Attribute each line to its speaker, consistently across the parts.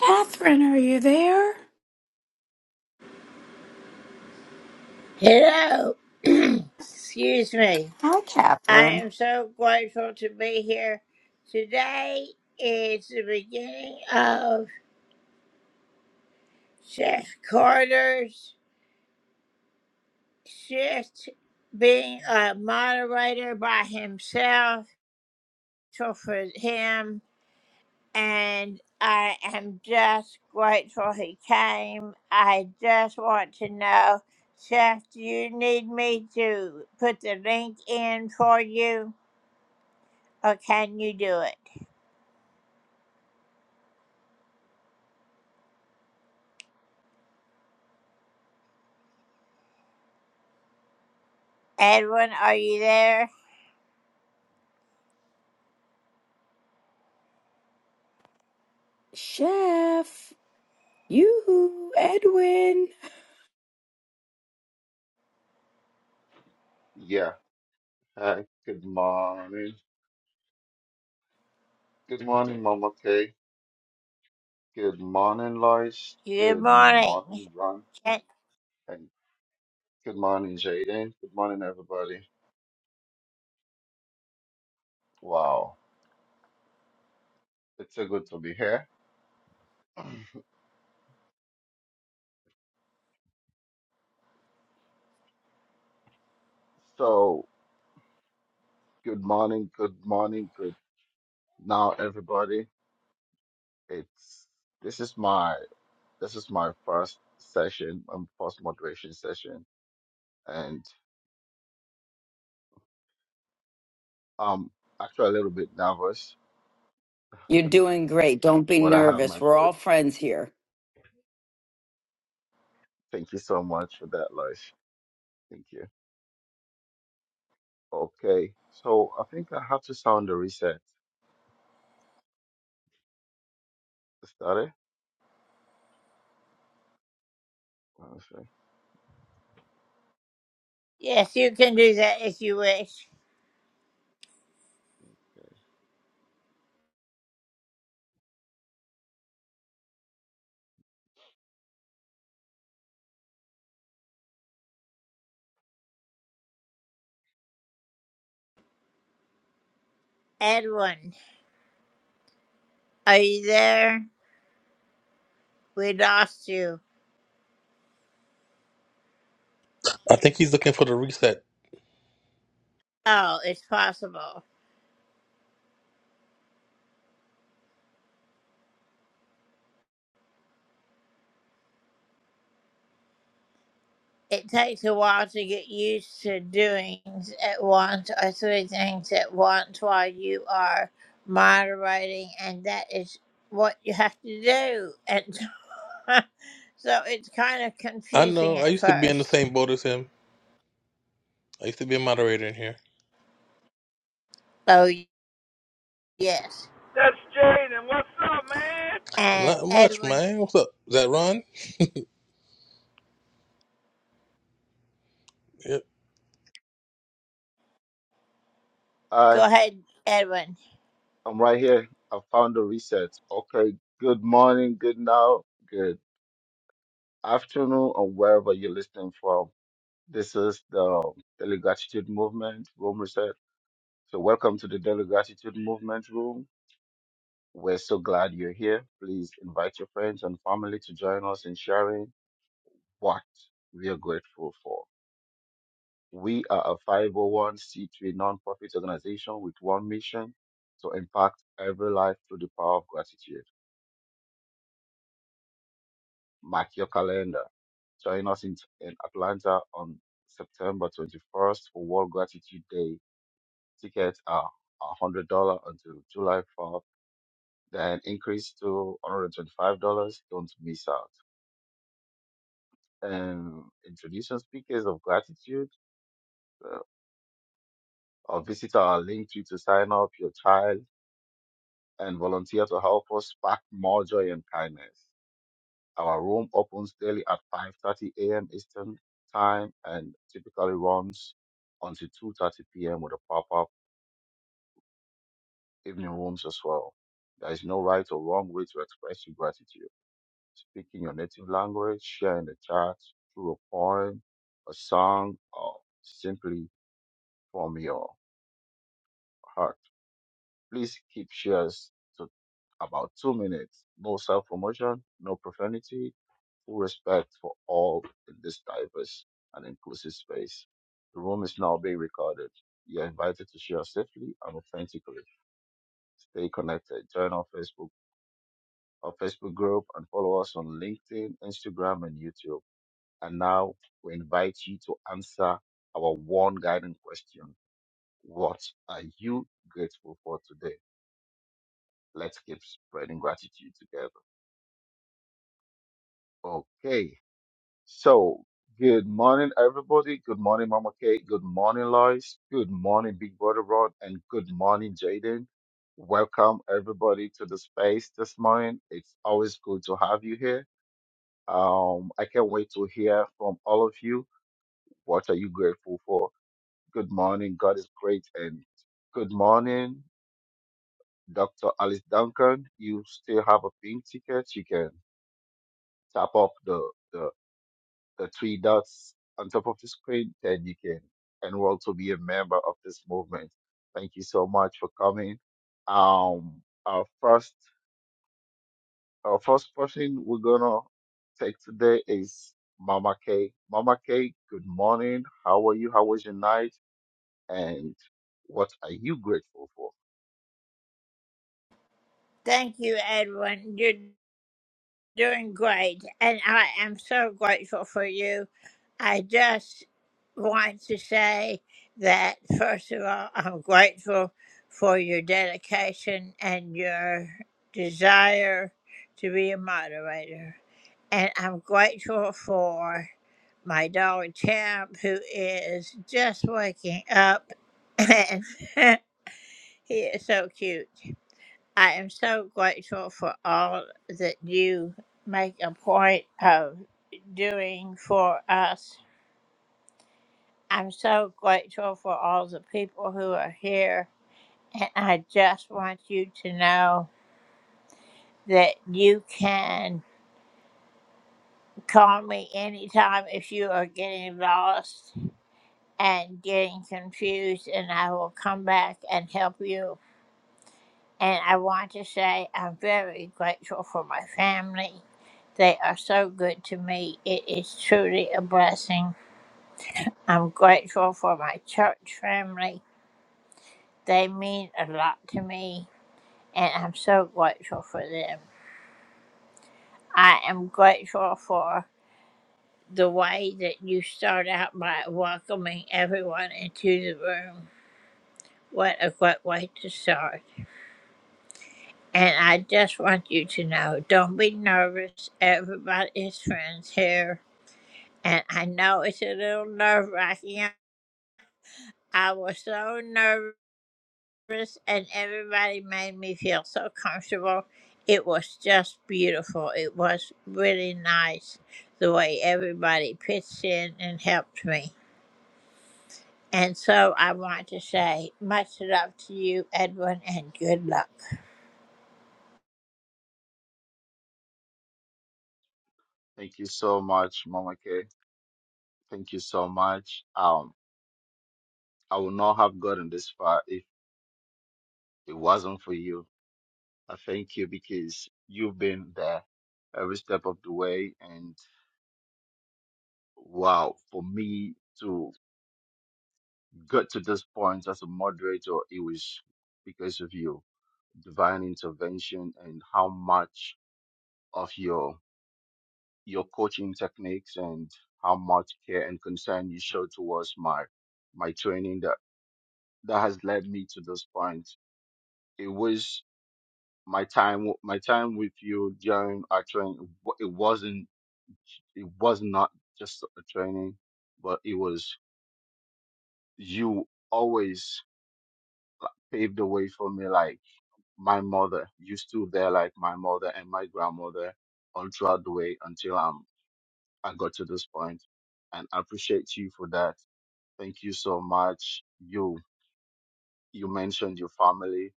Speaker 1: Catherine, are you there?
Speaker 2: Hello. Excuse me.
Speaker 1: Hi,
Speaker 2: I
Speaker 1: Catherine.
Speaker 2: am so grateful to be here. Today is the beginning of Chef Carter's shift being a moderator by himself. So for him, and I am just grateful he came. I just want to know, Chef, do you need me to put the link in for you? Or can you do it? Edwin, are you there?
Speaker 1: Chef, you, Edwin.
Speaker 3: Yeah. Hi. Good morning. Good morning, Mama Kay. Good morning, Lois.
Speaker 2: Good
Speaker 3: Good
Speaker 2: morning.
Speaker 3: morning, Ron.
Speaker 2: Can,
Speaker 3: And good morning, Jaden. Good morning, everybody. Wow. It's so good to be here. So, good morning, good morning, good now, everybody. It's this is my this is my first session, um, first moderation session, and I'm actually a little bit nervous,
Speaker 1: You're doing great. Don't be
Speaker 3: but I have
Speaker 1: nervous.
Speaker 3: my
Speaker 1: We're
Speaker 3: coach.
Speaker 1: all friends here.
Speaker 3: Thank you so much for that, Lois. Thank you. Okay, so I think I have to sound the reset. Is that it? Okay.
Speaker 2: yes, you can do that if you wish. Edwin, are you there? We lost you.
Speaker 4: I think he's looking for the reset.
Speaker 2: Oh, it's possible. It takes a while to get used to doing at once or three things at once while you are moderating, and that is what you have to do. And so it's kind of
Speaker 4: I
Speaker 2: confusing
Speaker 4: know. I
Speaker 2: at
Speaker 4: used to be in the
Speaker 2: first.
Speaker 4: same boat as him. I used to be a moderator in here.
Speaker 2: Oh, yes.
Speaker 5: That's Jaden. What's up, man?
Speaker 2: And
Speaker 4: Not much,
Speaker 2: Edwin,
Speaker 4: man. What's up? Is that Ron? Yep.
Speaker 3: I
Speaker 2: go ahead, Edwin.
Speaker 3: I'm right here. I found the reset. Okay. Good morning, good now, good afternoon, or wherever you're listening from. This is the Daily Gratitude Movement Room Reset. So welcome to the Daily Gratitude Movement Room. We're so glad you're here. Please invite your friends and family to join us in sharing what we are grateful for. We are a 501c3 nonprofit organization with one mission to impact every life through the power of gratitude. Mark your calendar. Join us in, in Atlanta on September 21st for World Gratitude Day. Tickets are $100 until July 4th, then increase to $125. Don't miss out. And introducing speakers of gratitude uh, or visit our link tree to sign up your child and volunteer to help us spark more joy and kindness. Our room opens daily at 5:30 a.m. Eastern Time and typically runs until 2:30 p.m. with a pop-up evening rooms as well. There is no right or wrong way to express your gratitude. Speaking your native language, share in the chat through a poem, a song, or simply from your heart. Please keep shares to about two minutes. No self promotion, no profanity, full respect for all in this diverse and inclusive space. The room is now being recorded. You are invited to share safely and authentically. Stay connected. Join our Facebook our Facebook group and follow us on LinkedIn, Instagram, and YouTube. And now we invite you to answer our one guiding question. What are you grateful for today? Let's keep spreading gratitude together. Okay. So, good morning, everybody. Good morning, Mama Kate. Good morning, Lois. Good morning, Big Brother Rod. And good morning, Jaden. Welcome, everybody, to the space this morning. It's always good to have you here. Um, I can't wait to hear from all of you. What are you grateful for? Good morning. God is great. And good morning, Dr. Alice Duncan. You still have a pink ticket. You can tap up the the the three dots on top of the screen, then you can enroll to be a member of this movement. Thank you so much for coming. Um, our first, our first person we're gonna take today is Mama K. Mama K, good morning. How are you? How was your night? And what are you grateful for?
Speaker 2: Thank you, Edwin. You're doing great. And I am so grateful for you. I just want to say that, first of all, I'm grateful for your dedication and your desire to be a moderator. And I'm grateful for my dog, Champ, who is just waking up. and. He is so cute. I am so grateful for all that you make a point of doing for us. I'm so grateful for all the people who are here. And I just want you to know that you can call me anytime if you are getting lost and getting confused, and I will come back and help you And I want to say I'm very grateful for my family. They are so good to me. It is truly a blessing. I'm grateful for my church family. They mean a lot to me, and I'm so grateful for them. I am grateful for the way that you start out by welcoming everyone into the room. What a great way to start. And I just want you to know don't be nervous. Everybody is friends here And I know it's a little nerve wracking. yeah. I was so nervous, and everybody made me feel so comfortable. It was just beautiful. It was really nice the way everybody pitched in and helped me. And so I want to say much love to you, Edwin, and good luck.
Speaker 3: Thank you so much, Mama K. Thank you so much. Um, I would not have gotten this far if it wasn't for you. I thank you because you've been there every step of the way. And wow, for me to get to this point as a moderator, it was because of you, divine intervention, and how much of your your coaching techniques and how much care and concern you show towards my my training that that has led me to this point. It was my time my time with you during our training. It wasn't It was not just a training, but it was you always paved the way for me. Like my mother, you stood there like my mother and my grandmother all throughout the way until um, I got to this point, and I appreciate you for that. Thank you so much. You you mentioned your family.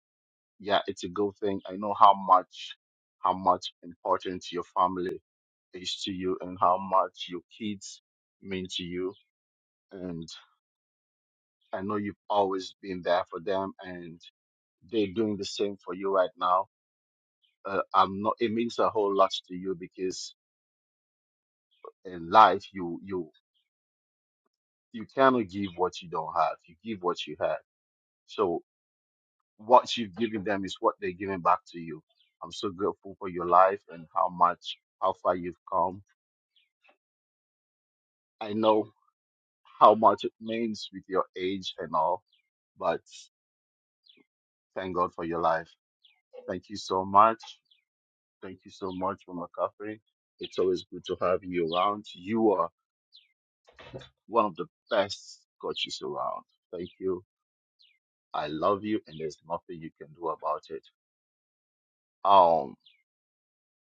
Speaker 3: Yeah, it's a good thing. I know how much how much important your family is to you and how much your kids mean to you. I know you've always been there for them, and they're doing the same for you right now. Uh, I'm not. It means a whole lot to you because in life, you you you cannot give what you don't have. You give what you have. So what you've given them is what they're giving back to you. I'm so grateful for your life and how much how far you've come. I know how much it means with your age and all, but thank God for your life. Thank you so much. Thank you so much, Mama Catherine. It's always good to have you around. You are one of the best coaches around. Thank you. I love you, and there's nothing you can do about it. Um,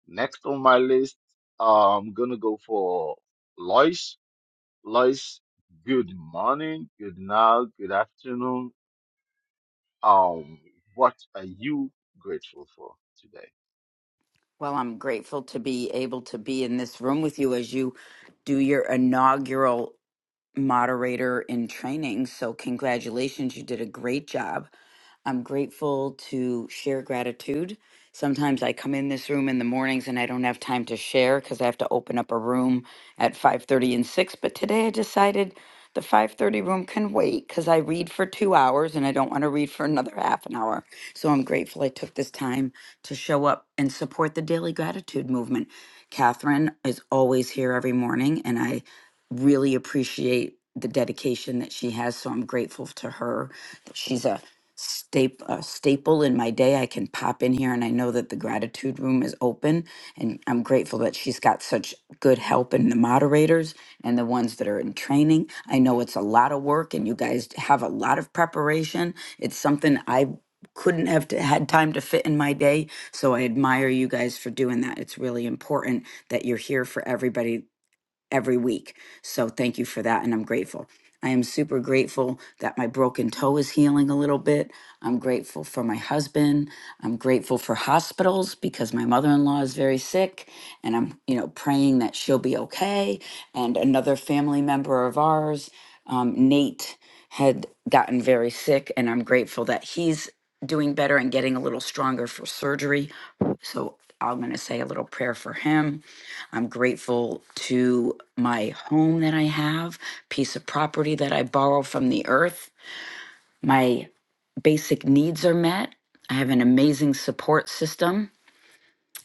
Speaker 3: next on my list, I'm gonna go for Lois. Lois, good morning, good night, good afternoon. Um, what are you grateful for today?
Speaker 1: Well, I'm grateful to be able to be in this room with you as you do your inaugural moderator in training. So, congratulations. You did a great job. I'm grateful to share gratitude. Sometimes I come in this room in the mornings and I don't have time to share because I have to open up a room at 5:30 and 6, but today I decided the 5:30 room can wait cuz I read for 2 hours and I don't want to read for another half an hour. So I'm grateful I took this time to show up and support the daily gratitude movement. Catherine is always here every morning and I really appreciate the dedication that she has. So I'm grateful to her that she's a staple, uh, staple in my day. I can pop in here and I know that the gratitude room is open. And I'm grateful that she's got such good help in the moderators and the ones that are in training. I know it's a lot of work and you guys have a lot of preparation. It's something I couldn't have t- had time to fit in my day. So I admire you guys for doing that. It's really important that you're here for everybody every week. So thank you for that. And I'm grateful. I am super grateful that my broken toe is healing a little bit. I'm grateful for my husband. I'm grateful for hospitals because my mother-in-law is very sick and I'm, you know, praying that she'll be okay. And another family member of ours, um, Nate, had gotten very sick and I'm grateful that he's doing better and getting a little stronger for surgery. So I'm going to say a little prayer for him. I'm grateful to my home that I have, piece of property that I borrow from the earth. My basic needs are met. I have an amazing support system.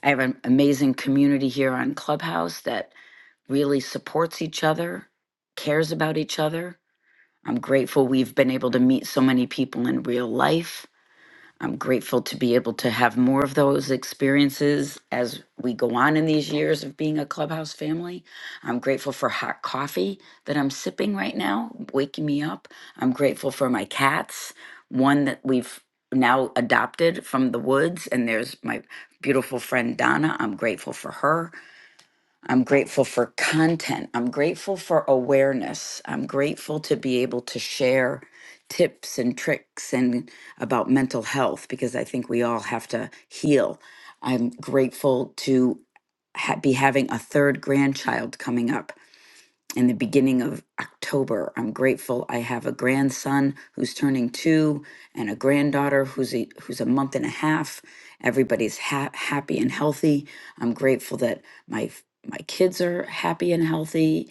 Speaker 1: I have an amazing community here on Clubhouse that really supports each other, cares about each other. I'm grateful we've been able to meet so many people in real life. I'm grateful to be able to have more of those experiences as we go on in these years of being a clubhouse family. I'm grateful for hot coffee that I'm sipping right now, waking me up. I'm grateful for my cats, one that we've now adopted from the woods, and there's my beautiful friend Donna. I'm grateful for her. I'm grateful for content. I'm grateful for awareness. I'm grateful to be able to share tips and tricks and about mental health because I think we all have to heal. I'm grateful to ha- be having a third grandchild coming up in the beginning of October. I'm grateful I have a grandson who's turning two and a granddaughter who's a, who's a month and a half. Everybody's ha- happy and healthy. I'm grateful that my f- my kids are happy and healthy.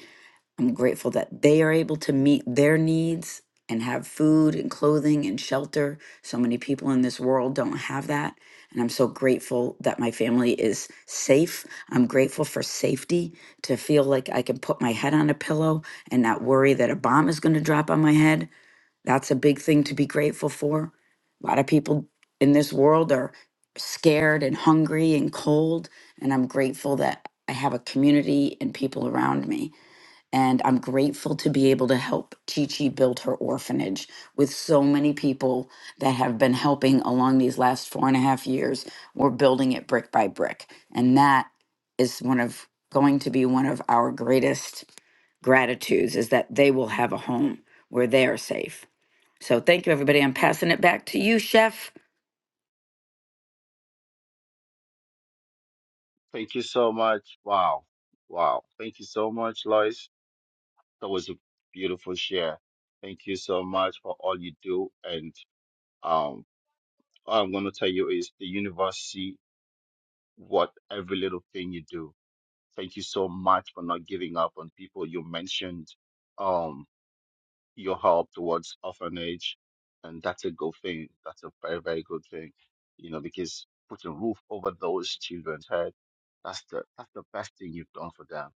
Speaker 1: I'm grateful that they are able to meet their needs and have food and clothing and shelter. So many people in this world don't have that. And I'm so grateful that my family is safe. I'm grateful for safety to feel like I can put my head on a pillow and not worry that a bomb is going to drop on my head. That's a big thing to be grateful for. A lot of people in this world are scared and hungry and cold. And I'm grateful that I have a community and people around me and I'm grateful to be able to help Chi Chi build her orphanage with so many people that have been helping along these last four and a half years. We're building it brick by brick. And that is one of going to be one of our greatest gratitudes is that they will have a home where they are safe. So thank you, everybody. I'm passing it back to you, Chef.
Speaker 3: Thank you so much. Wow, wow. Thank you so much, Lois. That was a beautiful share. Thank you so much for all you do. And um, all I'm going to tell you is the universe see what every little thing you do. Thank you so much for not giving up on people. You mentioned um, your help towards orphanage, and that's a good thing. That's a very, very good thing, you know, because putting roof over those children's head, that's the that's the best thing you've done for them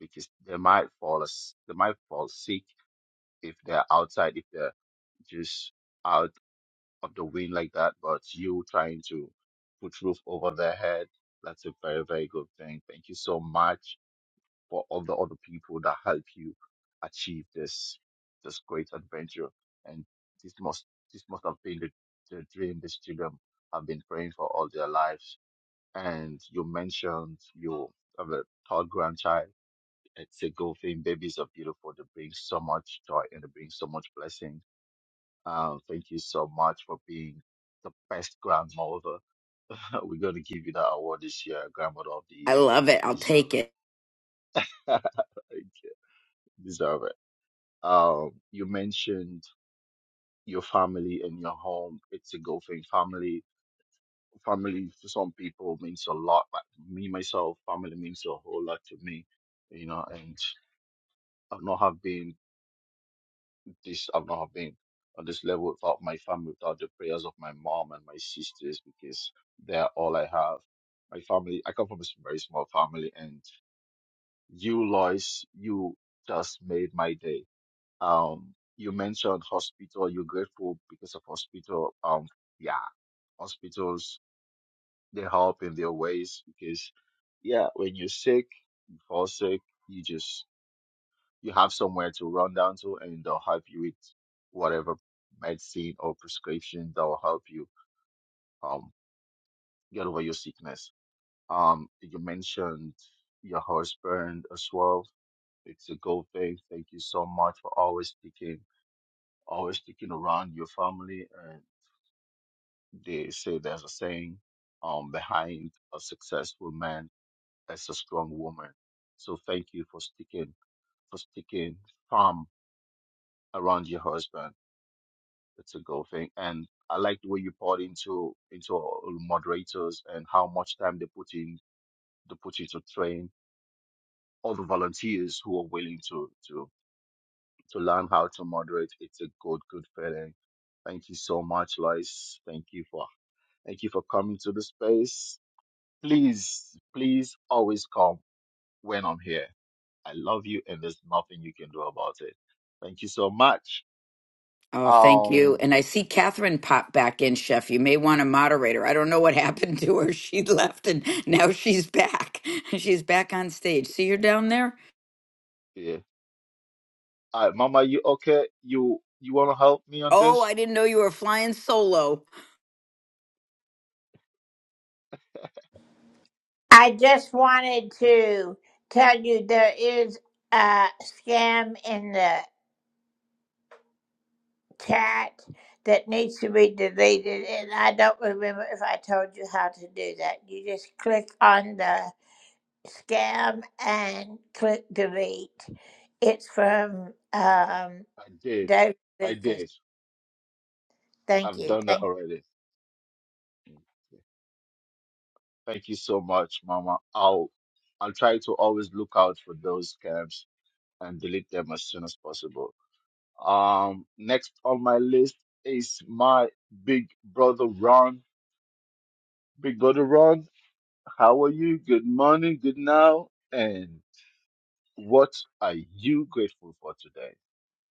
Speaker 3: because they might fall as they might fall sick if they're outside, if they're just out of the wind like that, but you trying to put roof over their head, that's a very, very good thing. Thank you so much for all the other people that help you achieve this this great adventure. And this must this must have been the, the dream these children have been praying for all their lives. And you mentioned you have a third grandchild. It's a good thing. Babies are beautiful. They bring so much joy and they bring so much blessing um, thank you so much for being the best grandmother. We're going to give you that award this year, Grandmother of the
Speaker 1: I
Speaker 3: Year.
Speaker 1: love it.
Speaker 3: You
Speaker 1: I'll
Speaker 3: deserve
Speaker 1: take it.
Speaker 3: it. you deserve it. Um, you mentioned your family and your home. It's a good thing. Family, family for some people means a lot. But me myself, family means a whole lot to me. You know, and I've not have been This I've not have been on this level without my family, without the prayers of my mom and my sisters, because they're all I have. My family, I come from a s- very small family, and you, Lois, you just made my day. Um, you mentioned hospital. You're grateful because of hospital. Um, yeah, hospitals they help in their ways because, yeah, when you're sick, you fall sick, you just you have somewhere to run down to and they'll help you with whatever medicine or prescription that will help you um get over your sickness. Um you mentioned your husband as well. It's a good thing. Thank you so much for always sticking always sticking around your family and they say there's a saying um behind a successful man is a strong woman. So thank you for sticking for sticking firm around your husband It's a good thing. And I like the way you poured into into all moderators and how much time they put in they put into train all the volunteers who are willing to to to learn how to moderate. It's a good, good feeling. Thank you so much, Lois. Thank you for thank you for coming to the space. Please, please always come when I'm here. I love you and there's nothing you can do about it. Thank you so much.
Speaker 1: Oh, thank you.
Speaker 3: Um
Speaker 1: And I see Catherine pop back in, Chef. You may want to moderate her. I don't know what happened to her. She left and now she's back. She's back on stage. See her down there?
Speaker 3: yeah. All right, Mama, you okay? You you want to help me on
Speaker 1: Oh,
Speaker 3: this?
Speaker 1: I didn't know you were flying solo.
Speaker 2: I just wanted to tell you there is a scam in the cat that needs to be deleted, and I don't remember if I told you how to do that. You just click on the scam and click delete. It's from um,
Speaker 3: I did.
Speaker 2: Dave
Speaker 3: I
Speaker 2: Lucas.
Speaker 3: did.
Speaker 2: Thank
Speaker 3: I've
Speaker 2: you.
Speaker 3: done that
Speaker 2: Thank
Speaker 3: already. Okay. Thank you so much, Mama. I'll I'll try to always look out for those scams and delete them as soon as possible. Um, next on my list is my big brother Ron. Big brother Ron, how are you? Good morning, good now, and what are you grateful for today?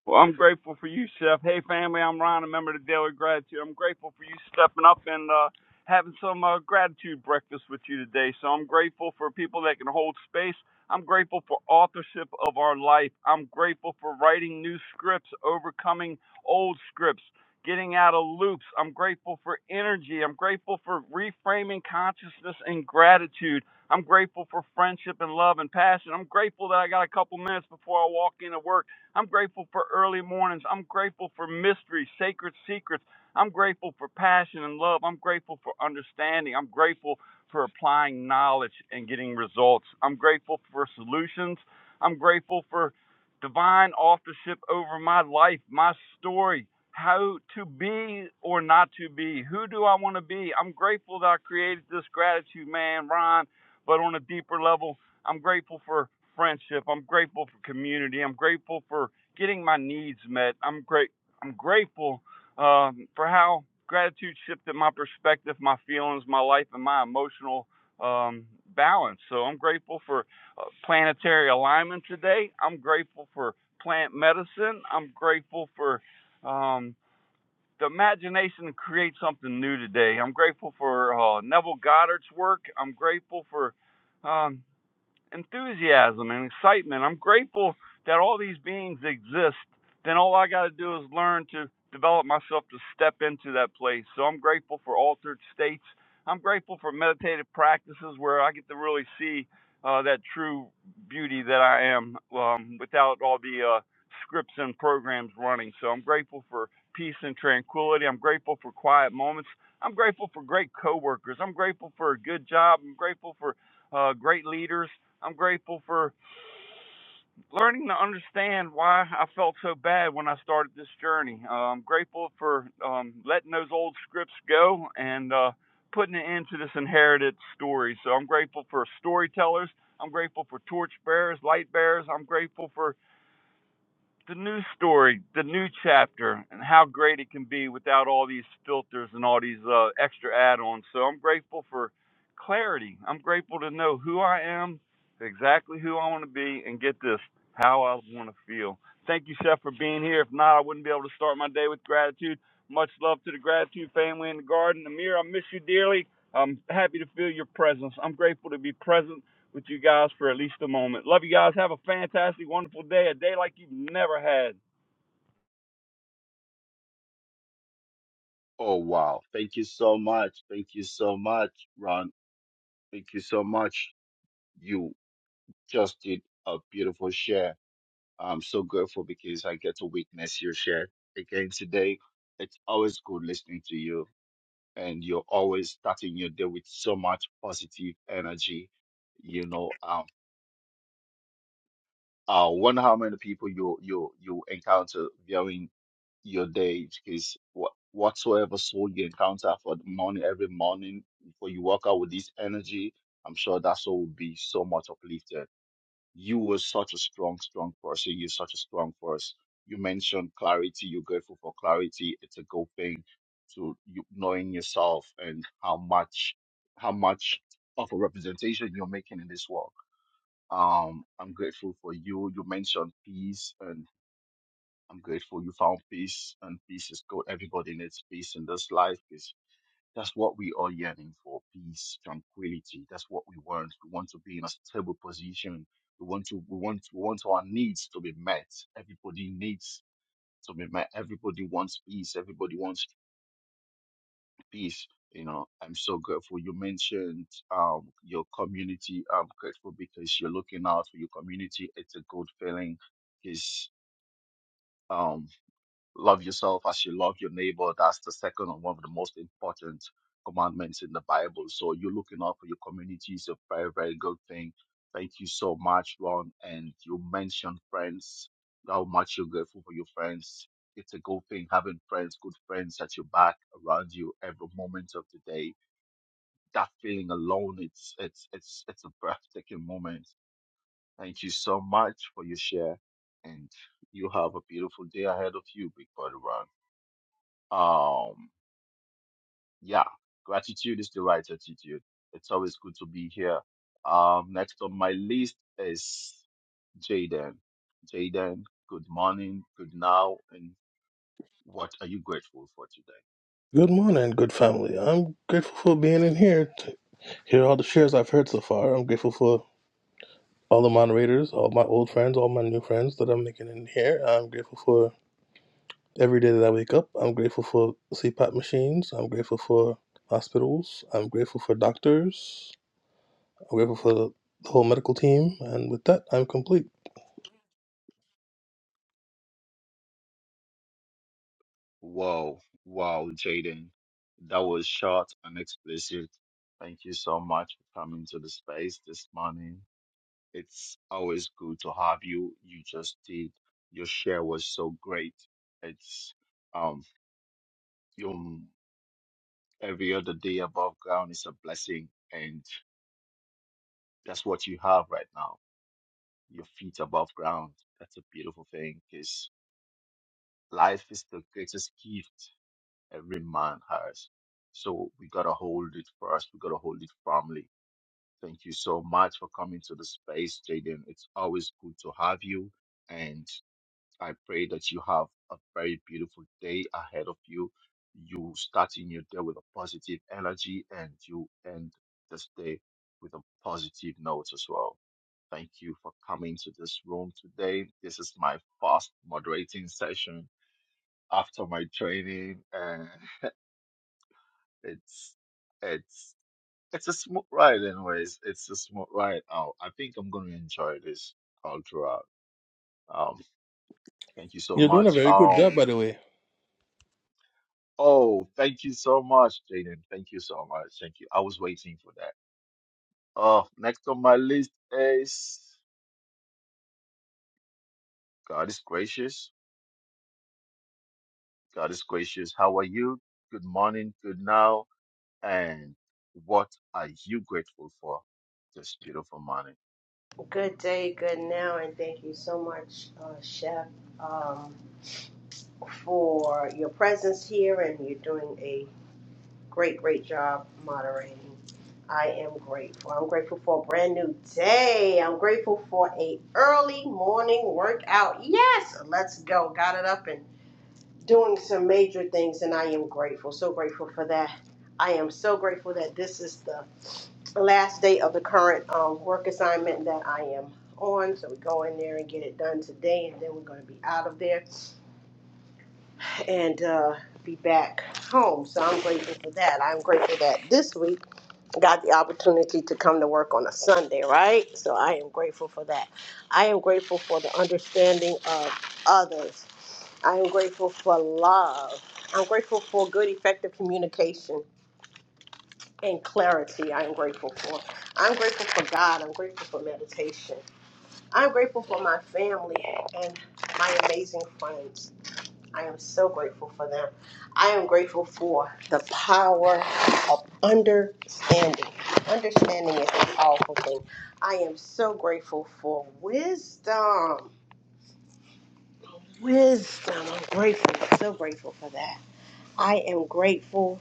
Speaker 5: Well, I'm grateful for you, Chef. Hey, family, I'm Ron, a member of the Daily Gratitude. I'm grateful for you stepping up and uh, having some uh, gratitude breakfast with you today. So I'm grateful for people that can hold space. I'm grateful for authorship of our life. I'm grateful for writing new scripts, overcoming old scripts, getting out of loops. I'm grateful for energy. I'm grateful for reframing consciousness and gratitude. I'm grateful for friendship and love and passion. I'm grateful that I got a couple minutes before I walk into work I'm grateful for early mornings. I'm grateful for mystery, sacred secrets. I'm grateful for passion and love. I'm grateful for understanding. I'm grateful for applying knowledge and getting results. I'm grateful for solutions. I'm grateful for divine authorship over my life, my story, how to be or not to be. Who do I want to be? I'm grateful that I created this gratitude, man, Ron, but on a deeper level, I'm grateful for friendship. I'm grateful for community. I'm grateful for getting my needs met. I'm great. I'm grateful um, for how gratitude shifted my perspective, my feelings, my life, and my emotional um, balance. So I'm grateful for uh, planetary alignment today. I'm grateful for plant medicine. I'm grateful for um, the imagination to create something new today. I'm grateful for uh, Neville Goddard's work. I'm grateful for um, enthusiasm and excitement. I'm grateful that all these beings exist. Then all I got to do is learn to develop myself to step into that place. So I'm grateful for altered states. I'm grateful for meditative practices where I get to really see uh, that true beauty that I am um, without all the uh, scripts and programs running. So I'm grateful for peace and tranquility. I'm grateful for quiet moments. I'm grateful for great coworkers. I'm grateful for a good job. I'm grateful for uh, great leaders. I'm grateful for learning to understand why I felt so bad when I started this journey. Uh, I'm grateful for um, letting those old scripts go and uh, putting it into this inherited story. So I'm grateful for storytellers. I'm grateful for torch bearers, light bearers. I'm grateful for the new story, the new chapter, and how great it can be without all these filters and all these uh, extra add-ons. So I'm grateful for clarity. I'm grateful to know who I am, exactly who I want to be, and get this, how I want to feel. Thank you, Chef, for being here. If not, I wouldn't be able to start my day with gratitude. Much love to the gratitude family in the garden. Amir, I miss you dearly. I'm happy to feel your presence. I'm grateful to be present with you guys for at least a moment. Love you guys. Have a fantastic, wonderful day, a day like you've never had.
Speaker 3: Oh, wow. Thank you so much. Thank you so much, Ron. Thank you so much. You just did a beautiful share. I'm so grateful because I get to witness your share again today. It's always good listening to you, and you're always starting your day with so much positive energy. You know, um, I wonder how many people you you you encounter during your day because what whatsoever soul you encounter for the morning every morning before you walk out with this energy, I'm sure that soul will be so much uplifted. You were such a strong, strong person. You're such a strong force. You mentioned clarity. You're grateful for clarity. It's a good thing to you knowing yourself and how much how much of a representation you're making in this world um, I'm grateful for you. You mentioned peace, and I'm grateful you found peace, and peace is good. Everybody needs peace in this life. Is that's what we are yearning for: peace, tranquility. That's what we want. We want to be in a stable position. We want to. We want. We want our needs to be met. Everybody needs to be met. Everybody wants peace. Everybody wants peace. You know, I'm so grateful you mentioned um, your community. I'm grateful because you're looking out for your community. It's a good feeling. Is um, love yourself as you love your neighbor. That's the second and one of the most important commandments in the Bible. So you're looking out for your community is a very, very good thing. Thank you so much, Ron. And you mentioned friends, how much you're grateful for your friends it's a good thing having friends, good friends at your back around you every moment of the day that feeling alone, it's it's it's it's a breathtaking moment. Thank you so much for your share, and you have a beautiful day ahead of you, Big Brother Ron. Um, yeah, gratitude is the right attitude. It's always good to be here. Um, next on my list is Jaden. Jaden, good morning, good now, and what are you grateful for today?
Speaker 4: Good morning, good family. I'm grateful for being in here. to hear all the shares I've heard so far. I'm grateful for all the moderators, all my old friends, all my new friends that I'm making in here. I'm grateful for every day that I wake up. I'm grateful for CPAP machines. I'm grateful for hospitals. I'm grateful for doctors. I'm grateful for the whole medical team. And with that, I'm complete.
Speaker 3: Wow, wow, Jaden. That was short and explicit. Thank you so much for coming to the space this morning. It's always good to have you. You just did. Your share was so great. It's um your every other day above ground is a blessing and that's what you have right now. Your feet above ground. That's a beautiful thing because life is the greatest gift Every man has. So we gotta hold it first. We gotta hold it firmly. Thank you so much for coming to the space, Jaden. It's always good to have you, and I pray that you have a very beautiful day ahead of you. You starting your day with a positive energy, and you end this day with a positive note as well thank you for coming to this room today. This is my first moderating session after my training, and. It's it's it's a smooth ride, anyways. It's a smooth ride. Oh, I think I'm gonna enjoy this all throughout. Um, thank you so
Speaker 4: You're doing a
Speaker 3: much.
Speaker 4: very good job,
Speaker 3: Um,
Speaker 4: by the way.
Speaker 3: oh, thank you so much, Jaden. Thank you so much. Thank you. I was waiting for that. Oh, next on my list is God is gracious. God is gracious. How are you? Good morning. Good now. And what are you grateful for this beautiful morning?
Speaker 6: Good day, good now, and thank you so much, uh, Chef, um, for your presence here. And you're doing a great, great job moderating. I am grateful. I'm grateful for a brand new day. I'm grateful for a early morning workout. Yes, let's go. Got it up and doing some major things, and I am grateful. So grateful for that. I am so grateful that this is the last day of the current um, work assignment that I am on. So we go in there and get it done today, and then we're going to be out of there and uh, be back home. So I'm grateful for that. I'm grateful that this week got the opportunity to come to work on a Sunday, right? So I am grateful for that. I am grateful for the understanding of others. I am grateful for love. I'm grateful for good, effective communication and clarity. I am grateful for. I'm grateful for God. I'm grateful for meditation. I'm grateful for my family and my amazing friends. I am so grateful for them. I am grateful for the power of understanding. Understanding is a powerful thing. I am so grateful for wisdom. Wisdom. I'm grateful. So grateful for that. I am grateful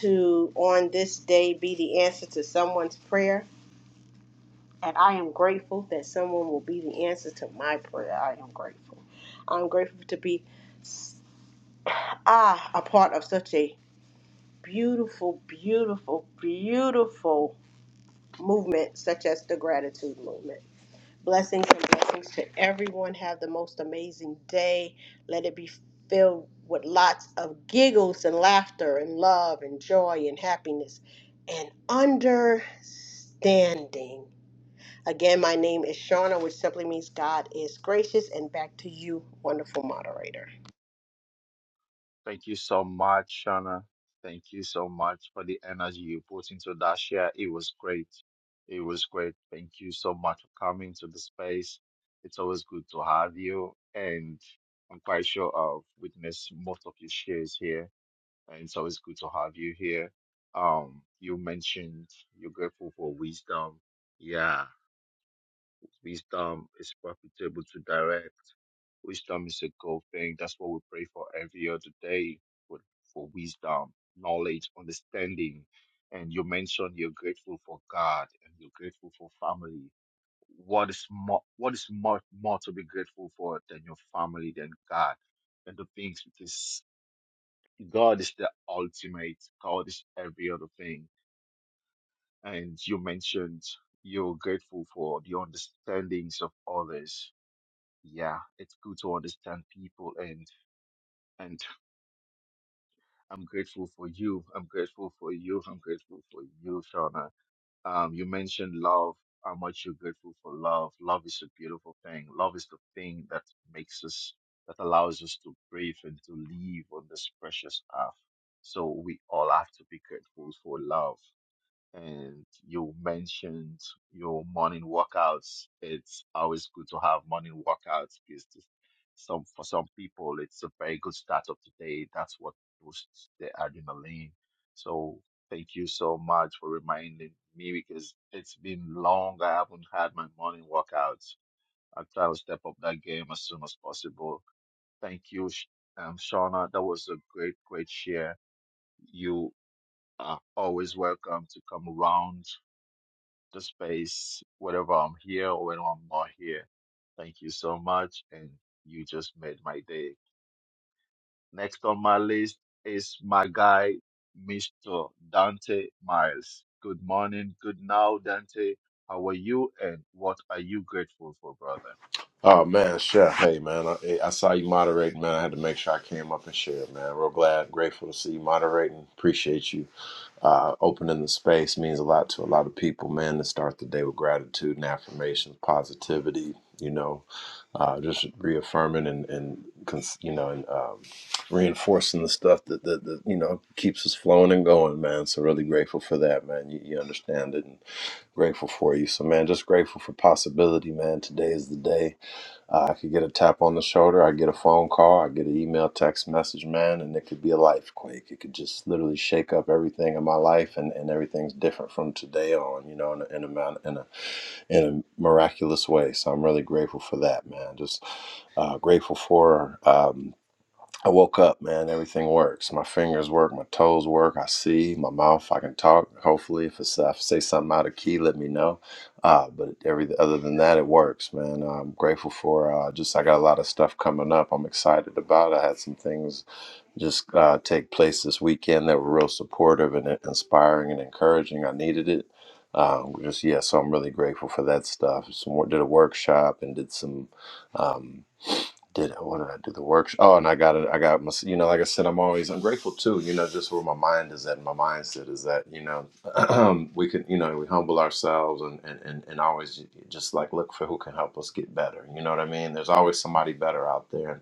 Speaker 6: to, on this day, be the answer to someone's prayer. And I am grateful that someone will be the answer to my prayer. I am grateful. I'm grateful to be ah, a part of such a beautiful, beautiful, beautiful movement such as the gratitude movement. Blessings and blessings to everyone. Have the most amazing day. Let it be filled with lots of giggles and laughter and love and joy and happiness and understanding. Again, my name is Shauna, which simply means God is gracious. And back to you, wonderful moderator.
Speaker 3: Thank you so much, Shana. Thank you so much for the energy you put into that share. It was great. It was great. Thank you so much for coming to the space. It's always good to have you, and I'm quite sure I've witnessed most of your shares here, and it's always good to have you here. Um, you mentioned you're grateful for wisdom. Yeah, Wisdom is profitable to direct. Wisdom is a good thing. That's what we pray for every other day for, for wisdom, knowledge, understanding. And you mentioned you're grateful for God and you're grateful for family. What is more, what is more, more to be grateful for than your family, than God, and the things because God is the ultimate. God is every other thing. And you mentioned you're grateful for the understandings of others yeah, it's good to understand people and and I'm grateful for you. I'm grateful for you. I'm grateful for you, Shauna. Um, you mentioned love, how much you're grateful for love. Love is a beautiful thing. Love is the thing that makes us that allows us to breathe and to live on this precious earth. So we all have to be grateful for love and you mentioned your morning workouts. It's always good to have morning workouts because this- some for some people it's a very good start of the day. That's what boosts the adrenaline. So thank you so much for reminding me because it's been long. I haven't had my morning workouts. I'll try to step up that game as soon as possible. Thank you, Sh- um, Shauna. That was a great, great share. You are always welcome to come around the space, whether I'm here or when I'm not here. Thank you so much. And you just made my day. Next on my list is my guy, Mr. Dante Miles. Good morning. Good now, Dante. How are you? And what are you grateful for, brother?
Speaker 7: Oh man, chef. Hey man, I, eh, I saw you moderating, man. I had to make sure I came up and shared, man. Real glad, grateful to see you moderating. Appreciate you uh, opening the space. Means a lot to a lot of people, man. To start the day with gratitude and affirmations, positivity. You know, uh, just reaffirming and and cons- you know and um, reinforcing the stuff that, that that you know keeps us flowing and going, man. So really grateful for that, man. You, you understand it, and grateful for you. So man, just grateful for possibility, man. Today is the day. Uh, I could get a tap on the shoulder, I get a phone call, I get an email, text message, man, and it could be a life quake. It could just literally shake up everything in my life, and, and everything's different from today on, you know, in a, in a man, in a in a miraculous way. So I'm really grateful for that, man. Just uh, grateful for. Um, I woke up, man. Everything works. My fingers work. My toes work. I see. My mouth. I can talk. Hopefully, if it's, if I say something out of key, let me know. Uh, but every other than that, it works, man. I'm grateful for uh, just. I got a lot of stuff coming up. I'm excited about. I had some things just uh, take place this weekend that were real supportive and in- inspiring and encouraging. I needed it. Um, just yeah, so I'm really grateful for that stuff. Some wor- did a workshop and did some. Um, did what did I do the workshop? Oh, and I got it. I got my you know, like I said, I'm always I'm grateful too. You know, just where my mind is at, my mindset is that you know we can you know we humble ourselves and and and and always just like look for who can help us get better. You know what I mean? There's always somebody better out there, and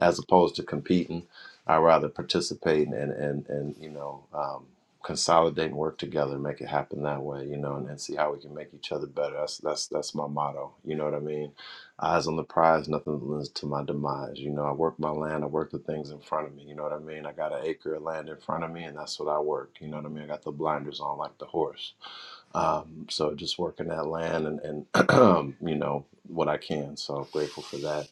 Speaker 7: as opposed to competing, I rather participate and and and you know. Um, consolidate and work together and make it happen that way you know and, and see how we can make each other better that's that's that's my motto you know what i mean Eyes on the prize, nothing lends to my demise. You know, I work my land, I work the things in front of me. You know what I mean? I got an acre of land in front of me, and that's what I work. You know what I mean? I got the blinders on like the horse. Um, so just working that land and, and you know, what I can. So grateful for that.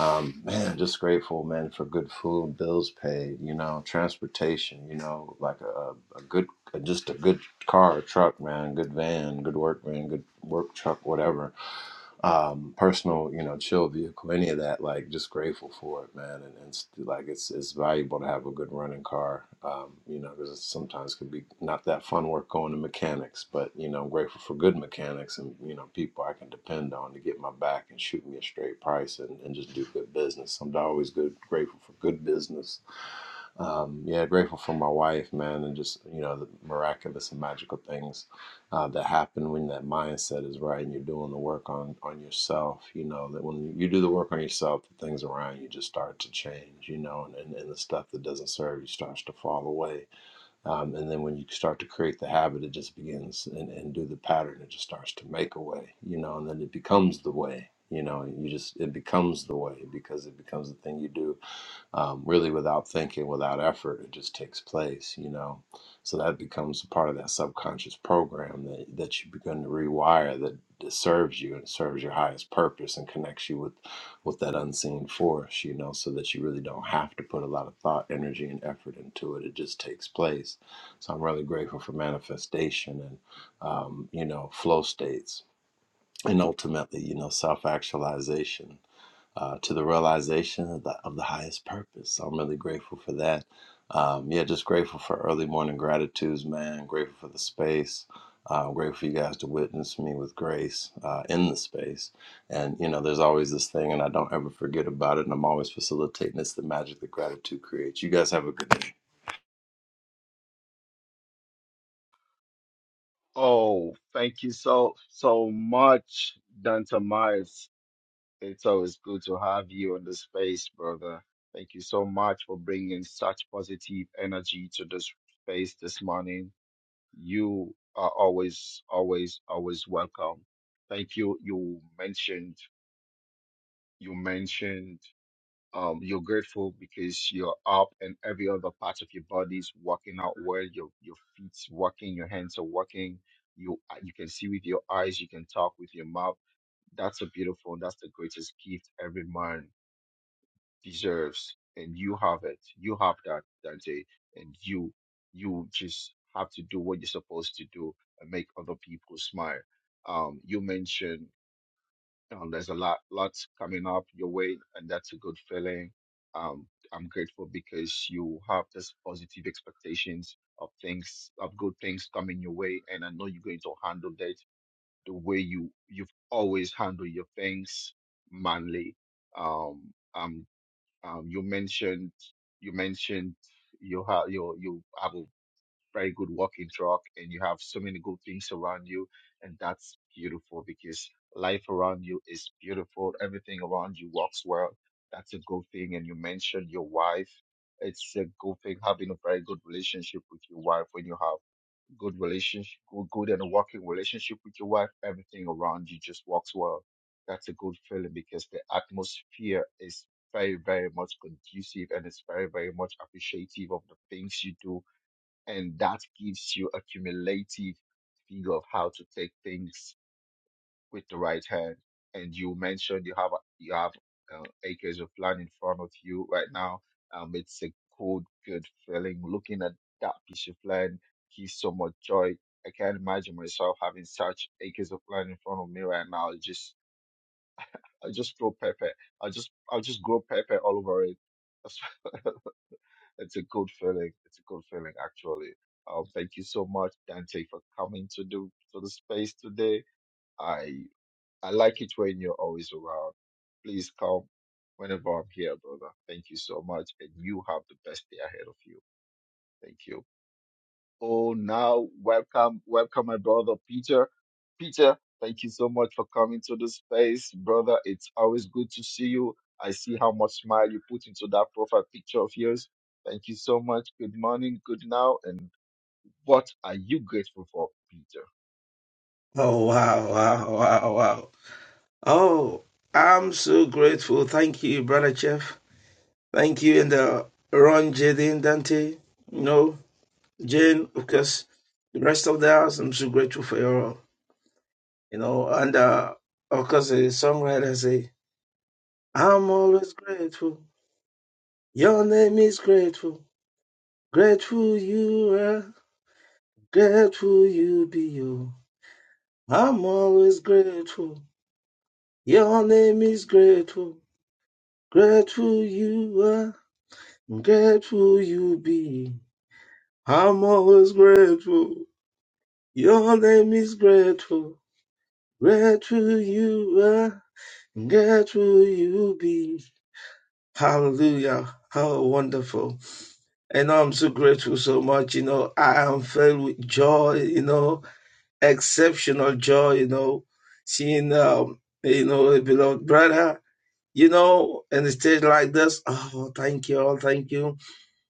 Speaker 7: Um, man, just grateful, man, for good food, bills paid, you know, transportation, you know, like a, a good, just a good car, truck, man, good van, good work van, good work truck, whatever um, personal, you know, chill vehicle, any of that, like just grateful for it, man. And, and it's, like it's it's valuable to have a good running car, um, you know, because it sometimes can be not that fun work going to mechanics, but you know, I'm grateful for good mechanics and you know people I can depend on to get my back and shoot me a straight price and, and just do good business. I'm always good grateful for good business um, yeah, grateful for my wife, man, and just you know the miraculous and magical things uh, that happen when that mindset is right and you're doing the work on on yourself. You know that when you do the work on yourself, the things around you just start to change. You know, and and, and the stuff that doesn't serve you starts to fall away. Um, and then when you start to create the habit, it just begins and, and do the pattern. It just starts to make a way. You know, and then it becomes the way. You know, you just it becomes the way because it becomes the thing you do um, really without thinking, without effort. It just takes place, you know. So that becomes part of that subconscious program that, that you begin to rewire that, that serves you and serves your highest purpose and connects you with, with that unseen force, you know, so that you really don't have to put a lot of thought, energy, and effort into it. It just takes place. So I'm really grateful for manifestation and, um, you know, flow states and ultimately, you know, self actualization uh, to the realization of the, of the highest purpose. So I'm really grateful for that. Um, yeah, just grateful for early morning gratitudes, man. Grateful for the space. Uh, grateful for you guys to witness me with grace uh, in the space. And, you know, there's always this thing, and I don't ever forget about it. And I'm always facilitating. It's the magic that gratitude creates. You guys have a good day.
Speaker 3: Oh, thank you so so much, Dante Miles. It's always good to have you on the space, brother. Thank you so much for bringing such positive energy to this space this morning. You are always, always, always welcome. Thank you. You mentioned, you mentioned, um, you're grateful because you're up and every other part of your body is working out well. Your your feet's working, your hands are working. You uh, you can see with your eyes, you can talk with your mouth. That's a beautiful. That's the greatest gift every man deserves and you have it you have that that day and you you just have to do what you're supposed to do and make other people smile um you mentioned um, there's a lot lots coming up your way and that's a good feeling um i'm grateful because you have this positive expectations of things of good things coming your way and i know you're going to handle that the way you you've always handled your things manly um I'm um, you mentioned you mentioned you have you you have a very good walking track and you have so many good things around you, and that's beautiful because life around you is beautiful. Everything around you works well. That's a good thing. And you mentioned your wife. It's a good thing having a very good relationship with your wife when you have good relationship, good, good and working relationship with your wife, everything around you just works well. That's a good feeling because the atmosphere is very, very much conducive and it's very, very much appreciative of the things you do. And that gives you a cumulative figure of how to take things with the right hand. And you mentioned you have you have uh, acres of land in front of you right now. Um, it's a good, good feeling. Looking at that piece of land gives so much joy. I can't imagine myself having such acres of land in front of me right now. It's just I'll just grow pepper. I'll just I'll just grow pepper all over it. it's a good feeling. It's a good feeling actually. Um, thank you so much, Dante, for coming to the to the space today. I. I like it when you're always around. Please come whenever I'm here, brother. Thank you so much. And you have the best day ahead of you. Thank you. Oh, now welcome, welcome, my brother Peter. Peter, thank you so much for coming to the space, brother. It's always good to see you. I see how much smile you put into that profile picture of yours. Thank you so much. Good morning, good now. And what are you grateful for, Peter?
Speaker 8: Oh, wow, wow, wow, wow. Oh, I'm so grateful. Thank you, Brother Chef. Thank you, and uh, Ron, Jaden, Dante, you know, Jane, of course, the rest of the house. I'm so grateful for you all, you know, and uh, of course, the songwriter say, I'm always grateful. Your name is grateful. Grateful you are. Grateful you be you. I'm always grateful. Your name is grateful. Grateful you are, grateful you be. I'm always grateful. Your name is grateful. Grateful you are, grateful you be. Hallelujah. How wonderful. And I'm so grateful so much. You know, I am filled with joy, you know, exceptional joy, you know, seeing, um, you know, a beloved brother, you know, in a stage like this. Oh, thank you all. Thank you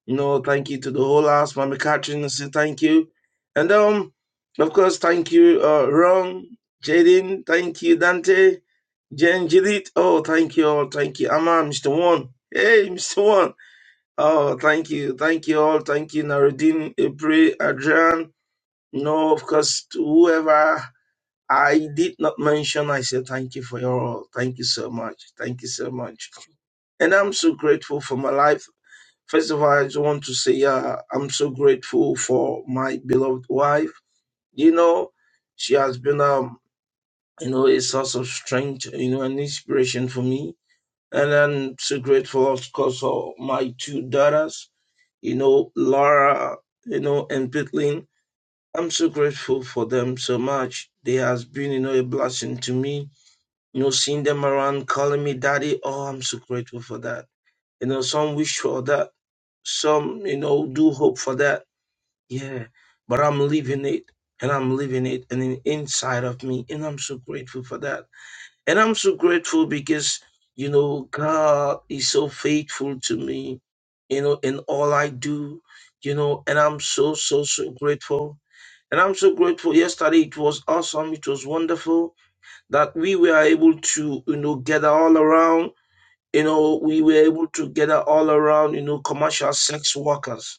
Speaker 8: You know, thank you to the whole house, Mama Catherine. I say thank you. And um, of course, thank you, uh, Ron, Jaden, thank you, Dante, Jen Judith. Oh, thank you all, thank you, Amma, Mr. One. Hey, Mr. One. Oh, thank you, thank you all, thank you, Narudin, April, Adrian. No, of course, to whoever I did not mention, I say thank you for your all. Thank you so much. Thank you so much. And I'm so grateful for my life. First of all, I just want to say uh, I'm so grateful for my beloved wife. You know, she has been, um, you know, a source of strength, you know, an inspiration for me. And I'm so grateful, of course, for my two daughters, you know, Laura, you know, and Pitlin. I'm so grateful for them so much. They has been, you know, a blessing to me. You know, seeing them around, calling me daddy. Oh, I'm so grateful for that. You know, some wish for that. Some, you know, do hope for that Yeah, but I'm living it and I'm living it and in, inside of me. And I'm so grateful for that. And I'm so grateful because, you know, God is so faithful to me, you know, in all I do, you know, and I'm so, so, so grateful. And I'm so grateful. Yesterday it was awesome. It was wonderful that we were able to, you know, gather all around. You know, we were able to gather all around, you know, commercial sex workers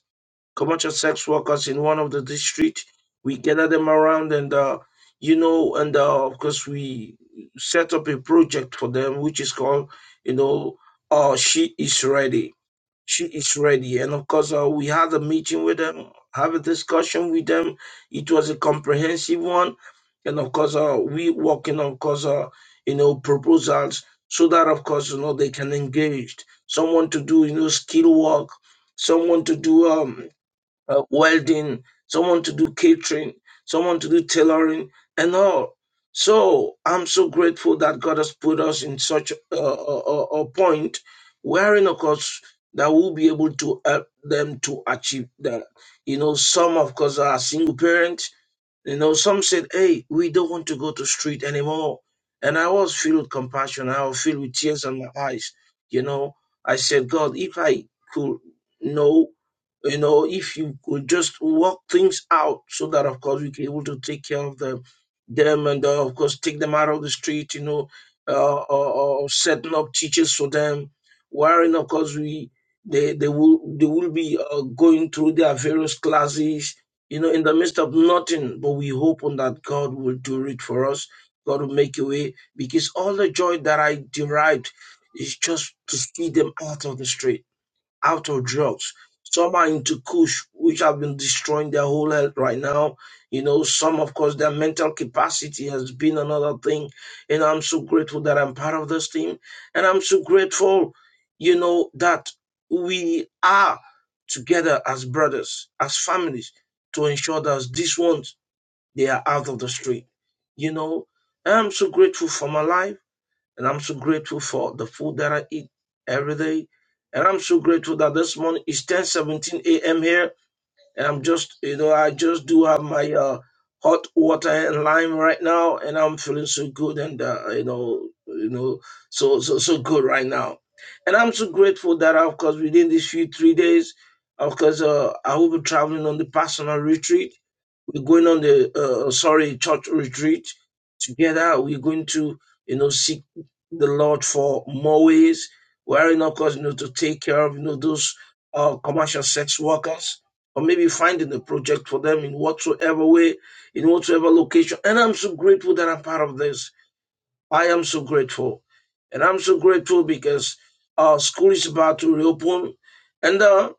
Speaker 8: commercial sex workers in one of the district. We gather them around and, uh, you know, and uh, of course we set up a project for them, which is called, you know, uh, She is Ready. She is Ready. And of course, uh, we had a meeting with them, have a discussion with them. It was a comprehensive one. And of course, uh, we working on, of course, uh, you know, proposals so that, of course, you know, they can engage someone to do, you know, skill work, someone to do, um, uh, welding, someone to do catering, someone to do tailoring, and all. So I'm so grateful that God has put us in such a, a, a a point wherein, of course, that we'll be able to help them to achieve that. You know, some, of course, are single parent. You know, some said, Hey, we don't want to go to street anymore. And I was filled with compassion. I was filled with tears in my eyes. You know, I said, God, if I could know, you know, if you could just work things out so that, of course, we can able to take care of them, them and, uh, of course, take them out of the street, you know, uh, or, or setting up teachers for them, wherein, of course, we they, they will they will be uh, going through their various classes you know, in the midst of nothing, but we hope on that God will do it for us. God will make a way because all the joy that I derived is just to see them out of the street out of drugs. Some are into kush, which have been destroying their whole health right now. You know, some, of course, their mental capacity has been another thing. And I'm so grateful that I'm part of this team. And I'm so grateful, you know, that we are together as brothers, as families, to ensure that these ones, they are out of the street. You know, and I'm so grateful for my life. And I'm so grateful for the food that I eat every day. And I'm so grateful that this morning it's 10 17 a.m. here. And I'm just, you know, I just do have my uh, hot water and lime right now. And I'm feeling so good and, uh, you know, you know, so, so, so good right now. And I'm so grateful that, of course, within these few three days, of course, uh, I will be traveling on the personal retreat we're going on the uh, sorry church retreat together. We're going to you know seek the Lord for more ways. We're in, of course, you know, to take care of you know those uh, commercial sex workers, or maybe finding a project for them in whatsoever way, in whatsoever location. And I'm so grateful that I'm part of this. I am so grateful. And I'm so grateful because our school is about to reopen. And uh,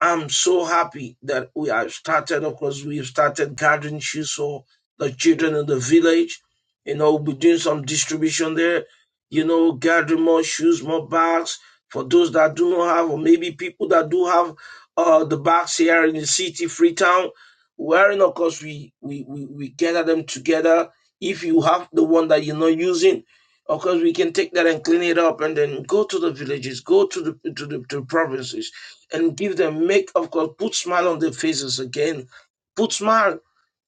Speaker 8: I'm so happy that we have started, of course, we have started gathering shoes for the children in the village. You know, we'll be doing some distribution there, you know, gathering more shoes, more bags for those that do not have, or maybe people that do have uh, the bags here in the city, Freetown. Wherein, of course, we, we, we, we gather them together if you have the one that you're not using of course we can take that and clean it up and then go to the villages go to the to the, to the provinces and give them make of course put smile on their faces again put smile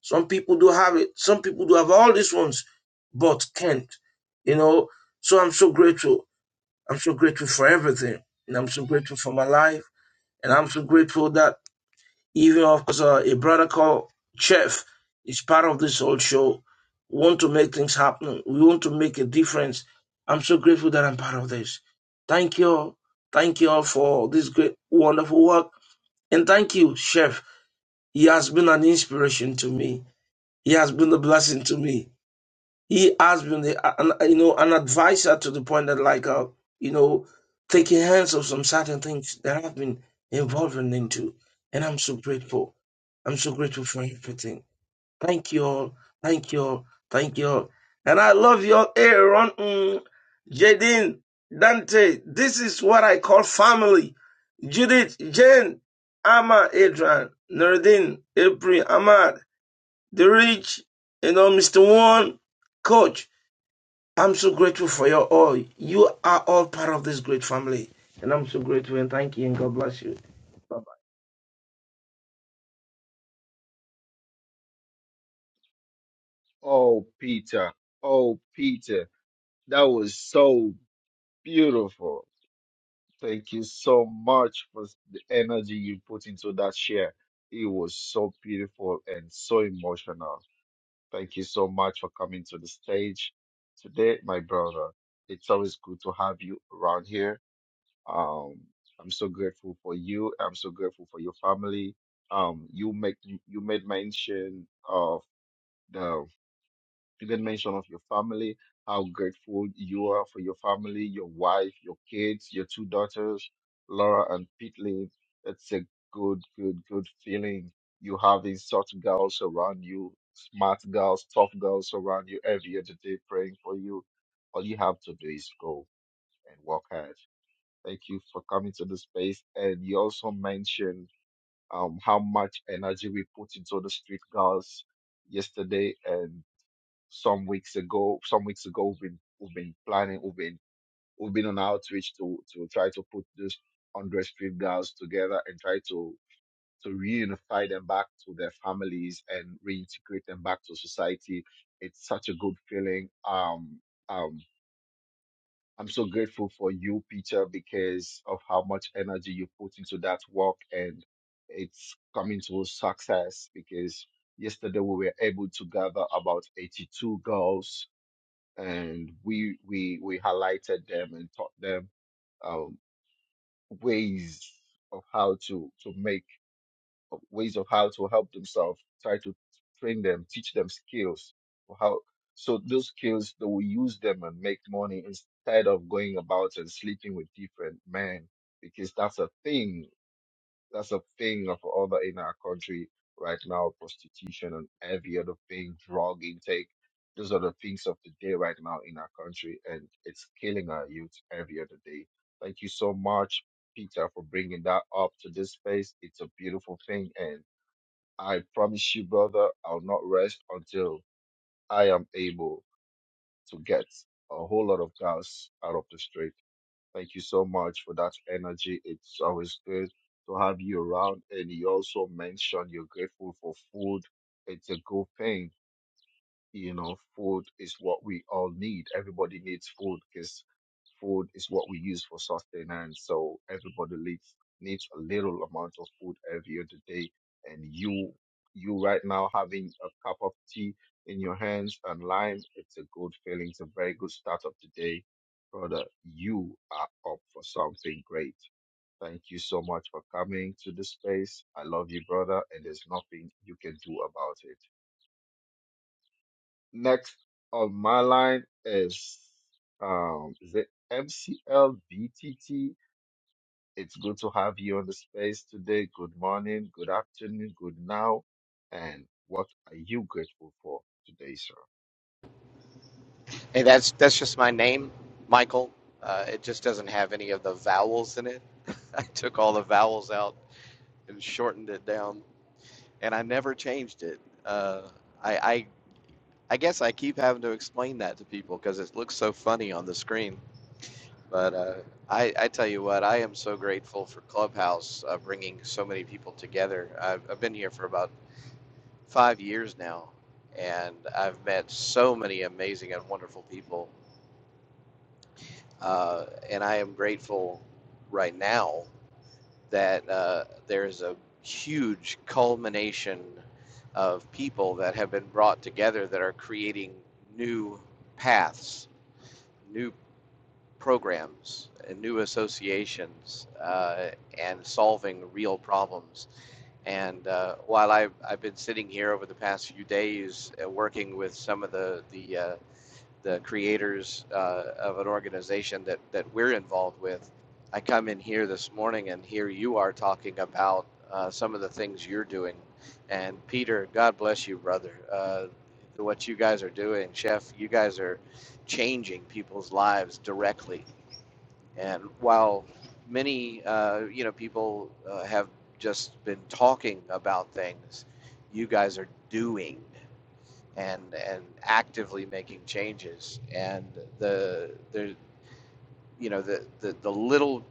Speaker 8: some people do have it some people do have all these ones but can't you know so i'm so grateful i'm so grateful for everything and i'm so grateful for my life and i'm so grateful that even of course uh, a brother called Chef is part of this whole show. We want to make things happen. We want to make a difference. I'm so grateful that I'm part of this. Thank you all. Thank you all for this great, wonderful work. And thank you, Chef. He has been an inspiration to me. He has been a blessing to me. He has been, the, an, you know, an advisor to the point that, like, uh, you know, taking hands of some certain things that I've been involved into. And I'm so grateful. I'm so grateful for everything. Thank you all. Thank you all. Thank you all. And I love you all. Aaron, mm, Jadine, Dante. This is what I call family. Judith, Jane, Amma, Adrian, Nuruddin, April, Ahmad, The Rich, you know, Mr. One, Coach. I'm so grateful for your all. You are all part of this great family. And I'm so grateful and thank you and God bless you. Bye.
Speaker 3: Oh, Peter. Oh, Peter. That was so Beautiful. Thank you so much for s- the energy you put into that share. It was so beautiful and so emotional. Thank you so much for coming to the stage today, my brother. It's always good to have you around here. Um, I'm so grateful for you. I'm so grateful for your family. Um, you make you made mention of the you did mention of your family, how grateful you are for your family, your wife, your kids, your two daughters, Laura and Pitley. It's a good, good, good feeling. You having such girls around you, smart girls, tough girls around you every other day praying for you. All you have to do is go and work hard. Thank you for coming to the space. And you also mentioned um, how much energy we put into the street girls yesterday, and some weeks ago. Some weeks ago, we've been, we've been planning, we've been we've been on outreach to to try to put these hundred street girls together and try to to reunify them back to their families and reintegrate them back to society. It's such a good feeling. Um, um, I'm so grateful for you, Peter, because of how much energy you put into that work and it's coming to success because yesterday we were able to gather about 82 girls and we we we highlighted them and taught them um, ways of how to to make uh, ways of how to help themselves try to train them teach them skills for how so those skills they will use them and make money instead of going about and sleeping with different men because that's a thing that's a thing of all the in our country right now, prostitution and every other thing, drug intake. Those are the things of the day right now in our country, and it's killing our youth every other day. Thank you so much, Peter, for bringing that up to this space. It's a beautiful thing, and I promise you, brother, I'll not rest until I am able to get a whole lot of girls out of the street. Thank you so much for that energy. It's always good to have you around. And you also mentioned you're grateful for food. It's a good thing you know, food is what we all need. Everybody needs food because food is what we use for sustenance. So everybody needs needs a little amount of food every other day. And you you right now having a cup of tea in your hands and lime, it's a good feeling. It's a very good start of the day. Brother, you are up for something great. Thank you so much for coming to the space. I love you, brother, and there's nothing you can do about it. Next on my line is um is it MCLBTT? It's good to have you on the space today. Good morning, good afternoon, good now, and what are you grateful for today, sir?
Speaker 9: Hey, that's that's just my name, Michael. Uh, it just doesn't have any of the vowels in it. I took all the vowels out and shortened it down, and I never changed it. Uh, I, I I guess I keep having to explain that to people because it looks so funny on the screen. But uh, I I tell you what, I am so grateful for Clubhouse uh, bringing so many people together. I've, I've been here for about five years now, and I've met so many amazing and wonderful people Uh, and I am grateful right now that uh, there's a huge culmination of people that have been brought together that are creating new paths, new programs, and new associations, uh, and solving real problems. And uh, while I've, I've been sitting here over the past few days uh, working with some of the, the uh, the creators uh, of an organization that, that we're involved with. I come in here this morning and here you are talking about uh, some of the things you're doing. And Peter, God bless you, brother. Uh, what you guys are doing, Chef, you guys are changing people's lives directly. And while many, uh, you know, people uh, have just been talking about things, you guys are doing and and actively making changes. And the the you know the the, the little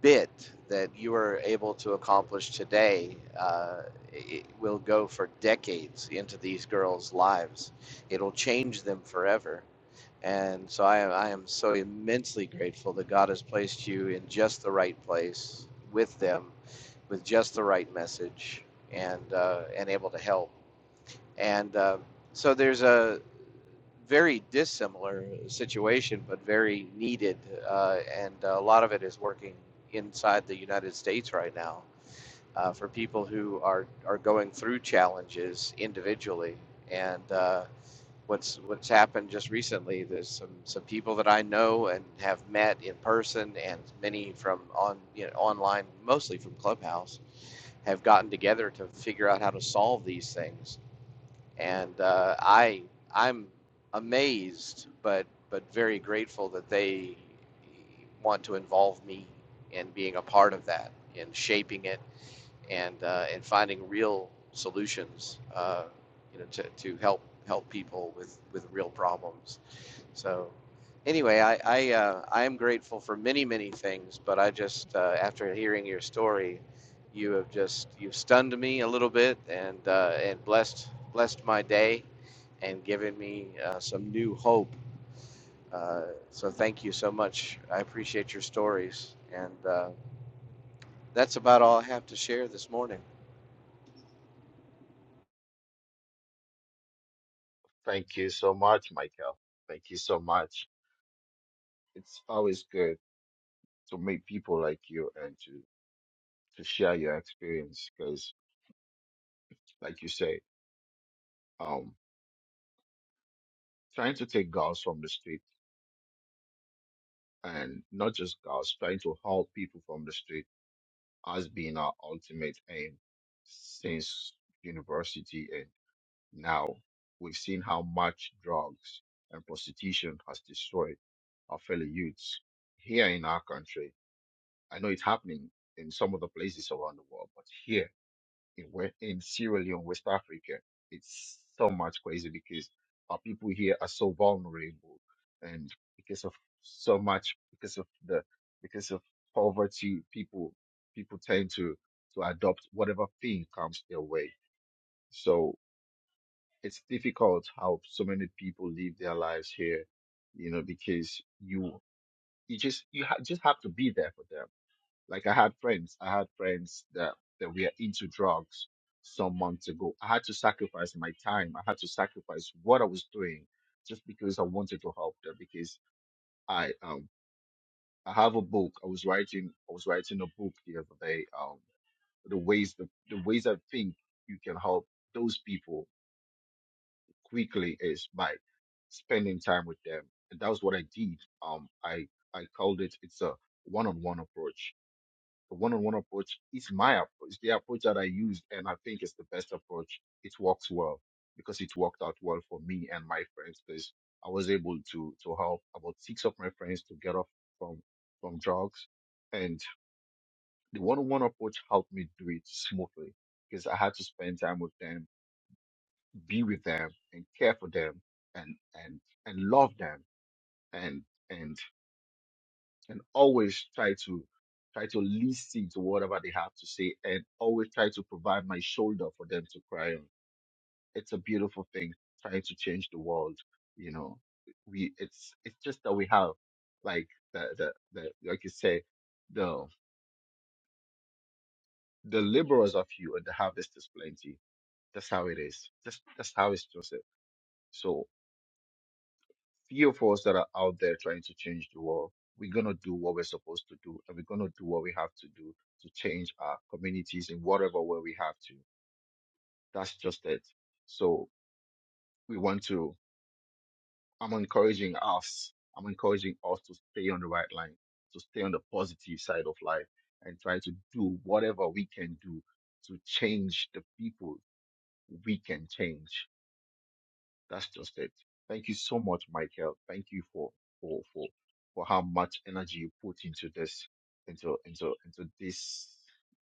Speaker 9: bit that you are able to accomplish today uh, it will go for decades into these girls' lives. It'll change them forever. And so I, I am so immensely grateful that God has placed you in just the right place with them, with just the right message, and uh, and able to help. And uh, so there's a very dissimilar situation, but very needed. Uh, and a lot of it is working inside the United States right now uh, for people who are, are going through challenges individually. And uh, what's what's happened just recently, there's some, some people that I know and have met in person, and many from on you know, online, mostly from Clubhouse, have gotten together to figure out how to solve these things and uh, I I'm amazed, but but very grateful that they want to involve me in being a part of that, in shaping it, and uh, and finding real solutions, uh, you know, to, to help help people with with real problems. So, anyway, I I, uh, I am grateful for many many things, but I just uh, after hearing your story, you have just you've stunned me a little bit and uh, and blessed blessed my day, and given me uh, some new hope. Uh, so thank you so much. I appreciate your stories, and uh, that's about all I have to share this morning.
Speaker 3: Thank you so much, Michael. Thank you so much. It's always good to meet people like you and to to share your experience because, like you say, um, trying to take girls from the street and not just girls, trying to help people from the street has been our ultimate aim since university and now we've seen how much drugs and prostitution has destroyed our fellow youths here in our country. I know it's happening in some of the places around the world, but here in West, in Sierra Leone, West Africa. It's so much crazy because our people here are so vulnerable, and because of so much, because of the, because of poverty, people people tend to to adopt whatever thing comes their way. So it's difficult how so many people live their lives here, you know, because you you just you ha- just have to be there for them like I had friends, I had friends that, that were into drugs some months ago. I had to sacrifice my time. I had to sacrifice what I was doing just because I wanted to help them because I um I have a book. I was writing I was writing a book the other day, um the ways the, the ways I think you can help those people quickly is by spending time with them. And that was what I did. Um I I called it it's a one on one approach The one-on-one approach is my approach. It's the approach that I used, and I think it's the best approach. It works well because it worked out well for me and my friends. Because I was able to to help about six of my friends to get off from from drugs, and the one-on-one approach helped me do it smoothly because I had to spend time with them, be with them, and care for them, and and and love them, and and and always try to try to listen to whatever they have to say and always try to provide my shoulder for them to cry on it's a beautiful thing trying to change the world you know we it's it's just that we have like the the, the like you say the the laborers of you and the harvest is plenty that's how it is that's that's how it's just it. So. few of us that are out there trying to change the world, we're going to do what we're supposed to do and we're going to do what we have to do to change our communities in whatever way we have to. That's just it. So we want to, I'm encouraging us, I'm encouraging us to stay on the right line, to stay on the positive side of life and try to do whatever we can do to change the people we can change. That's just it. Thank you so much, Michael. Thank you for for for for how much energy you put into this into into into this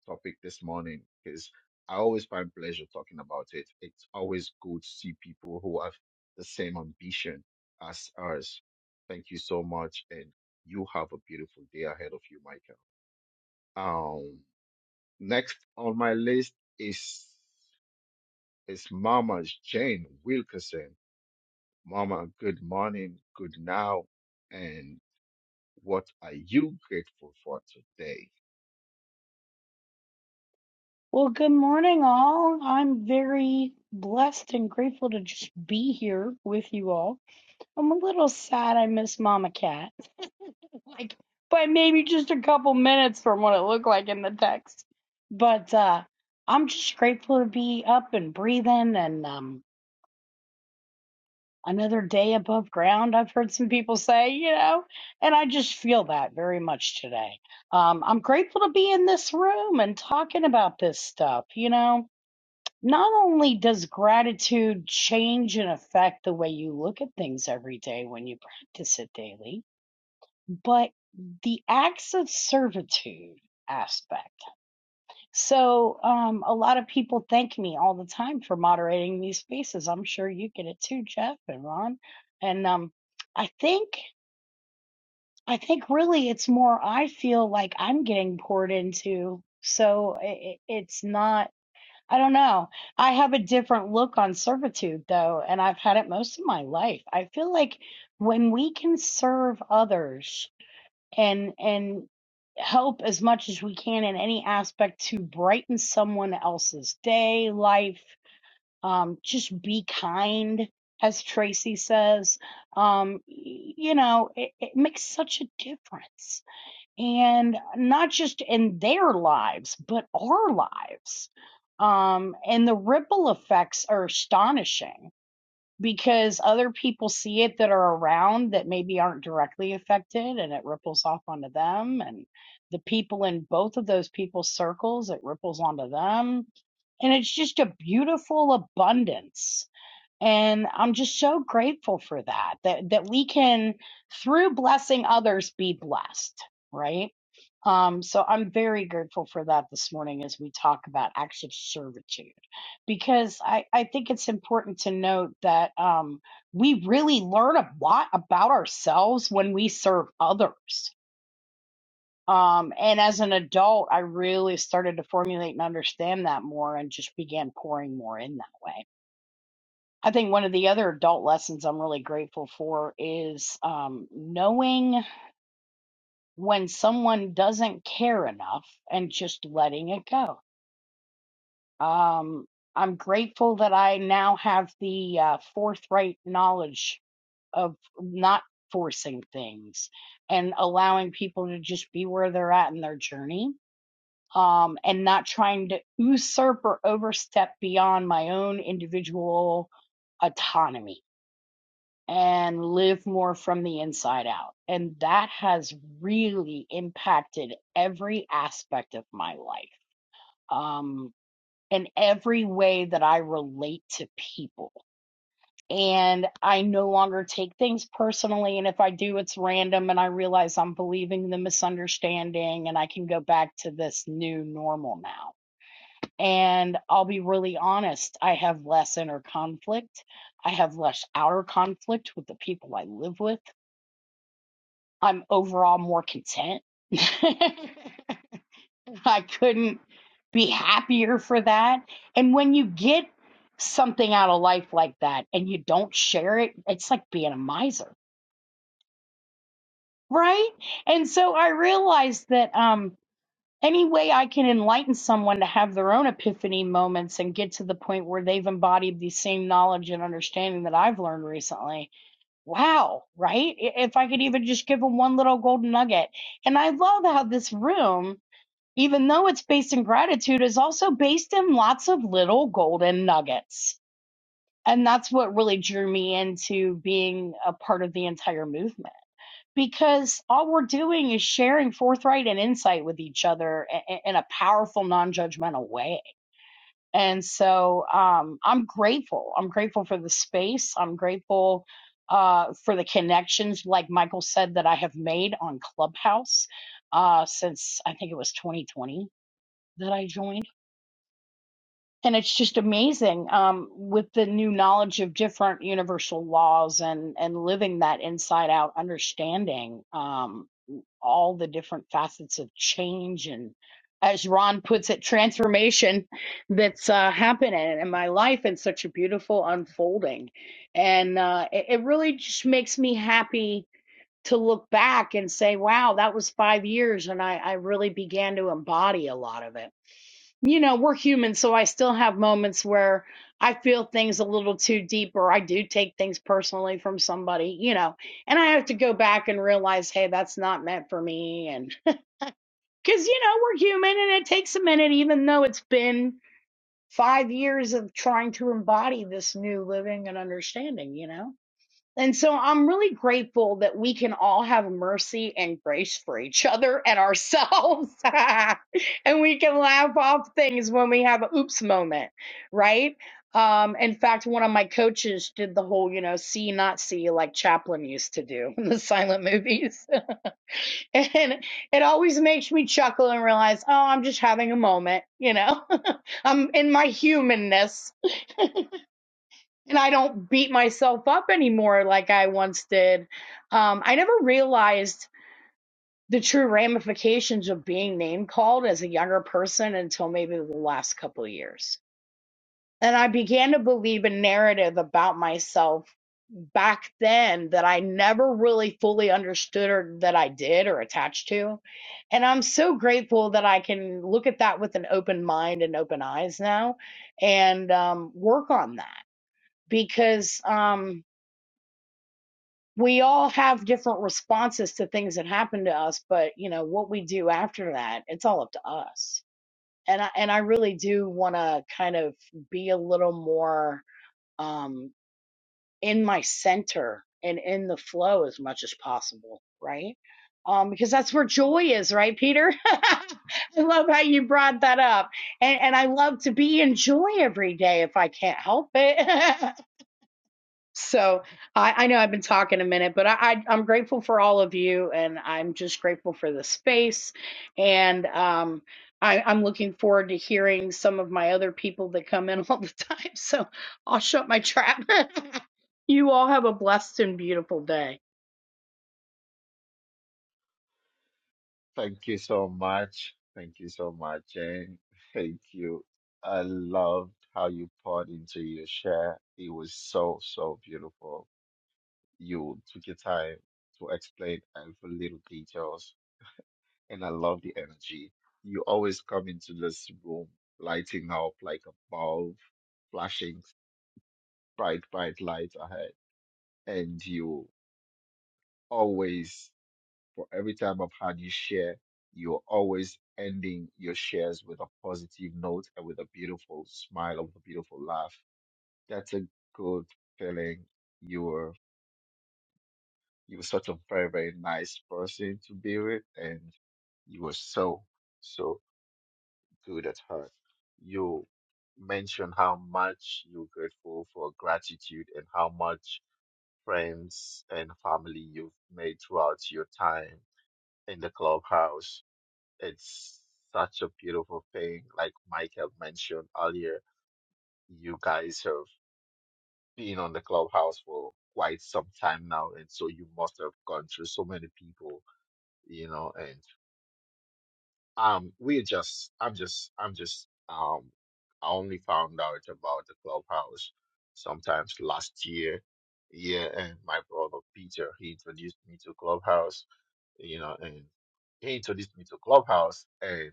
Speaker 3: topic this morning because I always find pleasure talking about it. It's always good to see people who have the same ambition as us. Thank you so much, and you have a beautiful day ahead of you, Michael. Um, next on my list is is Mama Jane Wilkerson. Mama, good morning, good now, and what are you grateful for today?
Speaker 10: Well, good morning, all. I'm very blessed and grateful to just be here with you all. I'm a little sad I miss Mama Cat, like by maybe just a couple minutes from what it looked like in the text. But uh, I'm just grateful to be up and breathing and um, another day above ground. I've heard some people say, you know, and I just feel that very much today. Um, I'm grateful to be in this room and talking about this stuff, you know not only does gratitude change and affect the way you look at things every day when you practice it daily, but the acts of servitude aspect. So, um, a lot of people thank me all the time for moderating these spaces. I'm sure you get it too, Jeff and Ron. And um, I think, I think really it's more I feel like I'm getting poured into. So it, it's not. I don't know. I have a different look on servitude, though, and I've had it most of my life. I feel like when we can serve others and and help as much as we can in any aspect to brighten someone else's day, life, um, just be kind, as Tracy says, um, y- you know, it, it makes such a difference and not just in their lives, but our lives. Um, and the ripple effects are astonishing because other people see it that are around that maybe aren't directly affected and it ripples off onto them and the people in both of those people's circles it ripples onto them and it's just a beautiful abundance and I'm just so grateful for that, that that we can, through blessing others, be blessed, right? Um, so I'm very grateful for that this morning as we talk about acts of servitude, because I, I think it's important to note that um, we really learn a lot about ourselves when we serve others. Um, and as an adult, I really started to formulate and understand that more and just began pouring more in that way. I think one of the other adult lessons I'm really grateful for is um, knowing when someone doesn't care enough and just letting it go. Um, I'm grateful that I now have the uh, forthright knowledge of not forcing things and allowing people to just be where they're at in their journey. Um, and not trying to usurp or overstep beyond my own individual autonomy and live more from the inside out. And that has really impacted every aspect of my life, um, and every way that I relate to people. And I no longer take things personally. And if I do, it's random. And I realize I'm believing the misunderstanding, and I can go back to this new normal now. And I'll be really honest, I have less inner conflict. I have less outer conflict with the people I live with. I'm overall more content. I couldn't be happier for that. And when you get something out of life like that and you don't share it, it's like being a miser, right? And so I realized that um any way I can enlighten someone to have their own epiphany moments and get to the point where they've embodied the same knowledge and understanding that I've learned recently wow, right? If I could even just give them one little golden nugget. And I love how this room, even though it's based in gratitude, is also based in lots of little golden nuggets. And that's what really drew me into being a part of the entire movement. Because all we're doing is sharing forthright and insight with each other in a powerful, non judgmental way and so um, I'm grateful. I'm grateful for the space. I'm grateful uh, for the connections, like Michael said, that I have made on Clubhouse uh, since I think it was 2020 that I joined. And it's just amazing um, with the new knowledge of different universal laws and, and living that inside out understanding. Um, all the different facets of change and as Ron puts it, transformation that's uh, happening in my life and such a beautiful unfolding. And uh, it, it really just makes me happy to look back and say, wow, that was five years. And I, I really began to embody a lot of it you know, we're human, so I still have moments where I feel things a little too deep or I do take things personally from somebody, you know, and I have to go back and realize, hey, that's not meant for me. And because, you know, we're human and it takes a minute, even though it's been five years of trying to embody this new living and understanding, you know? And so I'm really grateful that we can all have mercy and grace for each other and ourselves. and we can laugh off things when we have an oops moment, right? Um, in fact, one of my coaches did the whole, you know, see, not see, like Chaplin used to do in the silent movies. and it always makes me chuckle and realize, oh, I'm just having a moment, you know, I'm in my humanness and I don't beat myself up anymore like I once did. Um, I never realized the true ramifications of being name called as a younger person until maybe the last couple of years. And I began to believe a narrative about myself back then that I never really fully understood or that I did or attached to. And I'm so grateful that I can look at that with an open mind and open eyes now and um, work on that because. Um, we all have different responses to things that happen to us, but you know what we do after that, it's all up to us. And I and I really do want to kind of be a little more um, in my center and in the flow as much as possible, right? Um, because that's where joy is, right, Peter? I love how you brought that up, and and I love to be in joy every day if I can't help it. So I, I know I've been talking a minute, but I, I, I'm grateful for all of you, and I'm just grateful for the space. And um, I, I'm looking forward to hearing some of my other people that come in all the time. So I'll shut my trap. you all have a blessed and beautiful day.
Speaker 3: Thank you so much. Thank you so much, Jane. Thank you. I loved how you poured into your share. It was so, so beautiful. You took your time to explain every little details, and I love the energy. You always come into this room lighting up like a bulb, flashing bright, bright lights ahead, and you always, for every time I've had you share, you're always ending your shares with a positive note and with a beautiful smile and with a beautiful laugh. That's a good feeling. You're you're such a very, very nice person to be with and you are so, so good at heart. You mentioned how much you're grateful for gratitude and how much friends and family you've made throughout your time in the clubhouse it's such a beautiful thing. Like Michael mentioned earlier, you guys have been on the clubhouse for quite some time now, and so you must have gone through so many people, you know. And um, we just, I'm just, I'm just, um, I only found out about the clubhouse sometimes last year. Yeah, and my brother Peter, he introduced me to Clubhouse, you know, and he introduced me to Clubhouse, and.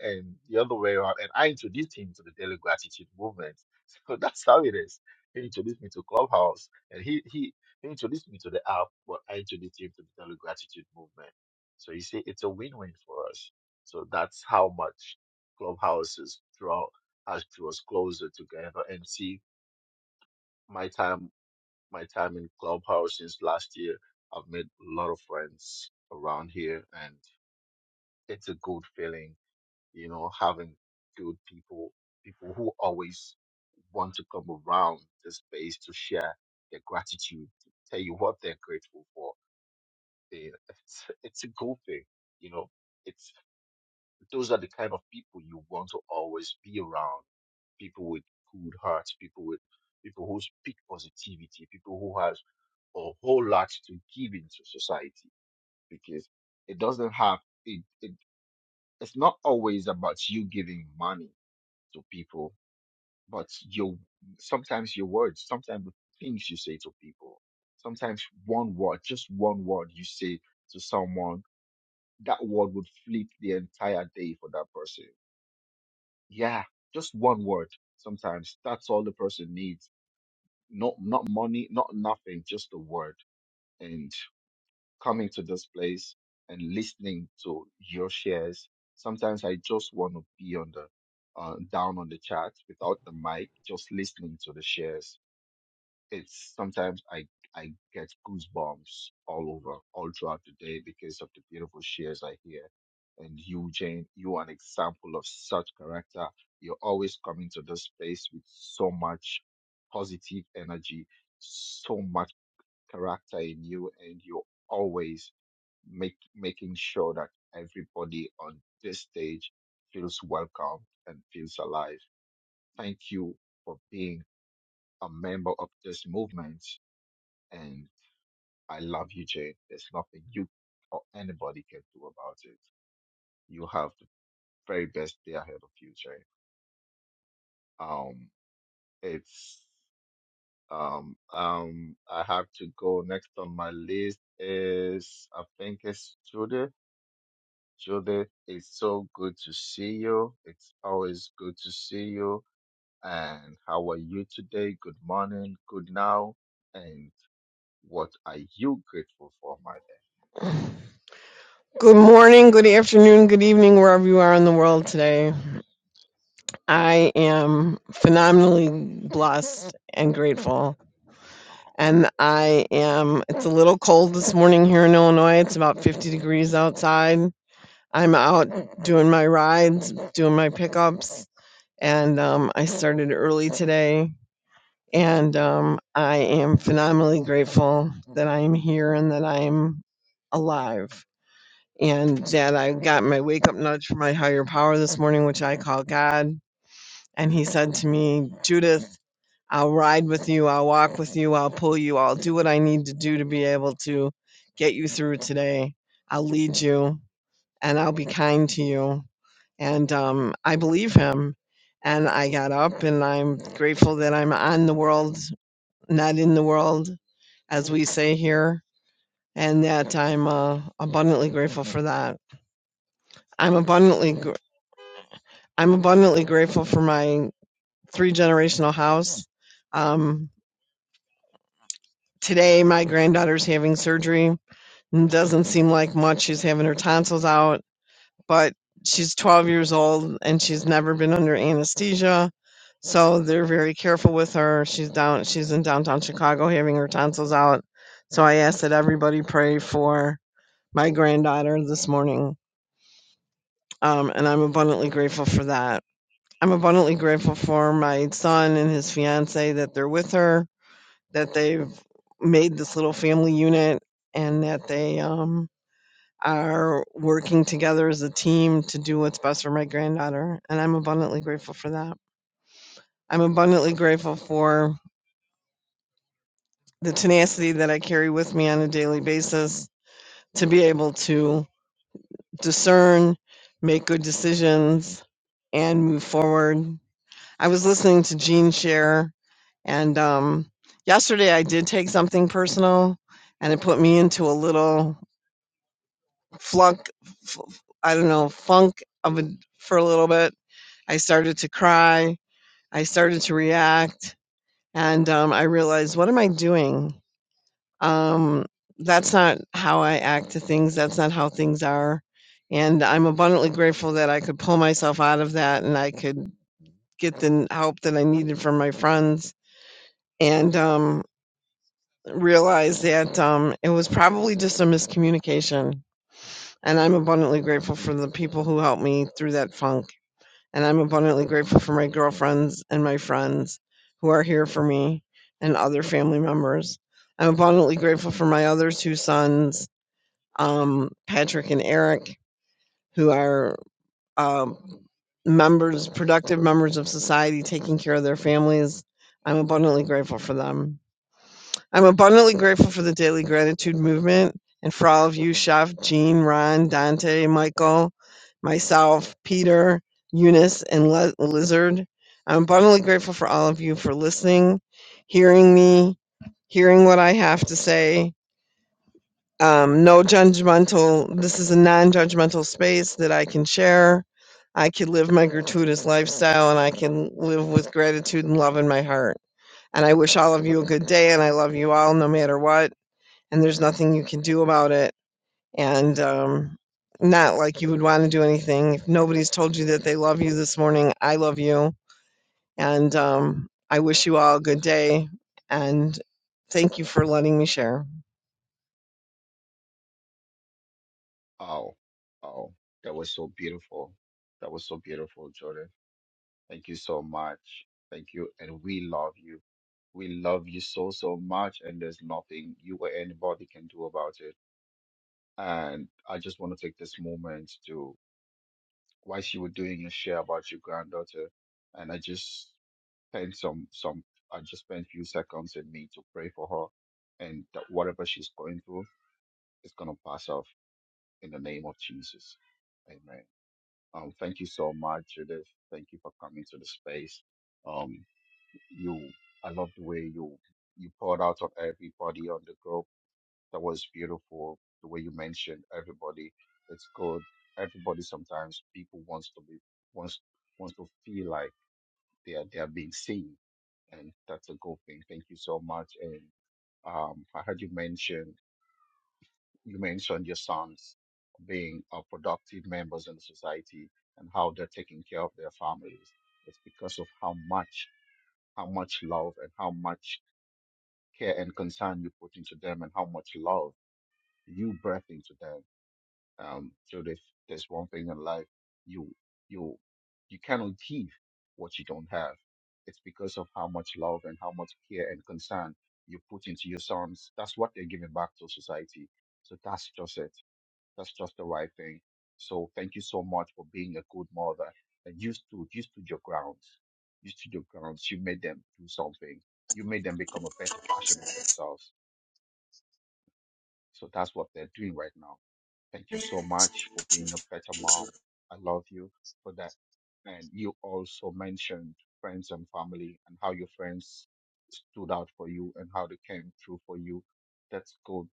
Speaker 3: and the other way around. And I introduced him to the Daily Gratitude Movement. So that's how it is. He introduced me to Clubhouse, and he he, he introduced me to the app, but I introduced him to the Daily Gratitude Movement. So you see, it's a win-win for us. So that's how much Clubhouse has draw has drew us closer together. And see, my time my time in Clubhouse since last year, I've made a lot of friends around here, and it's a good feeling you know, having good people, people who always want to come around the space to share their gratitude, to tell you what they're grateful for. They- It's, it's a good thing, you know. It's those are the kind of people you want to always be around. People with good hearts, people with people who speak positivity, people who has a whole lot to give into society because it doesn't have it, it it's not always about you giving money to people, but your sometimes your words, sometimes the things you say to people, sometimes one word, just one word you say to someone, that word would flip the entire day for that person. Yeah, just one word. Sometimes that's all the person needs. Not not money, not nothing, just a word. and. coming to this place and listening to your shares. Sometimes I just want to be on the uh, down on the chat without the mic, just listening to the shares. It's sometimes I I get goosebumps all over, all throughout the day because of the beautiful shares I hear. And you, Jane, you are an example of such character. You're always coming to this place with so much positive energy, so much character in you, and you are always make, making sure that everybody on this stage feels welcome and feels alive. Thank you for being a member of this movement. And I love you, Jane. There's nothing you or anybody can do about it. You have the very best day ahead of you, Jane. Um, it's um um I have to go next on my list is I think it's Judith. Judith, it's so good to see you. It's always good to see you. And how are you today? Good morning, good now. And what are you grateful for, my dear?
Speaker 11: Good morning, good afternoon, good evening, wherever you are in the world today. I am phenomenally blessed and grateful. And I am, it's a little cold this morning here in Illinois. It's about 50 degrees outside. I'm out doing my rides, doing my pickups, and um, I started early today. And um, I am phenomenally grateful that I'm here and that I'm alive. and that I got my wake up nudge from my higher power this morning, which I call God. And he said to me, Judith, I'll ride with you, I'll walk with you, I'll pull you, I'll do what I need to do to be able to get you through today. I'll lead you and I'll be kind to you. And um, I believe him. And I got up and I'm grateful that I'm on the world, not in the world, as we say here, and that I'm uh, abundantly grateful for that. I'm abundantly I'm abundantly grateful for my three generational house. Um, today, my granddaughter's having surgery. and doesn't seem like much. She's having her tonsils out, but she's 12 years old and she's never been under anesthesia. So they're very careful with her. She's down. She's in downtown Chicago having her tonsils out. So I ask that everybody pray for my granddaughter this morning, um, and I'm abundantly grateful for that. I'm abundantly grateful for my son and his fiance that they're with her, that they've made this little family unit, and that they um, are working together as a team to do what's best for my granddaughter. And I'm abundantly grateful for that. I'm abundantly grateful for the tenacity that I carry with me on a daily basis to be able to discern, make good decisions, and move forward I was listening to Gene share, and um, yesterday I did take something personal, and it put me into a little flunk. F- I don't know funk of a, for a little bit. I started to cry. I started to react, and um, I realized, what am I doing? Um, that's not how I act to things. That's not how things are. And I'm abundantly grateful that I could pull myself out of that, and I could get the help that I needed from my friends and um, realized that um, it was probably just a miscommunication. And I'm abundantly grateful for the people who helped me through that funk. And I'm abundantly grateful for my girlfriends and my friends who are here for me and other family members. I'm abundantly grateful for my other two sons, um, Patrick and Eric, who are um, members, productive members of society, taking care of their families. I'm abundantly grateful for them. I'm abundantly grateful for the daily gratitude movement and for all of you, Chef, Jean, Ron, Dante, Michael, myself, Peter, Eunice, and Le- Lizard. I'm abundantly grateful for all of you for listening, hearing me, hearing what I have to say. Um, no judgmental, this is a non judgmental space that I can share. I can live my gratuitous lifestyle and I can live with gratitude and love in my heart. And I wish all of you a good day and I love you all no matter what and there's nothing you can do about it. And um, not like you would want to do anything. If nobody's told you that they love you this morning, I love you. And um, I wish you all a good day. And thank you for letting me share.
Speaker 3: Oh, oh, that was so beautiful. That was so beautiful, Judith. Thank you so much. Thank you. And we love you. We love you so, so much. And there's nothing you or anybody can do about it. And I just want to take this moment to whilst you were doing your share about your granddaughter, and I just spent some some I just spent few seconds in me to pray for her, and that whatever she's going through is gonna pass off in the name of Jesus. Amen. Um, thank you so much, Judith. Thank you for coming to the space. Um, you, I love the way you you poured out on everybody on the group that was beautiful. The way you mentioned everybody, it's good. Everybody sometimes people wants to be wants wants to feel like they are they are being seen, and that's a good thing. Thank you so much. And um, I heard you mention you mentioned your sons being uh, productive members in the society and how they're taking care of their families. It's because of how much how much love and how much care and concern you put into them and how much love you breath into them Um, so there's there's one thing in life you you you cannot give what you don't have. It's because of how much love and how much care and concern you put into your sons. That's what they're giving back to society. So that's just it. That's just the right thing. So thank you so much for being a good mother. And you stood you stood your grounds. You stood your grounds. You made them do something. You made them become a better version of themselves. So that's what they're doing right now Thank you so much for being a better mom. I love you for that. And you also mentioned friends and family and how your friends stood out for you and how they came through for you. That's good.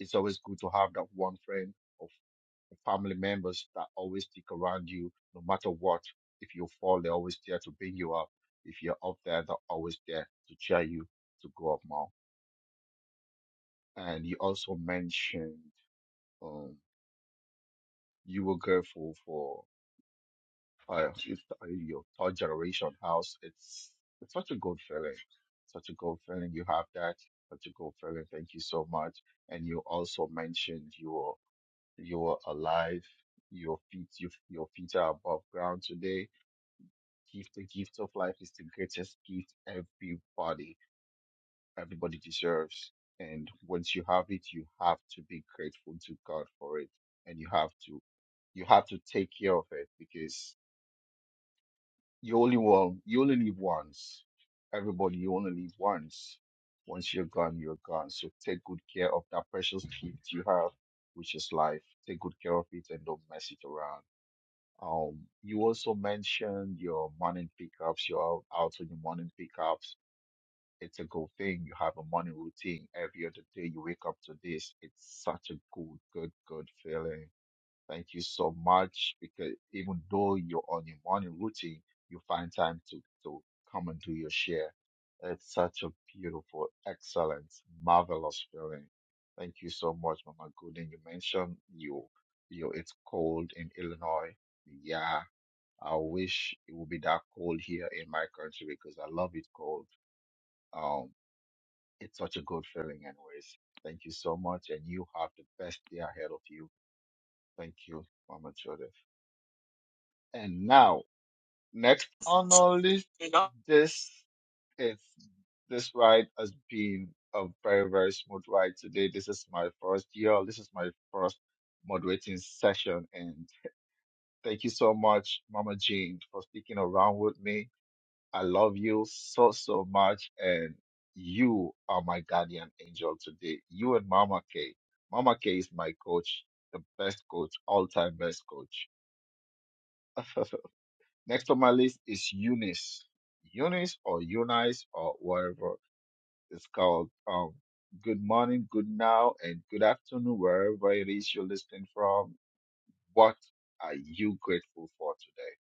Speaker 3: It's always good to have that one friend or f- family members that always stick around you no matter what. If you fall, they're always there to bring you up. If you're up there, they're always there to cheer you to go up more. And you also mentioned um, you were grateful for I, if I- your third generation house, it's it's such a good feeling. Such a good feeling. You have that. Such a good feeling. Thank you so much. And you also mentioned you're you're alive. Your feet you, your feet are above ground today. Gift the gift of life is the greatest gift everybody everybody deserves. And once you have it, you have to be grateful to God for it, and you have to you have to take care of it because You only one. You only live once. Everybody, you only live once. Once you're gone, you're gone. So take good care of that precious gift you have, which is life. Take good care of it and don't mess it around. Um, you also mentioned your morning pickups. You're out out on your morning pickups. It's a good thing. You have a morning routine every other day. You wake up to this. It's such a good, good, good feeling Thank you so much because even though you're on your morning routine, you find time to, to come and do your share. It's such a beautiful, excellent, marvelous feeling. Thank you so much, Mama Gooden. You mentioned you, you, it's cold in Illinois. Yeah, I wish it would be that cold here in my country because I love it cold. Um, it's such a good feeling anyways. Thank you so much and you have the best day ahead of you. Thank you, Mama Judith. And now, next on our list, this is this ride has been a very, very smooth ride today. This is my first year. This is my first moderating session. And thank you so much, Mama Jean, for sticking around with me. I love you so, so much. And you are my guardian angel today. You and Mama K. Mama K is my coach, the best coach, all time best coach. Next on my list is Eunice. Eunice or Eunice or whatever it's called. Um, good morning, good now, and good afternoon, wherever it is you're listening from. What are you grateful for today?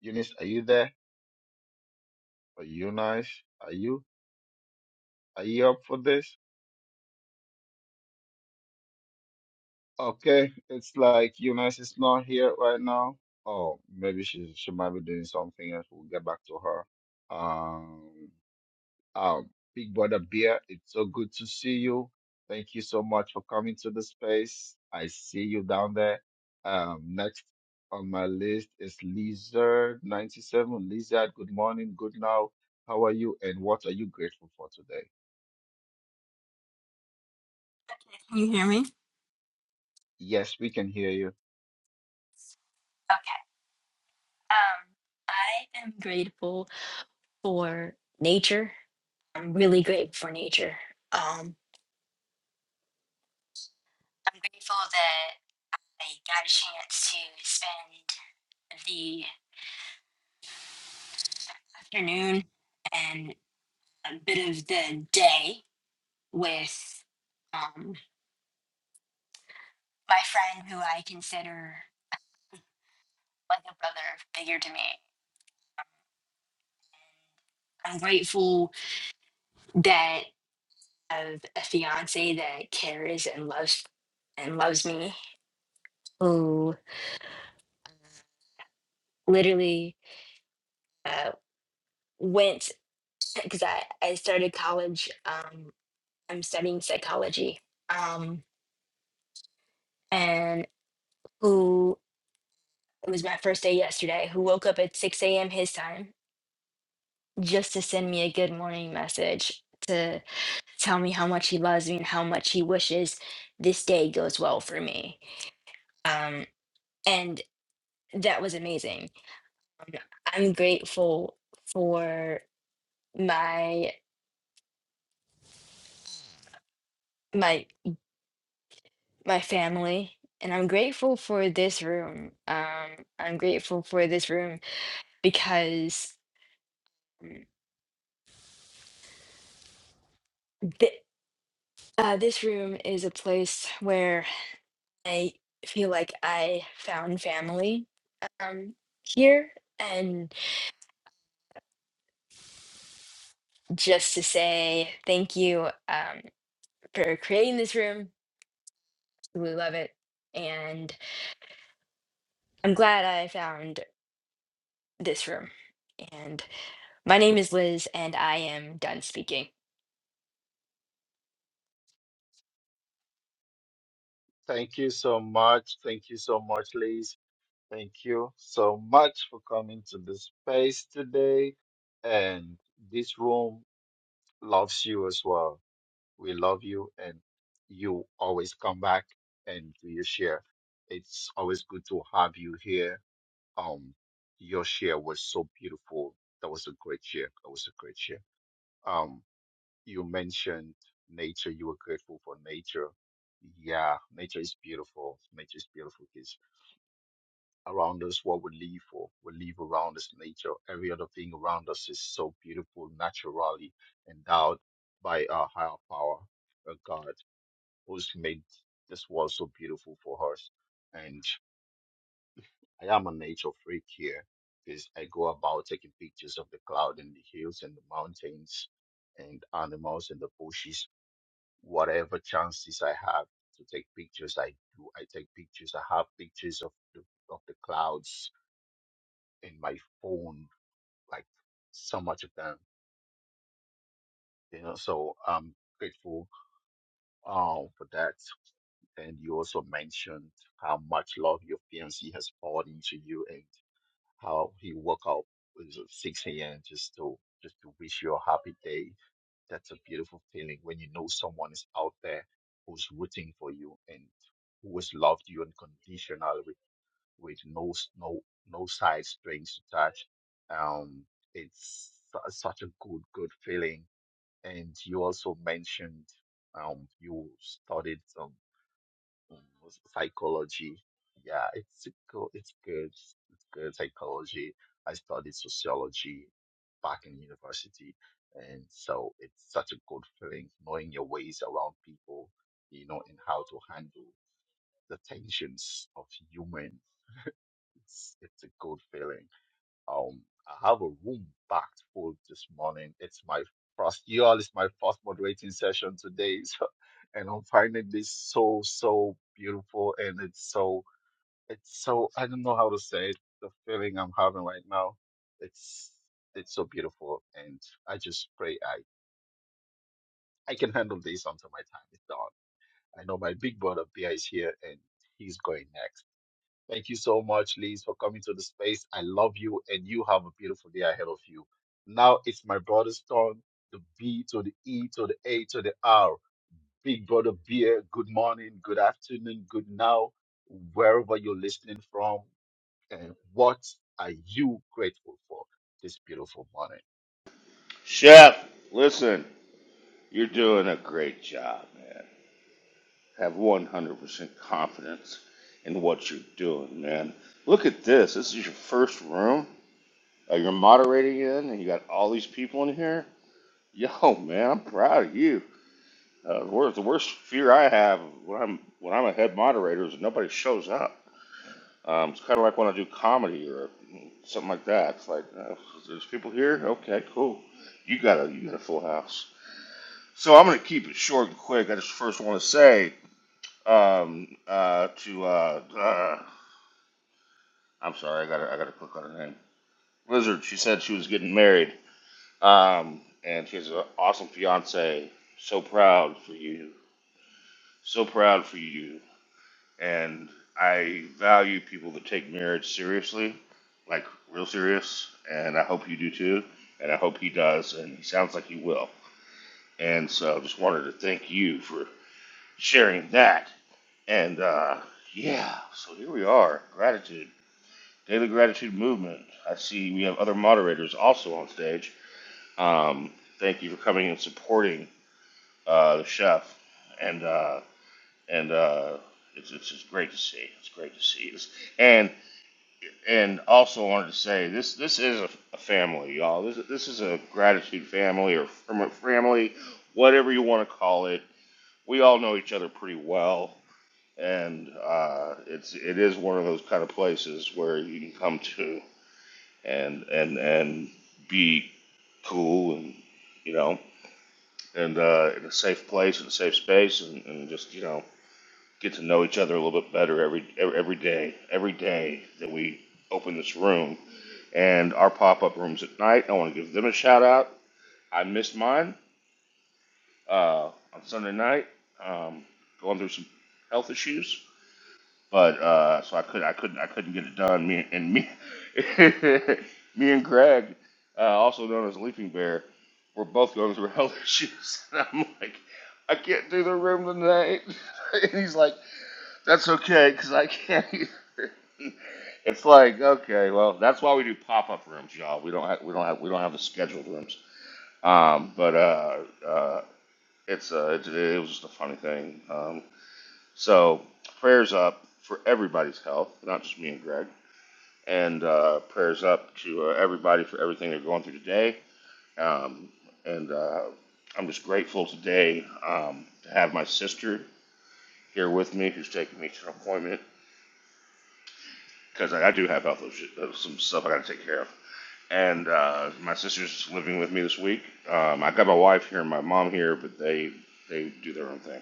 Speaker 3: Eunice, are you there? Or Eunice, are you? Are you up for this? Okay, it's like Eunice is not here right now. Oh, maybe she she might be doing something else. We'll get back to her. Um, Um, Big Brother beer, it's so good to see you. Thank you so much for coming to the space. I see you down there. Um, next on my list is Lizard97. Lizard, good morning, good now. How are you and what are you grateful for today?
Speaker 12: Can you hear me?
Speaker 3: Yes, we can hear you.
Speaker 12: Um, I am grateful for nature. I'm really grateful for nature. Um, I'm grateful that I got a chance to spend the afternoon and a bit of the day with um, my friend who I consider like a brother figure to me. I'm grateful that I have a fiance that cares and loves and loves me. Who literally uh, went because I, I started college. Um, I'm studying psychology. Um, and who it was my first day yesterday, who woke up at 6 a.m. his time just to send me a good morning message to tell me how much he loves me and how much he wishes this day goes well for me. Um, and that was amazing. Um, I'm grateful for my my my family, and I'm grateful for this room. Um, I'm grateful for this room because mm, thi- uh, this room is a place where I feel like I found family um, here. And just to say thank you um, for creating this room, we love it. And I'm glad I found this room. And my name is Liz, and I am done speaking.
Speaker 3: Thank you so much. Thank you so much, Liz. Thank you so much for coming to the space today. And this room loves you as well We love you, and you always come back and do your share. It's always good to have you here. Um, your share was so beautiful. That was a great share. That was a great share. Um, you mentioned nature. You were grateful for nature. Yeah, nature is beautiful. Nature is beautiful because around us, what we live for, we live around us nature. Every other thing around us is so beautiful, naturally endowed by our higher power, a God who's made this world so beautiful for us. And I am a nature freak here because I go about taking pictures of the cloud and the hills and the mountains and animals and the bushes. Whatever chances I have to take pictures, I do. I take pictures. I have pictures of the, of the clouds in my phone, like so much of them, you know. So I'm grateful uh, for that. And you also mentioned how much love your fiancé has poured into you and how he woke up at 6 a.m. just to just to wish you a happy day. That's a beautiful feeling when you know someone is out there who's rooting for you and who has loved you unconditionally with, with no s- no no side strings attached. Um, it's su- such a good good feeling and you also mentioned um, you studied some um, psychology. Yeah, it's go It's good. It's good psychology. I studied sociology back in university, and so it's such a good feeling knowing your ways around people, you know, and how to handle the tensions of humans. It's it's a good feeling. Um, I have a room packed full this morning. It's my first, you all, it's my first moderating session today. So, and I'm finding this so, so beautiful. And it's so, it's so, I don't know how to say it. The feeling I'm having right now, it's, it's so beautiful. And I just pray I, I can handle this until my time is done. I know my big brother Bia is here and he's going next. Thank you so much, Liz, for coming to the space. I love you, and you have a beautiful day ahead of you. Now it's my brother's turn. The B to the E to the A to the R. Big brother Beer, good morning, good afternoon, good now, wherever you're listening from. And what are you grateful for this beautiful morning?
Speaker 13: Chef, listen, you're doing a great job, man. Have 100% confidence in what you're doing, man. Look at this. This is your first room. Uh, you're moderating in, and you got all these people in here. Yo, man, I'm proud of you. Uh, the worst, the worst fear I have when I'm when I'm a head moderator is that nobody shows up. Um, it's kind of like when I do comedy or something like that. It's like uh, there's people here. Okay, cool. You got a you got a full house. So I'm going to keep it short and quick. I just first want to say um, uh, to uh, uh, I'm sorry, I got to I got to click on her name. Lizard. She said she was getting married, um, and she has an awesome fiance. So proud for you. So proud for you. And I value people that take marriage seriously, like real serious. And I hope you do too. And I hope he does. And he sounds like he will. And so just wanted to thank you for sharing that And uh, yeah, so here we are. Gratitude, daily gratitude movement. I see we have other moderators also on stage. Um, thank you for coming and supporting uh, the chef. And uh, and uh, it's, it's just great to see. It's great to see. It's, and and also wanted to say this this is a, a family, y'all. This this is a gratitude family or fam- family, whatever you want to call it. We all know each other pretty well and uh, it's it is one of those kind of places where you can come to and and and be cool and you know and uh, in a safe place and a safe space and, and just you know get to know each other a little bit better every every, every day every day that we open this room and our pop up rooms at night. I want to give them a shout out. I missed mine uh, on Sunday night. Um, going through some health issues but uh, so I could I couldn't I couldn't get it done. Me and me, me and Greg, uh, also known as Leaping Bear, were both going through health issues, and I'm like, I can't do the room tonight, and he's like, That's okay, because I can't. Either. It's like okay, well, that's why we do pop up rooms, y'all. We don't have we don't have we don't have the scheduled rooms. Um, but uh, uh, it's uh, it, it was just a funny thing. Um, so prayers up for everybody's health, not just me and Greg. And uh, prayers up to uh, everybody for everything they're going through today. Um, and uh, I'm just grateful today um, to have my sister here with me, who's taking me to an appointment because I, I do have health issues, uh, some stuff I got to take care of. And uh, my sister's living with me this week. Um, I got my wife here and my mom here, but they they do their own thing.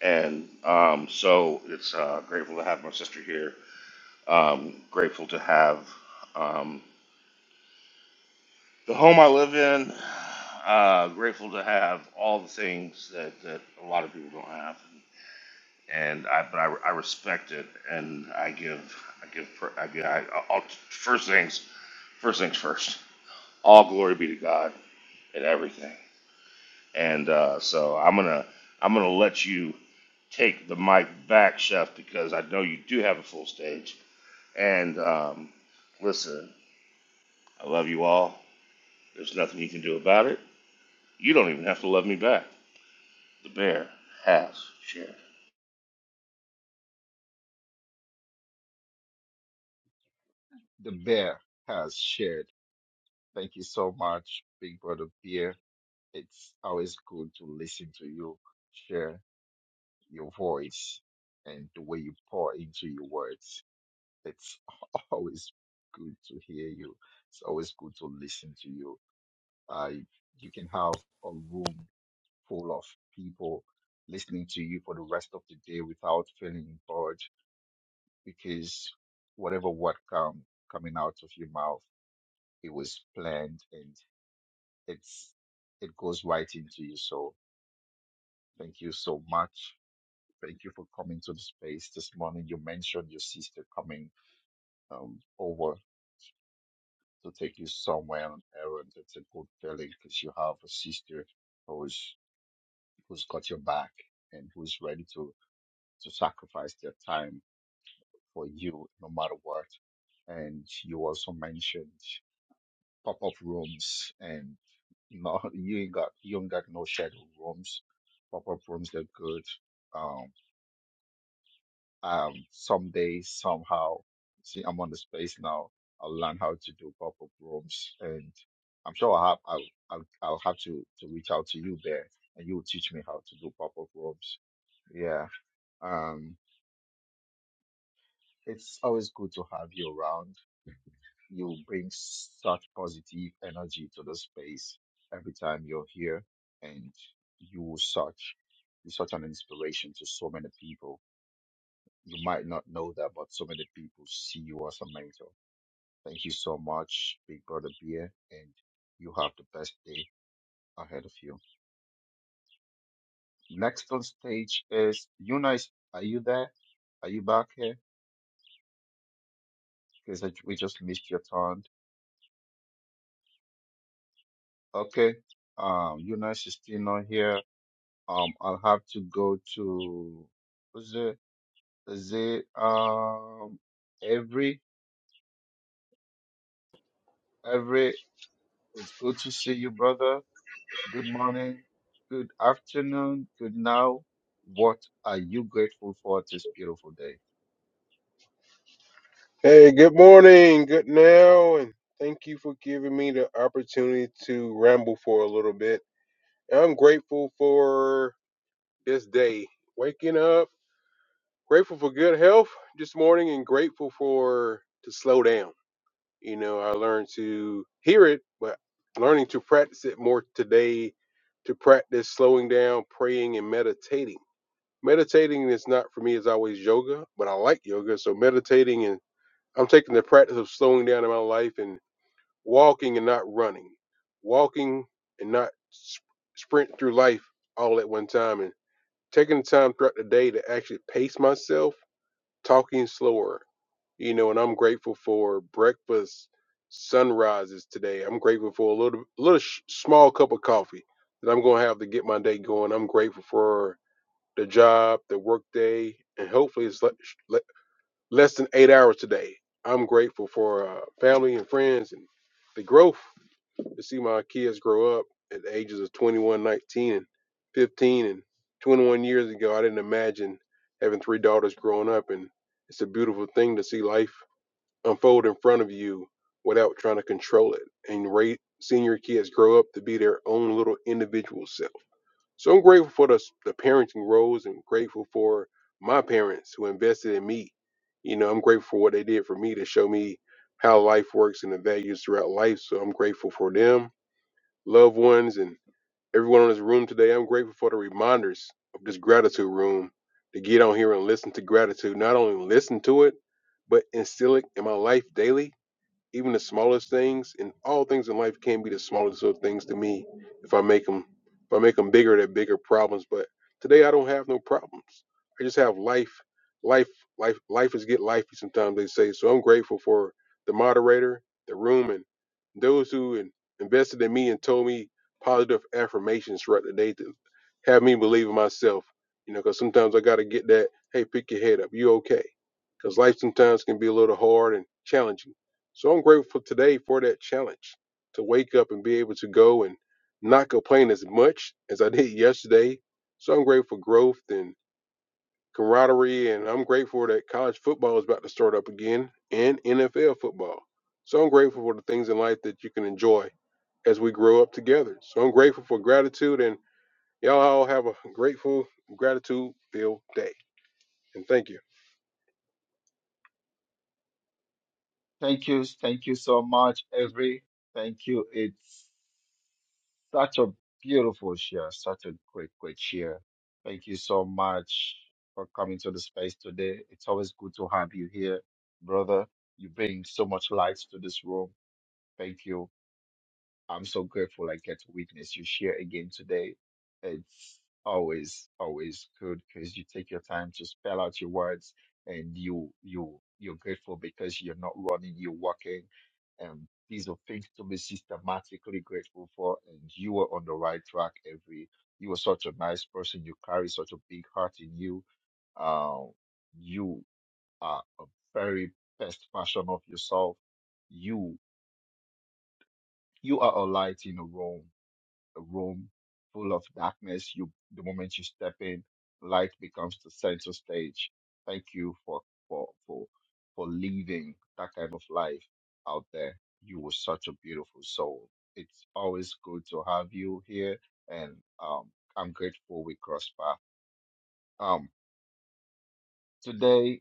Speaker 13: And um, so it's uh, grateful to have my sister here Um, grateful to have um, the home I live in. Uh, grateful to have all the things that, that a lot of people don't have, and I but I, I respect it, and I give I give pr- I, give- I all, first things first things first. All glory be to God in everything, and uh, so I'm gonna I'm gonna let you take the mic back, Chef, because I know you do have a full stage. And um, listen, I love you all. There's nothing you can do about it. You don't even have to love me back. The bear has shared.
Speaker 3: The bear has shared. Thank you so much, Big brother Beer. It's always good to listen to you share your voice and the way you pour into your words. It's always good to hear you. It's always good to listen to you. Uh, you can have a room full of people listening to you for the rest of the day without feeling bored because whatever word come coming out of your mouth, it was planned and it's it goes right into you. So thank you so much. Thank you for coming to the space this morning. You mentioned your sister coming um, over to take you somewhere on an errand. It's a good feeling because you have a sister who's who's got your back and who's ready to to sacrifice their time for you no matter what. And you also mentioned pop up rooms and you you ain't got you ain't got no shadow rooms. Pop up rooms are good. um, Um, someday, somehow, see, I'm on the space now. I'll learn how to do pop-up rooms, and I'm sure I'll have I'll I'll, I'll have to to reach out to you there, and you'll teach me how to do pop-up rooms. Yeah. Um, it's always good to have you around. You bring such positive energy to the space every time you're here, and you such you're such an inspiration to so many people you might not know that, but so many people see you as a mentor. Thank you so much, Big Brother Beer, and you have the best day ahead of you. Next on stage is Yuna. Are you there? Are you back here? Because we just missed your turn. Okay. Um, Yuna is still not here. Um, I'll have to go to who's it? Is it um every every? It's good to see you, brother. Good morning. Good afternoon. Good now. What are you grateful for this beautiful day?
Speaker 14: Hey, good morning, good now, and thank you for giving me the opportunity to ramble for a little bit. I'm grateful for this day, waking up, grateful for good health this morning, and grateful for to slow down. You know, I learned to hear it, but learning to practice it more today, to practice slowing down, praying, and meditating. Meditating is not for me is always yoga, but I like yoga, so meditating and I'm taking the practice of slowing down in my life and walking and not running, walking and not sp- sprint through life all at one time, and taking the time throughout the day to actually pace myself, talking slower. You know, and I'm grateful for breakfast sunrises today. I'm grateful for a little, little sh- small cup of coffee that I'm gonna have to get my day going. I'm grateful for the job, the work day, and hopefully it's le- sh- le- less than eight hours today. I'm grateful for uh, family and friends and the growth to see my kids grow up at the ages of 21, 19, and 15, and 21 years ago, I didn't imagine having three daughters growing up. And it's a beautiful thing to see life unfold in front of you without trying to control it and rate seeing your kids grow up to be their own little individual self. So I'm grateful for the, the parenting roles and grateful for my parents who invested in me. You know, I'm grateful for what they did for me to show me how life works and the values throughout life. So I'm grateful for them loved ones, and everyone in this room today. I'm grateful for the reminders of this gratitude room to get on here and listen to gratitude. Not only listen to it, but instill it in my life daily even the smallest things and all things in life can be the smallest little things to me if i make them if i make them bigger they're bigger problems but today i don't have no problems i just have life life life life is get lifey sometimes they say so i'm grateful for the moderator the room and those who in, invested in me and told me positive affirmations throughout the day to have me believe in myself you know because sometimes i got to get that hey pick your head up you okay because life sometimes can be a little hard and challenging so I'm grateful today for that challenge to wake up and be able to go and not complain as much as I did yesterday. So I'm grateful for growth and camaraderie, and I'm grateful that college football is about to start up again and NFL football. So I'm grateful for the things in life that you can enjoy as we grow up together. So I'm grateful for gratitude, and y'all all have a grateful, gratitude filled day. And thank you.
Speaker 3: Thank you. Thank you so much, Every. Thank you. It's such a beautiful share, such a great, great share. Thank you so much for coming to the space today. It's always good to have you here, brother. You bring so much light to this room. Thank you. I'm so grateful I get to witness you share again today. It's always, always good because you take your time to spell out your words and you, you, you're grateful because you're not running, you're walking. And these are things to be systematically grateful for. And you are on the right track every, you are such a nice person. You carry such a big heart in you. Uh, you are a very best version of yourself. You, you are a light in a room a room full of darkness, you the moment you step in, light becomes the center stage. Thank you for for for for living that kind of life out there. You were such a beautiful soul. It's always good to have you here, and um, I'm grateful we cross paths. Um, today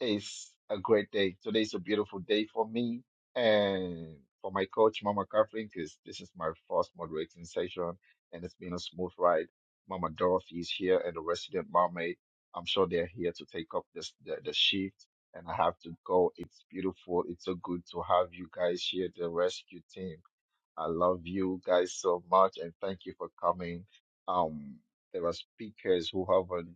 Speaker 3: It's a great day. Today is a beautiful day for me and for my coach, Mama Catherine, because this is my first moderating session and it's been a smooth ride. Mama Dorothy is here and the resident mermaid. I'm sure they're here to take up this the, the shift and I have to go. It's beautiful. It's so good to have you guys here, the rescue team. I love you guys so much and thank you for coming. Um, there are speakers who haven't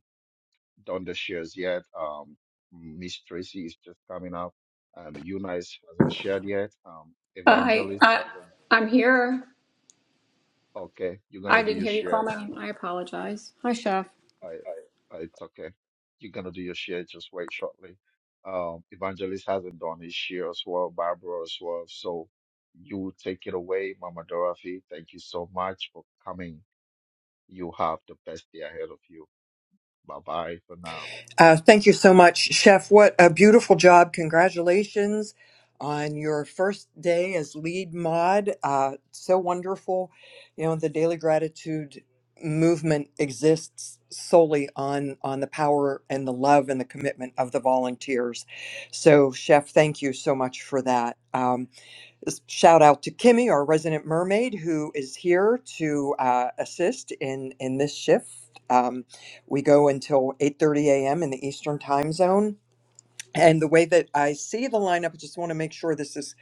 Speaker 3: done the shares yet. Um, Miss Tracy is just coming up. Um, Eunice hasn't shared yet. Um,
Speaker 15: I,
Speaker 3: Evangelist
Speaker 15: I,
Speaker 3: hasn't.
Speaker 15: I'm here.
Speaker 3: Okay, you're gonna
Speaker 15: I
Speaker 3: do
Speaker 15: didn't
Speaker 3: your
Speaker 15: hear you call
Speaker 3: share.
Speaker 15: my name. I apologize. Hi, Chef.
Speaker 3: I, I, it's okay. You're gonna do your share. Just wait shortly. Um, Evangelist hasn't done his share as well. Barbara as well. So you take it away, Mama Dorothy. Thank you so much for coming. You have the best day ahead of you. Bye bye for now.
Speaker 16: Uh, thank you so much, Chef. What a beautiful job. Congratulations on your first day as lead mod. Uh, so wonderful. You know, the Daily Gratitude movement exists solely on on the power and the love and the commitment of the volunteers so chef thank you so much for that Um, shout out to Kimmy, our resident mermaid, who is here to uh, assist in in this shift. Um, we go until 8:30 a.m. in the Eastern Time Zone, and the way that I see the lineup, I just want to make sure this is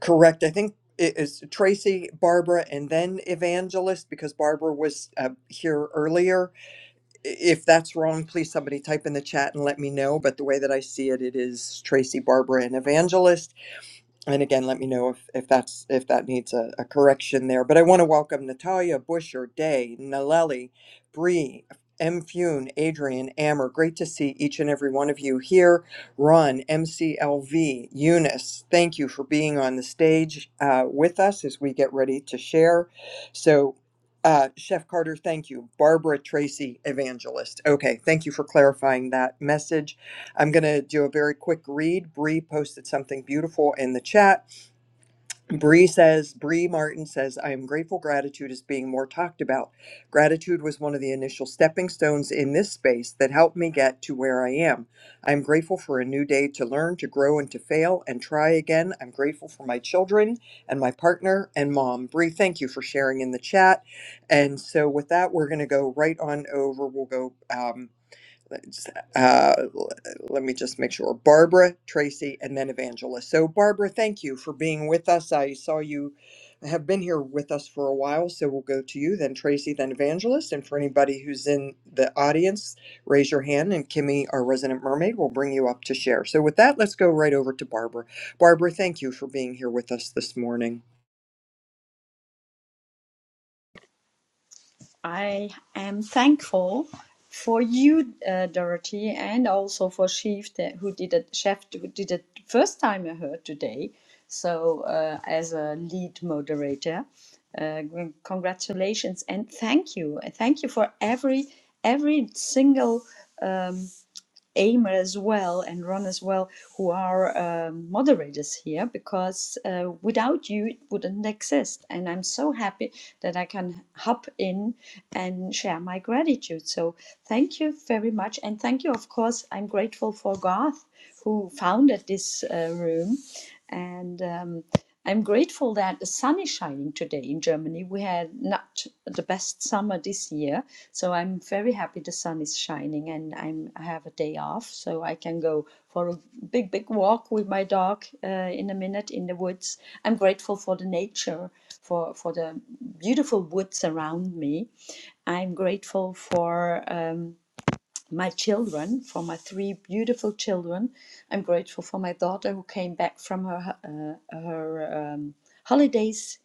Speaker 16: correct. I think it is Tracy, Barbara, and then Evangelist because Barbara was uh, here earlier. I- If that's wrong, please somebody type in the chat and let me know. But the way that I see it, it is Tracy, Barbara, and Evangelist and again, let me know if, if that's if that needs a, a correction there. But I want to welcome Natalia, Busher, Day, Naleli, Bree, M. Fune, Adrian, Ammer. Great to see each and every one of you here. Ron, MCLV, Eunice, thank you for being on the stage uh, with us as we get ready to share. So, uh, Chef Carter, thank you. Barbara Tracy, Evangelist. Okay, thank you for clarifying that message. I'm going to do a very quick read. Bree posted something beautiful in the chat. Bree says, Bree Martin says, I am grateful gratitude is being more talked about. Gratitude was one of the initial stepping stones in this space that helped me get to where I am. I am grateful for a new day to learn, to grow, and to fail and try again. I'm grateful for my children and my partner and mom. Bree, thank you for sharing in the chat. And so, with that, we're going to go right on over. We'll go. Um, uh, let me just make sure Barbara, Tracy, and then Evangelist. So, Barbara, thank you for being with us. I saw you have been here with us for a while, so we'll go to you, then Tracy, then Evangelist. And for anybody who's in the audience, raise your hand, and Kimmy, our resident mermaid, will bring you up to share. So, with that, let's go right over to Barbara. Barbara, thank you for being here with us this morning.
Speaker 17: I am thankful for you, uh, Dorothy, and also for Chef that who did it. Chef who did it the first time I heard today. So uh, as a lead moderator, uh, congratulations and thank you. Thank you for every every single um, Aimer as well and Ron as well, who are um moderators here, because uh, without you it wouldn't exist. And I'm so happy that I can hop in and share my gratitude. So thank you very much, and thank you, of course. I'm grateful for Garth who founded this uh, room, and. Um, I'm grateful that the sun is shining today in Germany. We had not the best summer this year, so I'm very happy the sun is shining and I'm, I have a day off, so I can go for a big, big walk with my dog uh, in a minute in the woods. I'm grateful for the nature, for, for the beautiful woods around me. I'm grateful for. Um, my children, for my three beautiful children. I'm grateful for my daughter who came back from her uh, her um, holidays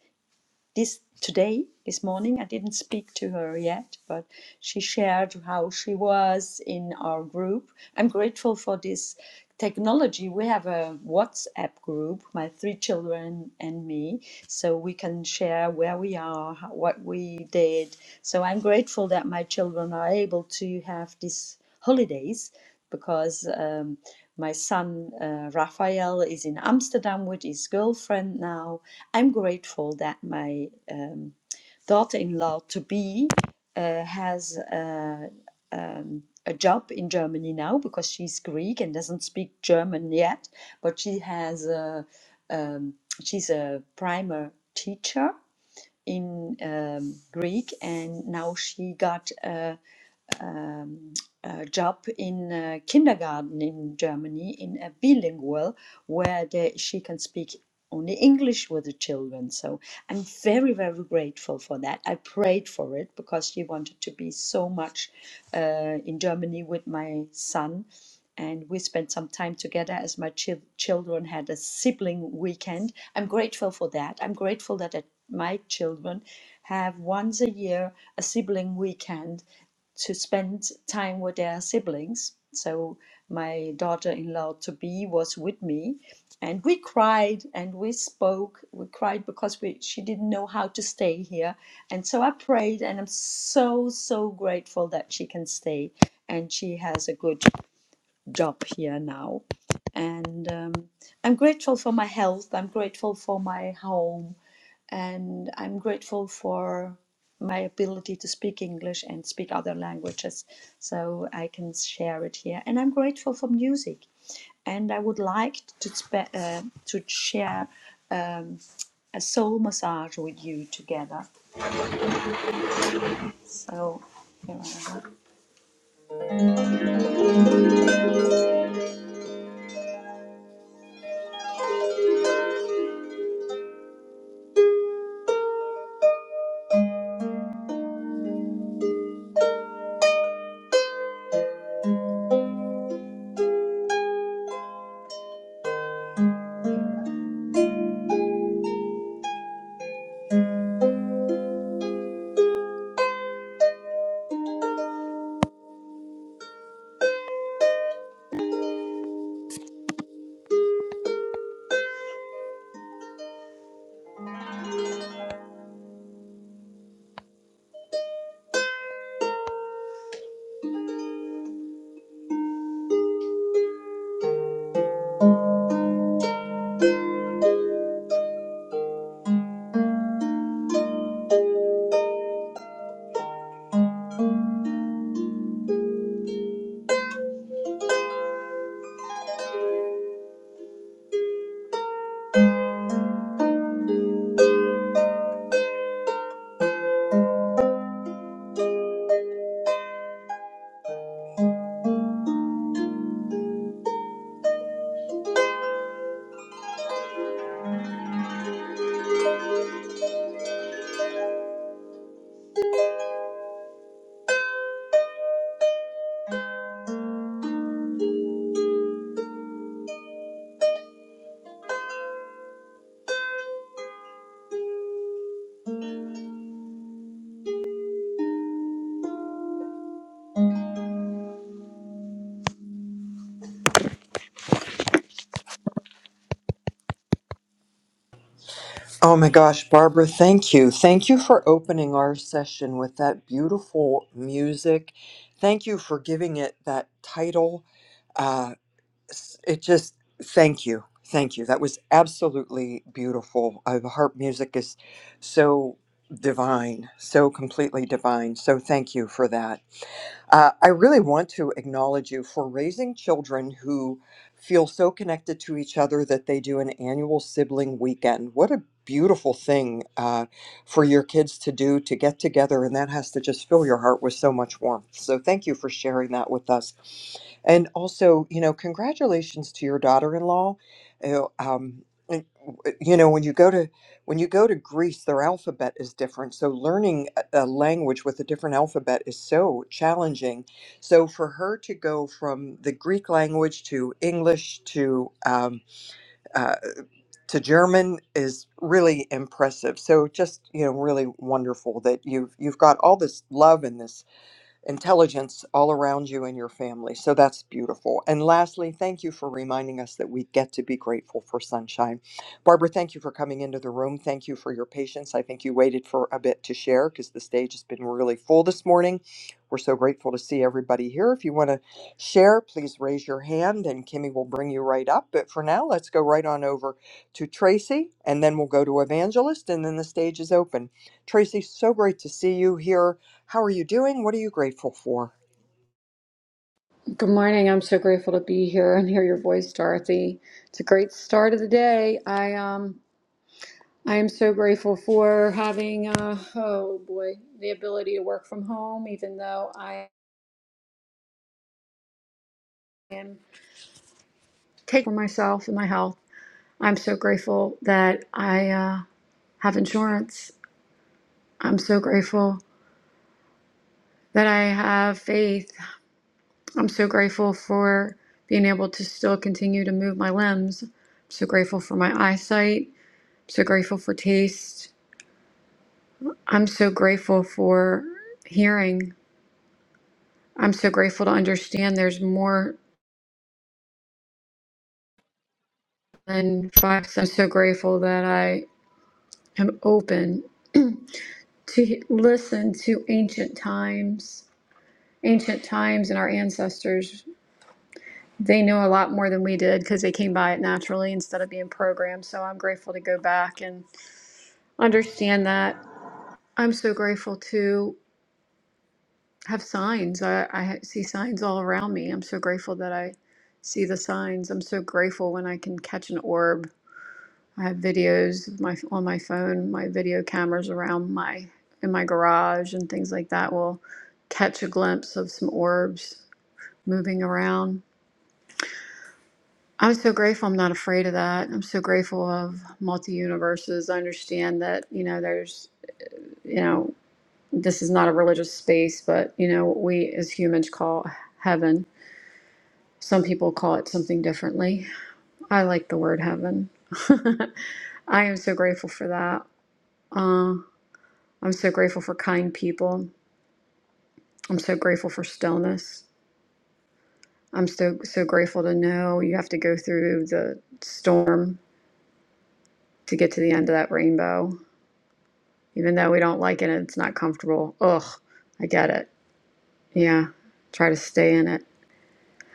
Speaker 17: this today this morning i didn't speak to her yet but she shared how she was in our group i'm grateful for this technology we have a whatsapp group my three children and me so we can share where we are how- what we did so i'm grateful that my children are able to have these holidays because um, my son uh, Raphael is in Amsterdam with his girlfriend now, I'm grateful that my um, daughter-in-law to be uh, has uh, um, a job in Germany now because she's Greek and doesn't speak German yet, but she has a, um, she's a primer teacher in um, Greek and now she got a um, uh, job in uh, kindergarten in Germany in a bilingual where they, she can speak only English with the children. So I'm very, very grateful for that. I prayed for it because she wanted to be so much uh, in Germany with my son. And we spent some time together as my chil- children had a sibling weekend. I'm grateful for that. I'm grateful that uh, my children have once a year a sibling weekend to spend time with their siblings. So my daughter-in-law to be was with me, and we cried and we spoke. We cried because we she didn't know how to stay here, and so I prayed, and I'm so so grateful that she can stay, and she has a good job here now, and um, I'm grateful for my health. I'm grateful for my home and I'm grateful for my ability to speak English and speak other languages so I can share it here. And I'm grateful for music. And I would like to, spe- uh, to share um, a soul massage with you together. So, here I am.
Speaker 16: Oh my gosh, Barbara, thank you. Thank you for opening our session with that beautiful music. Thank you for giving it that title. Uh, s- it just, thank you. Thank you. That was absolutely beautiful. Uh, the harp music is so divine, so completely divine. So thank you for that. Uh, I really want to acknowledge you for raising children who feel so connected to each other that they do an annual sibling weekend. What a beautiful thing uh, for your kids to do to get together, and that has to just fill your heart with so much warmth. So, thank you for sharing that with us. And also, you know, congratulations to your daughter in law. Um, and, you know, when you go to when you go to Greece, their alphabet is different. So learning a language with a different alphabet is so challenging. So for her to go from the Greek language to English to um, uh, to German is really impressive. So just you know, really wonderful that you've you've got all this love and this intelligence all around you and your family. So that's beautiful. And lastly, thank you for reminding us that we get to be grateful for sunshine. Barbara, thank you for coming into the room. Thank you for your patience. I think you waited for a bit to share because the stage has been really full this morning. We're so grateful to see everybody here. If you want to share, please raise your hand and Kimmy will bring you right up. But for now, let's go right on over to Tracy and then we'll go to Evangelist and then the stage is open. Tracy, so great to see you here. How are you doing? What are you grateful for?
Speaker 15: Good morning. I'm so grateful to be here and hear your voice, Dorothy. It's a great start of the day. I um I am so grateful for having uh oh boy, the ability to work from home even though I am taking care of myself and my health. I'm so grateful that I uh have insurance. I'm so grateful that I have faith I'm so grateful for being able to still continue to move my limbs. I'm so grateful for my eyesight. I'm so grateful for taste. I'm so grateful for hearing. I'm so grateful to understand there's more than five. senses. I'm so grateful that I am open to he- listen to ancient times. Ancient times and our ancestors, they know a lot more than we did because they came by it naturally instead of being programmed. So I'm grateful to go back and understand that I'm so grateful to have signs. I, I ha- see signs all around me. I'm so grateful that I see the signs. I'm so grateful when I can catch an orb. I have videos of my on my phone, my video cameras around my in my garage and things like that will catch a glimpse of some orbs moving around. I'm so grateful I'm not afraid of that. I'm so grateful of multi universes. I understand that, you know, there's you know. this is not a religious space, but you know, what we as humans call heaven. Some people call it something differently. I like the word heaven. I am so grateful for that. Uh, I'm so grateful for kind people. I'm so grateful for stillness. I'm so so grateful to know you have to go through the storm to get to the end of that rainbow. Even though we don't like it and it's not comfortable. Ugh, I get it. Yeah. Try to stay in it.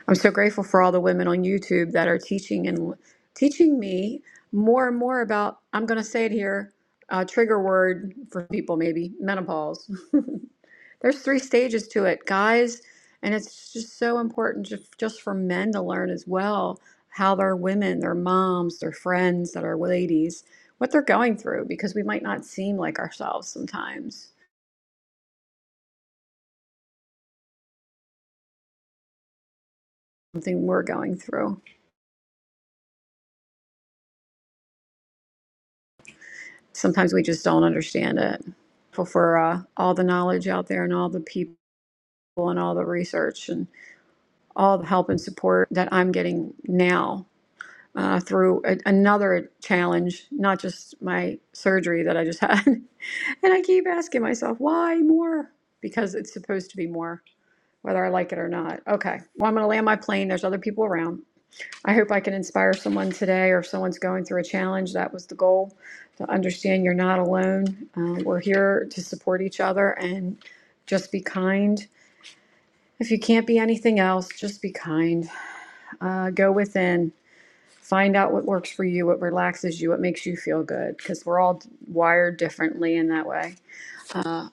Speaker 15: I'm so grateful for all the women on YouTube that are teaching and teaching me more and more about, I'm going to say it here, a trigger word for people maybe, menopause. There's three stages to it, guys, and it's just so important just, just for men to learn as well how their women, their moms, their friends that are ladies, what they're going through because we might not seem like ourselves sometimes, something we're going through. sometimes we just don't understand it. For, for uh, all the knowledge out there and all the people and all the research and all the help and support that I'm getting now uh, through a, another challenge, not just my surgery that I just had. and I keep asking myself, why more? Because it's supposed to be more, whether I like it or not. Okay, well, I'm going to land my plane. There's other people around. I hope I can inspire someone today or if someone's going through a challenge. That was the goal to understand you're not alone. Uh, we're here to support each other and just be kind. If you can't be anything else, just be kind. Uh, go within, find out what works for you, what relaxes you, what makes you feel good, because we're all wired differently in that way. Uh,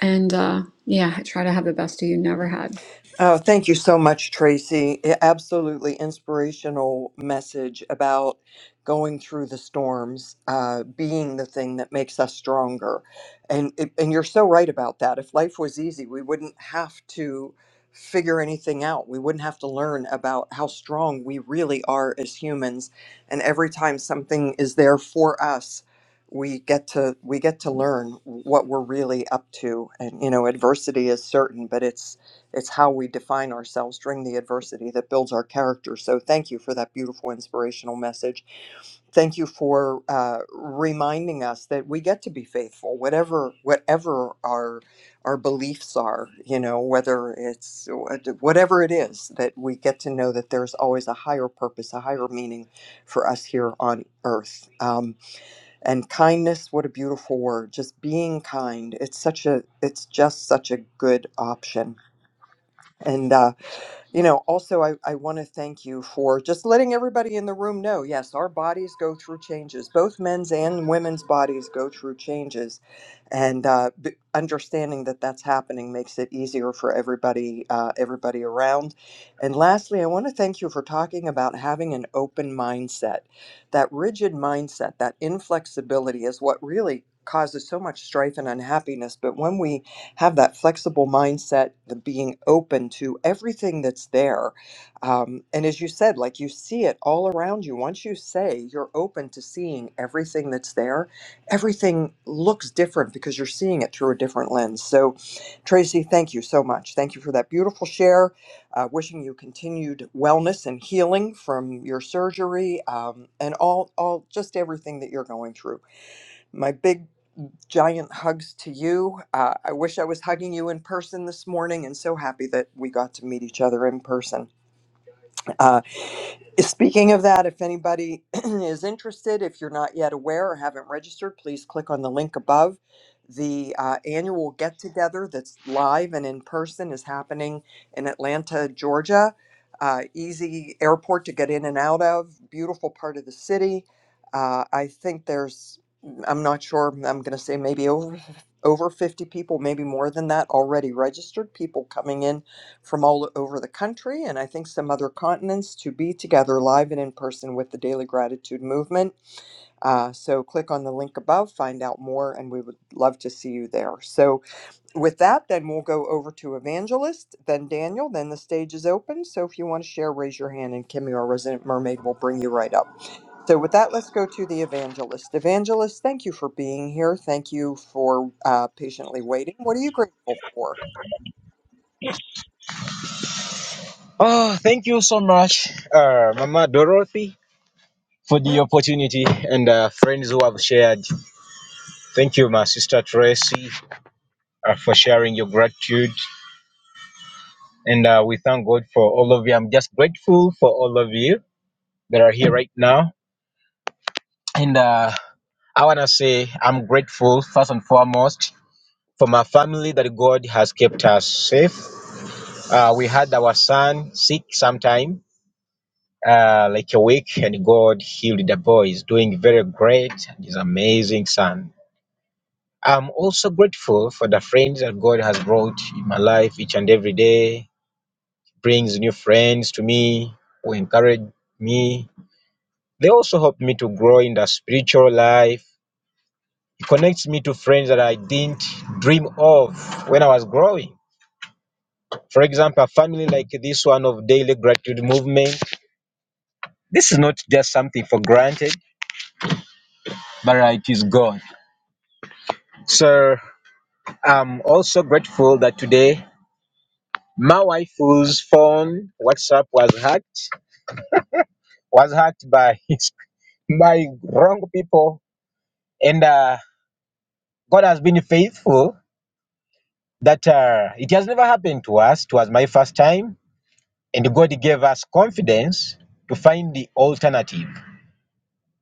Speaker 15: and uh, yeah, try to have the best of you never had.
Speaker 16: Oh, thank you so much, Tracy. I- Absolutely inspirational message about going through the storms, uh, being the thing that makes us stronger. And it- and you're so right about that. If life was easy, we wouldn't have to figure anything out. We wouldn't have to learn about how strong we really are as humans. And every time something is there for us, we get to we get to learn what we're really up to. And you know, adversity is certain, but it's it's how we define ourselves during the adversity that builds our character. So, thank you for that beautiful inspirational message. Thank you for uh, reminding us that we get to be faithful, whatever whatever our our beliefs are. You know, whether it's whatever it is that we get to know that there's always a higher purpose, a higher meaning for us here on earth. Um, and kindness, what a beautiful word! Just being kind. It's such a. It's just such a good option. And uh, you know, also, I, I want to thank you for just letting everybody in the room know yes, our bodies go through changes. Both men's and women's bodies go through changes. And uh, b- understanding that that's happening makes it easier for everybody, uh, everybody around. And lastly, I want to thank you for talking about having an open mindset. That rigid mindset, that inflexibility is what really causes so much strife and unhappiness. But when we have that flexible mindset, the being open to everything that's there. Um, and as you said, like you see it all around you. Once you say you're open to seeing everything that's there, everything looks different because you're seeing it through a different lens. So, Tracy, thank you so much. Thank you for that beautiful share. Uh, wishing you continued wellness and healing from your surgery um, and all, all just everything that you're going through. My big Giant hugs to you. Uh, I wish I was hugging you in person this morning, and so happy that we got to meet each other in person. Uh, Speaking of that, if anybody is interested, if you're not yet aware or haven't registered, please click on the link above. The uh, annual get together that's live and in person is happening in Atlanta, Georgia. Uh, easy airport to get in and out of, beautiful part of the city. Uh, I think there's, I'm not sure, I'm going to say maybe over, over 50 people, maybe more than that, already registered, people coming in from all over the country and I think some other continents to be together live and in person with the Daily Gratitude Movement. Uh, so click on the link above, find out more, and we would love to see you there. So, with that, then we'll go over to Evangelist, then Daniel, then the stage is open. So, if you want to share, raise your hand, and Kimmy, our resident mermaid, will bring you right up. So, with that, let's go to the evangelist. Evangelist, thank you for being here. Thank you for uh, patiently waiting. What are you grateful for?
Speaker 18: Oh, thank you so much, uh, Mama Dorothy, for the opportunity and uh, friends who have shared. Thank you, my sister Tracy, uh, for sharing your gratitude. And uh, we thank God for all of you. I'm just grateful for all of you that are here right now. And uh, I want to say I'm grateful, first and foremost, for my family that God has kept us safe. Uh, we had our son sick sometime uh, like a week, and God healed the boy. He's doing very great. He's an amazing son. I'm also grateful for the friends that God has brought in my life each and every day. brings new friends to me who encourage me. They also help me to grow in the spiritual life. It connects me to friends that I didn't dream of when I was growing. For example, a family like this one of Daily Gratitude Movement. This is not just something for granted, but uh, it is God. So I'm also grateful that today my wife's phone WhatsApp was hacked, was hacked by his, by wrong people, and uh, God has been faithful. That uh, it has never happened to us. It was my first time, and God gave us confidence to find the alternative.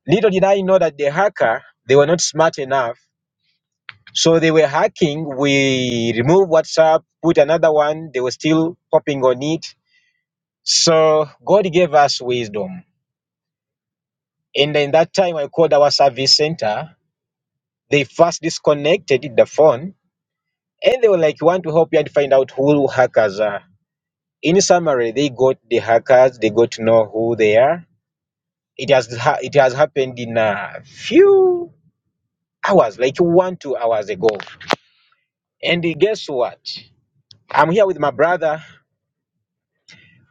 Speaker 18: Little did I know that the hacker they were not smart enough, so they were hacking. We removed WhatsApp, put another one. They were still popping on it So God gave us wisdom. And in that time, I called our service center. They first disconnected the phone and they were like, "We want to help you and find out who hackers are. In summary, they got the hackers, they got to know who they are. It has, ha- it has happened in a few hours, like one, two hours ago. And guess what? I'm here with my brother.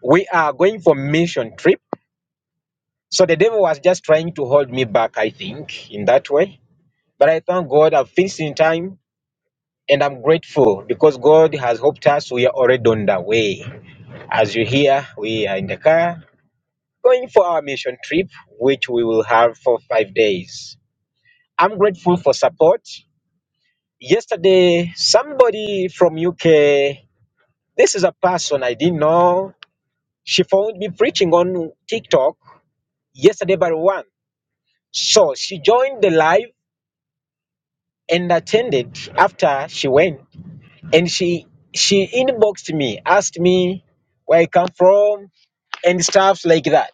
Speaker 18: We are going for mission trip. So the devil was just trying to hold me back, I think, in that way But I thank God I've fixed in time and I'm grateful because God has helped us. We are already on the way. As you hear, we are in the car going for our mission trip, which we will have for five days. I'm grateful for support. Yesterday, somebody from UK, this is a person I didn't know. She found me preaching on TikTok yesterday by one. So she joined the live and attended after she went. and she she inboxed me asked me where i come from and stuff like that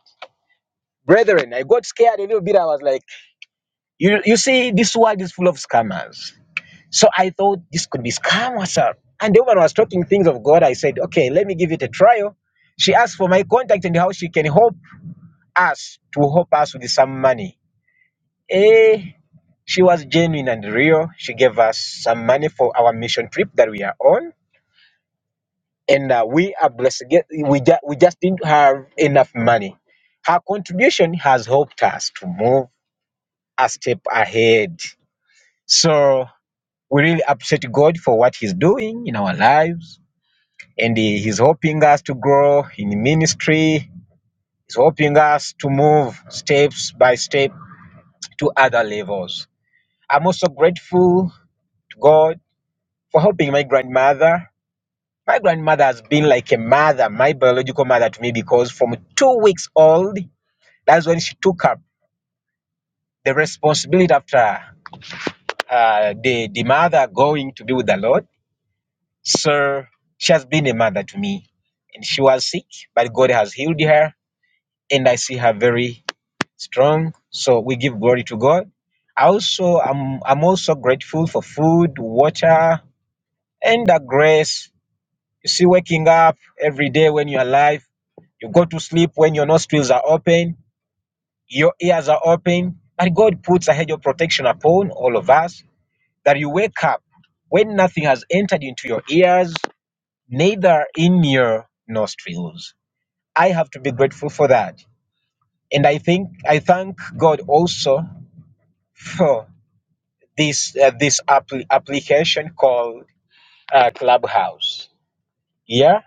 Speaker 18: brethren i got scared a little bit i was like you you see this world is full of scammers so i thought this could be scam or something and the woman was talking things of god i said okay let me give it a trial she asked for my contact and how she can help us to help us with some money eh she was genuine and real she gave us some money for our mission trip that we are on and uh, we are blessed. Get- We just we just didn't have enough money. Her contribution has helped us to move a step ahead. So we really appreciate God for what He's doing in our lives, and He- He's helping us to grow in ministry. He's helping us to move steps by step to other levels. I'm also grateful to God for helping my grandmother. My grandmother has been like a mother, my biological mother to me, because from two weeks old That's when she took up the responsibility after uh, the, the mother going to be with the Lord. So she has been a mother to me. And she was sick, but God has healed her. And I see her very strong. So we give glory to God. I Also, I'm, I'm also grateful for food, water, and the grace. You see, waking up every day when you're alive, you go to sleep when your nostrils are open, your ears are open, and God puts a hedge of protection upon all of us that you wake up when nothing has entered into your ears, neither in your nostrils. I have to be grateful for that. And I think I thank God also for this uh, this appli application called uh, Clubhouse. Yeah,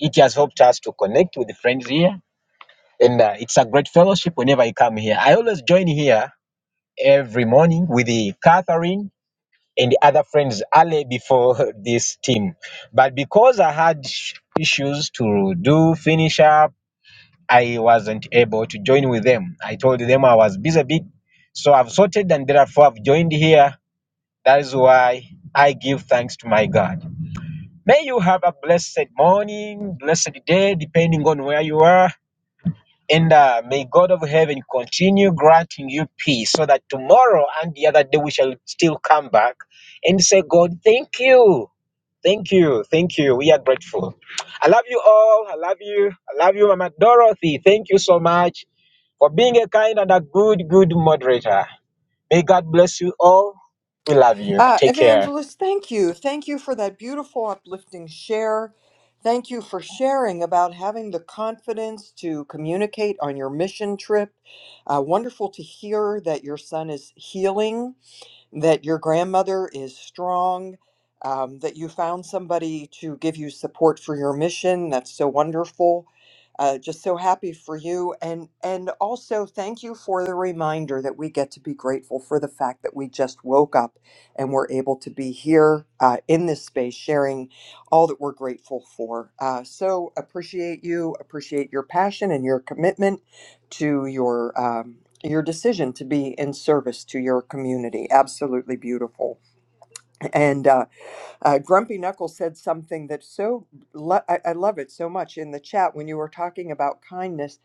Speaker 18: it has helped us to connect with friends here, and uh, it's a great fellowship whenever I come here. I always join here every morning with the Catherine and other friends early before this team. But because I had issues to do finish up, I wasn't able to join with them. I told them I was busy a bit, so I've sorted and therefore I've joined here. That is why I give thanks to my God. May you have a blessed morning, blessed day, depending on where you are. And uh, may God of heaven continue granting you peace so that tomorrow and the other day we shall still come back and say, God, thank you. Thank you. Thank you. We are grateful. I love you all. I love you. I love you, Mama Dorothy. Thank you so much for being a kind and a good, good moderator. May God bless you all. We love you.
Speaker 16: Uh,
Speaker 18: Take care.
Speaker 16: Evangelist, thank you. Thank you for that beautiful, uplifting share. Thank you for sharing about having the confidence to communicate on your mission trip. Uh, wonderful to hear that your son is healing that your grandmother is strong, um, that you found somebody to give you support for your mission. That's so wonderful. Uh, just so happy for you, and and also thank you for the reminder that we get to be grateful for the fact that we just woke up and we're able to be here uh, in this space, sharing all that we're grateful for. Uh, so appreciate you, appreciate your passion and your commitment to your um, your decision to be in service to your community. Absolutely beautiful. And uh, uh, Grumpy Knuckles said something that so lo- I, I love it so much in the chat when you were talking about kindness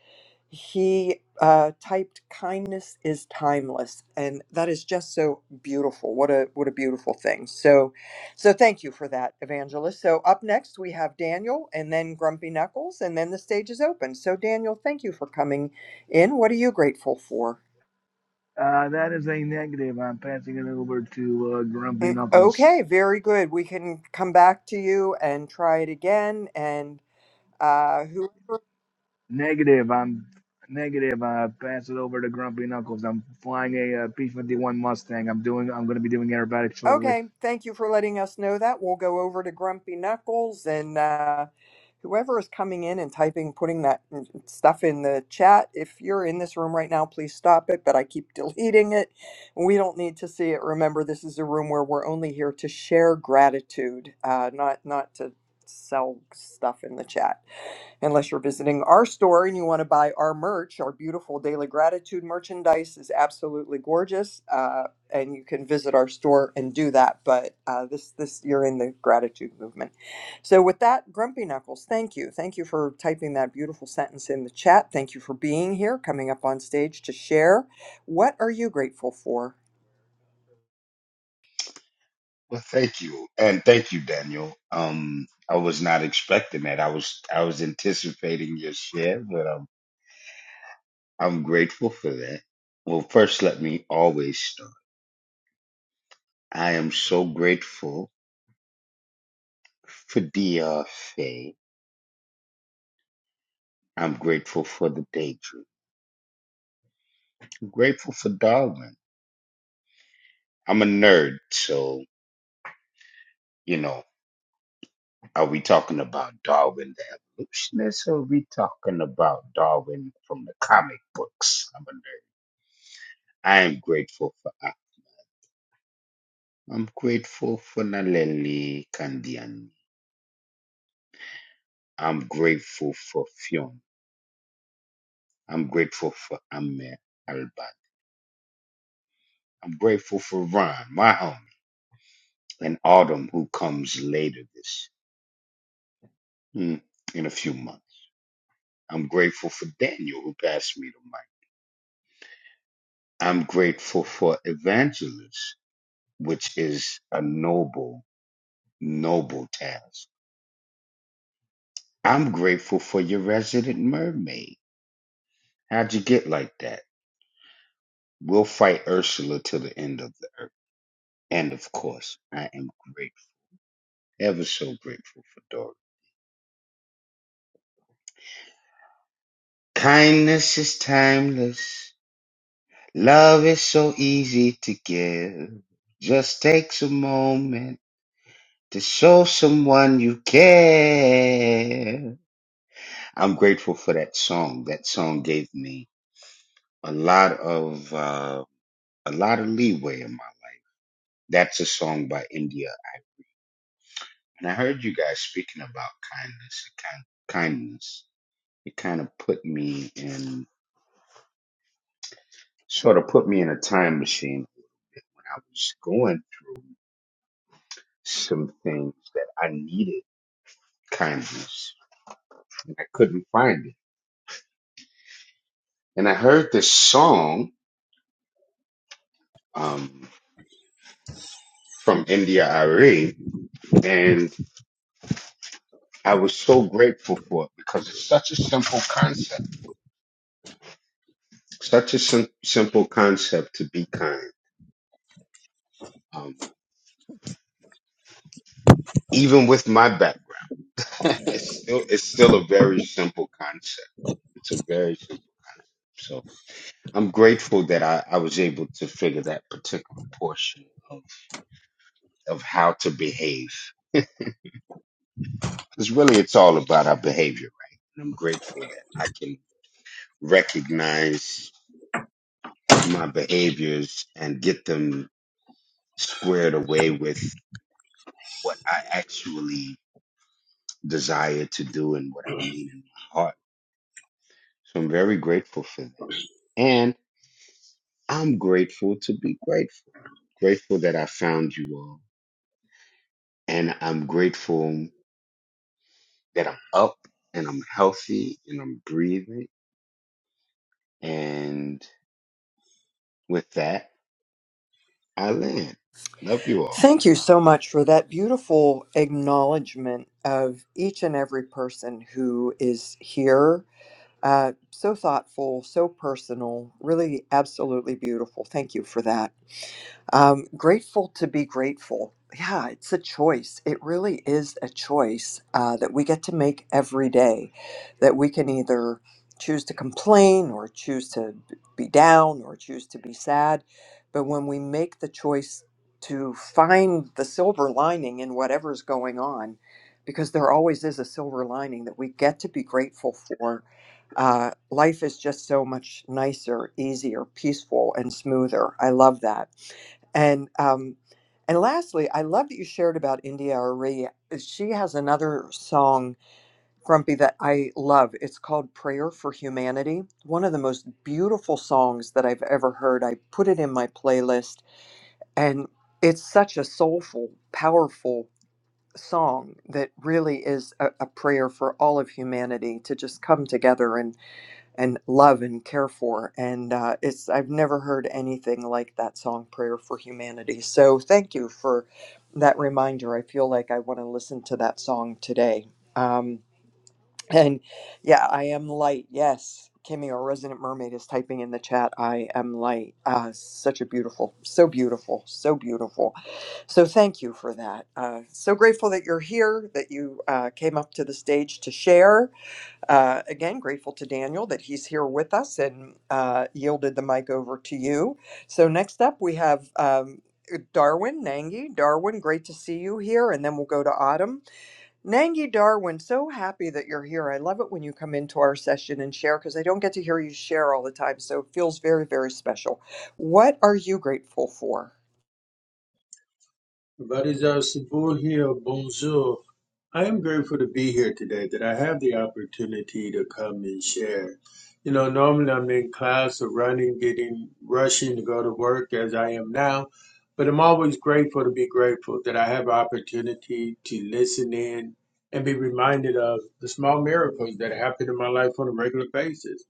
Speaker 16: he uh, typed kindness is timeless and that is just so beautiful what a what a beautiful thing so so thank you for that evangelist so up next we have daniel and then grumpy knuckles and then the stage is open so daniel thank you for coming in what are you grateful for
Speaker 19: Uh, that is a negative. I'm passing it over to uh, Grumpy
Speaker 16: Mm, okay
Speaker 19: Knuckles.
Speaker 16: very good we can come back to you and try it again and uh who
Speaker 19: Negative. I'm negative. I pass it over to Grumpy Knuckles. I'm flying a uh, P-51 Mustang. I'm doing. I'm going to be doing aerobatics shortly.
Speaker 16: okay thank you for letting us know that we'll go over to grumpy knuckles and uh whoever is coming in and typing, putting that stuff in the chat, if you're in this room right now, please stop it. But I keep deleting it. We don't need to see it. Remember, this is a room where we're only here to share gratitude, uh, not not to sell stuff in the chat. Unless you're visiting our store and you want to buy our merch, our beautiful Daily Gratitude merchandise is absolutely gorgeous, uh, and you can visit our store and do that. But uh, this this you're in the gratitude movement. So with that, Grumpy Knuckles, thank you, thank you for typing that beautiful sentence in the chat. Thank you for being here, coming up on stage to share. What are you grateful for?
Speaker 20: Well, thank you, and thank you, Daniel. Um, I was not expecting that. I was I was anticipating your share, but um, I'm grateful for that. Well, first, let me always start. I am so grateful for DRFA. I'm grateful for the daydream. I'm grateful for Darwin. I'm a nerd, so you know, are we talking about Darwin the evolutionist, or are we talking about Darwin from the comic books? I'm a nerd. I am grateful for. I'm grateful for Naleli Kandiani. I'm grateful for Fionn. I'm grateful for Ahmed Albat. I'm grateful for Ron, my homie, and Autumn, who comes later this mm, in a few months. I'm grateful for Daniel, who passed me the mic. I'm grateful for Evangelist, which is a noble, noble task. I'm grateful for your resident mermaid. How'd you get like that? We'll fight Ursula till the end of the earth. And of course, I am grateful, ever so grateful for Dory. Kindness is timeless. Love is so easy to give. Just takes a moment to show someone you care. I'm grateful for that song. That song gave me a lot of uh, a lot of leeway in my life. That's a song by India, and I heard you guys speaking about kindness. Kind kindness. It kind of put me in. sort of put me in a time machine a little bit when I was going some things that I needed kindness and I couldn't find it. And I heard this song um, from India Ari, and I was so grateful for it because it's such a simple concept, such a sim- simple concept to be kind. Um, even with my background, it's still it's still a very simple concept. It's a very simple. So I'm grateful that I, I was able to figure that particular portion of, of how to behave. Because really, it's all about our behavior, right? And I'm grateful that I can recognize my behaviors and get them squared away with what I actually desire to do and what I mean in my heart. So I'm very grateful for that. And I'm grateful to be grateful. Grateful that I found you all. And I'm grateful. that I'm up and I'm healthy and I'm breathing. And with that, I land. Love you all.
Speaker 16: Thank you so much for that beautiful acknowledgement of each and every person who is here. Uh, so thoughtful, so personal, really absolutely beautiful. Thank you for that. Um, grateful to be grateful. Yeah, it's a choice. It really is a choice uh, that we get to make every day. That we can either choose to complain or choose to b- be down or choose to be sad. But when we make the choice to find the silver lining in whatever's going on, because there always is a silver lining that we get to be grateful for, uh, life is just so much nicer, easier, peaceful, and smoother. I love that. And um, and lastly, I love that you shared about India Arie. She has another song, Grumpy, that I love. It's called Prayer for Humanity. One of the most beautiful songs that I've ever heard. I put it in my playlist, and it's such a soulful, powerful song that really is a, a prayer for all of humanity to just come together and love and care for. And uh, it's I've never heard anything like that song, "Prayer for Humanity." So thank you for that reminder. I feel like I want to listen to that song today. Um, and yeah, I am light. Yes, Kimmy, our resident mermaid, is typing in the chat. I am light. Uh, such a beautiful, so beautiful, so beautiful. So thank you for that. Uh, so grateful that you're here, that you uh, came up to the stage to share uh, again, grateful to Daniel that he's here with us and uh, yielded the mic over to you. So, next up, we have um, Darwin Nangi. Darwin, great to see you here. And then we'll go to Autumn. Nangi, Darwin, so happy that you're here. I love it when you come into our session and share because I don't get to hear you share all the time. So, it feels very, very special. What are you grateful for?
Speaker 21: Vadizar Sabul here, bonjour. I am grateful to be here today, that I have the opportunity to come and share. You know, normally I'm in class or running, getting, rushing to go to work as I am now, but I'm always grateful to be grateful that I have opportunity to listen in and be reminded of the small miracles that happen in my life on a regular basis.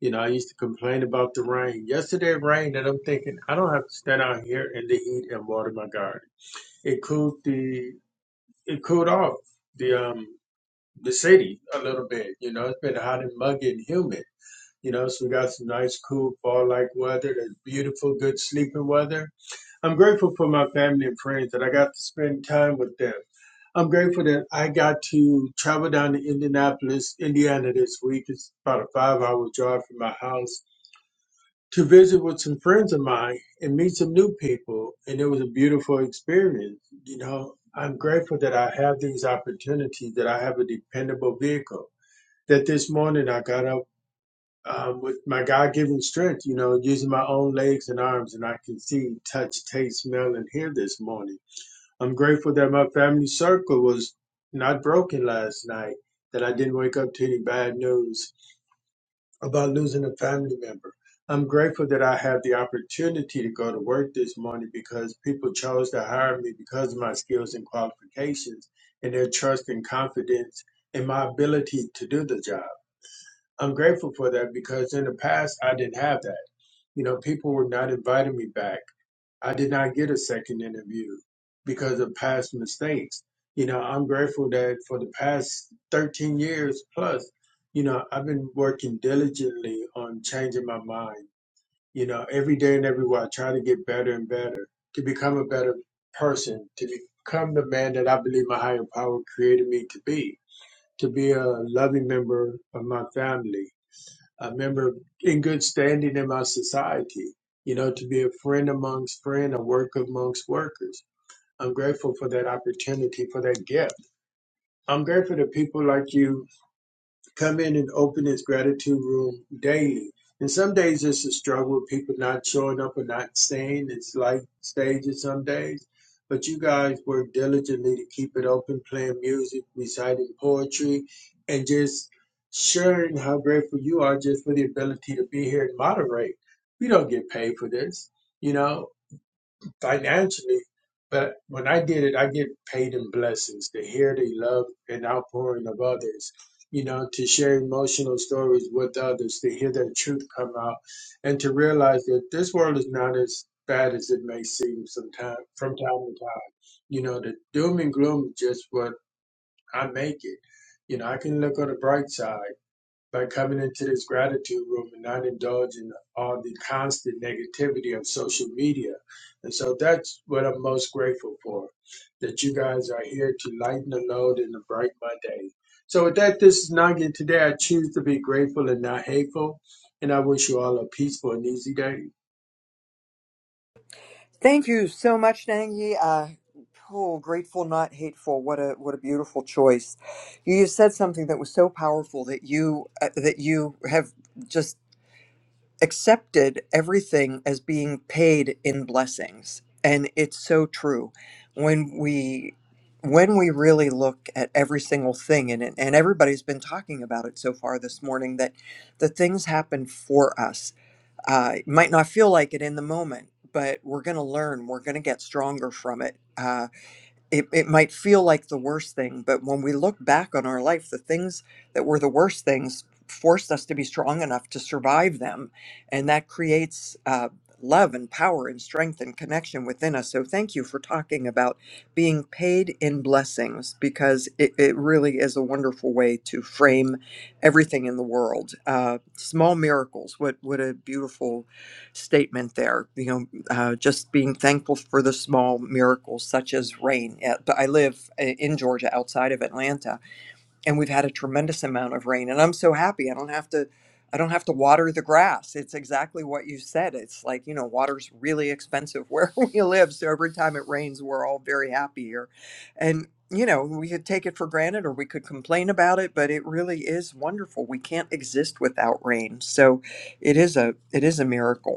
Speaker 21: You know, I used to complain about the rain. Yesterday it rained, and I'm thinking, I don't have to stand out here in the heat and water my garden it cooled the it cooled off the um the city a little bit. You know, it's been hot and muggy and humid. You know, so we got some nice, cool fall-like weather. That's beautiful, good sleeping weather. I'm grateful for my family and friends that I got to spend time with them. I'm grateful that I got to travel down to Indianapolis, Indiana this week. It's about a five-hour drive from my house to visit with some friends of mine and meet some new people. And it was a beautiful experience. You know, I'm grateful that I have these opportunities, that I have a dependable vehicle. That this morning I got up um, with my God given strength, you know, using my own legs and arms, and I can see, touch, taste, smell, and hear this morning. I'm grateful that my family circle was not broken last night, that I didn't wake up to any bad news about losing a family member. I'm grateful that I have the opportunity to go to work this morning because people chose to hire me because of my skills and qualifications and their trust and confidence in my ability to do the job. I'm grateful for that because in the past I didn't have that. You know, people were not inviting me back. I did not get a second interview because of past mistakes. You know, I'm grateful that for the past 13 years plus, you know, I've been working diligently on changing my mind. You know, every day and everywhere, I try to get better and better, to become a better person, to become the man that I believe my higher power created me to be, to be a loving member of my family, a member in good standing in my society, you know, to be a friend amongst friends, a worker amongst workers. I'm grateful for that opportunity, for that gift. I'm grateful to people like you come in and open his gratitude room daily. And some days it's a struggle with people not showing up or not staying. It's like stages some days. But you guys work diligently to keep it open, playing music, reciting poetry, and just sharing how grateful you are just for the ability to be here and moderate. We don't get paid for this, you know financially, but when I did it, I get paid in blessings to hear the love and outpouring of others, you know, to share emotional stories with others, to hear their truth come out, and to realize that this world is not as bad as it may seem Sometimes, from time to time. You know, the doom and gloom is just what I make it. You know, I can look on the bright side. By coming into this gratitude room and not indulging all the constant negativity of social media. And so that's what I'm most grateful for, that you guys are here to lighten the load in a bright Monday. So with that, this is Nagin. Today I choose to be grateful and not hateful. And I wish you all a peaceful and easy day.
Speaker 16: Thank you so much, Nangi. Uh, oh, grateful, not hateful. What a what a beautiful choice. You just said something that was so powerful that you uh, that you have just accepted everything as being paid in blessings, and it's so true. When we when we really look at every single thing, and and everybody's been talking about it so far this morning, that the things happen for us uh, it might not feel like it in the moment, but we're going to learn. We're going to get stronger from it. Uh, it, it might feel like the worst thing, but when we look back on our life, the things that were the worst things forced us to be strong enough to survive them. And that creates uh, love and power and strength and connection within us. So thank you for talking about being paid in blessings because it, it really is a wonderful way to frame everything in the world. Uh, small miracles, what, what a beautiful statement there. You know, uh, just being thankful for the small miracles such as rain. Uh, But I live i- in Georgia, outside of Atlanta, and we've had a tremendous amount of rain, and I'm so happy. I don't have to, I don't have to water the grass. It's exactly what you said. It's like you know, water's really expensive where we live, so every time it rains, we're all very happy here, and you know, we could take it for granted or we could complain about it, but it really is wonderful. We can't exist without rain, so it is a it is a miracle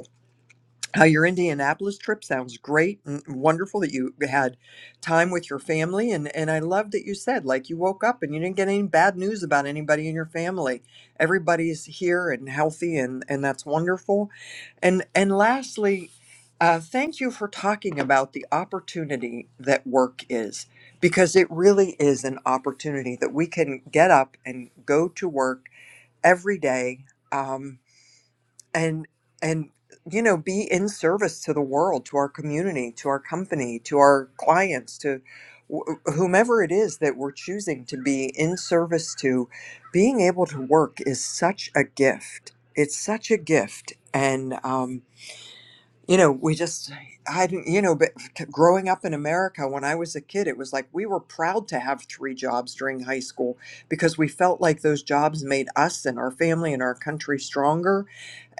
Speaker 16: how your Indianapolis trip sounds great and wonderful that you had time with your family and and I love that you said like you woke up and you didn't get any bad news about anybody in your family. Everybody's here and healthy and and that's wonderful. And and lastly, uh, thank you for talking about the opportunity that work is because it really is an opportunity that we can get up and go to work every day. Um, and and you know be in service to the world to our community to our company to our clients to wh- whomever it is that we're choosing to be in service to being able to work is such a gift it's such a gift and um you know we just i didn't you know but growing up in america when i was a kid it was like we were proud to have three jobs during high school because we felt like those jobs made us and our family and our country stronger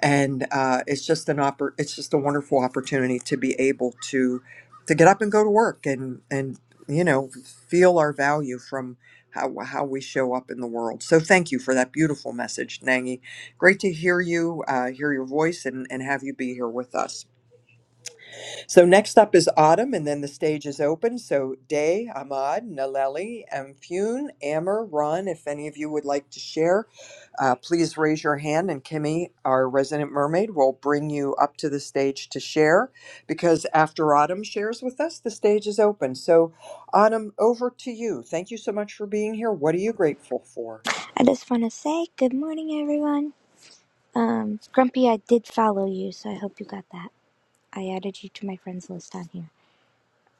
Speaker 16: and uh, it's just an oppor- it's just a wonderful opportunity to be able to to get up and go to work and and you know feel our value from how how we show up in the world. So thank you for that beautiful message, Nangi. Great to hear you, uh, hear your voice, and and have you be here with us. So next up is autumn, and then the stage is open. So Day, Ahmad, Naleli, Amphune, Ammer, Ron, if any of you would like to share, uh, please raise your hand, and Kimmy, our resident mermaid, will bring you up to the stage to share. Because after Autumn shares with us, the stage is open. So Autumn, over to you. Thank you so much for being here. What are you grateful for?
Speaker 22: I just want to say good morning, everyone. Um, Grumpy, I did follow you, so I hope you got that. I added you to my friends list on here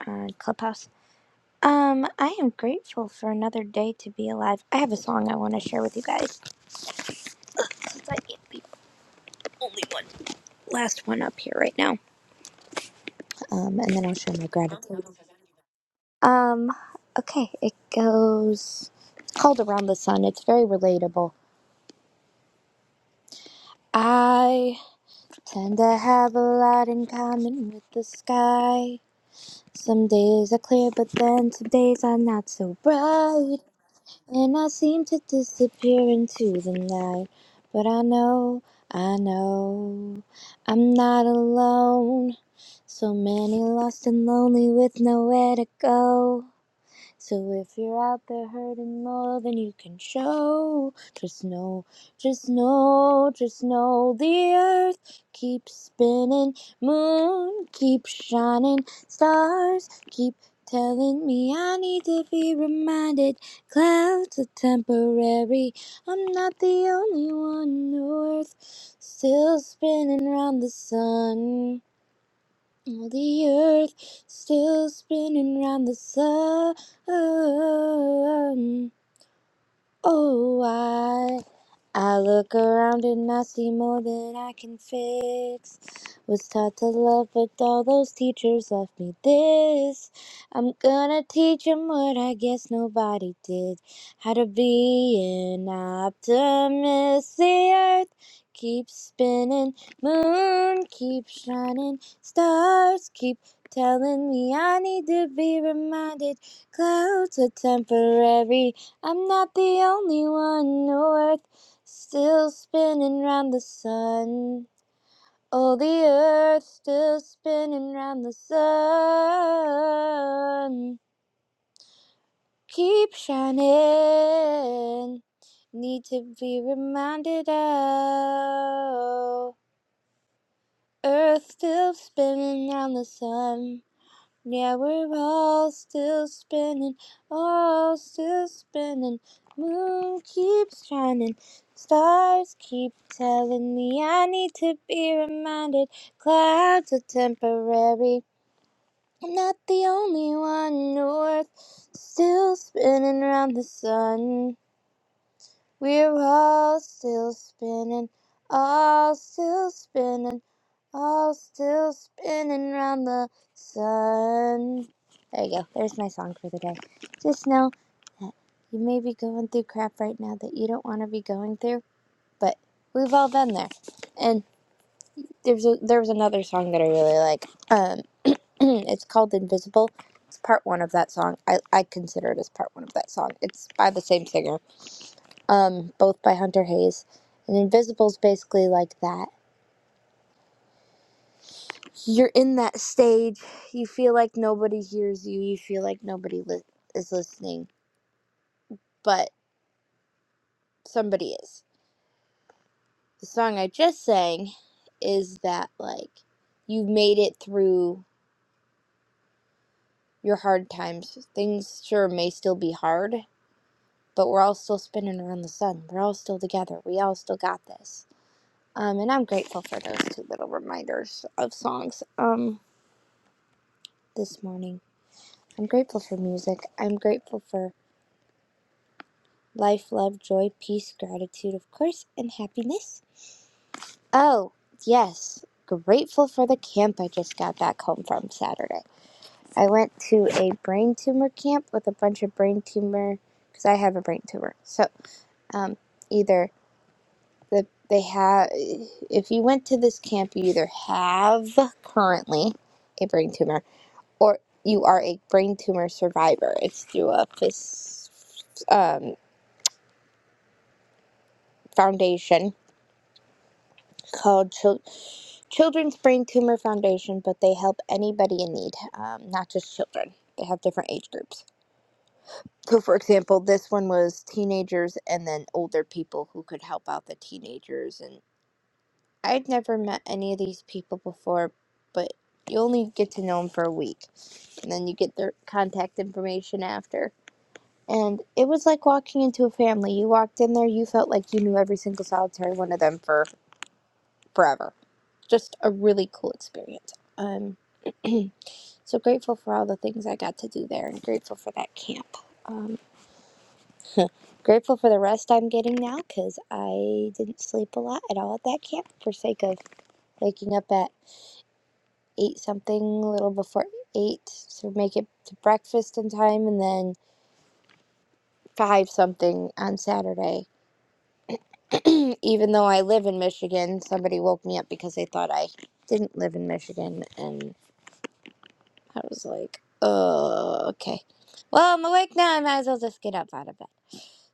Speaker 22: on Clubhouse. Um, I am grateful for another day to be alive. I have a song I want to share with you guys since I am the only one, last one up here right now. Um, and then I'll share my gratitude. Um, okay, it goes. It's called Around the Sun. It's very relatable. I tend to have a lot in common with the sky. Some days are clear, but then some days are not so bright. And I seem to disappear into the night. But I know, I know, I'm not alone. So many lost and lonely with nowhere to go. So if you're out there hurting more than you can show, just know, just know, just know the earth keeps spinning, moon keeps shining, stars keep telling me I need to be reminded. Clouds are temporary, I'm not the only one. Earth still spinning round the sun. All the earth still spinning round the sun. Oh, I I look around and I see more than I can fix. Was taught to love, but all those teachers left me this. I'm gonna teach 'em what I guess nobody did. How to be an optimist. The earth keeps spinning, moon keeps shining, stars keep telling me I need to be reminded. Clouds are temporary. I'm not the only one. No Still spinning round the sun. Oh, the earth still spinning round the sun. Keep shining. Need to be reminded of. Earth still spinning round the sun. Yeah, we're all still spinning, all still spinning. Moon keeps shining, stars keep telling me I need to be reminded. Clouds are temporary. I'm not the only one. North still spinning round the sun. We're all still spinning, all still spinning, all still spinning round the sun. There you go. There's my song for the day. Just know that you may be going through crap right now that you don't want to be going through, but we've all been there. And there's a, there was another song that I really like. Um, it's called Invisible. It's part one of that song. I, I consider it as part one of that song. It's by the same singer um, both by Hunter Hayes. And Invisible's basically like that. You're in that stage. You feel like nobody hears you. You feel like nobody li- is listening, but somebody is. The song I just sang is that like you've made it through your hard times. Things sure may still be hard, but we're all still spinning around the sun. We're all still together. We all still got this. Um, and I'm grateful for those two little reminders of songs. Um, this morning. I'm grateful for music. I'm grateful for life, love, joy, peace, gratitude, of course, and happiness. Oh, yes. Grateful for the camp I just got back home from Saturday. I went to a brain tumor camp with a bunch of brain tumor because I have a brain tumor. So, um, either the they have if you went to this camp, you either have currently a brain tumor or you are a brain tumor survivor. It's through a phys, um, foundation called Chil- Children's Brain Tumor Foundation, but they help anybody in need, um, not just children. They have different age groups. So, for example, this one was teenagers and then older people who could help out the teenagers. And I'd never met any of these people before, but you only get to know them for a week. And then you get their contact information after. And it was like walking into a family. You walked in there, you felt like you knew every single solitary one of them for forever just a really cool experience. Um, so grateful for all the things I got to do there and grateful for that camp. Um, grateful for the rest I'm getting now because I didn't sleep a lot at all at that camp for sake of waking up at eight something, a little before eight to make it to breakfast in time, and then five something on Saturday. Even though I live in Michigan, somebody woke me up because they thought I didn't live in Michigan, and. I was like, oh, okay. Well, I'm awake now. I might as well just get up out of bed.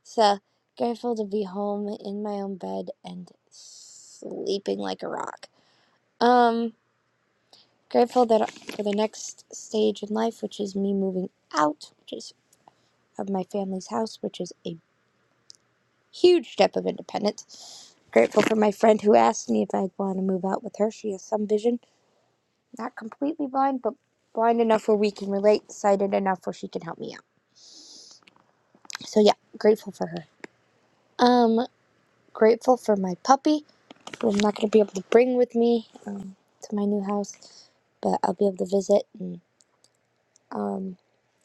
Speaker 22: So grateful to be home in my own bed and sleeping like a rock. Um, grateful that for the next stage in life, which is me moving out, which is of my family's house, which is a huge step of independence. Grateful for my friend who asked me if I'd want to move out with her. She has some vision, not completely blind, but blind enough where we can relate, sighted enough where she can help me out. So yeah, grateful for her. Um, grateful for my puppy, who I'm not gonna be able to bring with me um, to my new house, but I'll be able to visit. And um,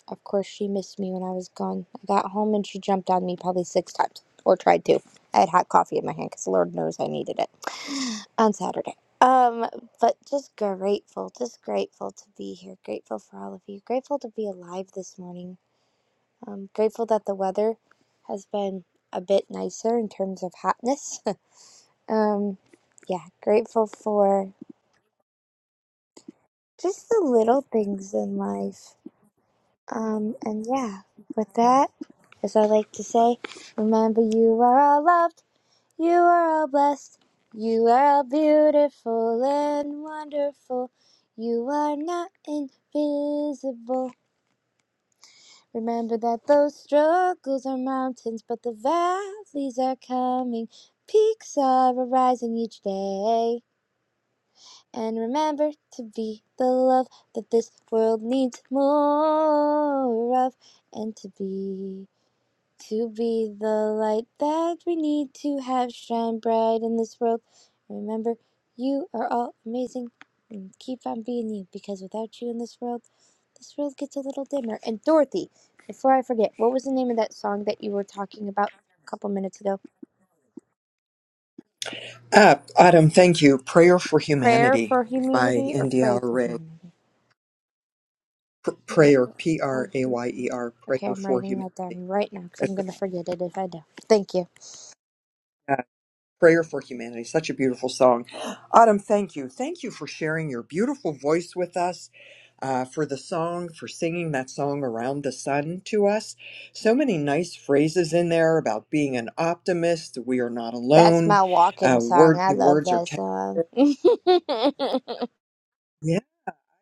Speaker 22: of course, she missed me when I was gone. I got home and she jumped on me probably six times, or tried to. I had hot coffee in my hand because Lord knows I needed it on Saturday. Um, but just grateful, just grateful to be here. Grateful for all of you. Grateful to be alive this morning I'm grateful that the weather has been a bit nicer in terms of hotness. um, yeah, grateful for just the little things in life. Um, and yeah, with that, as I like to say, remember you are all loved, you are all blessed, you are all beautiful and wonderful. You are not invisible. Remember that those struggles are mountains, but the valleys are coming. Peaks are arising each day. And remember to be the love that this world needs more of, and to be. To be the light that we need to have shine bright in this world. Remember, you are all amazing and keep on being you because without you in this world, this world gets a little dimmer. And Dorothy, before I forget, what was the name of that song that you were talking about a couple minutes ago?
Speaker 16: Uh, Autumn, thank you. Prayer for
Speaker 22: Prayer
Speaker 16: Humanity
Speaker 22: for
Speaker 16: by
Speaker 22: Humanity or
Speaker 16: India
Speaker 22: Pray for
Speaker 16: Ray.
Speaker 22: Humanity?
Speaker 16: pr-
Speaker 22: Not
Speaker 16: prayer,
Speaker 22: yet.
Speaker 16: P
Speaker 22: Oh,
Speaker 16: R A
Speaker 22: shoot.
Speaker 16: Y E R,
Speaker 22: Okay,
Speaker 16: prayer
Speaker 22: I'm
Speaker 16: for
Speaker 22: writing
Speaker 16: humanity.
Speaker 22: that down right now because I'm
Speaker 16: It's just
Speaker 22: going to forget it if I don't. Thank you.
Speaker 16: that prayer for humanity. Such a beautiful song. Autumn, thank you. Thank you for sharing your beautiful voice with us. Uh, for the song, for singing that song around the sun to us. So many nice phrases in there about being an optimist, we are not
Speaker 22: That's
Speaker 16: alone,
Speaker 22: my walking
Speaker 16: uh,
Speaker 22: song.
Speaker 16: word,
Speaker 22: I
Speaker 16: the
Speaker 22: love
Speaker 16: words are
Speaker 22: that song.
Speaker 16: temporary.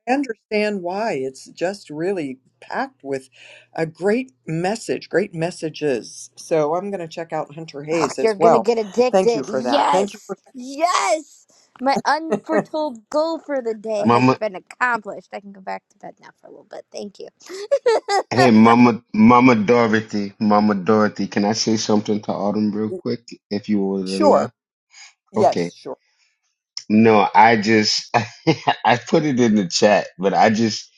Speaker 16: I understand why. It's just really packed with a great message, great messages. So I'm going to check out Hunter
Speaker 22: Oh,
Speaker 16: Hayes
Speaker 22: you're
Speaker 16: as
Speaker 22: gonna
Speaker 16: well.
Speaker 22: get
Speaker 16: Thank you
Speaker 22: addicted.
Speaker 16: for that. Thank you
Speaker 22: Yes, yes. My
Speaker 16: for
Speaker 22: unforetold goal for the day has
Speaker 20: Mama,
Speaker 22: been accomplished. I can go back to bed now for a little bit. Thank you.
Speaker 20: hey, Mama, Mama Dorothy, Mama Dorothy, can I say something to Autumn real quick, if you would
Speaker 16: sure.
Speaker 20: allow? Okay.
Speaker 16: Yes, sure.
Speaker 20: No, I just, I put it in the chat, but I just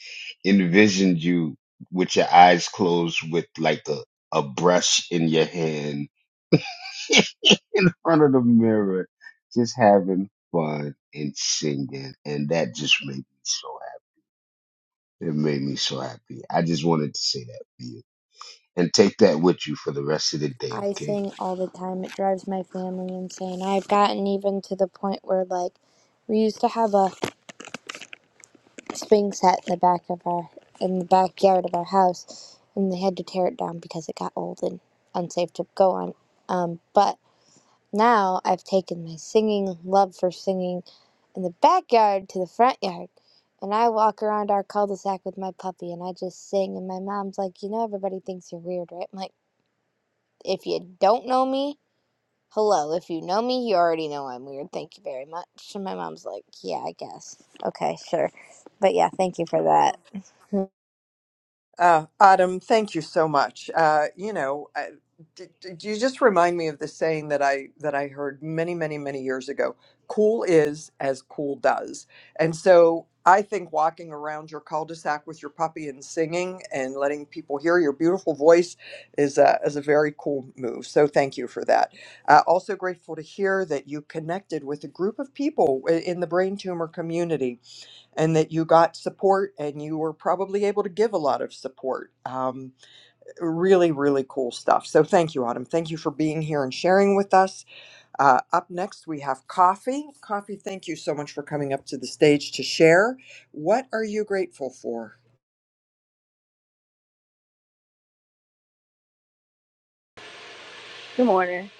Speaker 20: envisioned you with your eyes closed with like a, a brush in your hand in front of the mirror, just having fun and singing. And that just made me so happy. It made me so happy. I just wanted to say that for you. And take that with you for the rest of the day,
Speaker 22: I
Speaker 20: okay?
Speaker 22: sing all the time. It drives my family insane. I've gotten even to the point where, like, we used to have a swing set in the back of our in the backyard of our house, and they had to tear it down because it got old and unsafe to go on. Um, but Now I've taken my singing love for singing in the backyard to the front yard. And I walk around our cul-de-sac with my puppy and I just sing and my mom's like, "You know everybody thinks you're weird, right?" I'm like, "If you don't know me, hello. If you know me, you already know I'm weird. Thank you very much." And my mom's like, "Yeah, I guess. Okay, sure. But yeah, thank you for that."
Speaker 16: Uh, Autumn, thank you so much. Uh, you know, I, d- d- you just remind me of the saying that I that I heard many, many, many years ago. Cool is as cool does, and so I think walking around your cul-de-sac with your puppy and singing and letting people hear your beautiful voice is a, is a very cool move. So thank you for that. Uh, also grateful to hear that you connected with a group of people i- in the brain tumor community and that you got support and you were probably able to give a lot of support. Um, really, really cool stuff. So thank you, Autumn. Thank you for being here and sharing with us. Uh, up next, we have Coffee. Coffee, thank you so much for coming up to the stage to share. What are you grateful for?
Speaker 23: Good morning.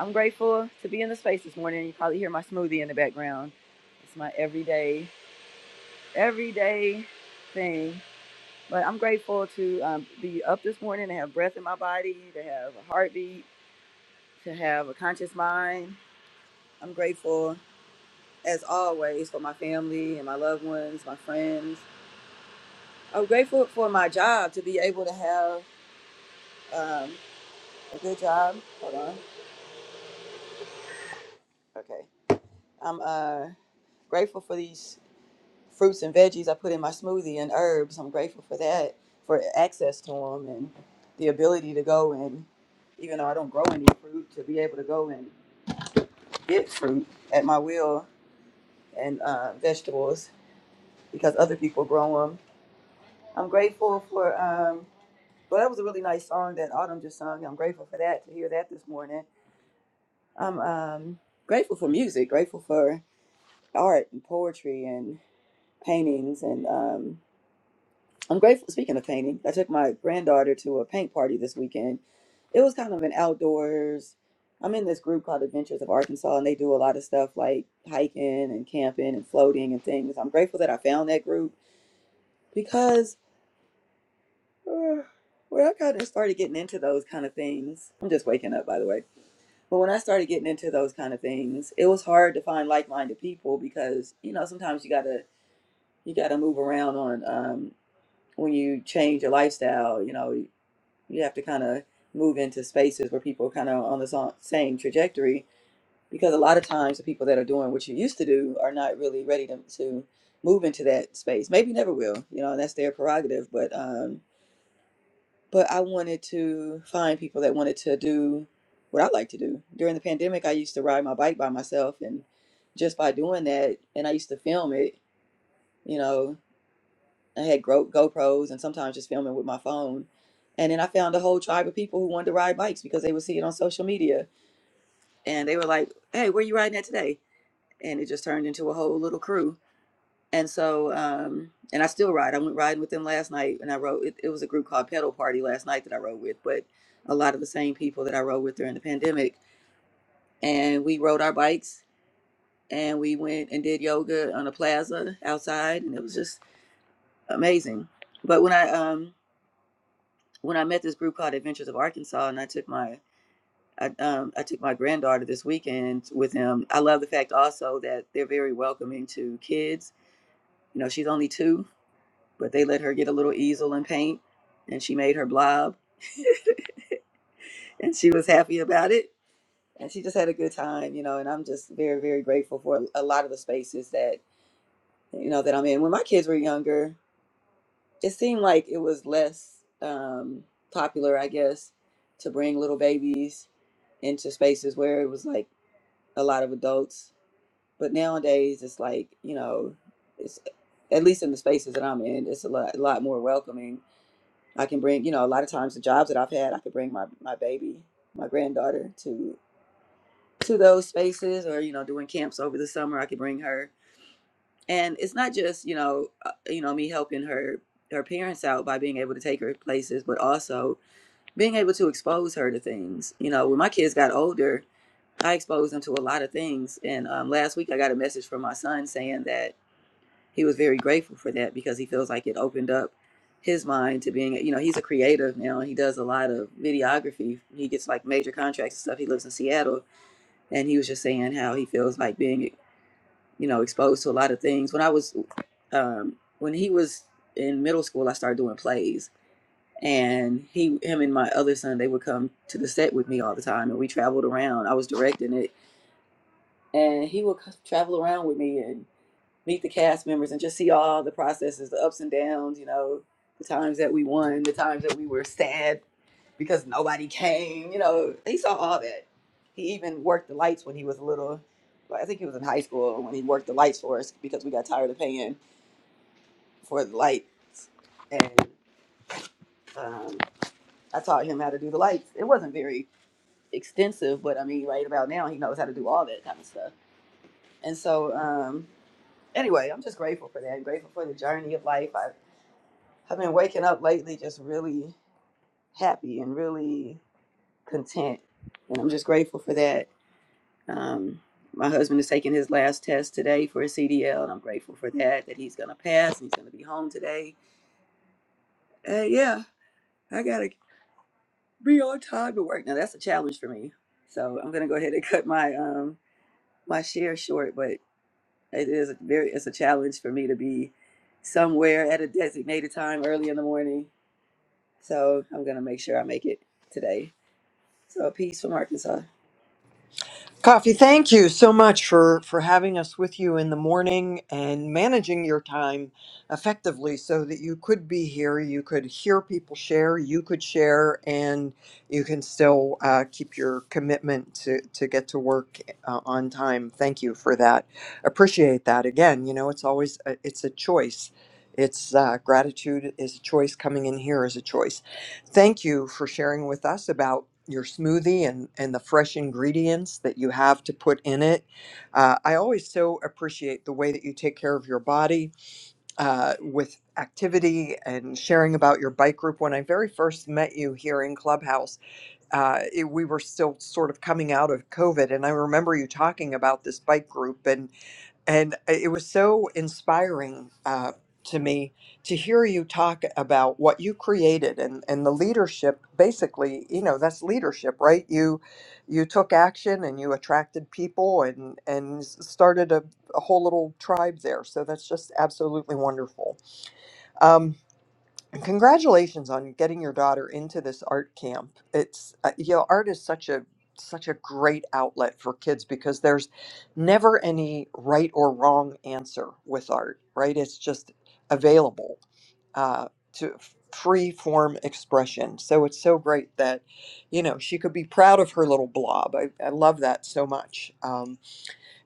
Speaker 23: I'm grateful to be in the space this morning. You probably hear my smoothie in the background. It's my everyday, everyday thing. But I'm grateful to um, be up this morning, to have breath in my body, to have a heartbeat, to have a conscious mind. I'm grateful, as always, for my family and my loved ones, my friends. I'm grateful for my job to be able to have um, a good job. Hold on. Okay. I'm uh, grateful for these. fruits and veggies I put in my smoothie and herbs. I'm grateful for that, for access to them and the ability to go and, even though I don't grow any fruit, to be able to go and get fruit at my will and uh, vegetables because other people grow them. I'm grateful for, um, well, that was a really nice song that Autumn just sung. I'm grateful for that, to hear that this morning. I'm um, grateful for music, grateful for art and poetry and paintings and. um, I'm grateful. Speaking of painting, I took my granddaughter to a paint party this weekend. It was kind of an outdoors. I'm in this group called Adventures of Arkansas, and they do a lot of stuff like hiking and camping and floating and things. I'm grateful that I found that group because uh, when I kind of started getting into those kind of things, I'm just waking up, by the way. But when I started getting into those kind of things, it was hard to find like-minded people because you know sometimes you gotta you gotta move around on um, when you change your lifestyle. You know, you have to kind of move into spaces where people are kind of on the sa- same trajectory because a lot of times the people that are doing what you used to do are not really ready to, to move into that space maybe never will you know and that's their prerogative but um but i wanted to find people that wanted to do what i like to do during the pandemic i used to ride my bike by myself and just by doing that and i used to film it you know I had Go GoPros and sometimes just filming with my phone. And then I found a whole tribe of people who wanted to ride bikes because they would see it on social media. And they were like, hey, where you riding at today? And it just turned into a whole little crew. And so, um, and I still ride. I went riding with them last night and I rode, it, it was a group called Pedal Party last night that I rode with, but a lot of the same people that I rode with during the pandemic. And we rode our bikes and we went and did yoga on a plaza outside. And it was just amazing. But when I, um, when I met this group called Adventures of Arkansas, and I took my I, um, I took my granddaughter this weekend with him. I love the fact also that they're very welcoming to kids. You know, she's only two, but they let her get a little easel and paint, and she made her blob, and she was happy about it, and she just had a good time. You know, and I'm just very very grateful for a lot of the spaces that you know that I'm in. When my kids were younger. it seemed like it was less um, popular, I guess, to bring little babies into spaces where it was like a lot of adults. But nowadays, it's like you know, it's at least in the spaces that I'm in, it's a lot, a lot more welcoming. I can bring, you know, a lot of times the jobs that I've had, I could bring my my baby, my granddaughter to to those spaces, or you know, doing camps over the summer, I could bring her and it's not just you know uh, you know me helping her her parents out by being able to take her places but also being able to expose her to things you know when my kids got older i exposed them to a lot of things and um, last week i got a message from my son saying that he was very grateful for that because he feels like it opened up his mind to being you know he's a creative now he does a lot of videography he gets like major contracts and stuff he lives in seattle and he was just saying how he feels like being you know, exposed to a lot of things. When I was, um, when he was in middle school, I started doing plays, and he, him, and my other son, they would come to the set with me all the time, and we traveled around. I was directing it, and he would c- travel around with me, meet the cast members and just see all the processes, the ups and downs, you know, the times that we won, the times that we were sad because nobody came, you know, he saw all that. He even worked the lights when he was a little. well, I think he was in high school when he worked the lights for us because we got tired of paying for the lights. And um, I taught him how to do the lights. It wasn't very extensive, but I mean, right about now, he knows how to do all that kind of stuff. And so, um, anyway, I'm just grateful for that. I'm grateful for the journey of life. I. I've been waking up lately just really happy and really content. And I'm just grateful for that. Um, my husband is taking his last test today for his CDL, and I'm grateful for that, that he's going to pass and he's going to be home today. Uh, yeah, I got to be on time to work. Now, that's a challenge for me. So I'm going to go ahead and cut my um, my share short, but it is a very it's a challenge for me to be somewhere at a designated time early in the morning. So I'm going to make sure I make it today. So peace from Arkansas.
Speaker 16: Coffee, thank you so much for, for having us with you in the morning and managing your time effectively so that you could be here, you could hear people share, you could share, and you can still uh, keep your commitment to, to get to work uh, on time. Thank you for that. Appreciate that. Again, you know, it's always, a, it's a choice. It's uh, gratitude is a choice. Coming in here is a choice. Thank you for sharing with us about your smoothie and, and the fresh ingredients that you have to put in it. Uh, I always so appreciate the way that you take care of your body uh, with activity and sharing about your bike group. When I very first met you here in Clubhouse, uh, it, we were still sort of coming out of COVID, and I remember you talking about this bike group. and and uh, it was so inspiring uh, to me to hear you talk about what you created and, and the leadership basically you know that's leadership right you you took action and you attracted people and and s- started a, a whole little tribe there so that's just absolutely wonderful Um, congratulations on getting your daughter into this art camp it's uh, you know art is such a such a great outlet for kids because there's never any right or wrong answer with art right it's just available uh, to free form expression so it's so great that you know she could be proud of her little blob i, I love that so much Um,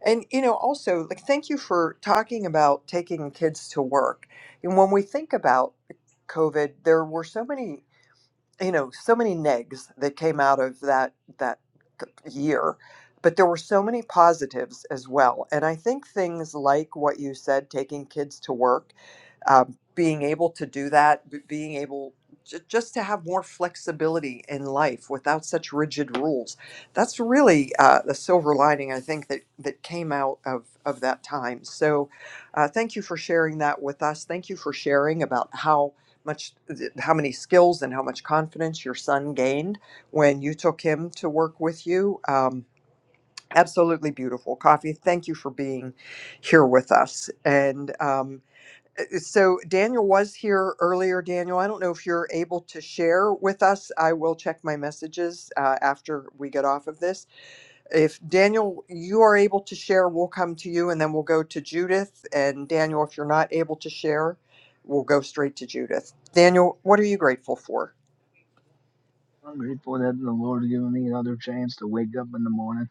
Speaker 16: and you know, also like thank you for talking about taking kids to work. And when we think about COVID, there were so many you know so many negs that came out of that that year but there were so many positives as well and i think things like what you said taking kids to work um, being able to do that b- being able j- just to have more flexibility in life without such rigid rules that's really uh, the silver lining i think that that came out of of that time so uh, thank you for sharing that with us thank you for sharing about how much how many skills and how much confidence your son gained when you took him to work with you um, absolutely beautiful coffee thank you for being here with us and um, uh, so daniel was here earlier daniel i don't know if you're able to share with us i will check my messages uh, after we get off of this if Daniel, you are able to share, we'll come to you and then we'll go to Judith. And Daniel, if you're not able to share, we'll go straight to Judith. Daniel, what are you grateful for?
Speaker 19: I'm grateful that the Lord given me another chance to wake up in the morning.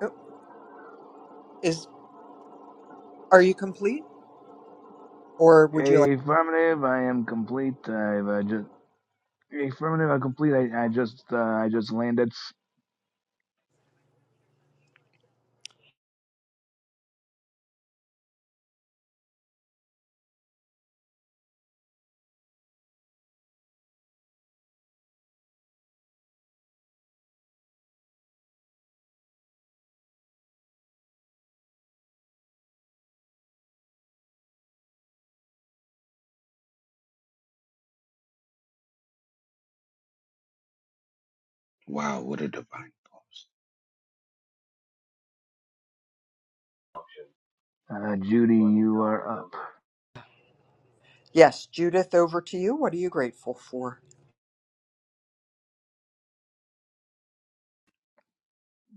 Speaker 16: Oh, Is are you complete or would you like
Speaker 19: Affirmative. I am complete. I've uh, just affirmative. I'm complete. I, I just. Uh, I just landed.
Speaker 20: Wow, what a divine pause.
Speaker 19: Uh, Judy, you are up.
Speaker 16: Yes, Judith, over to you. What are you grateful for?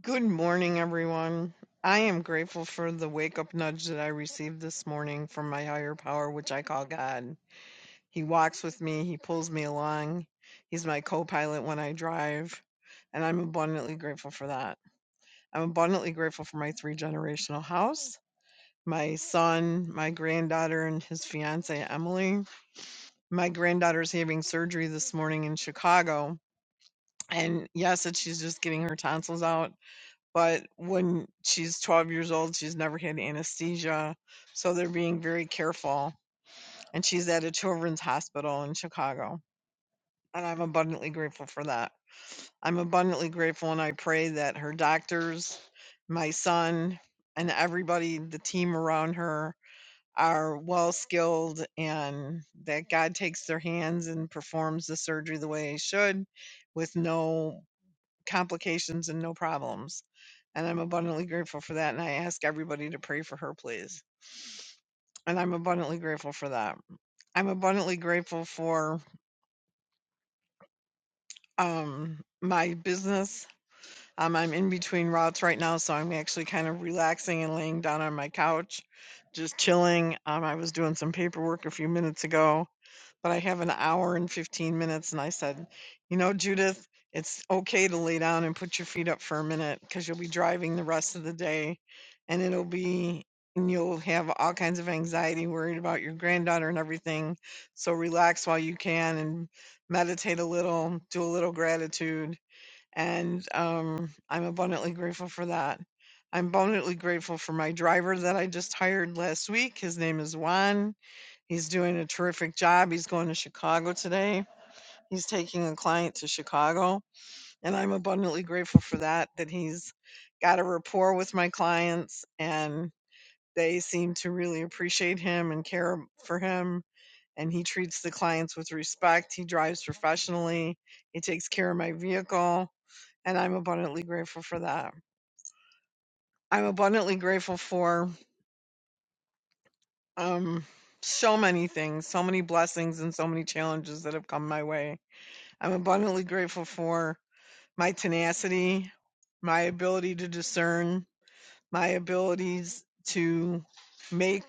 Speaker 11: Good morning, everyone. I am grateful for the wake up nudge that I received this morning from my higher power, which I call God. He walks with me, He pulls me along. He's my co pilot when I drive. And I'm abundantly grateful for that. I'm abundantly grateful for my three generational house, my son, my granddaughter, and his fiancee, Emily. My granddaughter's having surgery this morning in Chicago. And yes, that she's just getting her tonsils out. But when she's 12 years old, she's never had anesthesia. So they're being very careful. And she's at a children's hospital in Chicago. And I'm abundantly grateful for that. I'm abundantly grateful and I pray that her doctors, my son, and everybody, the team around her are well skilled and that God takes their hands and performs the surgery the way he should with no complications and no problems. And I'm abundantly grateful for that. And I ask everybody to pray for her, please. And I'm abundantly grateful for that. I'm abundantly grateful for um, my business Um, I'm in between routes right now, so I'm actually kind of relaxing and laying down on my couch, just chilling. Um, I was doing some paperwork a few minutes ago, but I have an hour and 15 minutes, and I said, you know, Judith, it's okay to lay down and put your feet up for a minute because you'll be driving the rest of the day, and it'll be and you'll have all kinds of anxiety worried about your granddaughter and everything so relax while you can and meditate a little do a little gratitude and um, I'm abundantly grateful for that. I'm abundantly grateful for my driver that I just hired last week. His name is Juan. He's doing a terrific job. He's going to Chicago today. He's taking a client to Chicago, and I'm abundantly grateful for that. That he's got a rapport with my clients, and they seem to really appreciate him and care for him. And he treats the clients with respect. He drives professionally. He takes care of my vehicle and I'm abundantly grateful for that. I'm abundantly grateful for um, so many things, so many blessings, and so many challenges that have come my way. I'm abundantly grateful for my tenacity, my ability to discern, my abilities to make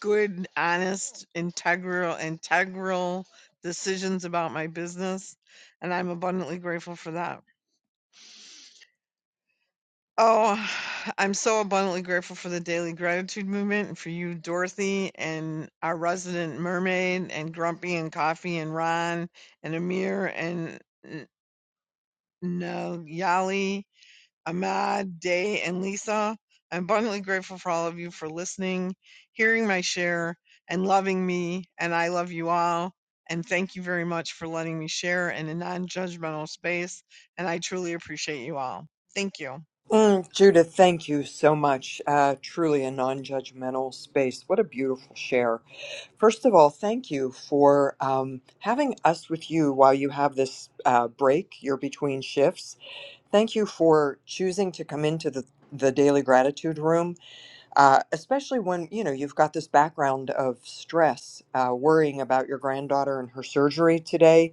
Speaker 11: good, honest, integral, integral decisions about my business, and I'm abundantly grateful for that. Oh, I'm so abundantly grateful for the daily gratitude movement and for you, Dorothy, and our resident mermaid, and Grumpy, and Coffee, and Ron, and Amir, and N- Nagyali, Ahmad, Day, and Lisa. I'm abundantly grateful for all of you for listening, hearing my share, and loving me. And I love you all. And thank you very much for letting me share in a non judgmental space. And I truly appreciate you all. Thank you.
Speaker 16: Mm, Judith, thank you so much. Uh, truly a non judgmental space. What a beautiful share. First of all, thank you for um, having us with you while you have this uh, break. You're between shifts. Thank you for choosing to come into the, the daily gratitude room, uh, especially when you know you've got this background of stress, uh, worrying about your granddaughter and her surgery today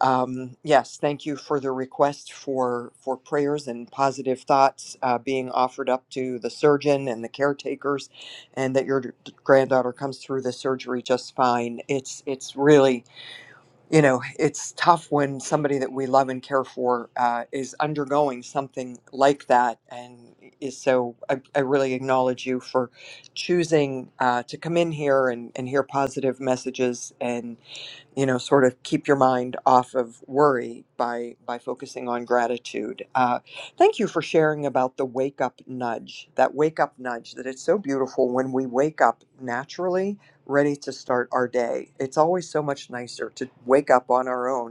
Speaker 16: um, yes, thank you for the request for for prayers and positive thoughts uh, being offered up to the surgeon and the caretakers, and that your d- granddaughter comes through the surgery just fine. It's it's really you know it's tough when somebody that we love and care for uh, is undergoing something like that, and is so. I, I really acknowledge you for choosing uh, to come in here and and hear positive messages and you know sort of keep your mind off of worry by by focusing on gratitude uh, thank you for sharing about the wake up nudge that wake up nudge that it's so beautiful when we wake up naturally ready to start our day it's always so much nicer to wake up on our own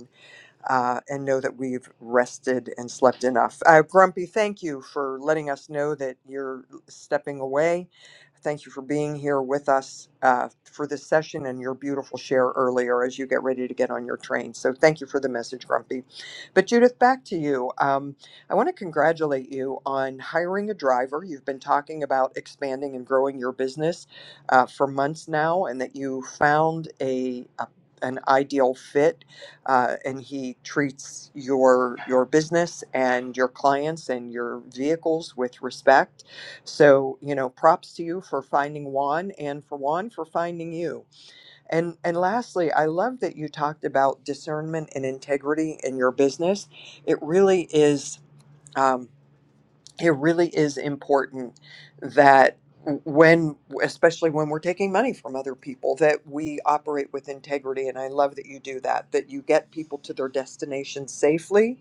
Speaker 16: uh, and know that we've rested and slept enough. Uh, Grumpy, thank you for letting us know that you're stepping away. Thank you for being here with us uh, for this session and your beautiful share earlier as you get ready to get on your train. So, thank you for the message, Grumpy. But, Judith, back to you. Um, I want to congratulate you on hiring a driver. You've been talking about expanding and growing your business uh, for months now, and that you found a, a an ideal fit uh, and he treats your your business and your clients and your vehicles with respect. So you know, props to you for finding Juan and for Juan for finding you. And and lastly, I love that you talked about discernment and integrity in your business. It really is. Um, it really is important that when especially when we're taking money from other people that we operate with integrity and i love that you do that that you get people to their destination safely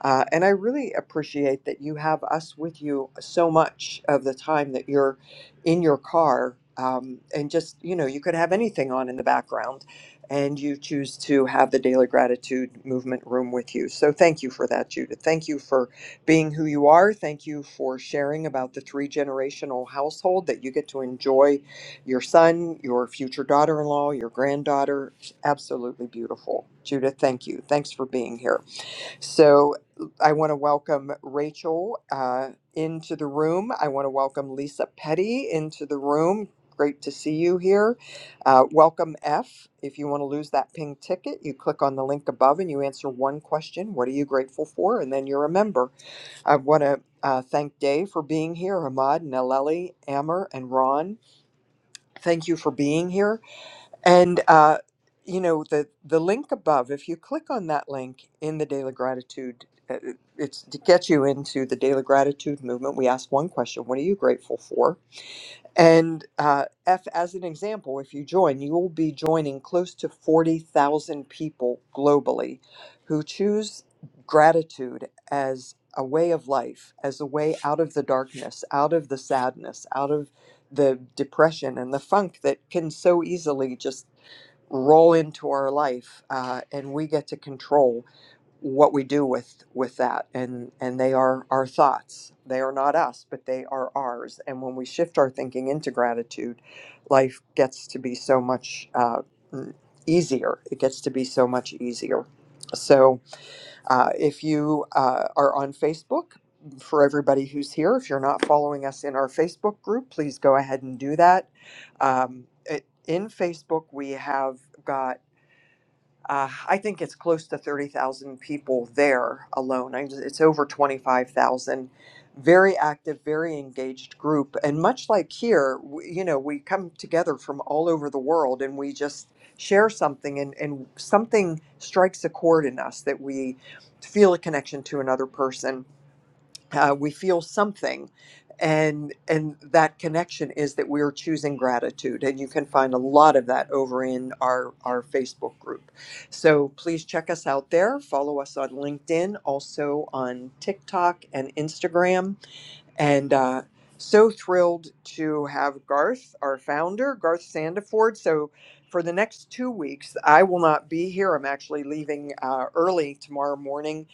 Speaker 16: uh, and i really appreciate that you have us with you so much of the time that you're in your car um, and just you know you could have anything on in the background and you choose to have the daily gratitude movement room with you so thank you for that judith thank you for being who you are. Thank you for sharing about the three generational household that you get to enjoy your son, your future daughter in law, your granddaughter. It's Absolutely beautiful. Judith, thank you. Thanks for being here. So I want to welcome Rachel uh, into the room. I want to welcome Lisa Petty into the room. Great to see you here. Uh, welcome, F. If you want to lose that pink ticket, you click on the link above and you answer one question What are you grateful for? And then you're a member. I want to uh, thank Dave for being here, Ahmad, Naleli, Amr, and Ron. Thank you for being here. And, uh, you know, the, the link above, if you click on that link in the Daily Gratitude, uh, it's to get you into the Daily Gratitude movement. We ask one question What are you grateful for? And uh, F, as an example, if you join, you will be joining close to 40,000 people globally who choose gratitude as a way of life, as a way out of the darkness, out of the sadness, out of the depression and the funk that can so easily just roll into our life uh, and we get to control what we do with with that and and they are our thoughts they are not us but they are ours and when we shift our thinking into gratitude life gets to be so much uh, mm, easier it gets to be so much easier so uh, if you uh, are on facebook for everybody who's here if you're not following us in our facebook group please go ahead and do that um, it, in facebook we have got. Uh, I think it's close to 30,000 people there alone. I, it's over 25,000. Very active, very engaged group. And much like here, we, you know, we come together from all over the world and we just share something, and, and something strikes a chord in us that we feel a connection to another person uh, we feel something and and that connection is that we're choosing gratitude and you can find a lot of that over in our our facebook group so please check us out there follow us on linkedin also on tiktok and instagram and uh, so thrilled to have Garth, our founder, Garth Sandiford. So for the next two weeks, I will not be here. I'm actually leaving uh, early tomorrow morning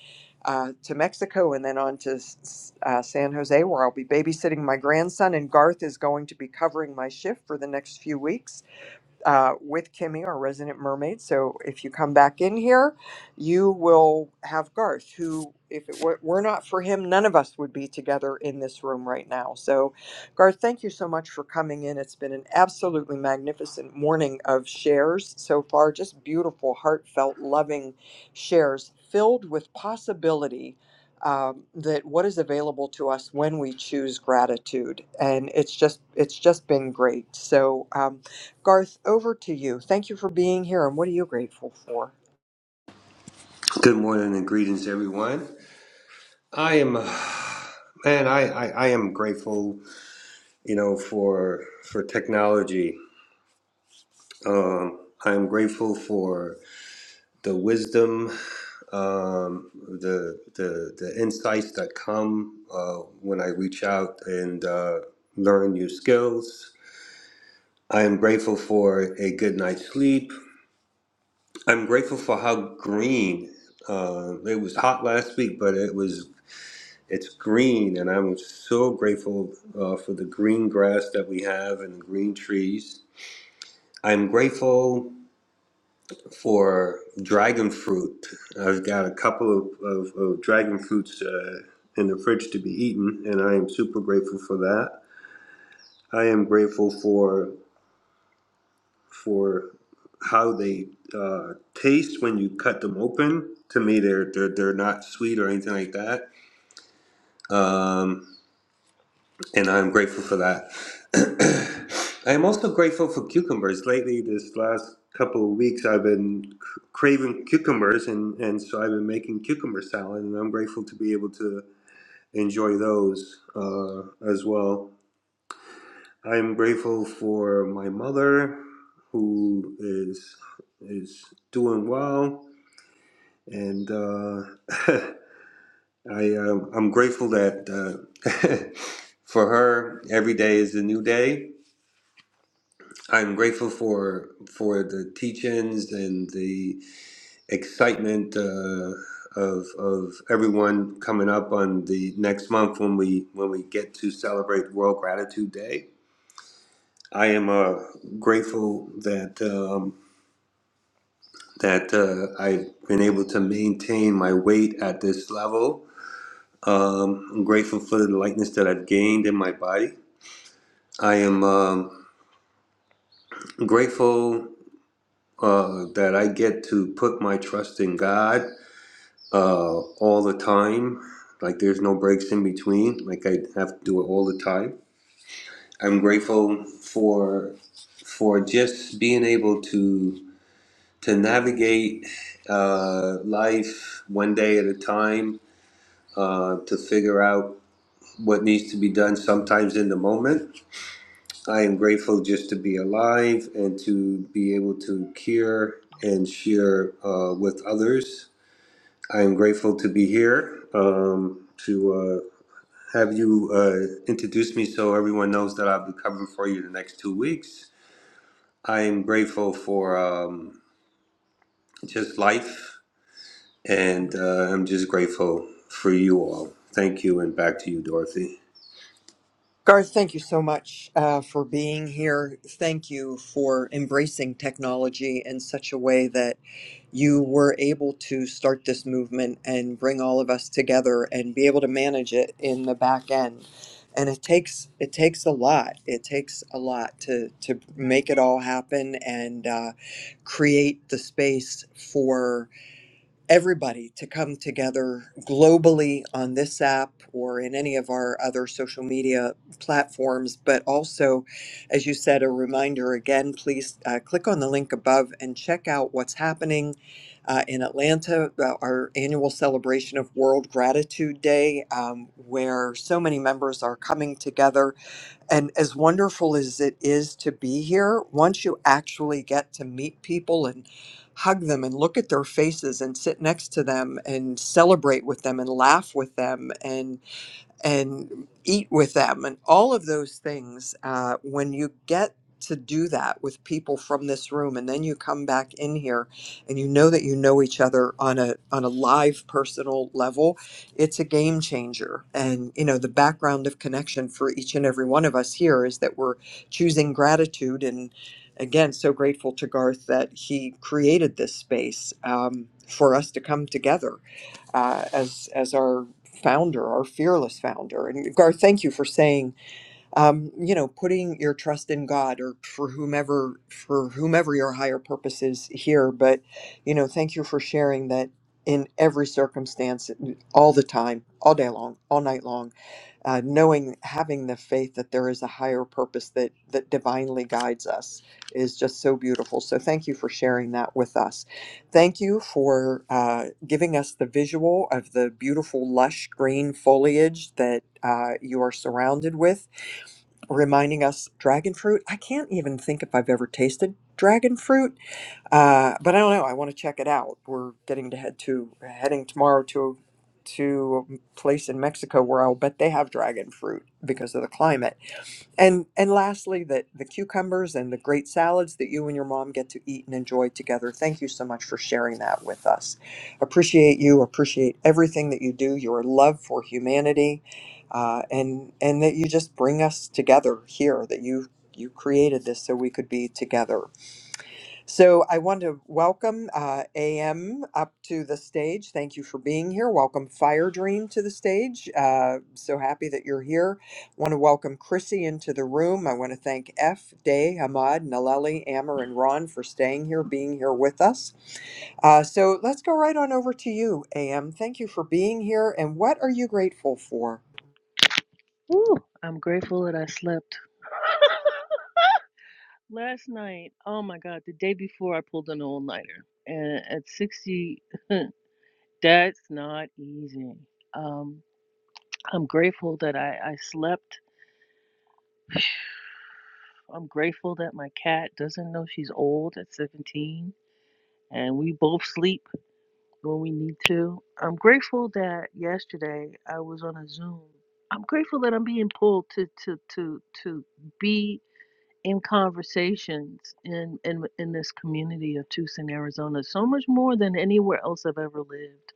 Speaker 16: uh, to Mexico and then on to S- uh, San Jose, where I'll be babysitting my grandson. And Garth is going to be covering my shift for the next few weeks uh, with Kimmy, our resident mermaid. So if you come back in here, you will have Garth, who, if it were, were not for him, none of us would be together in this room right now. So, Garth, thank you so much for coming in. It's been an absolutely magnificent morning of shares so far, just beautiful, heartfelt, loving shares filled with possibility. Um, that what is available to us when we choose gratitude and it's just it's just been great so um, Garth, over to you. Thank you for being here, and what are you grateful for?
Speaker 24: Good morning and greetings, everyone. I am, uh, man, I, I, I am grateful, you know, for for technology. Um, I am grateful for the wisdom, um, the the the insights that come uh, when I reach out and uh, learn new skills. I am grateful for a good night's sleep. I'm grateful for how green. Uh, it was hot last week, but it was It's green, and I'm so grateful uh, for the green grass that we have and the green trees. I'm grateful for dragon fruit. I've got a couple of, of, of dragon fruits uh, in the fridge to be eaten, and I am super grateful for that. I am grateful for for how they uh, taste when you cut them open. To me, they're they're, they're not sweet or anything like that. Um, and I'm grateful for that. I am also grateful for cucumbers. Lately, this last couple of weeks, I've been c- craving cucumbers, and, and so I've been making cucumber salad, and I'm grateful to be able to enjoy those uh, as well. I'm grateful for my mother, who is is doing well, and uh, I um, I'm grateful that uh, for her every day is a new day I'm grateful for for the teachings and the excitement uh, of of everyone coming up on the next month when we when we get to celebrate World Gratitude Day. I am uh, grateful that um, that uh, I've been able to maintain my weight at this level. Um, I'm grateful for the lightness that I've gained in my body. I am um, grateful uh, that I get to put my trust in God uh, all the time. Like there's no breaks in between. Like I have to do it all the time. I'm grateful for for just being able to to navigate uh, life one day at a time. Uh, to figure out what needs to be done sometimes in the moment. I am grateful just to be alive and to be able to cure and share uh, with others. I am grateful to be here um, to uh, have you uh, introduced me so everyone knows that I'll be covering for you the next two weeks. I am grateful for um, just life, and uh, I'm just grateful for you all. Thank you, and back to you, Dorothy.
Speaker 16: Garth, thank you so much uh, for being here. Thank you for embracing technology in such a way that you were able to start this movement and bring all of us together and be able to manage it in the back end. And it takes it takes a lot. It takes a lot to to make it all happen and uh, create the space everybody to come together globally on this app or in any of our other social media platforms. But also, as you said, a reminder again, please uh, click on the link above and check out what's happening. Uh, in Atlanta, uh, our annual celebration of World Gratitude Day, um, where so many members are coming together and as wonderful as it is to be here, once you actually get to meet people and hug them and look at their faces and sit next to them and celebrate with them and laugh with them and and eat with them and all of those things uh, when you get to do that with people from this room and then you come back in here and you know that you know each other on a on a live personal level it's a game changer and you know the background of connection for each and every one of us here is that we're choosing gratitude and again so grateful to garth that he created this space um, for us to come together uh, as as our founder, our fearless founder. And Garth, thank you for saying, um, you know, putting your trust in God or for whomever for whomever your higher purpose is here. But you know, thank you for sharing that in every circumstance, all the time, all day long, all night long uh, knowing having the faith that there is a higher purpose that that divinely guides us is just so beautiful so thank you for sharing that with us thank you for uh, giving us the visual of the beautiful lush green foliage that uh, you are surrounded with reminding us dragon fruit i can't even think if i've ever tasted dragon fruit uh, but I don't know. I want to check it out. We're getting to head to heading tomorrow to to a place in Mexico where I'll bet they have dragon fruit because of the climate. And and lastly, that the cucumbers and the great salads that you and your mom get to eat and enjoy together. Thank you so much for sharing that with us. Appreciate you. Appreciate everything that you do. Your love for humanity, uh, and and that you just bring us together here. That you you created this so we could be together so I want to welcome uh, AM up to the stage. Thank you for being here. Welcome Fire Dream to the stage. Uh, so happy that you're here. Want to welcome Chrissy into the room. I want to thank F, Day, Ahmad, Naleli, Ammer, and Ron for staying here, being here with us. Uh, so let's go right on over to you, AM. Thank you for being here. And what are you grateful for?
Speaker 25: Woo, I'm grateful that I slept last night. Oh my god, the day before I pulled an all nighter, and at 60, that's not easy. Um, I'm grateful that I, I slept. I'm grateful that my cat doesn't know she's old at 17, and we both sleep when we need to. I'm grateful that yesterday I was on a Zoom. I'm grateful that I'm being pulled to to to to be in conversations in in in this community of Tucson, Arizona, so much more than anywhere else I've ever lived.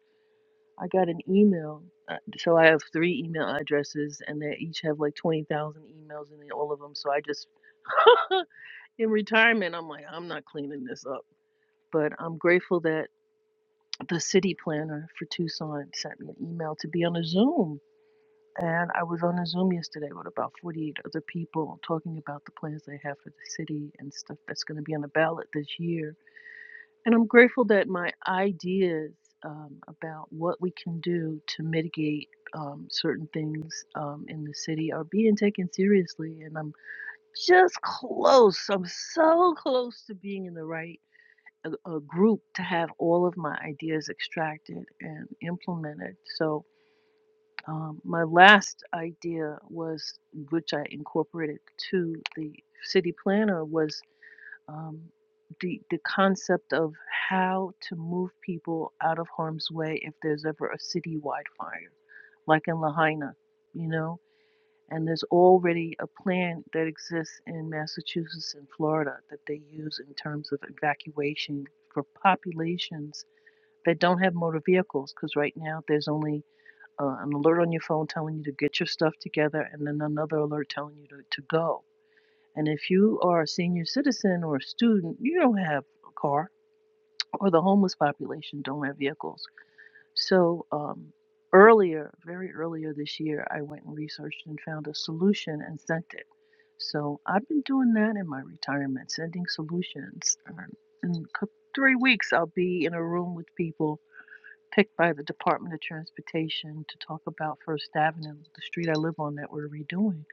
Speaker 25: I got an email, uh, so I have three email addresses, and they each have like twenty thousand emails in all of them. So I just, in retirement, I'm like, I'm not cleaning this up. But I'm grateful that the city planner for Tucson sent me an email to be on a Zoom and I was on a Zoom yesterday with about 48 other people talking about the plans they have for the city and stuff that's going to be on the ballot this year. And I'm grateful that my ideas um, about what we can do to mitigate um, certain things um, in the city are being taken seriously. And I'm just close, I'm so close to being in the right a, a group to have all of my ideas extracted and implemented. So um, my last idea was, which I incorporated to the city planner, was um, the the concept of how to move people out of harm's way if there's ever a citywide fire, like in Lahaina, you know. And there's already a plan that exists in Massachusetts and Florida that they use in terms of evacuation for populations that don't have motor vehicles, because right now there's only uh, an alert on your phone telling you to get your stuff together, and then another alert telling you to, to go. And if you are a senior citizen or a student, you don't have a car, or the homeless population don't have vehicles. So um, earlier, very earlier this year, I went and researched and found a solution and sent it. So I've been doing that in my retirement, sending solutions. Um, In a cou- three weeks, I'll be in a room with people picked by the Department of Transportation to talk about First Avenue, the street I live on that we're redoing.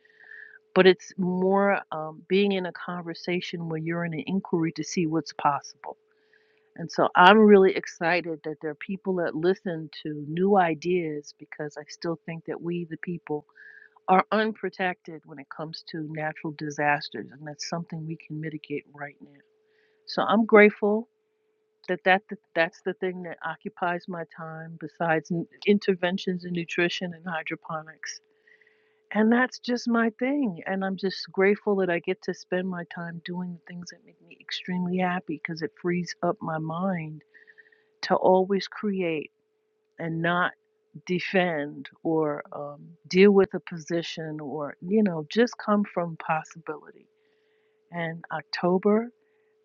Speaker 25: But it's more um, being in a conversation where you're in an inquiry to see what's possible. And so I'm really excited that there are people that listen to new ideas because I still think that we, the people, are unprotected when it comes to natural disasters. And that's something we can mitigate right now. So I'm grateful that that that- that's the thing that occupies my time besides n- interventions in nutrition and hydroponics and that's just my thing and i'm just grateful that i get to spend my time doing the things that make me extremely happy because it frees up my mind to always create and not defend or um, deal with a position or you know just come from possibility and october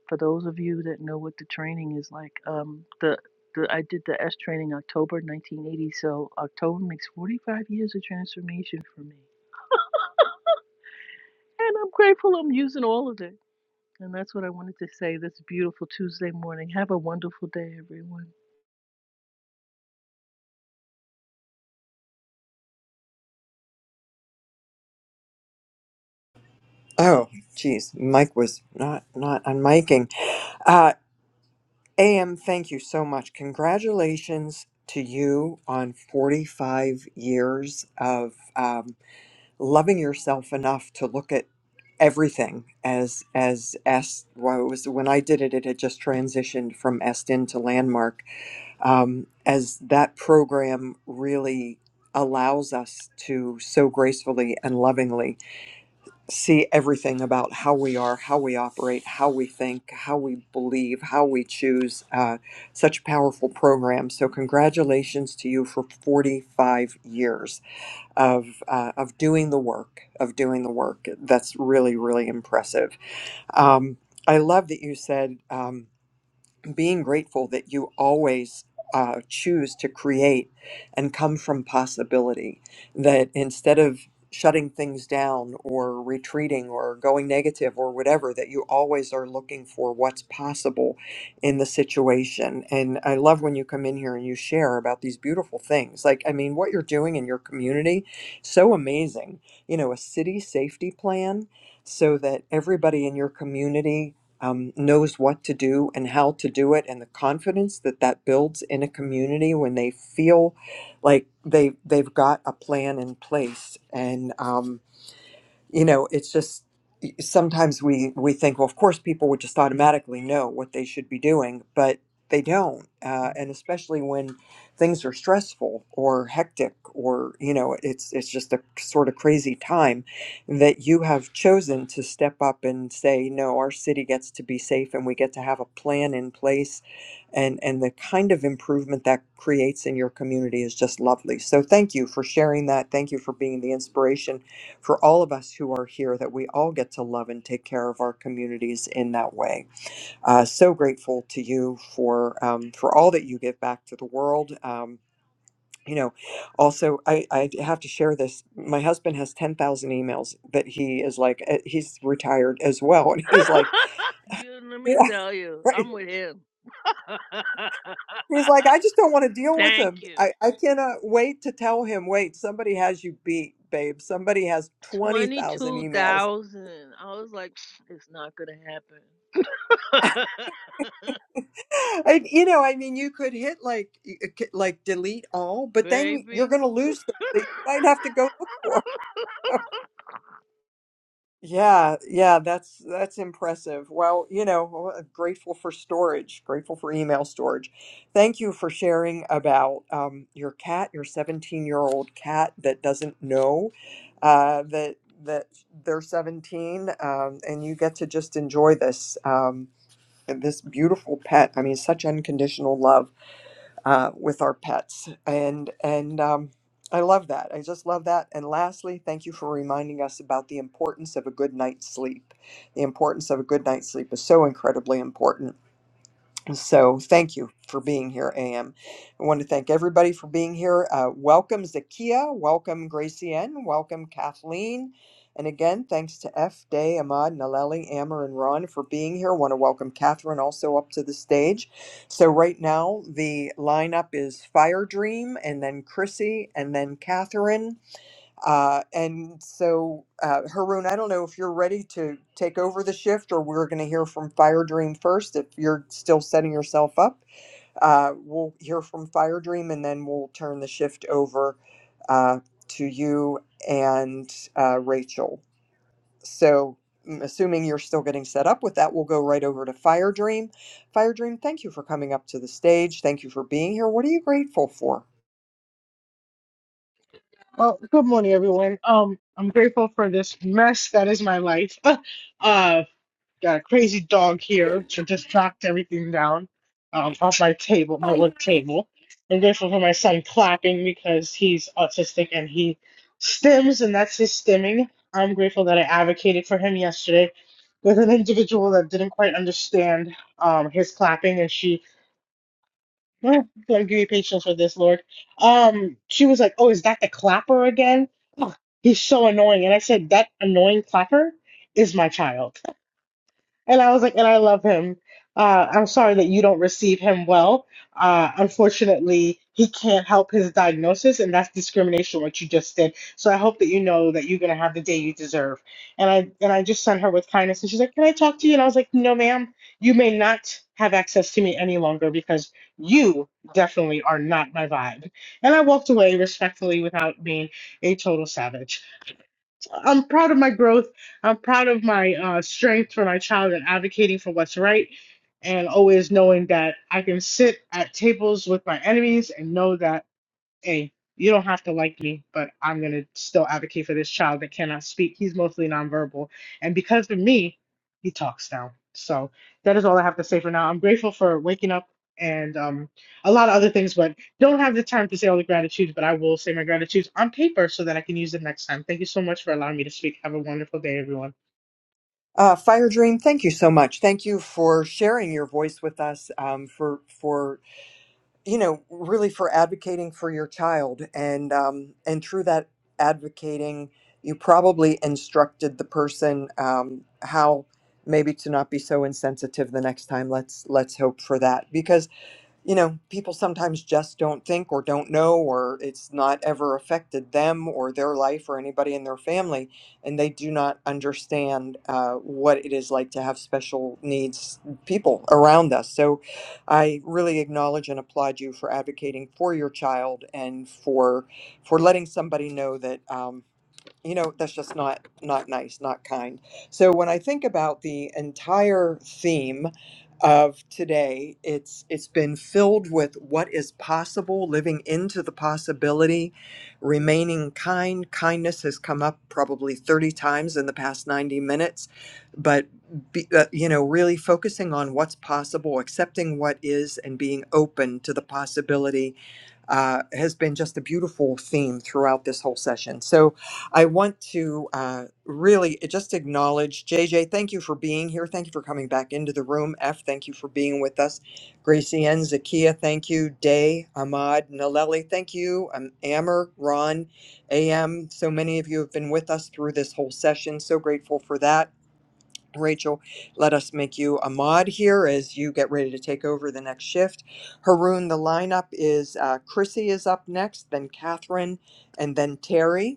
Speaker 25: for those of you that know what the training is like, um, the, the I did the S training October 1980, so October makes 45 years of transformation for me, and I'm grateful I'm using all of it. And that's what I wanted to say this beautiful Tuesday morning. Have a wonderful day, everyone.
Speaker 16: Oh, geez, Mike was not not unmiking. Uh, AM, thank you so much. Congratulations to you on 45 years of um, loving yourself enough to look at everything as as S. Well, it was when I did it, it had just transitioned from Estin to Landmark. Um, as that program really allows us to so gracefully and lovingly see everything about how we are, how we operate, how we think, how we believe, how we choose. Uh, such a powerful program. So, congratulations to you for 45 years of uh, of doing the work, of doing the work. That's really, really impressive. Um, I love that you said. Um, being grateful that you always uh, choose to create and come from possibility, that instead of shutting things down or retreating or going negative or whatever, that you always are looking for what's possible in the situation. And I love when you come in here and you share about these beautiful things. Like, I mean, what you're doing in your community, so amazing. You know, a city safety plan so that everybody in your community um, knows what to do and how to do it and the confidence that that builds in a community when they feel like they they've got a plan in place and um, you know it's just sometimes we we think well of course people would just automatically know what they should be doing but they don't uh, and especially when things are stressful or hectic or you know it's it's just a sort of crazy time that you have chosen to step up and say no our city gets to be safe and we get to have a plan in place and and the kind of improvement that creates in your community is just lovely so thank you for sharing that thank you for being the inspiration for all of us who are here that we all get to love and take care of our communities in that way. Uh, so grateful to you for um, for all that you give back to the world. Um, you know, also I, I have to share this. My husband has ten thousand emails that he is like uh, he's retired as well, and he's like,
Speaker 25: you let me tell you,
Speaker 16: right.
Speaker 25: I'm with him.
Speaker 16: he's like I just don't want to deal with
Speaker 25: Thank
Speaker 16: him.
Speaker 25: you.
Speaker 16: I I cannot wait to tell him. Wait, somebody has you beat, babe. Somebody has twenty thousand emails
Speaker 25: 22,000. I was like, it's not going to happen.
Speaker 16: I, you know, I mean, you could hit like you could, like delete all, but then you're
Speaker 25: Baby.
Speaker 16: going to lose things that you might have to go look for. Yeah, yeah, that's that's impressive. Well, you know, well, uh, grateful for storage, grateful for email storage. Thank you for sharing about um, your cat, your 17-year-old cat that doesn't know uh, that that they're 17, um, and you get to just enjoy this um, this beautiful pet. I mean, such unconditional love uh, with our pets, and and um, I love that. I just love that. And lastly, thank you for reminding us about the importance of a good night's sleep. The importance of a good night's sleep is so incredibly important so thank you for being here, AM. I want to thank everybody for being here. Uh, welcome, Zakia. Welcome, Gracie N. Welcome, Kathleen. And again, thanks to F, Day, Ahmad, Naleli, Amber, and Ron for being here. want to welcome Catherine also up to the stage. So right now, the lineup is Fire Dream, and then Chrissy, and then Catherine. Uh, and so, uh, Haroon, I don't know if you're ready to take over the shift or we're going to hear from Fire Dream first. If you're still setting yourself up, uh, we'll hear from Fire Dream and then we'll turn the shift over uh, to you and uh, Rachel. So, mm, assuming you're still getting set up with that, we'll go right over to Fire Dream. Fire Dream, thank you for coming up to the stage. Thank you for being here. What are you grateful for?
Speaker 26: Well, good morning, everyone. Um, I'm grateful for this mess that is my life. uh, got a crazy dog here, so just knocked everything down, um, off my table, my work table. I'm grateful for my son clapping because he's autistic and he stims, and that's his stimming. I'm grateful that I advocated for him yesterday with an individual that didn't quite understand um his clapping, and she Oh, Lord, give me patience for this, Lord. Um, she was like, "Oh, is that the clapper again? Oh, he's so annoying." And I said, "That annoying clapper is my child." And I was like, and I love him. Uh, I'm sorry that you don't receive him well. Uh, unfortunately, he can't help his diagnosis, and that's discrimination, what you just did. So I hope that you know that you're gonna have the day you deserve. And I and I just sent her with kindness, and she's like, "Can I talk to you?" And I was like, "No, ma'am. You may not have access to me any longer because you definitely are not my vibe." And I walked away respectfully without being a total savage. I'm proud of my growth. I'm proud of my uh, strength for my child and advocating for what's right, and always knowing that I can sit at tables with my enemies and know that hey, you don't have to like me, but I'm going to still advocate for this child that cannot speak. He's mostly nonverbal. And because of me, he talks now. So that is all I have to say for now. I'm grateful for waking up and um, a lot of other things, but don't have the time to say all the gratitudes, but I will say my gratitudes on paper so that I can use it next time. Thank you so much for allowing me to speak. Have a wonderful day, everyone.
Speaker 16: Uh, Fire Dream, thank you so much. Thank you for sharing your voice with us. Um, for for you know, really for advocating for your child, and um, and through that advocating, you probably instructed the person um, how maybe to not be so insensitive the next time. Let's let's hope for that because you know, people sometimes just don't think or don't know, or it's not ever affected them or their life or anybody in their family, and they do not understand uh, what it is like to have special needs people around us. So I really acknowledge and applaud you for advocating for your child and for for letting somebody know that. um, you know that's just not not nice not kind so when i think about the entire theme of today it's it's been filled with what is possible living into the possibility remaining kind kindness has come up probably 30 times in the past 90 minutes but be, uh, you know really focusing on what's possible accepting what is and being open to the possibility uh, has been just a beautiful theme throughout this whole session so I want to uh, really eh, just acknowledge JJ. Thank you for being here. Thank you for coming back into the room. F, thank you for being with us. Gracie N, Zakia, thank you. Day, Ahmad, Naleli, thank you. Um, Amber, Ron, AM. So many of you have been with us through this whole session. So grateful for that. Rachel, let us make you a mod here as you get ready to take over the next shift. Haroon, the lineup is uh, Chrissy is up next, then Catherine, and then Terry.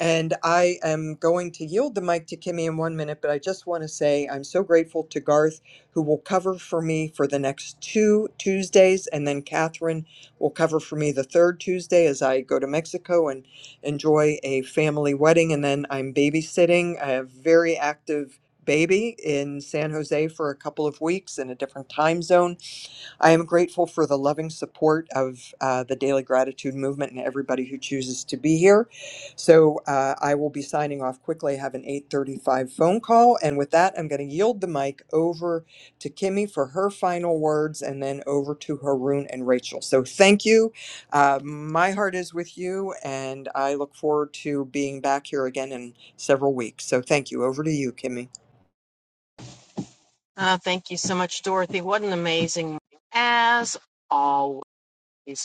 Speaker 16: And I am going to yield the mic to Kimmy in one minute, but I just want to say I'm so grateful to Garth, who will cover for me for the next two Tuesdays, and then Catherine will cover for me the third Tuesday as I go to Mexico and enjoy a family wedding. And then I'm babysitting a very active baby in San Jose for a couple of weeks in a different time zone. I am grateful for the loving support of uh, the Daily Gratitude Movement and everybody who chooses to be here. So uh, I will be signing off quickly. I have an 8:35 phone call, and with that, I'm going to yield the mic over to Kimmy for her final words, and then over to Haroon and Rachel. So thank you. Uh, my heart is with you, and I look forward to being back here again in several weeks. So thank you. Over to you, Kimmy.
Speaker 27: Uh, thank you so much, Dorothy. What an amazing morning. As always,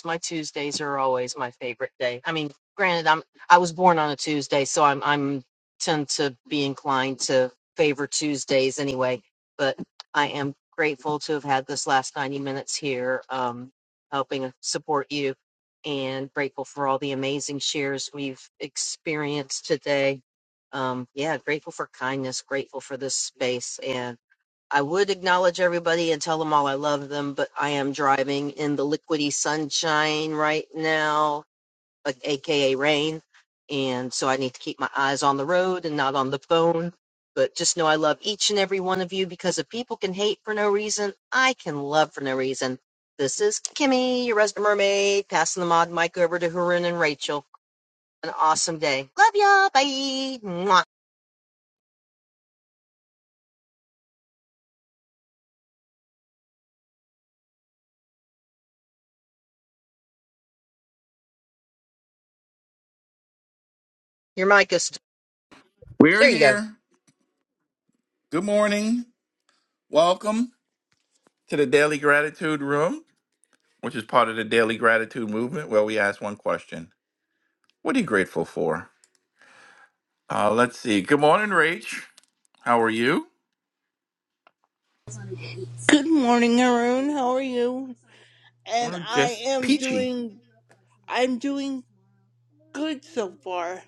Speaker 27: my Tuesdays are always my favorite day. I mean, granted, I'm I was born on a Tuesday, so I'm I'm tend to be inclined to favor Tuesdays anyway. But I am grateful to have had this last 90 minutes here, um, helping support you, and grateful for all the amazing shares we've experienced today. Um, yeah, grateful for kindness, grateful for this space, and. I would acknowledge everybody and tell them all I love them, but I am driving in the liquidy sunshine right now, a- aka rain. And so I need to keep my eyes on the road and not on the phone. But just know I love each and every one of you because if people can hate for no reason, I can love for no reason. This is Kimmy, your resident mermaid, passing the mod mic over to Harun and Rachel. An awesome day. Love ya. Bye. Mwah. Your mic is.
Speaker 28: We're
Speaker 27: There you go.
Speaker 28: here. Good morning. Welcome to the Daily Gratitude Room, which is part of the Daily Gratitude Movement, where we ask one question What are you grateful for? Uh, let's see. Good morning, Rach. How are you?
Speaker 29: Good morning, Arun. How are you? And
Speaker 28: We're
Speaker 29: I
Speaker 28: just
Speaker 29: am
Speaker 28: peachy.
Speaker 29: doing I'm doing good so far.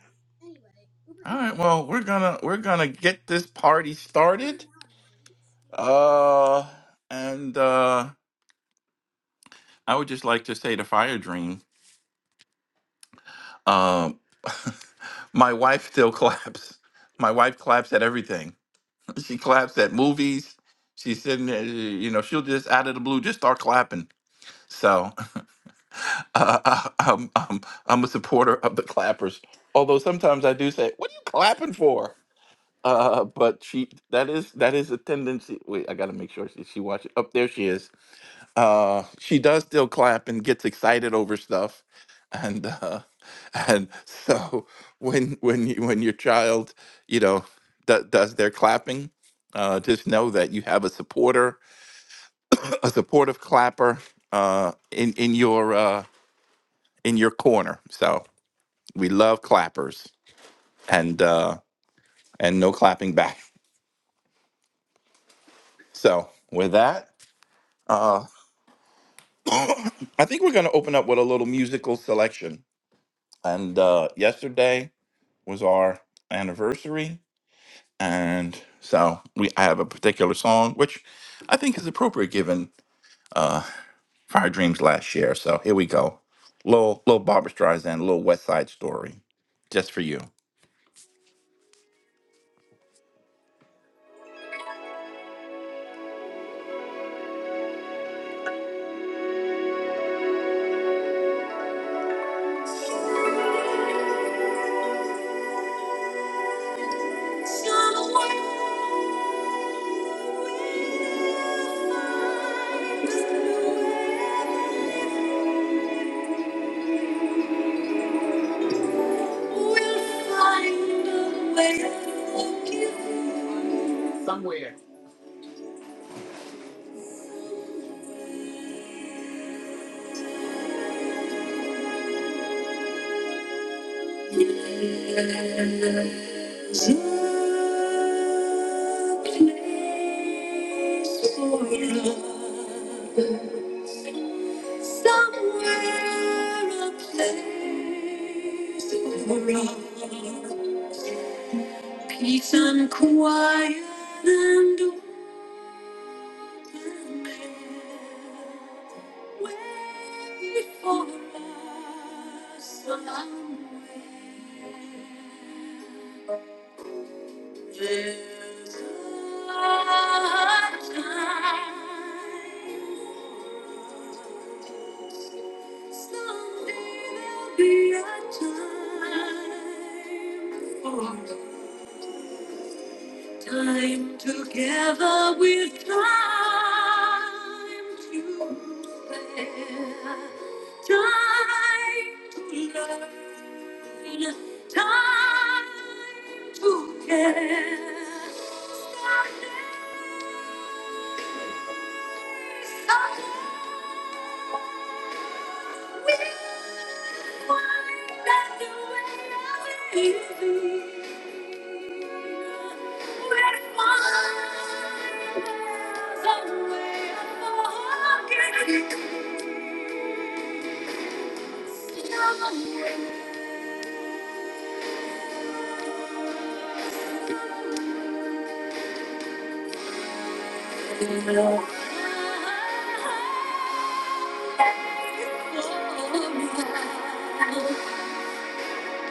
Speaker 28: All right. Well, we're gonna we're gonna get this party started. Uh, and uh, I would just like to say the fire dream. Um, my wife still claps. My wife claps at everything. She claps at movies. She's sitting there, you know, she'll just out of the blue just start clapping. So uh, I, I'm, I'm, I'm a supporter of the clappers. Although sometimes I do say, "What are you clapping for?" Uh, but she that is that is a tendency. Wait, I got to make sure she, she watches. Up there, she is uh, she does still clap and gets excited over stuff, and uh, and so when when you, when your child you know do, does their clapping, uh, just know that you have a supporter, a supportive clapper uh, in in your uh, in your corner. So we love clappers and uh, and no clapping back. So with that, uh, I think we're going to open up with a little musical selection. And uh, yesterday. was our anniversary, and so we I have a particular song which I think is appropriate given Fire Dreams last year. So here we go, little little Barbra Streisand, little West Side Story, just for you. Somewhere. a a place place for for somewhere, a place for love. Peace and quiet and open air. wait for us somewhere. There's a time. Someday there'll be a time for us. Time together with time to spare. Time to learn. Time to care. Someday, someday, we Thank you. And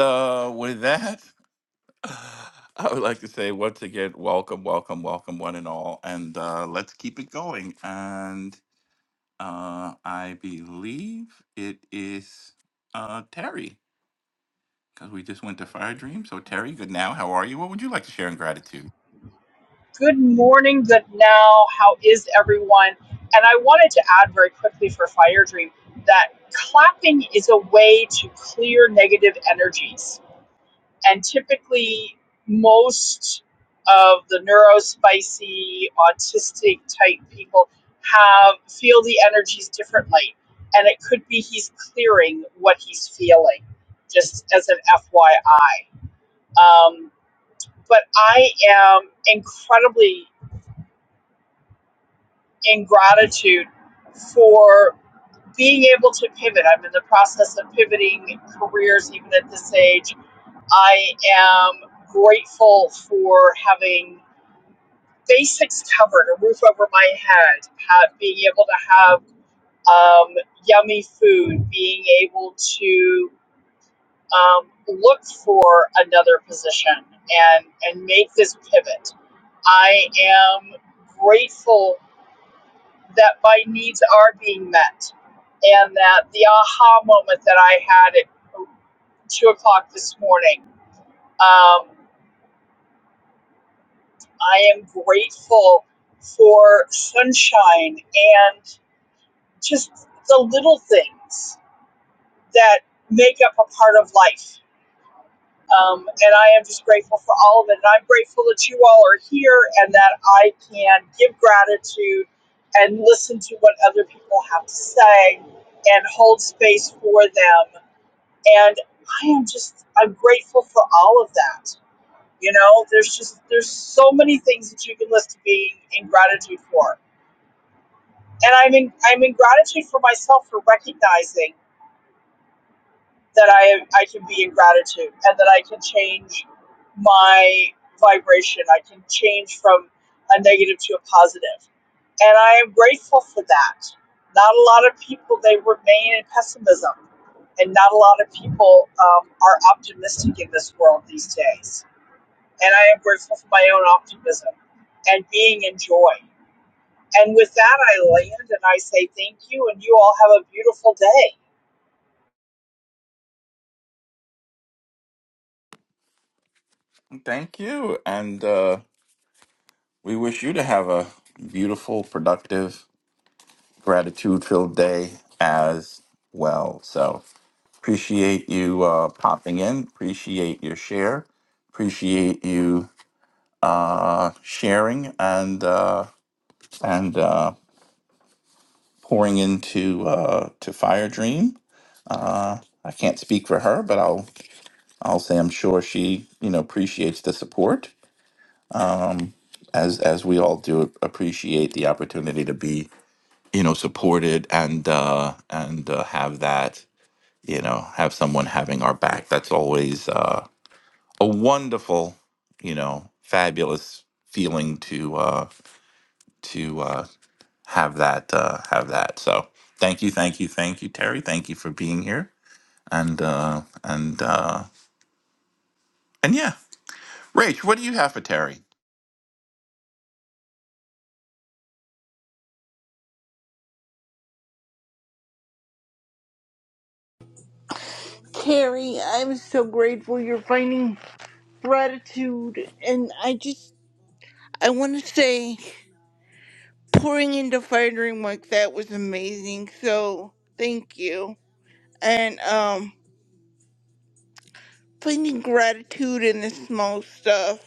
Speaker 28: uh, with that, I would like to say once again, welcome, welcome, welcome, one and all, and uh, let's keep it going. And uh, I believe it is uh, Terry because we just went to Fire Dream. So Terry, good now. How are you? What would you like to share in gratitude?
Speaker 30: Good morning, good now. How is everyone? And I wanted to add very quickly for Fire Dream that clapping is a way to clear negative energies. And typically, most of the neurospicy, autistic type people have feel the energies differently. And it could be he's clearing what he's feeling, just as an FYI. Um, but I am incredibly in gratitude for being able to pivot. I'm in the process of pivoting careers even at this age. I am grateful for having basics covered, a roof over my head, ha- being able to have um, yummy food, being able to um, look for another position and, and make this pivot. I am grateful that my needs are being met and that the aha moment that I had at two o'clock this morning, um, I am grateful for sunshine and just the little things that make up a part of life. Um, and I am just grateful for all of it. And I'm grateful that you all are here and that I can give gratitude and listen to what other people have to say and hold space for them and I am just I'm grateful for all of that. You know, there's just there's so many things that you can list being in gratitude for, and I'm in I'm in gratitude for myself for recognizing. that I am, I can be in gratitude and that I can change my vibration. I can change from a negative to a positive. And I am grateful for that. Not a lot of people, they remain in pessimism. And not a lot of people um, are optimistic in this world these days. And I am grateful for my own optimism and being in joy. And with that, I land and I say thank you, and you all have a beautiful day.
Speaker 28: Thank you, and uh, we wish you to have a beautiful, productive, gratitude-filled day as well. So appreciate you uh, popping in. Appreciate your share appreciate you uh, sharing and uh, and uh, pouring into uh, to Fire Dream. Uh, I can't speak for her, but I'll I'll say I'm sure she you know appreciates the support as as we all do appreciate the opportunity to be you know supported and uh, and uh, have that you know have someone having our back. That's always uh, a wonderful you know fabulous feeling to uh, to uh, have that uh, have that. So thank you, thank you, thank you, Terry. Thank you for being here. And uh, and uh, and yeah, Rach, what do you have for Terry?
Speaker 29: Carrie, I'm so grateful you're finding gratitude and I just I wanna say pouring into fighting like that was amazing, so thank you. And um finding gratitude in the small stuff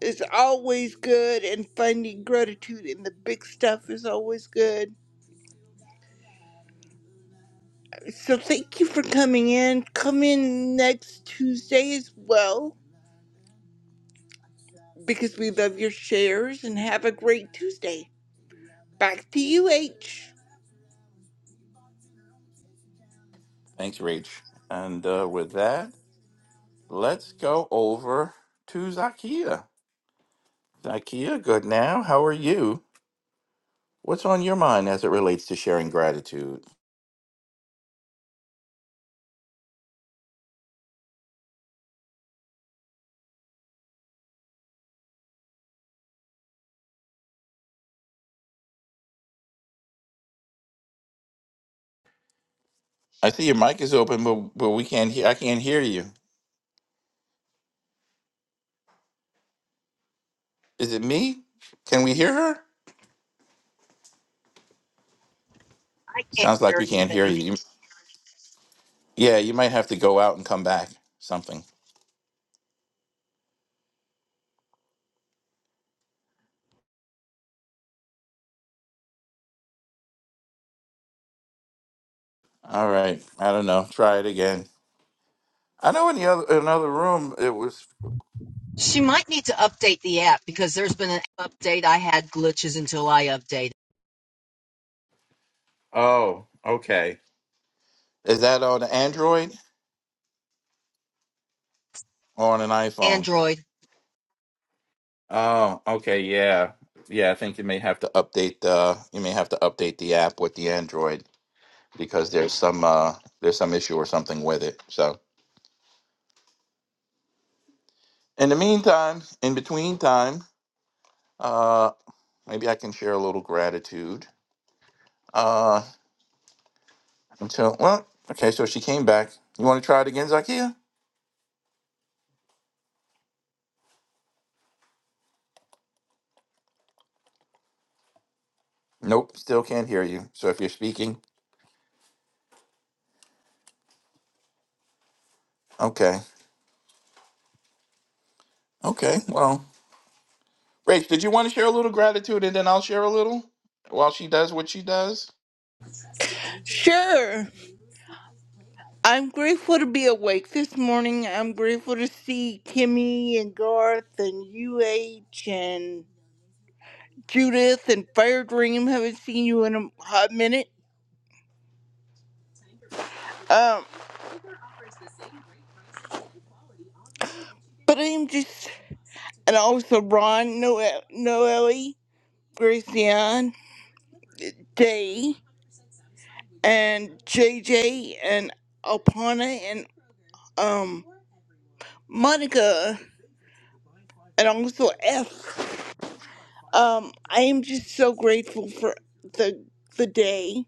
Speaker 29: is always good and finding gratitude in the big stuff is always good. So thank you for coming in. Come in next Tuesday as well because we love your shares and have a great Tuesday. Back to you, H.
Speaker 28: Thanks, Rach. And uh, with that, let's go over to Zakia. Zakia, good now. How are you? What's on your mind as it relates to sharing gratitude? I see your mic is open, but but we can't hear. I can't hear you. Is it me? Can we hear her?
Speaker 27: I can't
Speaker 28: Sounds like
Speaker 27: hear
Speaker 28: we can't hear
Speaker 27: anything.
Speaker 28: you. You- Yeah, you might have to go out and come back. Something. All right. I don't know. Try it again. I know in the other another room it was.
Speaker 27: She might need to update the app because there's been an update. I had glitches until I updated
Speaker 28: Oh, okay. Is that on Android or on an iPhone?
Speaker 27: Android.
Speaker 28: Oh, okay. Yeah, yeah. I think you may have to update the you may have to update the app with the Android because there's some uh there's some issue or something with it. So in the meantime, in between time, uh, maybe I can share a little gratitude. Uh, until well, okay. So she came back. You want to try it again, Zakia? Nope, still can't hear you. So if you're speaking, okay. Okay, well, Rach, did you want to share a little gratitude and then I'll share a little while she does what she does?
Speaker 29: Sure. I'm grateful to be awake this morning. I'm grateful to see Kimmy and Garth and UH and Judith and Fire Dream. Haven't seen you in a hot minute. Um, but I am just, and also Ron, Noel, Noelle, Gracian, Day. and J J and Alpana and um Monica and also F. Um, I am just so grateful for the the day.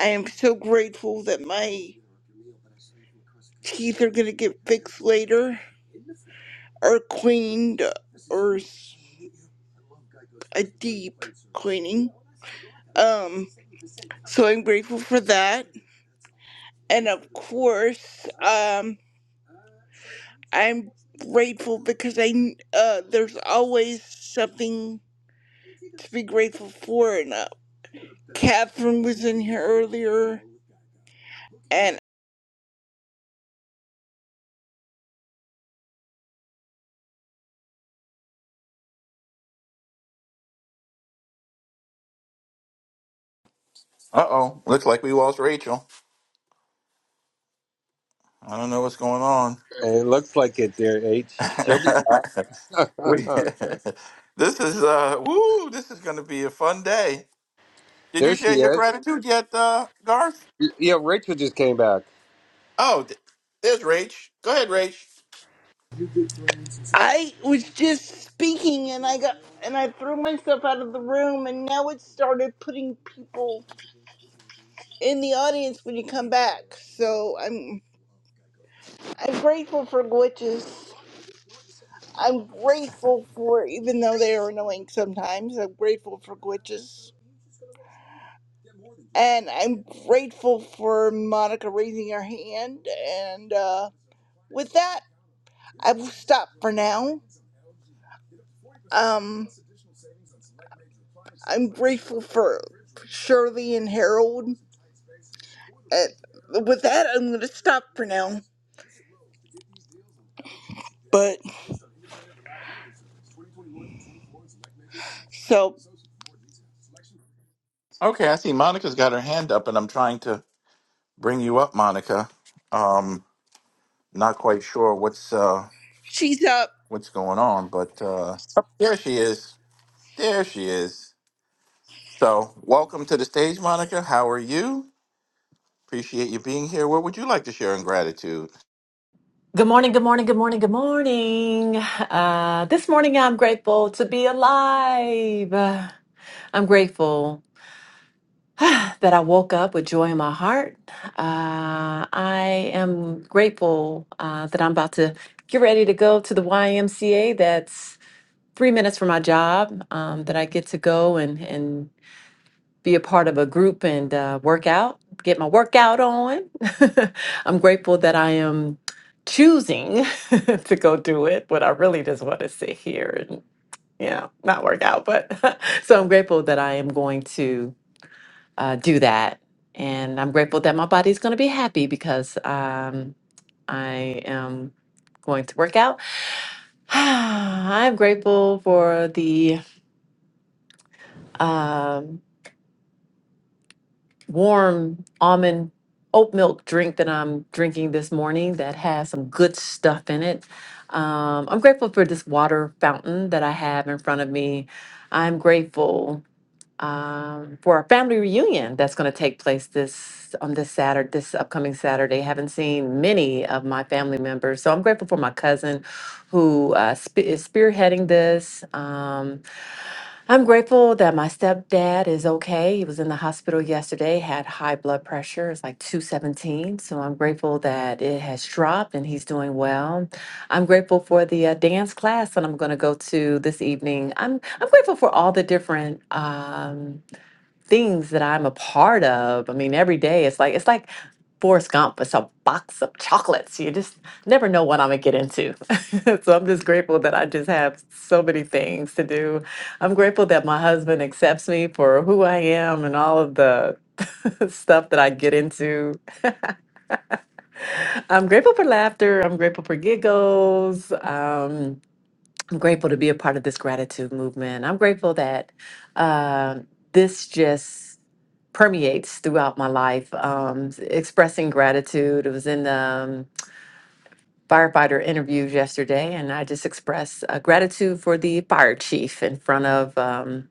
Speaker 29: I am so grateful that my teeth are gonna get fixed later or cleaned or s- a deep cleaning. Um, so I'm grateful for that, and of course, um, I'm grateful because I kn- uh, there's always something to be grateful for. And uh, Catherine was in here earlier, and
Speaker 28: Uh oh, looks like we lost Rachel. I don't know what's going on.
Speaker 24: It looks like it, dear H. She'll be back.
Speaker 28: We- this is, uh, woo, this is going to be a fun day. Did
Speaker 24: there
Speaker 28: you share
Speaker 24: she
Speaker 28: your
Speaker 24: is.
Speaker 28: gratitude yet, uh, Garth?
Speaker 24: Yeah, Rachel just came back.
Speaker 28: Oh, th- there's Rach. Go ahead, Rach.
Speaker 29: I was just speaking, and I got and I threw myself out of the room, and now it started putting people in the audience when you come back. So I'm I'm grateful for glitches. I'm grateful for even though they are annoying sometimes. I'm grateful for glitches. And I'm grateful for Monica raising her hand. And uh, with that, I will stop for now Um, I'm grateful for Shirley and Harold. And with that, I'm going to stop for now. But so
Speaker 28: Okay, I see Monica's got her hand up and I'm trying to bring you up, Monica. Um, not quite sure what's, uh,
Speaker 29: she's up.
Speaker 28: what's going on, but uh, oh, there she is. There she is. So, welcome to the stage, Monica. How are you? Appreciate you being here. What would you like to share in gratitude?
Speaker 31: Good morning, good morning, good morning, good morning. Uh, this morning I'm grateful to be alive. I'm grateful that I woke up with joy in my heart. Uh, I am grateful uh, that I'm about to get ready to go to the YMCA. That's three minutes from my job um, that I get to go and, and be a part of a group and uh, work out, get my workout on. I'm grateful that I am choosing to go do it, but I really just want to sit here and, you know, not work out. But so I'm grateful that I am going to uh, do that. And I'm grateful that my body's going to be happy because um, I am going to work out. I'm grateful for the. Um, warm almond oat milk drink that I'm drinking this morning that has some good stuff in it. Um, I'm grateful for this water fountain that I have in front of me. I'm grateful um, for our family reunion that's going to take place this on this Saturday, this upcoming Saturday. Haven't seen many of my family members, so I'm grateful for my cousin who uh, spe- is spearheading this. Um, I'm grateful that my stepdad is okay. He was in the hospital yesterday, had high blood pressure. It's like 217. So I'm grateful that it has dropped and he's doing well. I'm grateful for the uh, dance class that I'm going to go to this evening. I'm, I'm grateful for all the different. um, things that I'm a part of. I mean, every day it's like it's like Forrest Gump. It's a box of chocolates. You just never know what I'm gonna get into. so I'm just grateful that I just have so many things to do. I'm grateful that my husband accepts me for who I am and all of the stuff that I get into. I'm grateful for laughter. I'm grateful for giggles. Um, I'm grateful to be a part of this gratitude movement. I'm grateful that uh, this just permeates throughout my life. Um, s- expressing gratitude. It was in the um, firefighter interviews yesterday, and I just expressed uh, gratitude for the fire chief in front of um,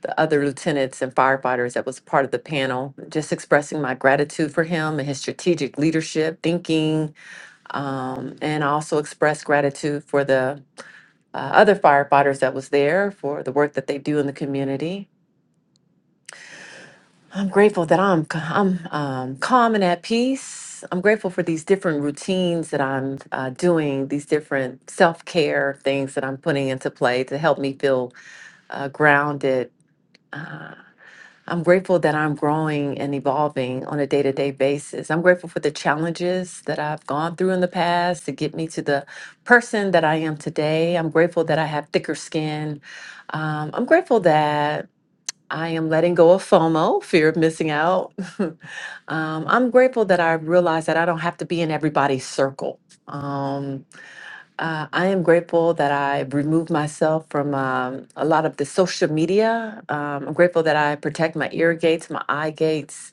Speaker 31: the other lieutenants and firefighters that was part of the panel. Just expressing my gratitude for him and his strategic leadership, thinking, um, and I also expressed gratitude for the uh, other firefighters that was there for the work that they do in the community I'm grateful that I'm c- I'm um, calm and at peace. I'm grateful for these different routines that I'm uh, doing, these different self care things that I'm putting into play to help me feel uh, grounded. I'm grateful that I'm growing and evolving on a day to day basis. I'm grateful for the challenges that I've gone through in the past to get me to the person that I am today. I'm grateful that I have thicker skin. Um, I'm grateful that I am letting go of FOMO, fear of missing out. um, I'm grateful that I realized that I don't have to be in everybody's circle. Um, uh, I am grateful that I removed myself from um, a lot of the social media. Um, I'm grateful that I protect my ear gates, my eye gates.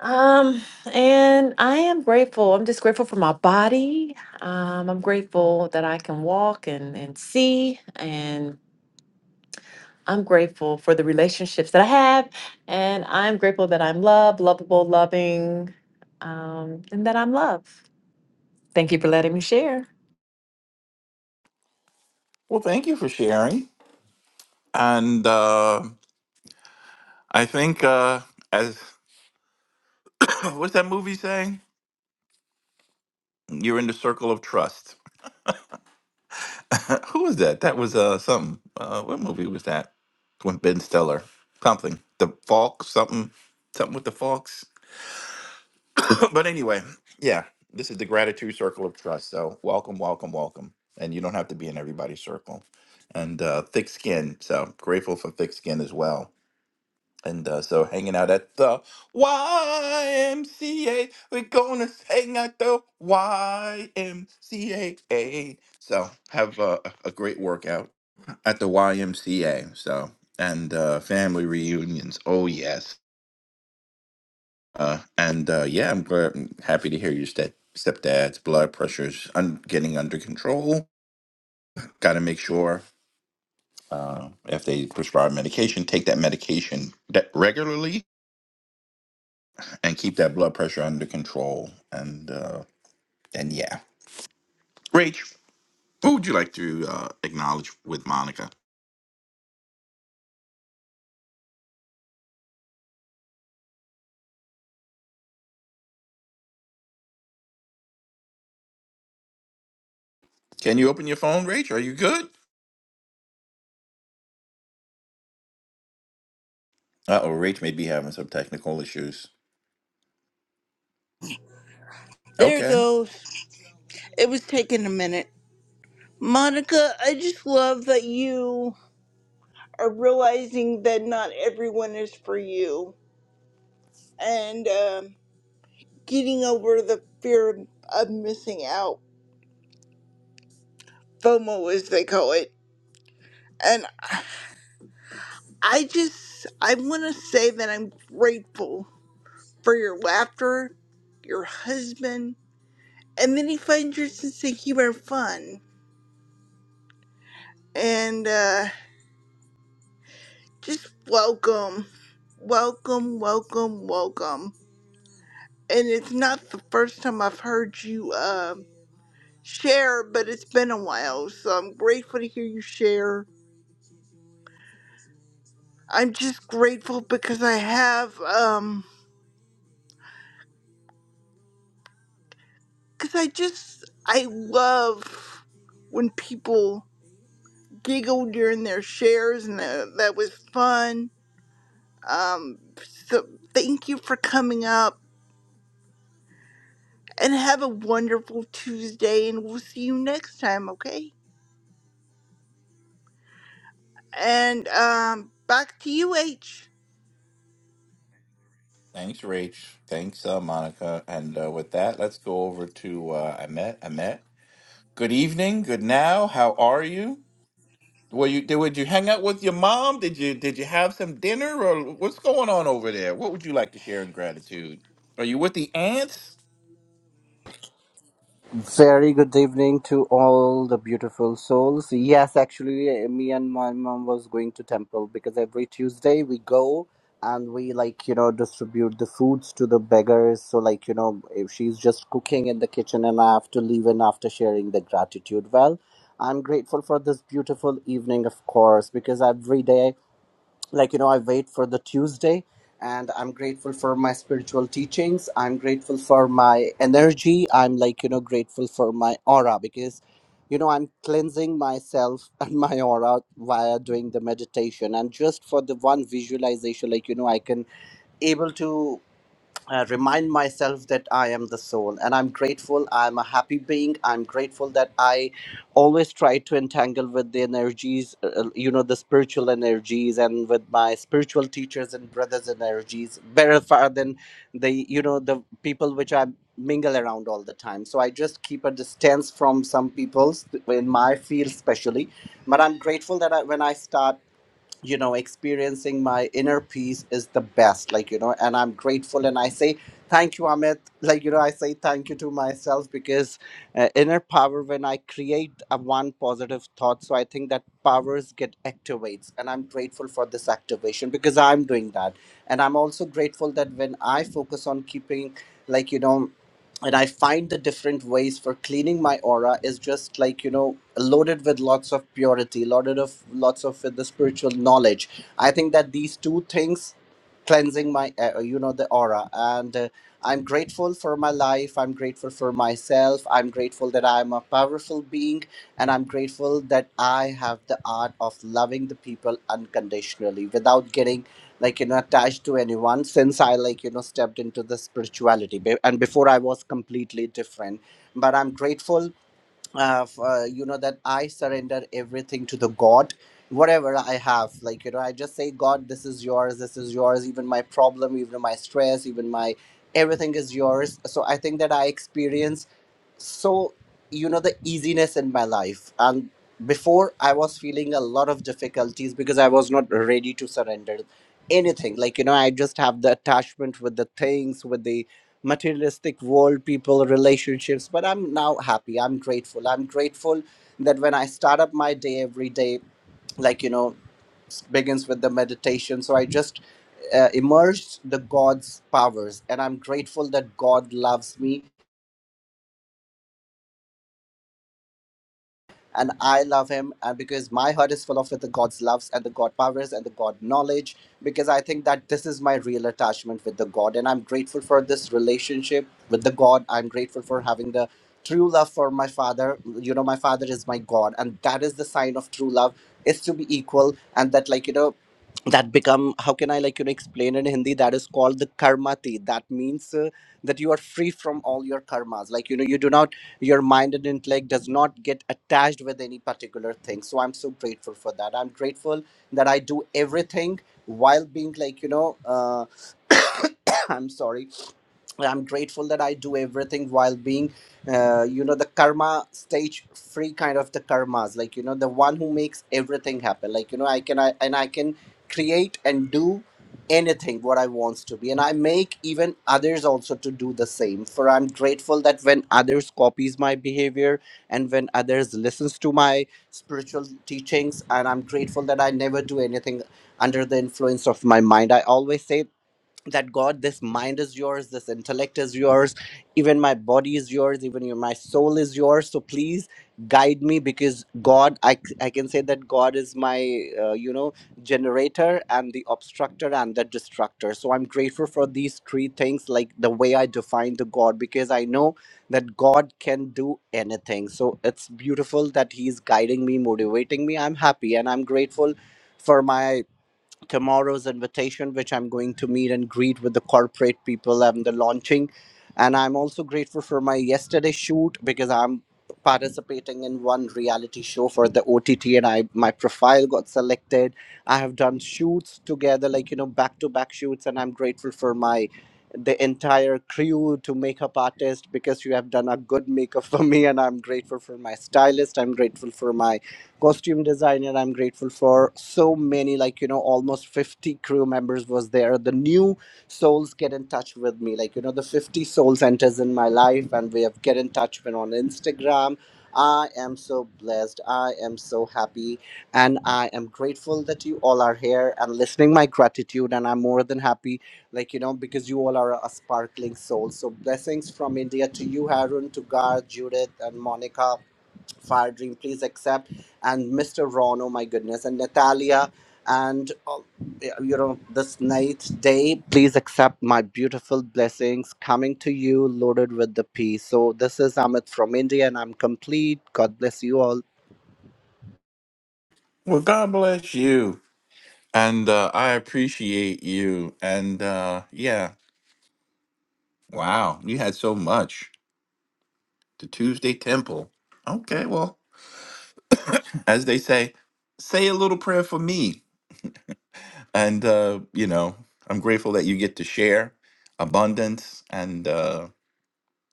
Speaker 31: Um, and I am grateful. I'm just grateful for my body. Um, I'm grateful that I can walk and, and see. and. I'm grateful for the relationships that I have, and I'm grateful that I'm loved, lovable, loving, um, and that I'm loved. Thank you for letting me share.
Speaker 28: Well, thank you for sharing. And uh, I think, uh, as what's that movie saying? You're in the circle of trust. Who was that? That was uh, something. Uh, what movie was that? With Ben Stiller. Something. The Falk, something. Something with the Falks. but anyway, yeah, this is the gratitude circle of trust. So welcome, welcome, welcome. And you don't have to be in everybody's circle. And uh, thick skin. So grateful for thick skin as well. And uh, so hanging out at the YMCA. We're going to hang at the YMCA. So have uh, a a great workout at the YMCA. So, and uh, family reunions. Oh, yes. Uh, and uh, yeah, I'm glad, I'm happy to hear your step stepdad's blood pressure's un- getting under control. Got to make sure uh, if they prescribe medication, take that medication de- regularly and keep that blood pressure under control. And uh, and yeah, Rach, who would you like to uh, acknowledge with Monica? Can you open your phone, Rach? Are you good? Uh oh, Rach may be having some technical issues.
Speaker 29: There it
Speaker 28: Okay.
Speaker 29: goes. It was taking a minute. Monica, I just love that you are realizing that not everyone is for you and um, getting over the fear of, of missing out, FOMO as they call it. And I I just, I want to say that I'm grateful for your laughter, your husband, and then he finds your sense of humor and fun. And uh, just welcome, welcome, welcome, welcome. And it's not the first time I've heard you uh, share, but it's been a while, so I'm grateful to hear you share. I'm just grateful because I have, um, because I just, I love when people giggle during their shares and uh, that was fun Um, so thank you for coming up and have a wonderful Tuesday, and we'll see you next time, okay? And um, back to you, H.
Speaker 28: Thanks, Rach. Thanks, uh, Monica. And uh, with that, let's go over to uh, Ahmet. Ahmet. Good evening, good now. How are you? Were you did, would you hang out with your mom? Did you did you have some dinner or what's going on over there? What would you like to share in gratitude? Are you with the ants?
Speaker 32: Very good evening to all the beautiful souls. Yes, actually, eh, me and my mom was going to temple because every Tuesday we go and we like you know distribute the foods to the beggars. So like you know, if she's just cooking in the kitchen and I have to leave in after sharing the gratitude. Well, I'm grateful for this beautiful evening, of course, because every day like you know i wait for the tuesday and i'm grateful for my spiritual teachings i'm grateful for my energy i'm like you know grateful for my aura because you know i'm cleansing myself and my aura via doing the meditation and just for the one visualization like you know i can able to uh, remind myself that I am the soul. And I'm grateful. I'm a happy being. I'm grateful that I always try to entangle with the energies, uh, uh, you know, the spiritual energies and with my spiritual teachers and brothers' energies better far than the, you know, the people which I mingle around all the time. So I just keep a distance from some people in my field, especially. But I'm grateful that I, when I start you know experiencing my inner peace is the best like you know and i'm grateful and i say thank you amit like you know i say thank you to myself because uh, inner power when i create a one positive thought so i think that powers get activates and i'm grateful for this activation because i'm doing that and i'm also grateful that when i focus on keeping like you know and I find the different ways for cleaning my aura is just like you know loaded with lots of purity, loaded of lots of with the spiritual knowledge. I think that these two things cleansing my uh, uh, you know the aura and uh, i'm grateful for my life i'm grateful for myself i'm grateful that i'm a powerful being and i'm grateful that i have the art of loving the people unconditionally without getting like you know attached to anyone since i like you know stepped into the spirituality Be- and before i was completely different but i'm grateful uh, for, you know that i surrender everything to the god whatever i have like you know i just say god this is yours this is yours even my problem even my stress even my everything is yours so i think that i experience so you know the easiness in my life and before i was feeling a lot of difficulties because i was not ready to surrender anything like you know i just have the attachment with the things with the materialistic world people relationships but i'm now happy i'm grateful i'm grateful that when i start up my day every day like you know begins with the meditation so i just uh, immersed the god's powers and i'm grateful that god loves me and I love him, and because my heart is full of with the God's loves and the God powers and the God knowledge, because I think that this is my real attachment with the God, and I'm grateful for this relationship with the God. I'm grateful for having the true love for my father. You know, my father is my God, and that is the sign of true love is to be equal, and that like you know that become how can i like you know explain in hindi that is called the karmati that means uh, that you are free from all your karmas like you know you do not your mind and intellect does not get attached with any particular thing so i'm so grateful for that i'm grateful that i do everything while being like you know uh, i'm sorry I'm grateful that I do everything while being, uh, you know, the karma stage free kind of the karmas, like you know, the one who makes everything happen. Like you know, I can I and I can create and do anything what I wants to be, and I make even others also to do the same. For I'm grateful that when others copies my behavior and when others listens to my spiritual teachings, and I'm grateful that I never do anything under the influence of my mind. I always say that god this mind is yours this intellect is yours even my body is yours even your, my soul is yours so please guide me because god i, c- I can say that god is my uh, you know generator and the obstructor and the destructor so i'm grateful for these three things like the way i define the god because i know that god can do anything so it's beautiful that he's guiding me motivating me i'm happy and i'm grateful for my tomorrow's invitation, which I'm going to meet and greet with the corporate people and the launching. And I'm also grateful for my yesterday shoot because I'm participating in one reality show for the OTT and I my profile got selected. I have done shoots together, like you know, back to back shoots, and I'm grateful for my the entire crew to makeup artist because you have done a good makeup for me and I'm grateful for my stylist. I'm grateful for my costume designer i'm grateful for so many like you know almost 50 crew members was there the new souls get in touch with me like you know the 50 souls enters in my life and we have get in touch with on instagram i am so blessed i am so happy and i am grateful that you all are here and listening my gratitude and i'm more than happy like you know because you all are a sparkling soul so blessings from india to you harun to gar judith and monica Fire Dream, please accept, and Mr. Ron, oh my goodness, and Natalia, and uh, you know, this night, day, please accept my beautiful blessings coming to you, loaded with the peace. So, this is Amit from India, and I'm complete. God bless you all.
Speaker 28: Well, God bless you. And uh, I appreciate you. And uh, yeah, wow, you had so much. The Tuesday Temple. Okay, well, as they say, say a little prayer for me. And uh, you know, I'm grateful that you get to share abundance and. Uh,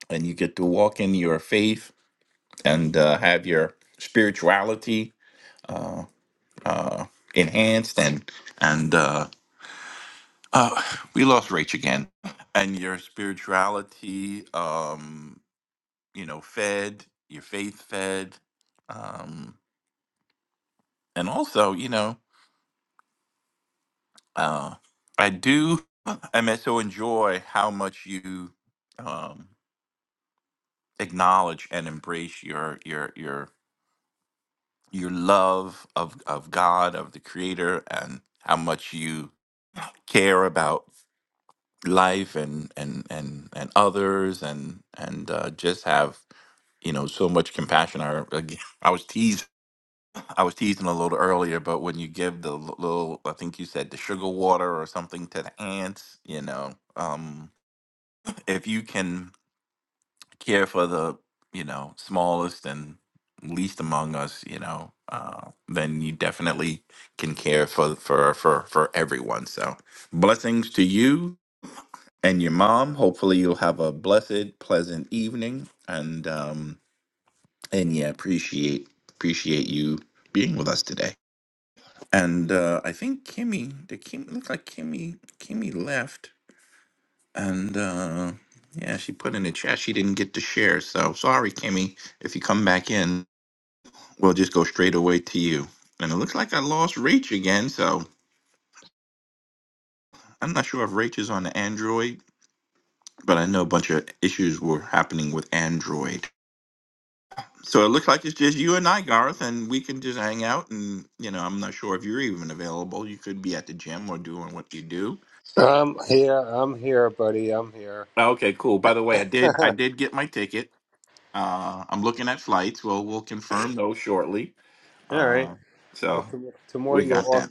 Speaker 28: and you get to walk in your faith and uh, have your spirituality uh, uh, enhanced and and uh, uh, we lost Rach again and your spirituality um, you know fed your faith fed um, and also you know uh, I do I mean, so enjoy how much you um, acknowledge and embrace your your your your love of of God, of the Creator, and how much you care about life and and and and others, and and uh, just have you know so much compassion. I again, I was teased. I was teasing a little earlier, but when you give the l- little, I think you said the sugar water or something to the ants, you know, um, if you can care for the you know smallest and least among us you know uh, then you definitely can care for for for for everyone so blessings to you and your mom hopefully you'll have a blessed pleasant evening and um and yeah appreciate appreciate you being with us today and uh i think kimmy the kim looks like kimmy kimmy left and uh, yeah, she put in the chat she didn't get to share. So sorry, Kimmy. If you come back in, we'll just go straight away to you. And it looks like I lost Rach again. So I'm not sure if Rach is on Android, but I know a bunch of issues were happening with Android. So it looks like it's just you and I, Garth, and we can just hang out. And, you know, I'm not sure if you're even available. You could be at the gym or doing what you do.
Speaker 24: I'm here. I'm here, buddy. I'm here.
Speaker 28: Okay, cool. By the way, I did I did get my ticket. Uh, I'm looking at flights. Well, we'll confirm those shortly.
Speaker 24: All right.
Speaker 28: Uh,
Speaker 24: Well,
Speaker 28: so
Speaker 24: tom- tomorrow
Speaker 28: we
Speaker 24: you're
Speaker 28: got
Speaker 24: off.
Speaker 28: that.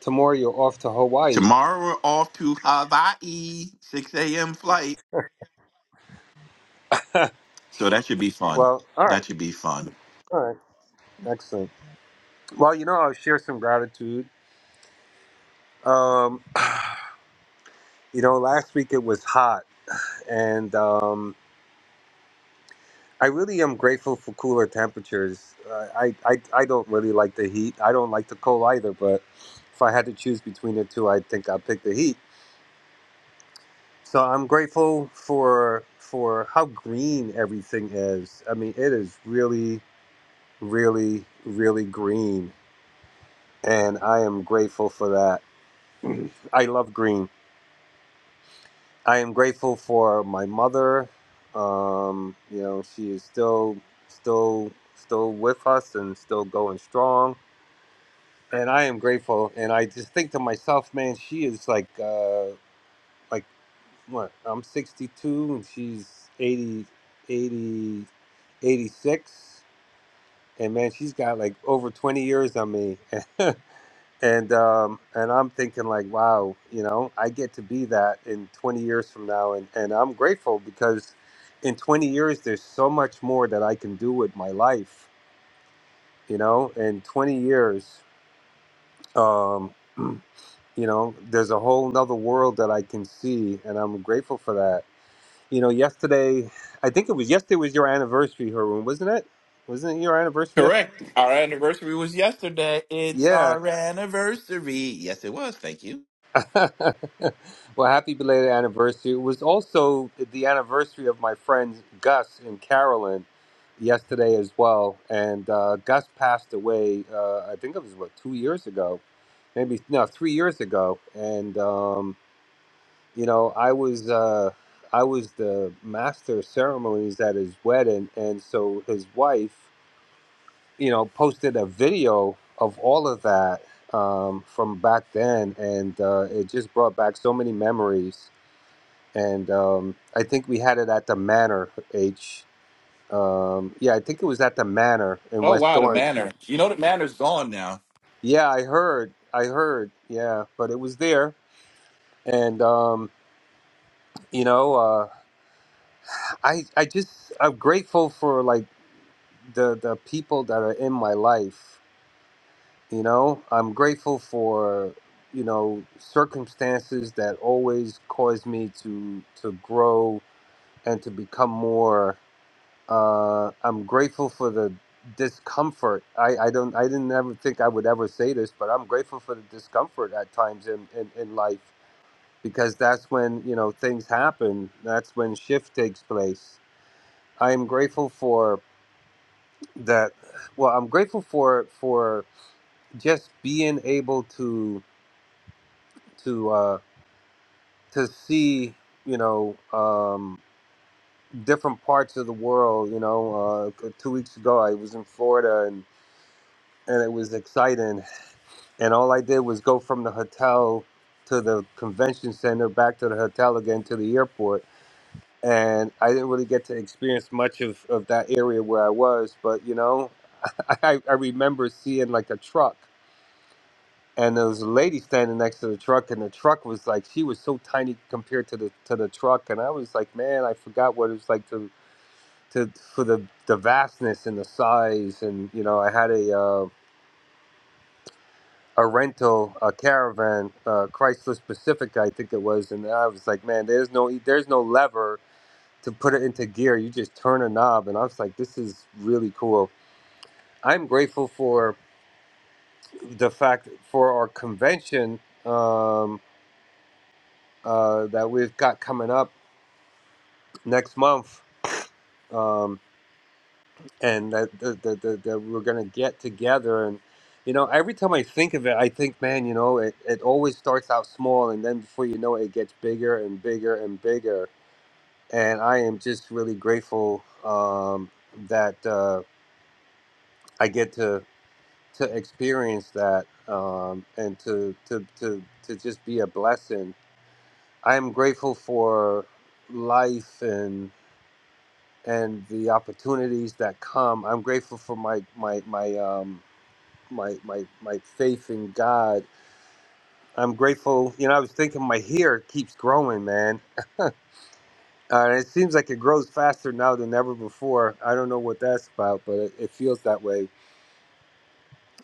Speaker 24: Tomorrow you're off to Hawaii.
Speaker 28: Tomorrow we're off to Hawaii, 6 a.m. flight. So that should be fun.
Speaker 24: Well, all right.
Speaker 28: That should be fun.
Speaker 24: All right. Excellent. Well, you know, I'll share some gratitude. Um, you know, last week it was hot, and um, I really am grateful for cooler temperatures. Uh, I, I I don't really like the heat. I don't like the cold either, but if I had to choose between the two, I think I'd pick the heat. So I'm grateful for for how green everything is. I mean, it is really, really, really green, and I am grateful for that. I love green I am grateful for my mother. Um, you know, she is still, still, still with us and still going strong. And I am grateful. And I just think to myself, man, she is like, uh, like what? I'm 62 and she's 80, 80, 86. And man, she's got like over 20 years on me. and um, and I'm thinking like, wow, you know, I get to be that in 20 years from now, and and I'm grateful because in 20 years there's so much more that I can do with my life, you know. In 20 years, um, you know, there's a whole nother world that I can see, and I'm grateful for that. You know, yesterday, I think it was yesterday was your anniversary, Haroon, wasn't it? Wasn't it your anniversary yesterday?
Speaker 28: Correct. Our anniversary was yesterday. It's
Speaker 24: Yeah,
Speaker 28: our anniversary. Yes, it was. Thank you.
Speaker 24: well, happy belated anniversary. It was also the anniversary of my friends Gus and Carolyn yesterday as well. And uh, Gus passed away, uh, I think it was what, two years ago, maybe, no, three years ago. And, um, you know, I was. Uh, I was the master of ceremonies at his wedding, and so his wife you know, posted a video of all of that um, from back then, and uh, it just brought back so many memories. And um, I think we had it at the Manor H. Um, yeah, I think it was at the Manor in
Speaker 28: Oh
Speaker 24: West
Speaker 28: wow, the
Speaker 24: Orange.
Speaker 28: manor. You know the manor's gone now.
Speaker 24: Yeah, I heard, I heard. Yeah, but it was there, and um, you know, uh, I I just I'm grateful for like the the people that are in my life You know, I'm grateful for you know circumstances that always cause me to to grow and to become more. Uh, I'm grateful for the discomfort. I, I don't I didn't ever think I'd be this, but I'm grateful for the discomfort at times in, in, in life because that's when you know things happen. That's when shift takes place. I am grateful for that. Well, I'm grateful for for just being able to to. uh, to see you know um, different parts of the world. You know, uh, two weeks ago I was in Florida and and it was exciting. And all I did was go from the hotel to the convention center, back to the hotel again to the airport. And I didn't really get to experience much of, of that area where I was, but you know, I, I remember seeing like a truck and there was a lady standing next to the truck and the truck was like she was so tiny compared to the to the truck and i was like man i forgot what it was like to to for the the vastness and the size and you know i had a uh, a rental a caravan uh, chrysler pacifica i think it was and i was like man there's no e, there's no lever to put it into gear you just turn a knob and i was like this is really cool i'm grateful for the fact for our convention um, uh, that we've got coming up next month, um, and that, that, that we're gonna get together. And you know, every time I think of it, I think, man, you know, it, it always starts out small, and then before you know it, it gets bigger and bigger and bigger. And I am just really grateful um, that uh, I get to to experience that um, and to, to to to just be a blessing. I am grateful for life and. and the opportunities that come. I'm grateful for my my my um my my my faith in God. I'm grateful. You know, I was thinking my hair keeps growing, man. Uh, it seems like it grows faster now than ever before. I don't know what that's about, but it, it feels that way,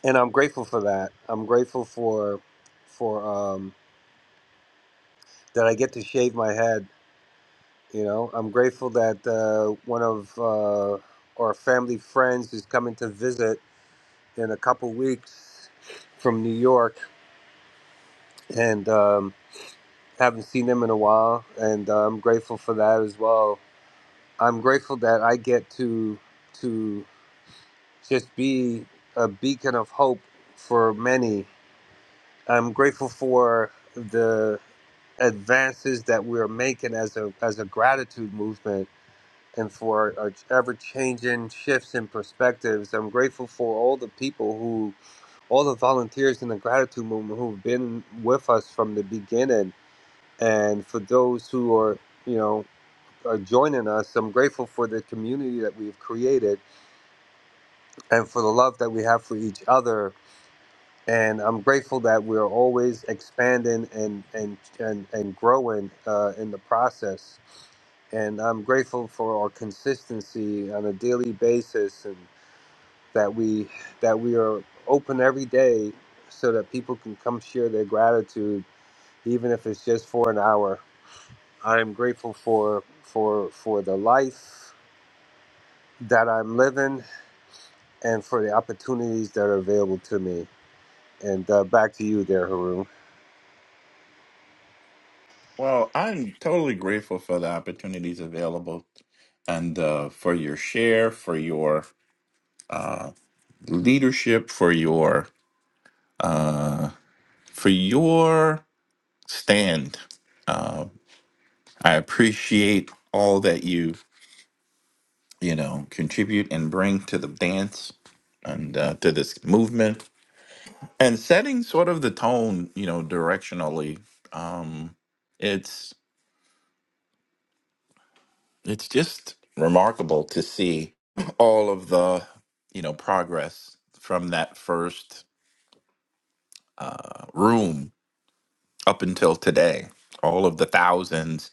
Speaker 24: and I'm grateful for that. I'm grateful for for um, that I get to shave my head. You know, I'm grateful that uh, one of uh, our family friends is coming to visit in a couple weeks from New York, and um, haven't seen them in a while, and uh, I'm grateful for that as well. I'm grateful that I get to to just be a beacon of hope for many. I'm grateful for the advances that we're making as a as a gratitude movement and for our ever changing shifts in perspectives. I'm grateful for all the people who. all the volunteers in the gratitude movement who've been with us from the beginning, and for those who are, you know, are joining us. I'm grateful for the community that we've created and for the love that we have for each other. And I'm grateful that we're always expanding and and and, and growing uh, in the process. And I'm grateful for our consistency on a daily basis and. that we that we are open every day so that people can come share their gratitude even if it's just for an hour i am grateful for for for the life that i'm living and for the opportunities that are available to me and uh, back to you there Haroon.
Speaker 28: Well, I'm totally grateful for the opportunities available and uh, for your share, for your leadership, for your uh, for your stand. Uh, I appreciate all that you you know contribute and bring to the dance and uh, to this movement and setting sort of the tone, you know, directionally. Um, it's It's just remarkable to see all of the, you know, progress from that first uh, room up until today. All of the thousands,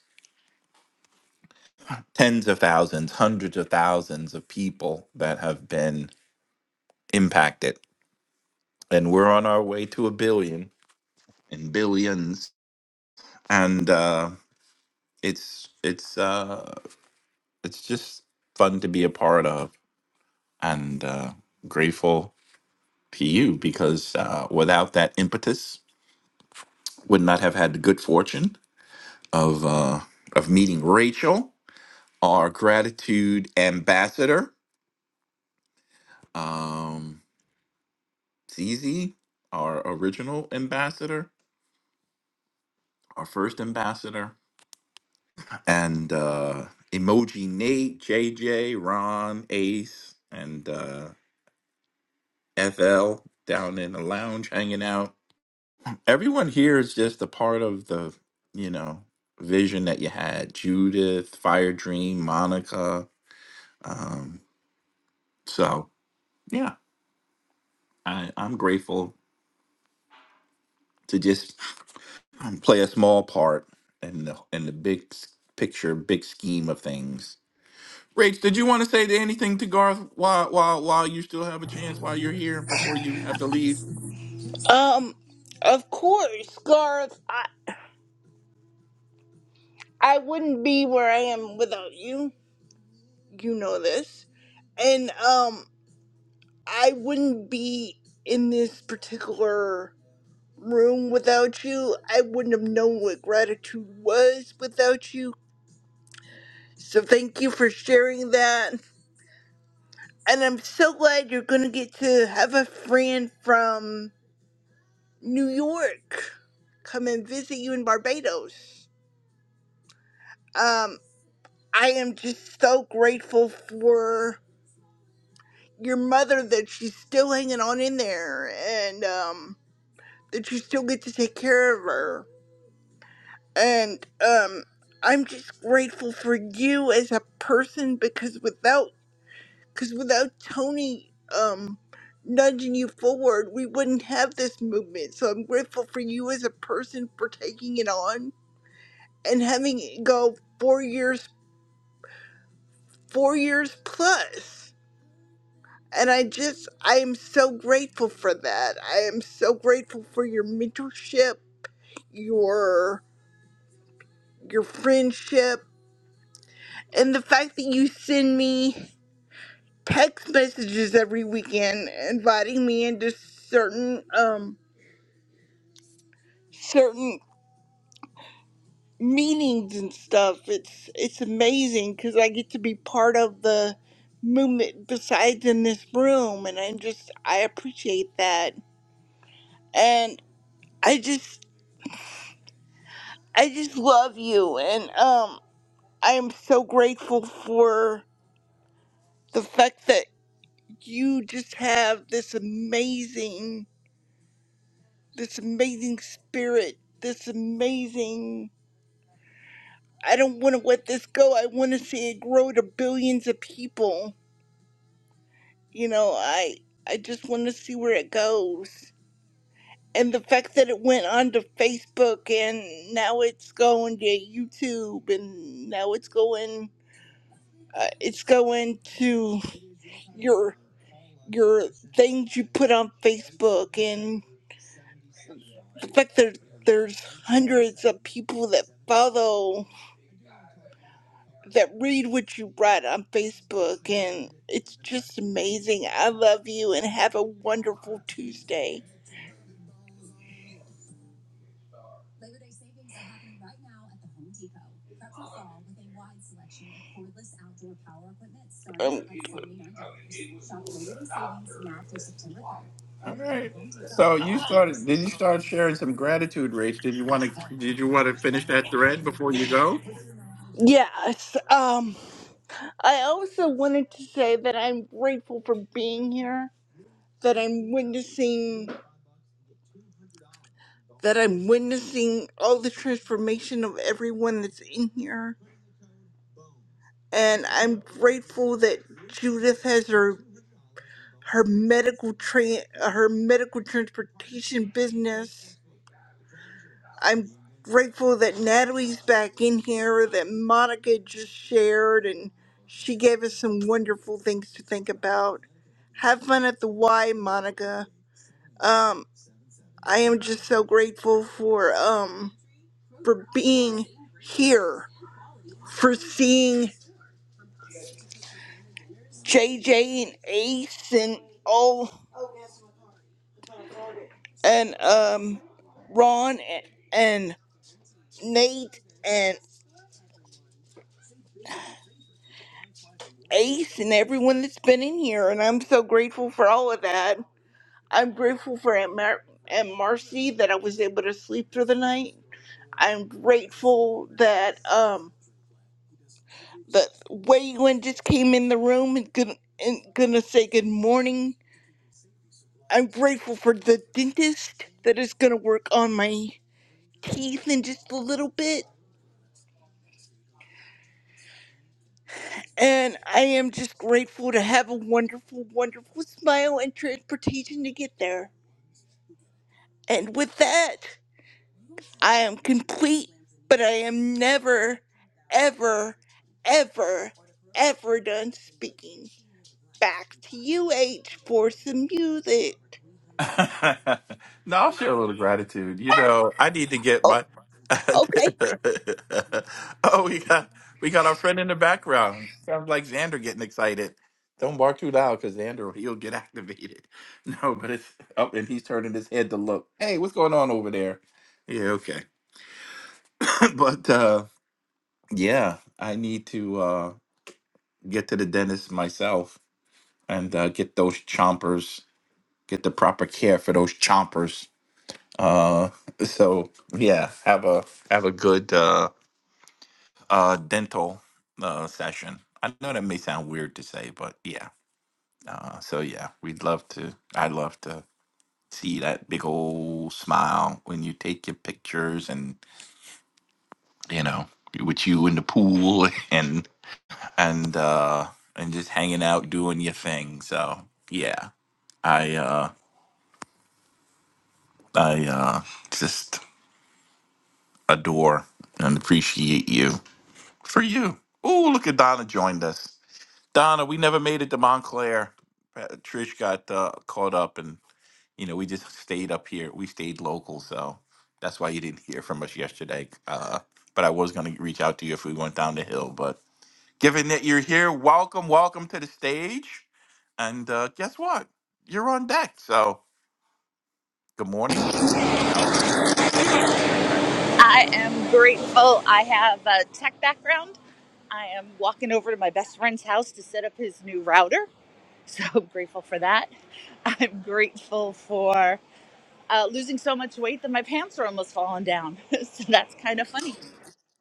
Speaker 28: tens of thousands, hundreds of thousands of people that have been impacted, and we're on our way to a billion and billions. And uh, it's it's uh, it's just fun to be a part of, and uh, grateful to you because uh, without that impetus would not have had the good fortune of uh, of meeting Rachel, our gratitude ambassador, um, Zizi, our original ambassador, our first ambassador, and uh, Emoji Nate, JJ, Ron, Ace, and uh, FL down in the lounge hanging out. Everyone here is just a part of the, you know, vision that you had. Judith, Fire Dream, Monica. Um, so yeah, I, I'm grateful to just play a small part in the in the big s- picture, big scheme of things. Rach, did you want to say anything to Garth while while while you still have a chance while you're here before you have to leave?
Speaker 29: Um, of course, Garth. I I wouldn't be where I am without you. You know this, and um, I wouldn't be in this particular room without you. I wouldn't have known what gratitude was without you. So thank you for sharing that And I'm so glad you're gonna get to have a friend from New York come and visit you in Barbados. Um, I am just so grateful for your mother that she's still hanging on in there and um, that you still get to take care of her. And um, I'm just grateful for you as a person because without Because without Tony um, nudging you forward, we wouldn't have this movement. So I'm grateful for you as a person for taking it on and having it go four years, four years plus. And I just, I am so grateful for that. I am so grateful for your mentorship, your your friendship, and the fact that you send me text messages every weekend inviting me into certain um certain meetings and stuff. It's it's amazing because I get to be part of the movement besides in this room, and I'm just I appreciate that, and I just I just love you, and um I am so grateful for the fact that you just have this amazing this amazing spirit, this amazing. I don't want to let this go. I want to see it grow to billions of people you know i i just want to see where it goes and the fact that it went onto facebook and now it's going to youtube and now it's going uh, it's going to your your things you put on facebook and the fact that there's hundreds of people that follow that read what you write on facebook and it's just amazing i love you and have a wonderful tuesday
Speaker 28: All right. So you started. Did you start sharing some gratitude, Rach? Did you want to? Did you want to finish that thread before you go?
Speaker 29: yes um I also wanted to say that I'm grateful for being here, that I'm witnessing that I'm witnessing all the transformation of everyone that's in here. And I'm grateful that Judith has her her medical tra- her medical transportation business. I'm grateful that Natalie's back in here, that Monica just shared and she gave us some wonderful things to think about. Have fun at the Y, Monica. Um, I am just so grateful for um for being here, for seeing JJ and Ace and all and um Ron and, and Nate and Ace and everyone that's been in here, and I'm so grateful for all of that. I'm grateful for Aunt, Mar- Aunt Marcy that I was able to sleep through the night. I'm grateful that um that Waylon just came in the room and gonna, and gonna say good morning. I'm grateful for the dentist that is gonna work on my teeth in just a little bit. And I am just grateful to have a wonderful, wonderful smile and transportation to get there. And with that, I am complete, but I am never, ever, ever, ever done speaking. Back to you, H, for some music.
Speaker 28: no, I'll share a little gratitude. You know, I need to get
Speaker 29: Oh,
Speaker 28: my.
Speaker 29: okay.
Speaker 28: oh, we got we got our friend in the background. Sounds like Xander getting excited. Don't bark too loud, because Xander he'll get activated. No, but it's up, and he's turning his head to look. Hey, what's going on over there? Yeah, okay. but uh, yeah, I need to uh, get to the dentist myself and uh, get those chompers, get the proper care for those chompers Uh, so yeah, have a have a good uh, uh, dental uh, session. I know that may sound weird to say, but yeah. Uh, so yeah, we'd love to. I'd love to see that big old smile when you take your pictures, and you know, with you in the pool and and uh, and just hanging out doing your thing. So yeah, I uh, I uh, just adore and appreciate you for you. oh look at Donna joined us. Donna, we never made it to Montclair. Uh, Trish got uh, caught up, and you know we just stayed up here. We stayed local, so that's why you didn't hear from us yesterday. Uh, but I was going to reach out to you if we went down the hill. But given that you're here, welcome, welcome to the stage. And uh, guess what? You're on deck. So good morning. How are you? What would you like to share in gratitude?
Speaker 33: I am grateful. I have a tech background. I am walking over to my best friend's house to set up his new router. So I'm grateful for that. I'm grateful for uh, losing so much weight that my pants are almost falling down. so that's kind of funny.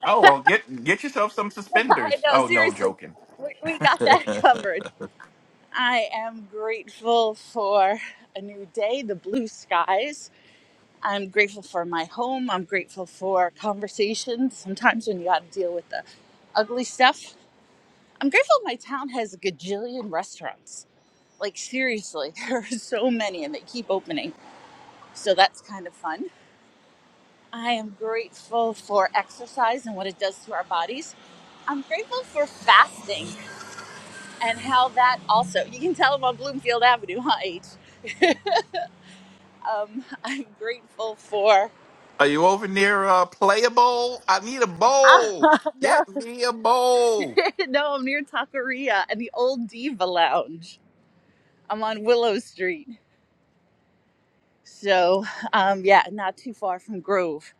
Speaker 28: Oh well, get get yourself some
Speaker 33: I
Speaker 28: suspenders.
Speaker 33: know,
Speaker 28: Oh no,
Speaker 33: seriously.
Speaker 28: joking.
Speaker 33: We, we got that covered. I am grateful for a new day, the blue skies. I'm grateful for my home. I'm grateful for conversations. Sometimes when you got to deal with the ugly stuff, I'm grateful my town has a gajillion restaurants. Like, seriously, there are so many and they keep opening. So that's kind of fun. I am grateful for exercise and what it does to our bodies. I'm grateful for fasting and how that also, you can tell I'm on Bloomfield Avenue, huh, H? Um, I'm grateful for.
Speaker 28: Are you over near uh, playable? I need a bowl.
Speaker 33: No.
Speaker 28: Get me a bowl.
Speaker 33: no, I'm near Taqueria and the old Diva Lounge. I'm on Willow Street. So, um, yeah, not too far from Grove.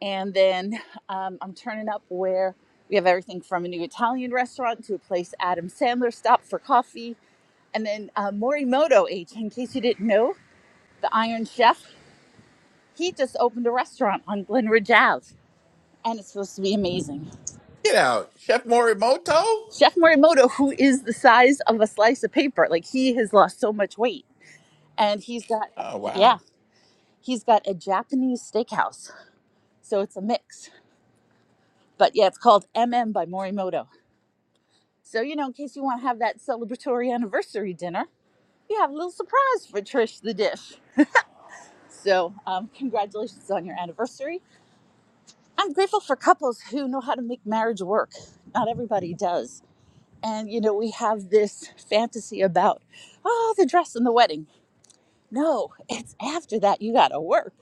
Speaker 33: And then um, I'm turning up where we have everything from a new Italian restaurant to a place Adam Sandler stopped for coffee. And then uh, Morimoto H, in case you didn't know, the Iron Chef, he just opened a restaurant on Glenridge Ave. And it's supposed to be amazing.
Speaker 28: Get out, Chef Morimoto.
Speaker 33: Chef Morimoto, who is the size of a slice of paper, like he has lost so much weight and he's got
Speaker 28: Oh
Speaker 33: yeah
Speaker 28: wow.
Speaker 33: he's got a japanese steakhouse so it's a mix but yeah it's called mm by morimoto so you know in case you want to have that celebratory anniversary dinner you have a little surprise for trish the dish so um, congratulations on your anniversary i'm grateful for couples who know how to make marriage work not everybody does and you know we have this fantasy about oh the dress and the wedding no it's after that you gotta work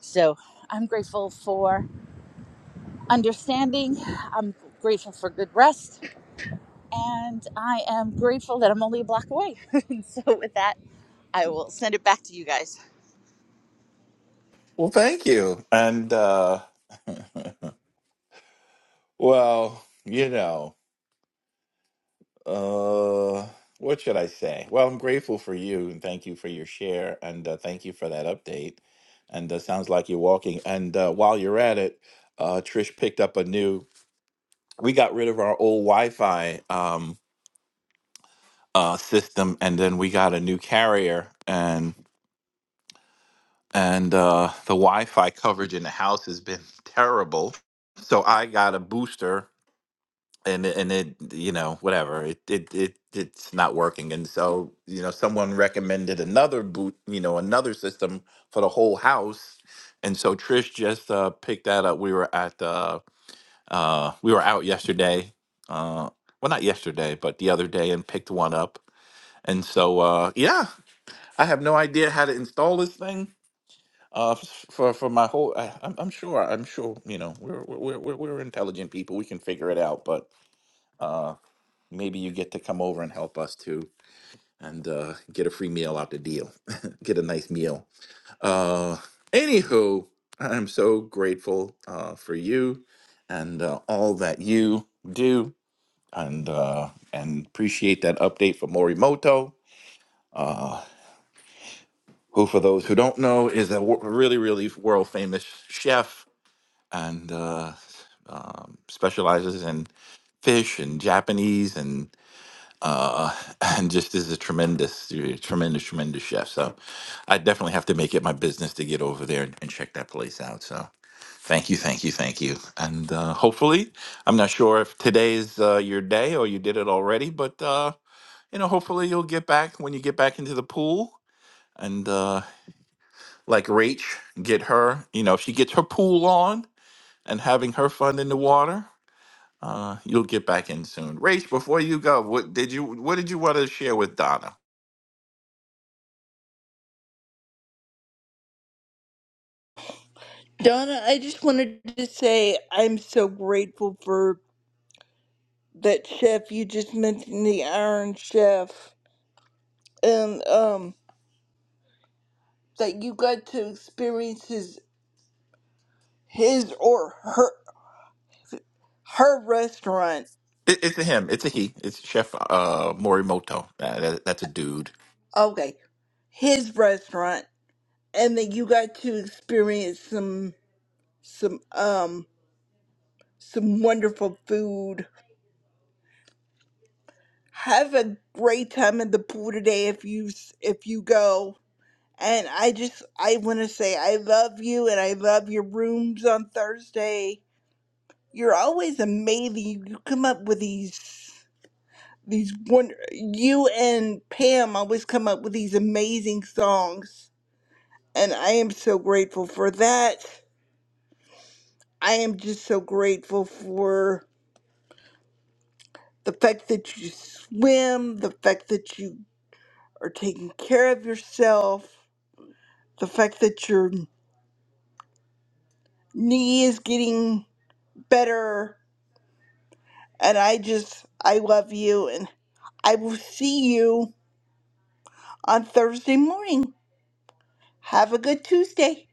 Speaker 33: so i'm grateful for understanding. I'm grateful for good rest, and I am grateful that I'm only a block away. and so, with that, I will send it back to you guys.
Speaker 28: Well, thank you. And uh, well, you know, uh, what should I say? Well, I'm grateful for you and thank you for your share and uh, thank you for that update. And uh, sounds like you're walking. And uh, while you're at it, uh, Trish picked up a new. we got rid of our old Wi-Fi um, uh, system, and then we got a new carrier, and and uh, the Wi-Fi coverage in the house has been terrible. So I got a booster, and it- and it you know whatever it it, it it's not working, and so you know someone recommended another boot you know another system for the whole house, and so Trish just uh, picked that up. We were at the Uh, we were out yesterday. Uh, well, not yesterday, but the other day, and picked one up. And so, uh, yeah, I have no idea how to install this thing. Uh, f- for for my whole, I, I'm, I'm sure, I'm sure, you know, we're we're we're we're intelligent people. We can figure it out. But uh, maybe you get to come over and help us too, and uh, get a free meal out the deal, get a nice meal. Uh, anywho, I'm so grateful uh, for you and uh, all that you do and uh, and appreciate that update for Morimoto, uh, who, for those who don't know, is a wo- really really world famous chef and uh, um, specializes in fish and Japanese and uh, and just is a tremendous tremendous tremendous chef. So I definitely have to make it my business to get over there and, and check that place out. So thank you, thank you, thank you, and uh, hopefully I'm not sure if today is uh, your day or you did it already, but. Uh, you know, hopefully you'll get back when you get back into the pool and uh like Rach, get her, you know, if she gets her pool on and having her fun in the water, uh, you'll get back in soon. Rach, before you go, what did you what did you want to share with Donna?
Speaker 29: Donna, I just wanted to say I'm so grateful for that chef you just mentioned, the Iron Chef, and um, that you got to experience his, his or her her restaurant.
Speaker 28: It, it's a him, it's a he, it's Chef uh Morimoto. That, that- that's a dude.
Speaker 29: Okay, his restaurant, and that you got to experience some some um some wonderful food. Have a great time at the pool today if you if you go. And I just, I want to say I love you and I love your rooms on Thursday. You're always amazing. You come up with these, these wonder, you and Pam always come up with these amazing songs. And I am so grateful for that. I am just so grateful for the fact that you swim, the fact that you are taking care of yourself, the fact that your knee is getting better And I just, I love you, and I will see you on Thursday morning. Have a good Tuesday.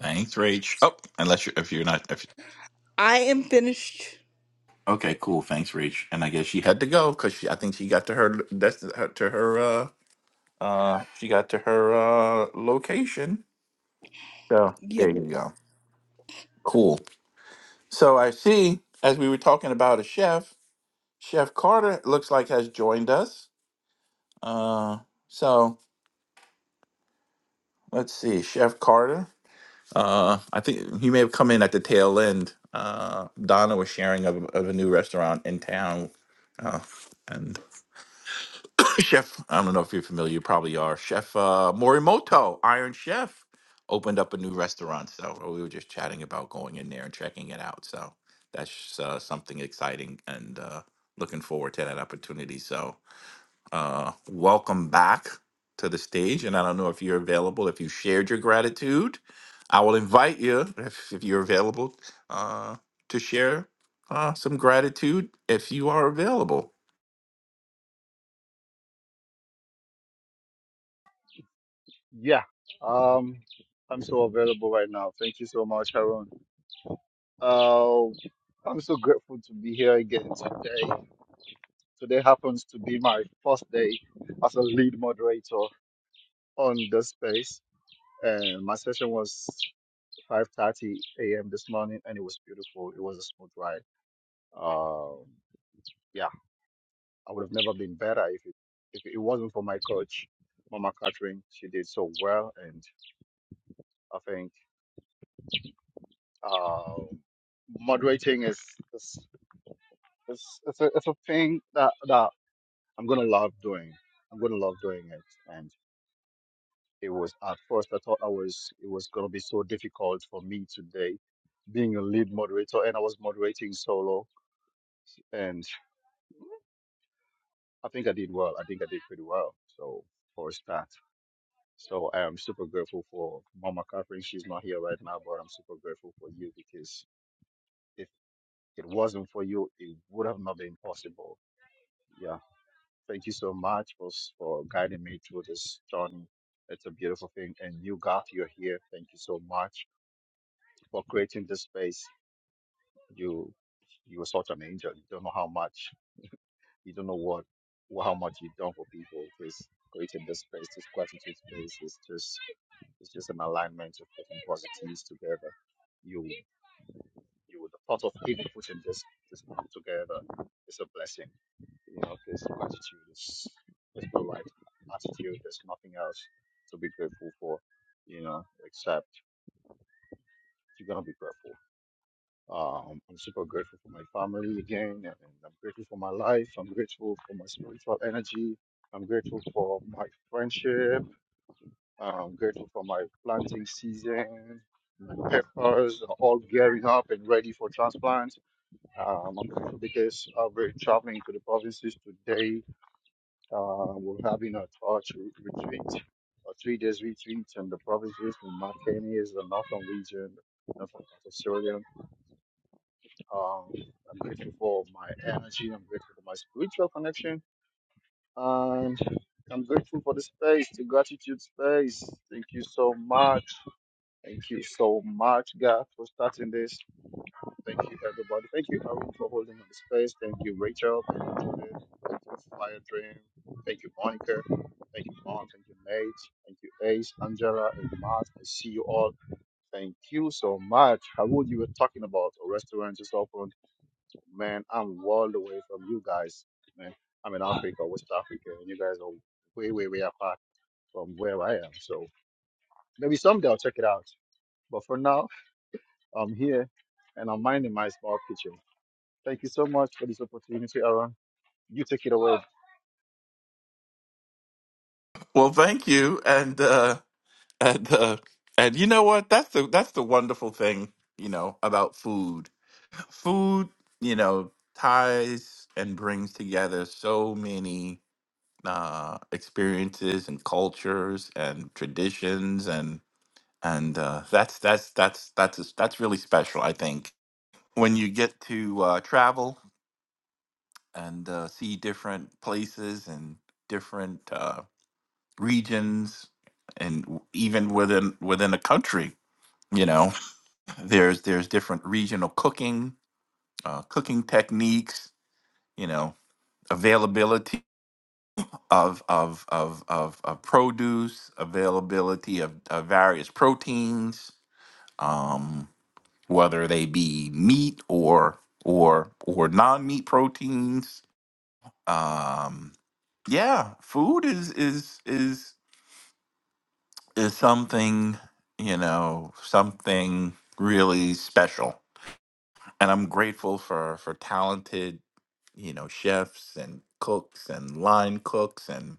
Speaker 28: Thanks, Rach. Oh, unless you if you're not if
Speaker 29: I am finished.
Speaker 28: Okay, cool. Thanks, Rach. And I guess she had to go because I think she got to her that's her to her uh uh she got to her uh location So
Speaker 29: Yep.
Speaker 28: there you go. Cool. So I see, as we were talking about a chef, Chef Carter looks like has joined us. Uh, so let's see, Chef Carter. Uh, I think he may have come in at the tail end. Uh, Donna was sharing of, of a new restaurant in town, uh, and Chef, I don't know if you're familiar, you probably are. Chef uh, Morimoto, Iron Chef, opened up a new restaurant. So uh, we were just chatting about going in there and checking it out. So that's uh, something exciting and uh, looking forward to that opportunity. So uh, welcome back to the stage. And I don't know if you're available, if you shared your gratitude. I will invite you, if, if you're available, uh, to share uh, some gratitude if you are available.
Speaker 3: Yeah. Um, I'm so available right now. Thank you so much, Haroon. Uh, I'm so grateful to be here again today. Today happens to be my first day as a lead moderator on this space. And my session was 5:30 a.m. this morning, and it was beautiful. It was a smooth ride. Um, yeah, I would have never been better if it, if it wasn't for my coach, Mama Catherine. She did so well, and I think um moderating is, is, is it's, a, it's a thing that that I'm gonna love doing. I'm gonna love doing it. And it was at first I thought I was it was gonna be so difficult for me today, being a lead moderator, and I was moderating solo, and I think I did well. I think I did pretty well. So for a start. So I am super grateful for Mama Catherine. She's not here right now, but I'm super grateful for you because if it wasn't for you, it would have not been possible. Yeah. Thank you so much for, for guiding me through this journey. It's a beautiful thing. And you, Garth, you're here. Thank you so much for creating this space. You you are such an angel. You don't know how much, you don't know what, wh- how much you've done for people. Please creating this space, this gratitude space it's just it's just an alignment of putting positives together. You you the thought of people putting this this together is a blessing. You know, this gratitude this this polite attitude. There's nothing else to be grateful for, you know, except you're gonna be grateful. Um, I'm I'm super grateful for my family again, and I'm grateful for my life. I'm grateful for my spiritual energy. I'm grateful for my friendship. I'm grateful for my planting season. My peppers are all gearing up and ready for transplant. Um, I'm grateful because I'll be traveling to the provinces today Uh, we're having a torch retreat, a three days retreat in the provinces in Martini is the northern region northern part of Australia. Um, I'm grateful for my energy, I'm grateful for my spiritual connection, and I'm grateful for the space, the gratitude space. Thank you so much. Thank you so much, God, for starting this. Thank you, everybody. Thank you, Aaron, for holding on the space. Thank you, Rachel. Thank you, Judith. Thank you, Fire Dream. Thank you, Monica. Thank you, Mom. Thank you, Nate. Thank you, Ace, Angela, and Matt. I see you all. Thank you so much. How would you were talking about a restaurant just opened? Man, I'm world away from you guys. Man, I'm in Africa, West Africa, and you guys are way, way, way apart from where I am. So maybe someday I'll check it out. But for now, I'm here and I'm minding my small kitchen. Thank you so much for this opportunity, Aaron. You take it away.
Speaker 28: Well, thank you. And, uh, And uh, and you know what? That's the that's the wonderful thing, you know, about food. Food, you know, ties and brings together so many uh experiences and cultures and traditions and and uh that's that's that's that's that's really special, I think. When you get to uh travel and uh see different places and different uh regions and even within within a country, you know. There's there's different regional cooking, uh, cooking techniques. You know, availability of of of of, of produce, availability of, of various proteins, um, whether they be meat or or or non meat proteins. Um, yeah, food is is is is something you know something really special and I'm grateful for for talented, you know, chefs and cooks and line cooks and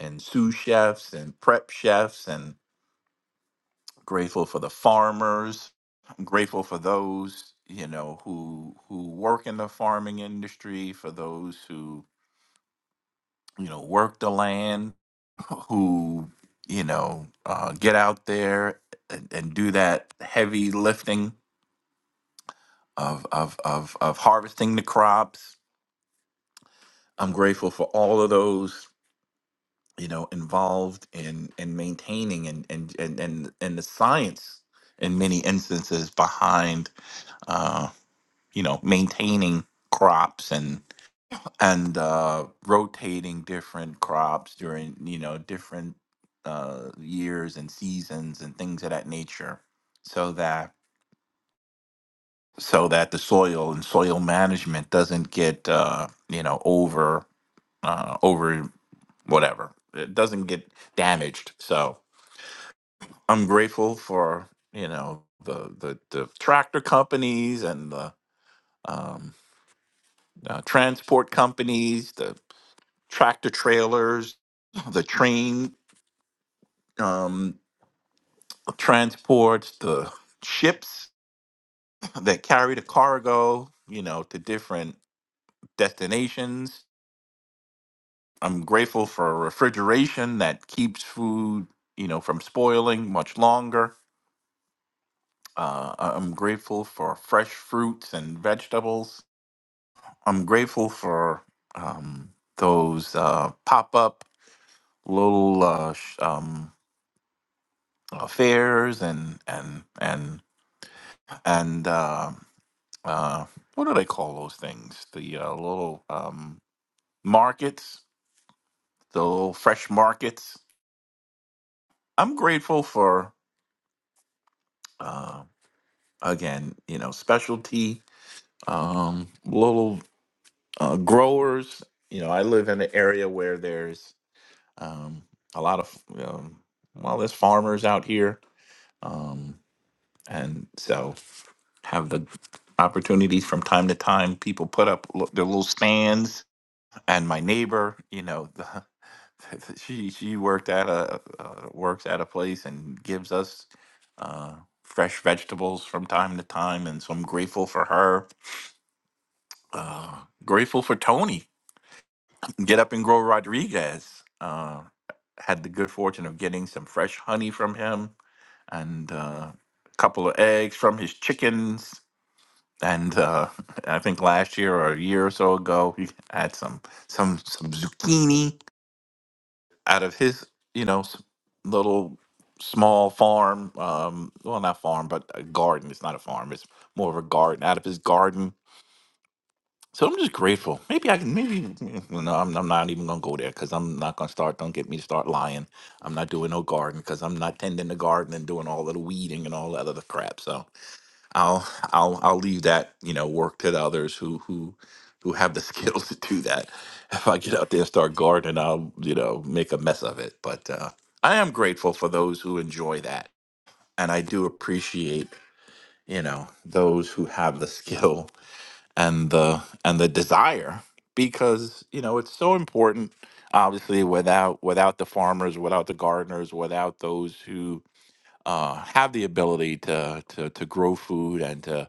Speaker 28: and sous chefs and prep chefs and grateful for the farmers. I'm grateful for those, you know, who who work in the farming industry, for those who, you know, work the land, who, you know, uh, get out there and, and do that heavy lifting of, of of of harvesting the crops I'm grateful for all of those, you know, involved in in maintaining and and and and, and the science in many instances behind, uh, you know, maintaining crops and and uh, rotating different crops during you know different uh, years and seasons and things of that nature, so that so that the soil and soil management doesn't get uh, you know over uh, whatever. It doesn't get damaged. So I'm grateful for you know the the, the tractor companies and the um, uh, transport companies, the tractor trailers, the train um, transports, the ships that carry the cargo, you know, to different destinations. I'm grateful for refrigeration that keeps food, you know, from spoiling much longer Uh, I- I'm grateful for fresh fruits and vegetables. I'm grateful for um, those uh, pop up little uh, sh- um, uh, fairs and and and and uh, uh, what do they call those things? The uh, little um, markets, the little fresh markets. I'm grateful for uh, again, you know, specialty um, little uh, growers. You know, I live in an area where there's um, a lot of um, well, there's farmers out here, um, and so have the opportunities from time to time. People put up l- their little stands, and my neighbor, you know, the, she she worked at a uh, works at a place and gives us uh, fresh vegetables from time to time, and so I'm grateful for her. Uh, grateful for Tony Get Up and Grow Rodriguez. Uh, had the good fortune of getting some fresh honey from him and uh, a couple of eggs from his chickens. And uh, I think last year or a year or so ago, he had some some some zucchini out of his you know s- little small farm. Um, well, not farm, but a garden. It's not a farm. It's more of a garden out of his garden So I'm just grateful. Maybe I can. Maybe well, no, I'm, I'm not even gonna go there because I'm not gonna start. Don't get me to start lying. I'm not doing no garden because I'm not tending the garden and doing all of the weeding and all that other crap. So I'll I'll I'll leave that you know work to the others who who who have the skills to do that. If I get out there and start gardening, I'll you know make a mess of it. But uh, I am grateful for those who enjoy that, and I do appreciate you know those who have the skill and the and the desire because you know it's so important obviously without without the farmers without the gardeners without those who uh, have the ability to, to to grow food and to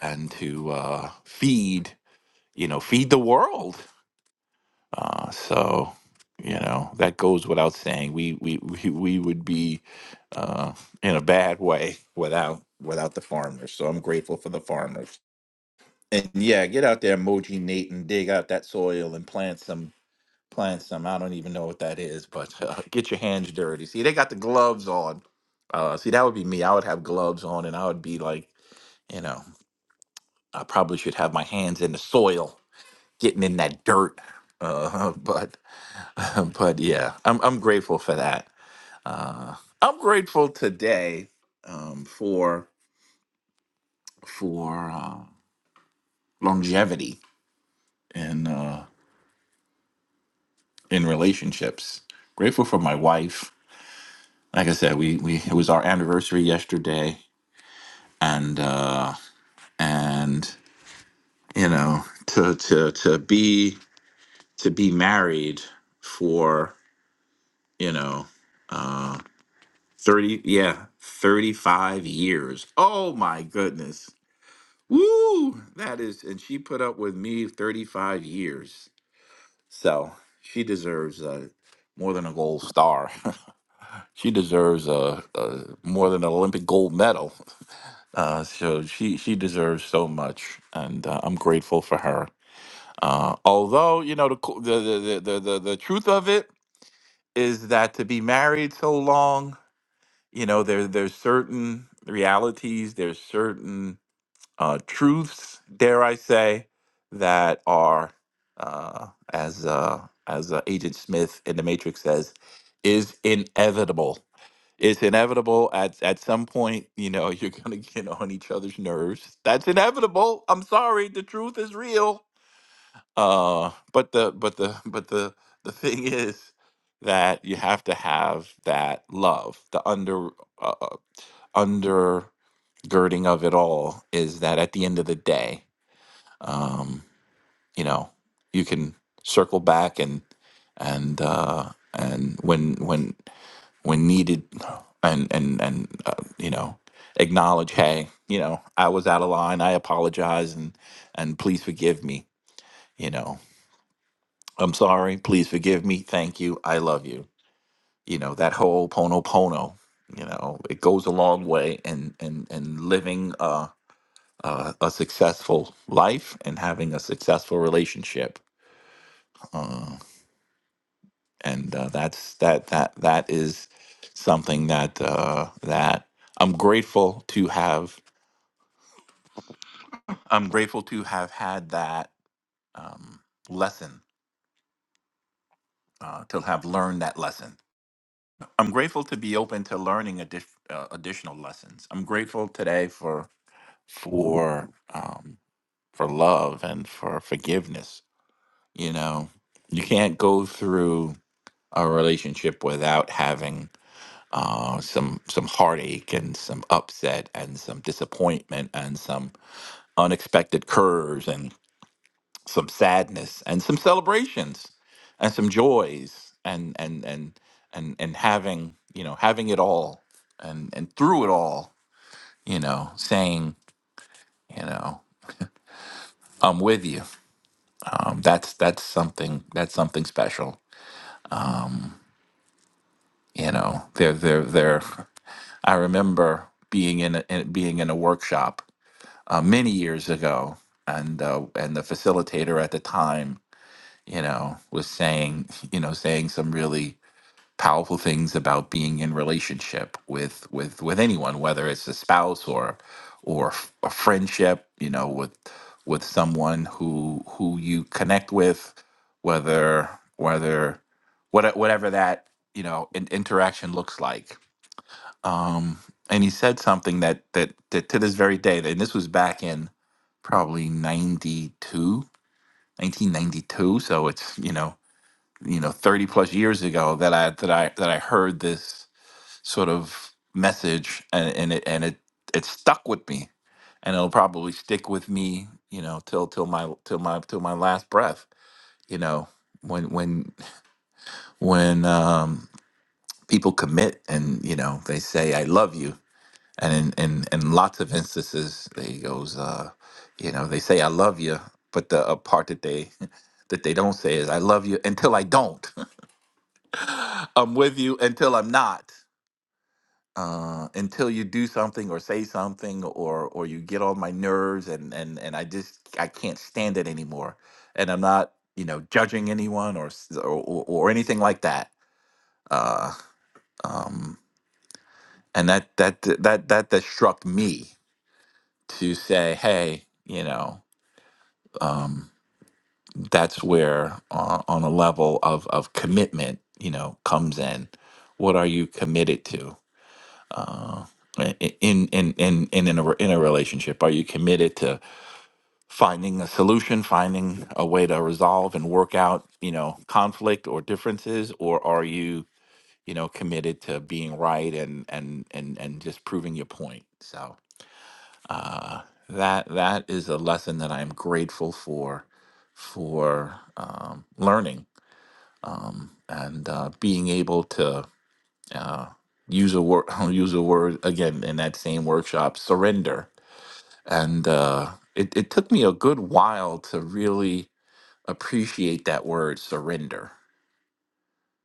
Speaker 28: and to uh, feed you know feed the world uh, so you know that goes without saying we we we, we would be uh, in a bad way without without the farmers so i'm grateful for the farmers and yeah, get out there, Moji Nate, and dig out that soil and plant some plant some. I don't even know what that is, but uh, get your hands dirty. See, they got the gloves on. Uh, see, that would be me. I would have gloves on, and I would be like, you know, I probably should have my hands in the soil, getting in that dirt. Uh, but but yeah, I'm I'm grateful for that. Uh, I'm grateful today um, for for uh, longevity and. Uh, in relationships. Grateful for my wife. Like I said, we we it was our anniversary yesterday, and uh, and you know to to to be to be married for you know uh, thirty yeah thirty five years. Oh my goodness, woo! That is, and she put up with me thirty five years, so she deserves uh, more than a gold star. She deserves a, a more than an Olympic gold medal. Uh, so she she deserves so much, and uh, I'm grateful for her. Uh, although you know the, co- the the the the the truth of it is that to be married so long, you know there there's certain realities, there's certain uh, truths, dare I say, that are uh, as uh, as uh, Agent Smith in The Matrix says, is inevitable it's inevitable at at some point you know you're gonna get on each other's nerves that's inevitable i'm sorry the truth is real uh but the but the but the the thing is that you have to have that love the under uh, uh, undergirding of it all is that at the end of the day um you know you can circle back and and uh and when when when needed and and and uh, you know acknowledge hey you know i was out of line i apologize and and please forgive me you know i'm sorry please forgive me thank you i love you you know that whole pono pono you know it goes a long way and and and living uh uh, a successful life and having a successful relationship, uh, and uh, that's that that that is something that uh, that I'm grateful to have I'm grateful to have had that um, lesson, uh, to have learned that lesson. I'm grateful to be open to learning addi- uh, additional lessons. I'm grateful today for for um, for love and for forgiveness. You know, you can't go through a relationship without having uh, some some heartache and some upset and some disappointment and some unexpected curves some sadness and some celebrations and some joys and and and and and having you know having it all and and through it all you know saying you know I'm with you um, that's that's something that's something special you know there there there I remember being in, a, in being in a workshop uh, many years ago and uh, and the facilitator at the time you know was saying you know saying some really powerful things about being in relationship with with with anyone whether it's a spouse or or f- a friendship you know with with someone who who you connect with whether whether what, whatever that you know in, interaction looks like um and he said something that, that that to this very day and this was back in probably 92, 1992. so it's you know you know 30 plus years ago that i that i that i heard this sort of message and, and it and it it stuck with me and it'll probably stick with me you know till till my till my till my last breath you know when when when um people commit and you know they say i love you and in in, in lots of instances they goes uh you know they say i love you but the uh, part that they that they don't say is i love you until i don't i'm with you until i'm not uh, until you do something or say something or or you get on my nerves and and and I just I can't stand it anymore. And I'm not you know judging anyone or s- or, or, or anything like that. Uh, um, and that that that that that struck me to say, hey, you know, um, that's where uh, on a level of of commitment, you know, comes in. What are you committed to? uh, i- i- in in in in in a, re- in a relationship? Are you committed to finding a solution, finding a way to resolve and work out, you know, conflict or differences, or are you, you know, committed to being right and and and and just proving your point? So uh, that that is a lesson that I'm grateful for for um, learning um, and uh, being able to uh, use a word use a word again in that same workshop surrender and uh, it, it took me a good while to really appreciate that word surrender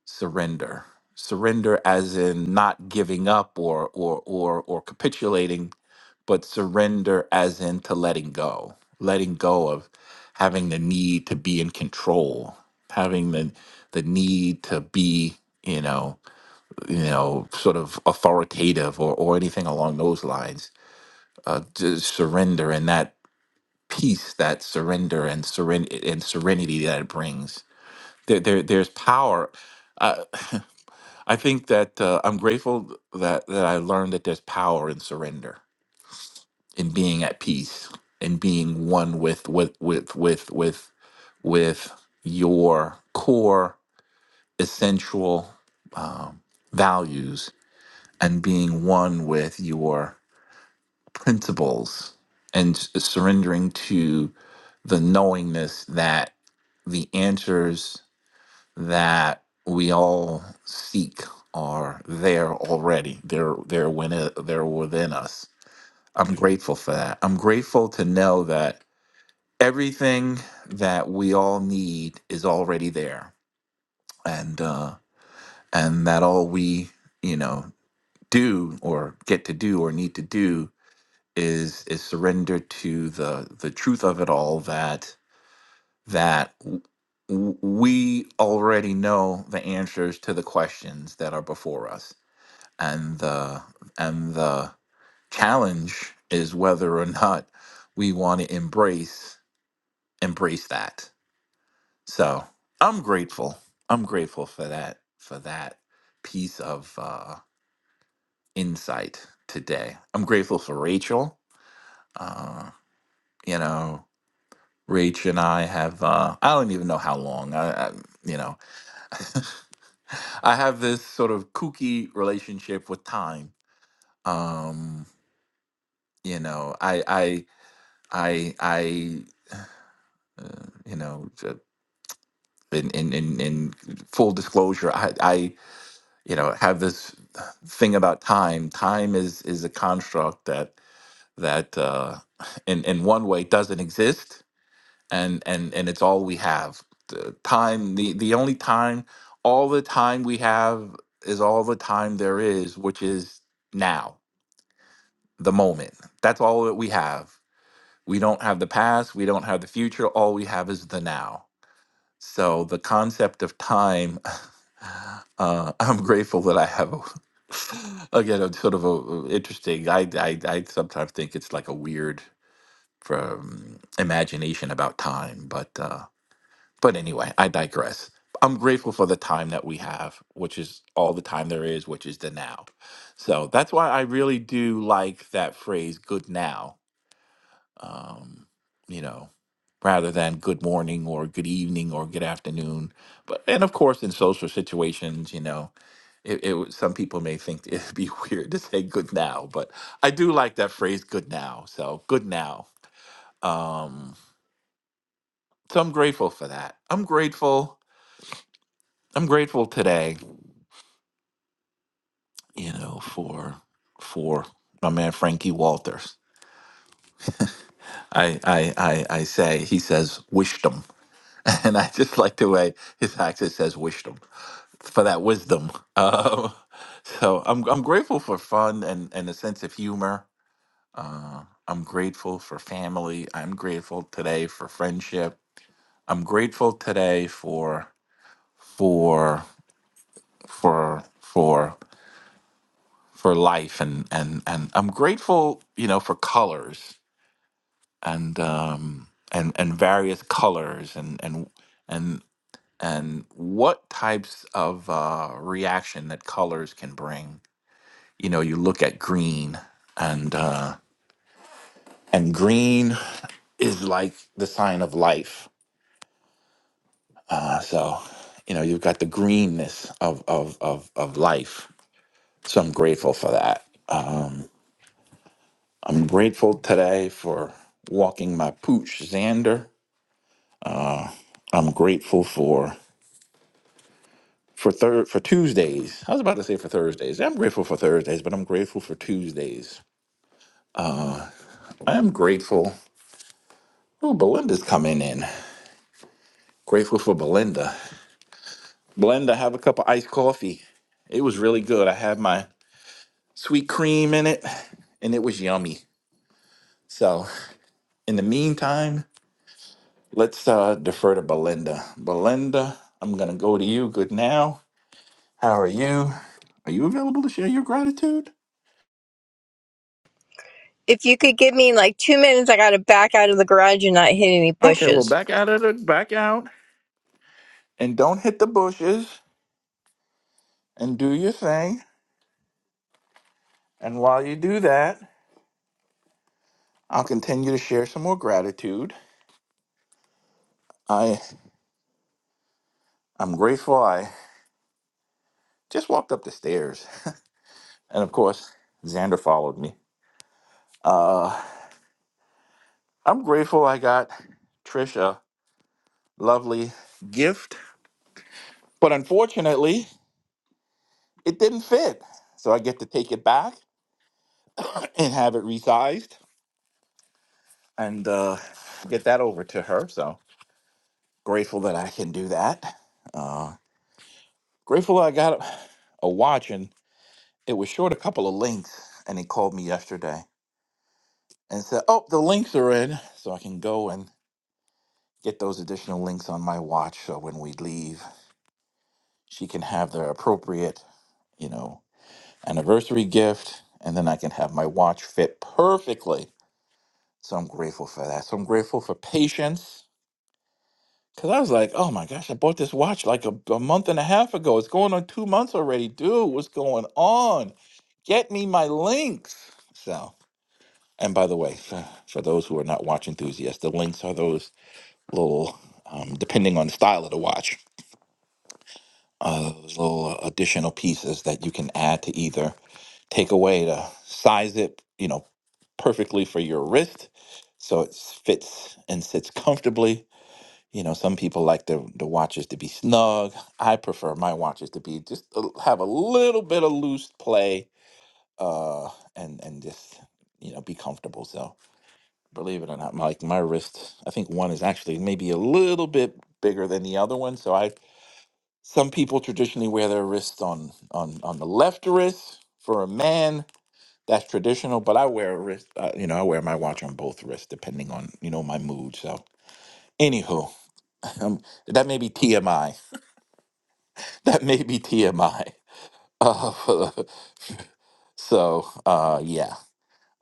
Speaker 28: surrender surrender as in not giving up or or or or capitulating but surrender as in to letting go letting go of having the need to be in control having the the need to be you know you know, sort of authoritative or, or anything along those lines. Uh, just surrender and that peace, that surrender and seren- and serenity that it brings. There, there there's power. Uh, I think that uh, I'm grateful that that I learned that there's power in surrender, in being at peace, in being one with with with with with with your core essential um, values and being one with your principles and s- surrendering to the knowingness that the answers that we all seek are there already. They're they're within, they're within us. I'm grateful for that. I'm grateful to know that everything that we all need is already there, and uh, and that all we you know do or get to do or need to do is is surrender to the the truth of it all that that w- w- we already know the answers to the questions that are before us and the and the challenge is whether or not we want to embrace embrace that so i'm grateful i'm grateful for that for that piece of uh insight today i'm grateful for rachel uh you know Rach and I have uh, I don't even know how long I, I you know I have this sort of kooky relationship with time. Um, you know, I I I I uh, you know j- in, in in in full disclosure, I I you know have this thing about time. Time is is a construct that that uh, in in one way doesn't exist and and and it's all we have the time the the only time all the time we have is all the time there is which is now the moment that's all that we have we don't have the past we don't have the future all we have is the now so the concept of time uh, i'm grateful that i have a again a sort of a interesting I, I i sometimes think it's like a weird from imagination about time but uh but anyway, I digress. I'm grateful for the time that we have, which is all the time there is, which is the now. So that's why I really do like that phrase, good now, um, you know, rather than good morning or good evening or good afternoon. But, and of course, in social situations, you know, it, it would- some people may think it'd be weird to say good now, but I do like that phrase, good now. So good now. Um, so I'm grateful for that. I'm grateful. I'm grateful today you know, for for my man Frankie Walters. I I I, I say he says wisdom, and I just like the way his accent says wisdom for that wisdom. Um, so I'm I'm grateful for fun and and a sense of humor. Uh, I'm grateful for family. I'm grateful today for friendship. I'm grateful today for for for for for life and and and I'm grateful, you know, for colors and um, and and various colors and and and and what types of uh, reaction that colors can bring. You know, you look at green and uh, and green is like the sign of life. Uh, so you know, you've got the greenness of of of of life. So I'm grateful for that. Um, I'm grateful today for walking my pooch Xander. I'm grateful for for third for Tuesdays. I was about to say for Thursdays. I'm grateful for Thursdays, but I'm grateful for Tuesdays. I am grateful. Oh, Belinda's coming in. Grateful for Belinda. Belinda, have a cup of iced coffee. It was really good. I had my sweet cream in it, and it was yummy. So, in the meantime, let's uh, defer to Belinda. Belinda, I'm gonna go to you. Good now. How are you? Are you available to share your gratitude?
Speaker 34: If you could give me like two minutes, I gotta back out of the garage and not hit any
Speaker 28: Okay, well,
Speaker 34: bushes.
Speaker 28: back out of the back out and don't hit the bushes. and do your thing. And while you do that, I'll continue to share some more gratitude. I I'm grateful I just walked up the stairs. And of course, Xander followed me. Uh I'm grateful I got Trisha a lovely gift. But unfortunately, it didn't fit. So I get to take it back and have it resized and uh, get that over to her. So grateful that I can do that. Uh, grateful I got a watch and. It was short a couple of links, and he called me yesterday and said, "Oh, the links are in, so I can go and get those additional links on my watch. So when we leave, she can have the appropriate, you know, anniversary gift, and then I can have my watch fit perfectly." So I'm grateful for that. So I'm grateful for patience. Cause I was like, oh my gosh, I bought this watch like a, a month and a half ago. It's going on two months already. Dude, what's going on? Get me my links. So And by the way, for, for those who are not watch enthusiasts, the links are those little, um, depending on the style of the watch, uh, those little uh, additional pieces that you can add to either take away to size it, you know, perfectly for your wrist, so it fits and sits comfortably. You know, some people like the the watches to be snug. I prefer my watches to be just a, have a little bit of loose play, uh, and and just you know be comfortable. So Believe it or not, Mike, my wrist, I think one is actually maybe a little bit bigger than the other one. So I some people traditionally wear their wrist on on on the left wrist for a man. That's traditional, but I wear a wrist, uh, you know, I wear my watch on both wrists depending on, you know, my mood. So, anywho, um, that may be TMI. That may be TMI. Uh, so, uh, yeah.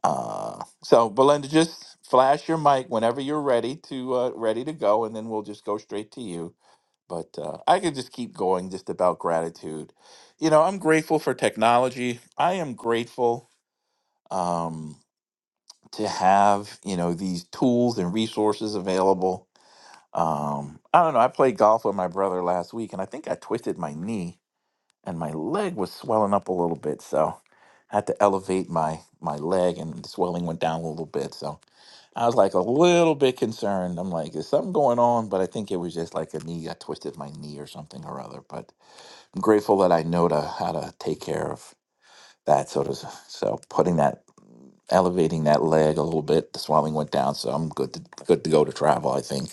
Speaker 28: Uh, so Belinda, just flash your mic whenever you're ready to uh, ready to go, and then we'll just go straight to you. But uh, I could just keep going just about gratitude. You know, I'm grateful for technology. I am grateful um, to have you know these tools and resources available. Um, I don't know. I played golf with my brother last week, and I think I twisted my knee, and my leg was swelling up a little bit. So I had to elevate my my leg, and the swelling went down a little bit. So I was like a little bit concerned. I'm like, is something going on? But I think it was just like a knee. I twisted my knee or something or other. But I'm grateful that I know to how to take care of that. So, to, so putting that, elevating that leg a little bit. The swelling went down, so I'm good to good to go to travel. I think.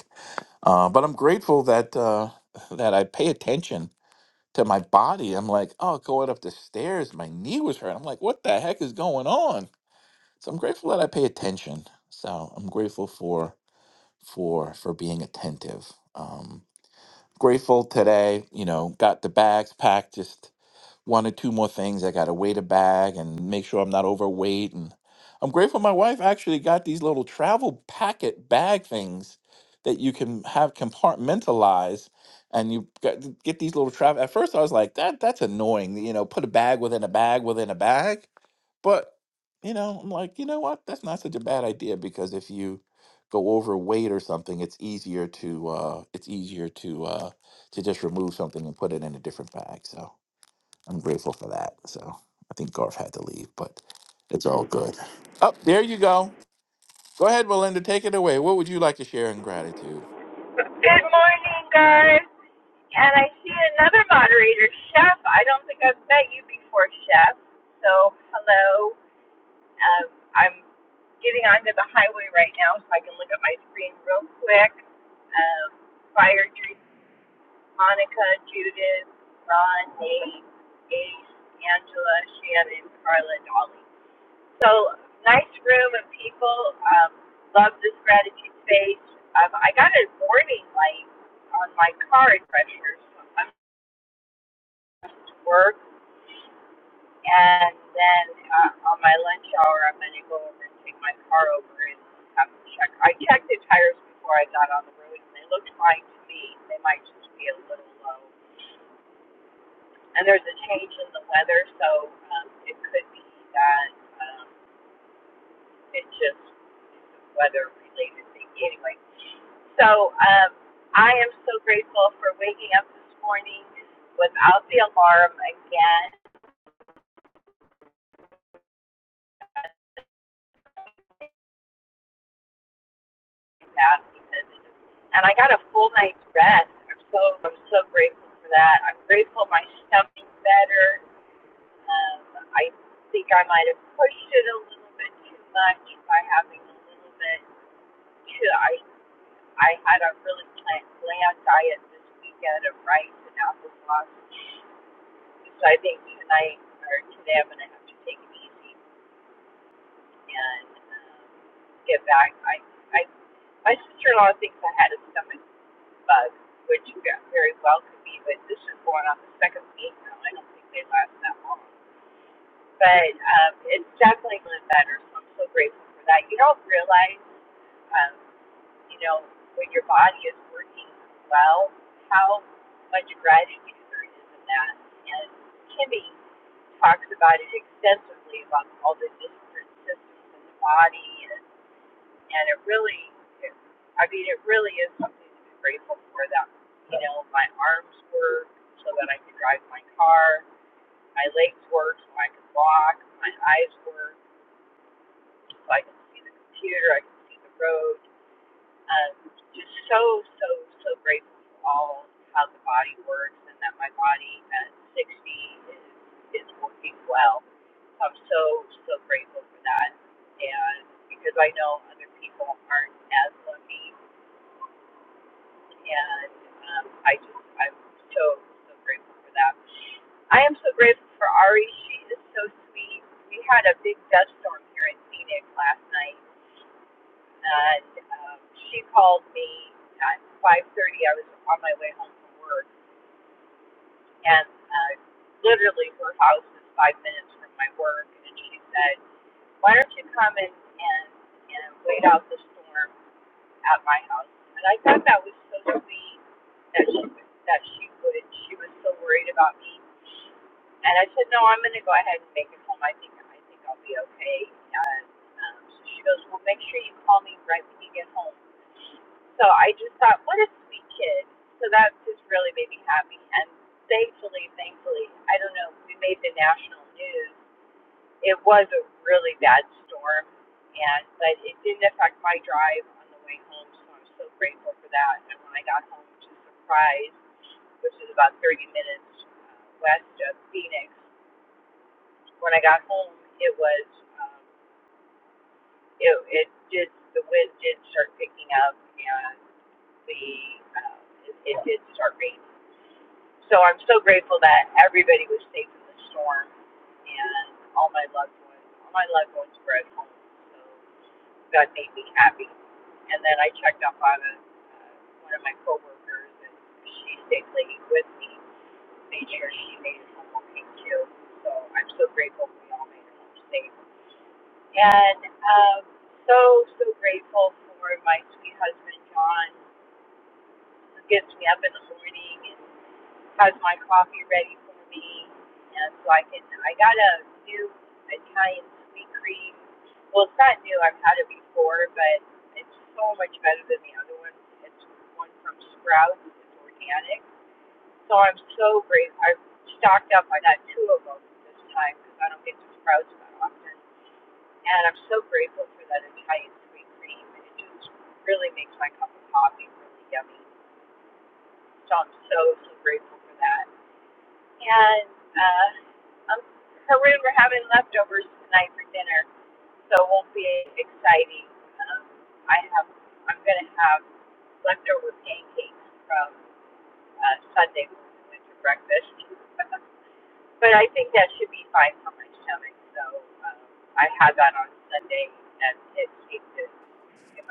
Speaker 28: Uh, but I'm grateful that uh, that I pay attention to my body. I'm like, oh, going up the stairs, my knee was hurt. I'm like, what the heck is going on? So I'm grateful that I pay attention. So I'm grateful for for for being attentive. Um, grateful today, you know, got the bags packed, just one or two more things. I got to weigh the bag and make sure I'm not overweight. And I'm grateful my wife actually got these little travel packet bag things that you can have compartmentalized. And you got, get these little travel. At first, I was like, that that's annoying. You know, put a bag within a bag within a bag. But you know, I'm like, you know what? That's not such a bad idea because if you go overweight or something, it's easier to uh, it's easier to uh, to just remove something and put it in a different bag. So I'm grateful for that. So I think Garth had to leave, but it's all good. Oh, there you go. Go ahead, Belinda. Take it away. What would you like to share in gratitude?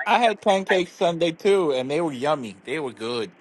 Speaker 28: I had pancakes Sunday too, and they were yummy. They were good.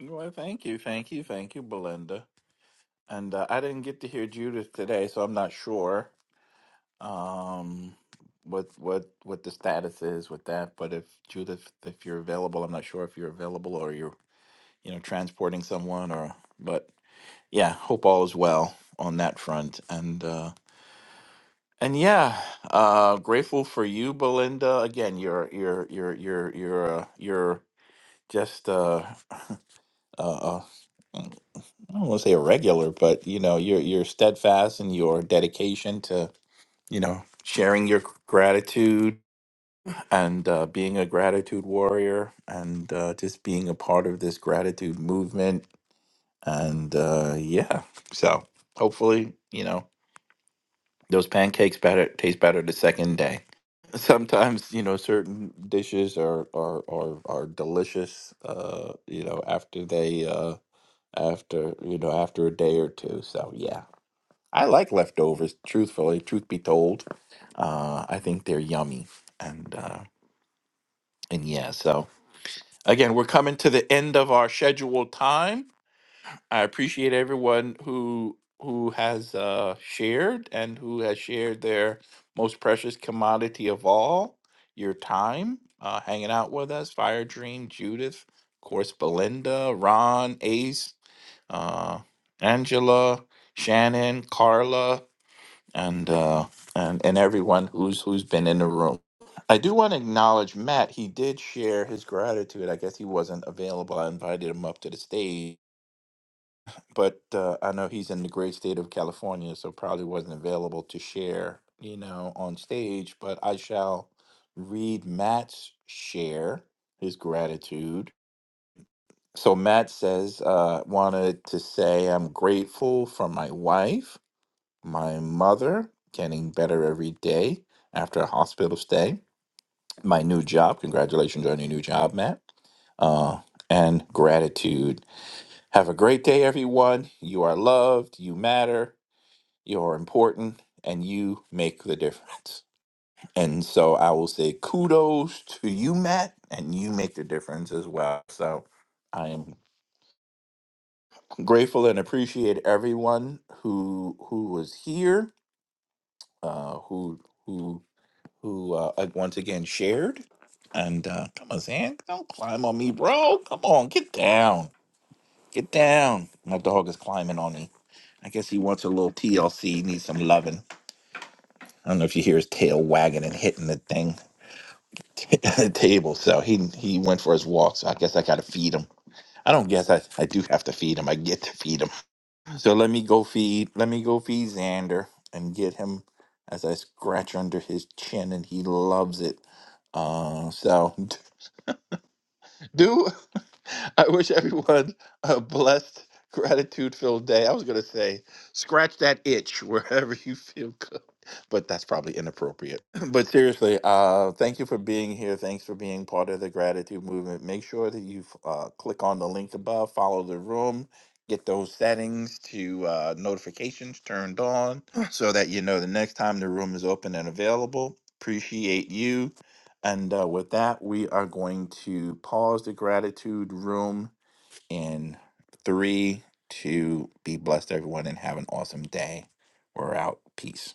Speaker 28: Well, thank you, thank you, thank you, Belinda. And uh, I didn't get to hear Judith today, so I'm not sure um, what what what the status is with that. But if Judith, if you're available, I'm not sure if you're available or you're you know transporting someone or. But yeah, hope all is well on that front. And uh and yeah, uh grateful for you, Belinda. Again, you're you're you're you're you're uh, you're just uh uh uh, I don't want to say a regular, but you know, you're you're steadfast in your dedication to, you know, sharing your gratitude and uh, being a gratitude warrior and uh, just being a part of this gratitude movement. And uh, yeah, so hopefully, you know, Those pancakes better taste better the second day. Sometimes, you know, certain dishes are are are, are delicious uh, you know, after they uh after, you know, after a day or two. So, yeah. I like leftovers, truthfully, truth be told. Uh I think they're yummy and uh and yeah, so again, we're coming to the end of our scheduled time. I appreciate everyone who who has uh, shared and who has shared their most precious commodity of all, your time, uh, hanging out with us. Fire Dream, Judith, of course, Belinda, Ron, Ace, uh, Angela, Shannon, Carla, and uh, and and everyone who's who's been in the room. I do want to acknowledge Matt. He did share his gratitude. I guess he wasn't available. I invited him up to the stage but uh, I know he's in the great state of California, so probably wasn't available to share, you know, on stage. But I shall read Matt's share, his gratitude. So Matt says, uh, wanted to say I'm grateful for my wife, my mother, getting better every day after a hospital stay, my new job. Congratulations on your new job, Matt. Uh, and gratitude. Have a great day, everyone. You are loved. You matter. You're important and you make the difference. And so I will say kudos to you, Matt, and you make the difference as well. So I am grateful and appreciate everyone who who was here, uh, who who who uh, uh, once again shared. And uh, come on, Zan, don't climb on me, bro. Come on, get down, get down. My dog is climbing on me. I guess he wants a little TLC, needs some loving. I don't know if you hear his tail wagging and hitting the thing, the table. So he he went for his walk. So I guess I got to feed him. I don't guess I, I do have to feed him. I get to feed him. So let me go feed. Let me go feed Xander and get him as I scratch under his chin, and he loves it. Uh, so Do I wish everyone a blessed, gratitude filled day. I was going to say, scratch that itch wherever you feel good, but that's probably inappropriate. But seriously, uh, thank you for being here. Thanks for being part of the gratitude movement. Make sure that you uh, click on the link above, follow the room, get those settings to uh, notifications turned on so that you know the next time the room is open and available. Appreciate you. And uh, with that, we are going to pause the gratitude room in three, two, be blessed, everyone, and have an awesome day. We're out. Peace.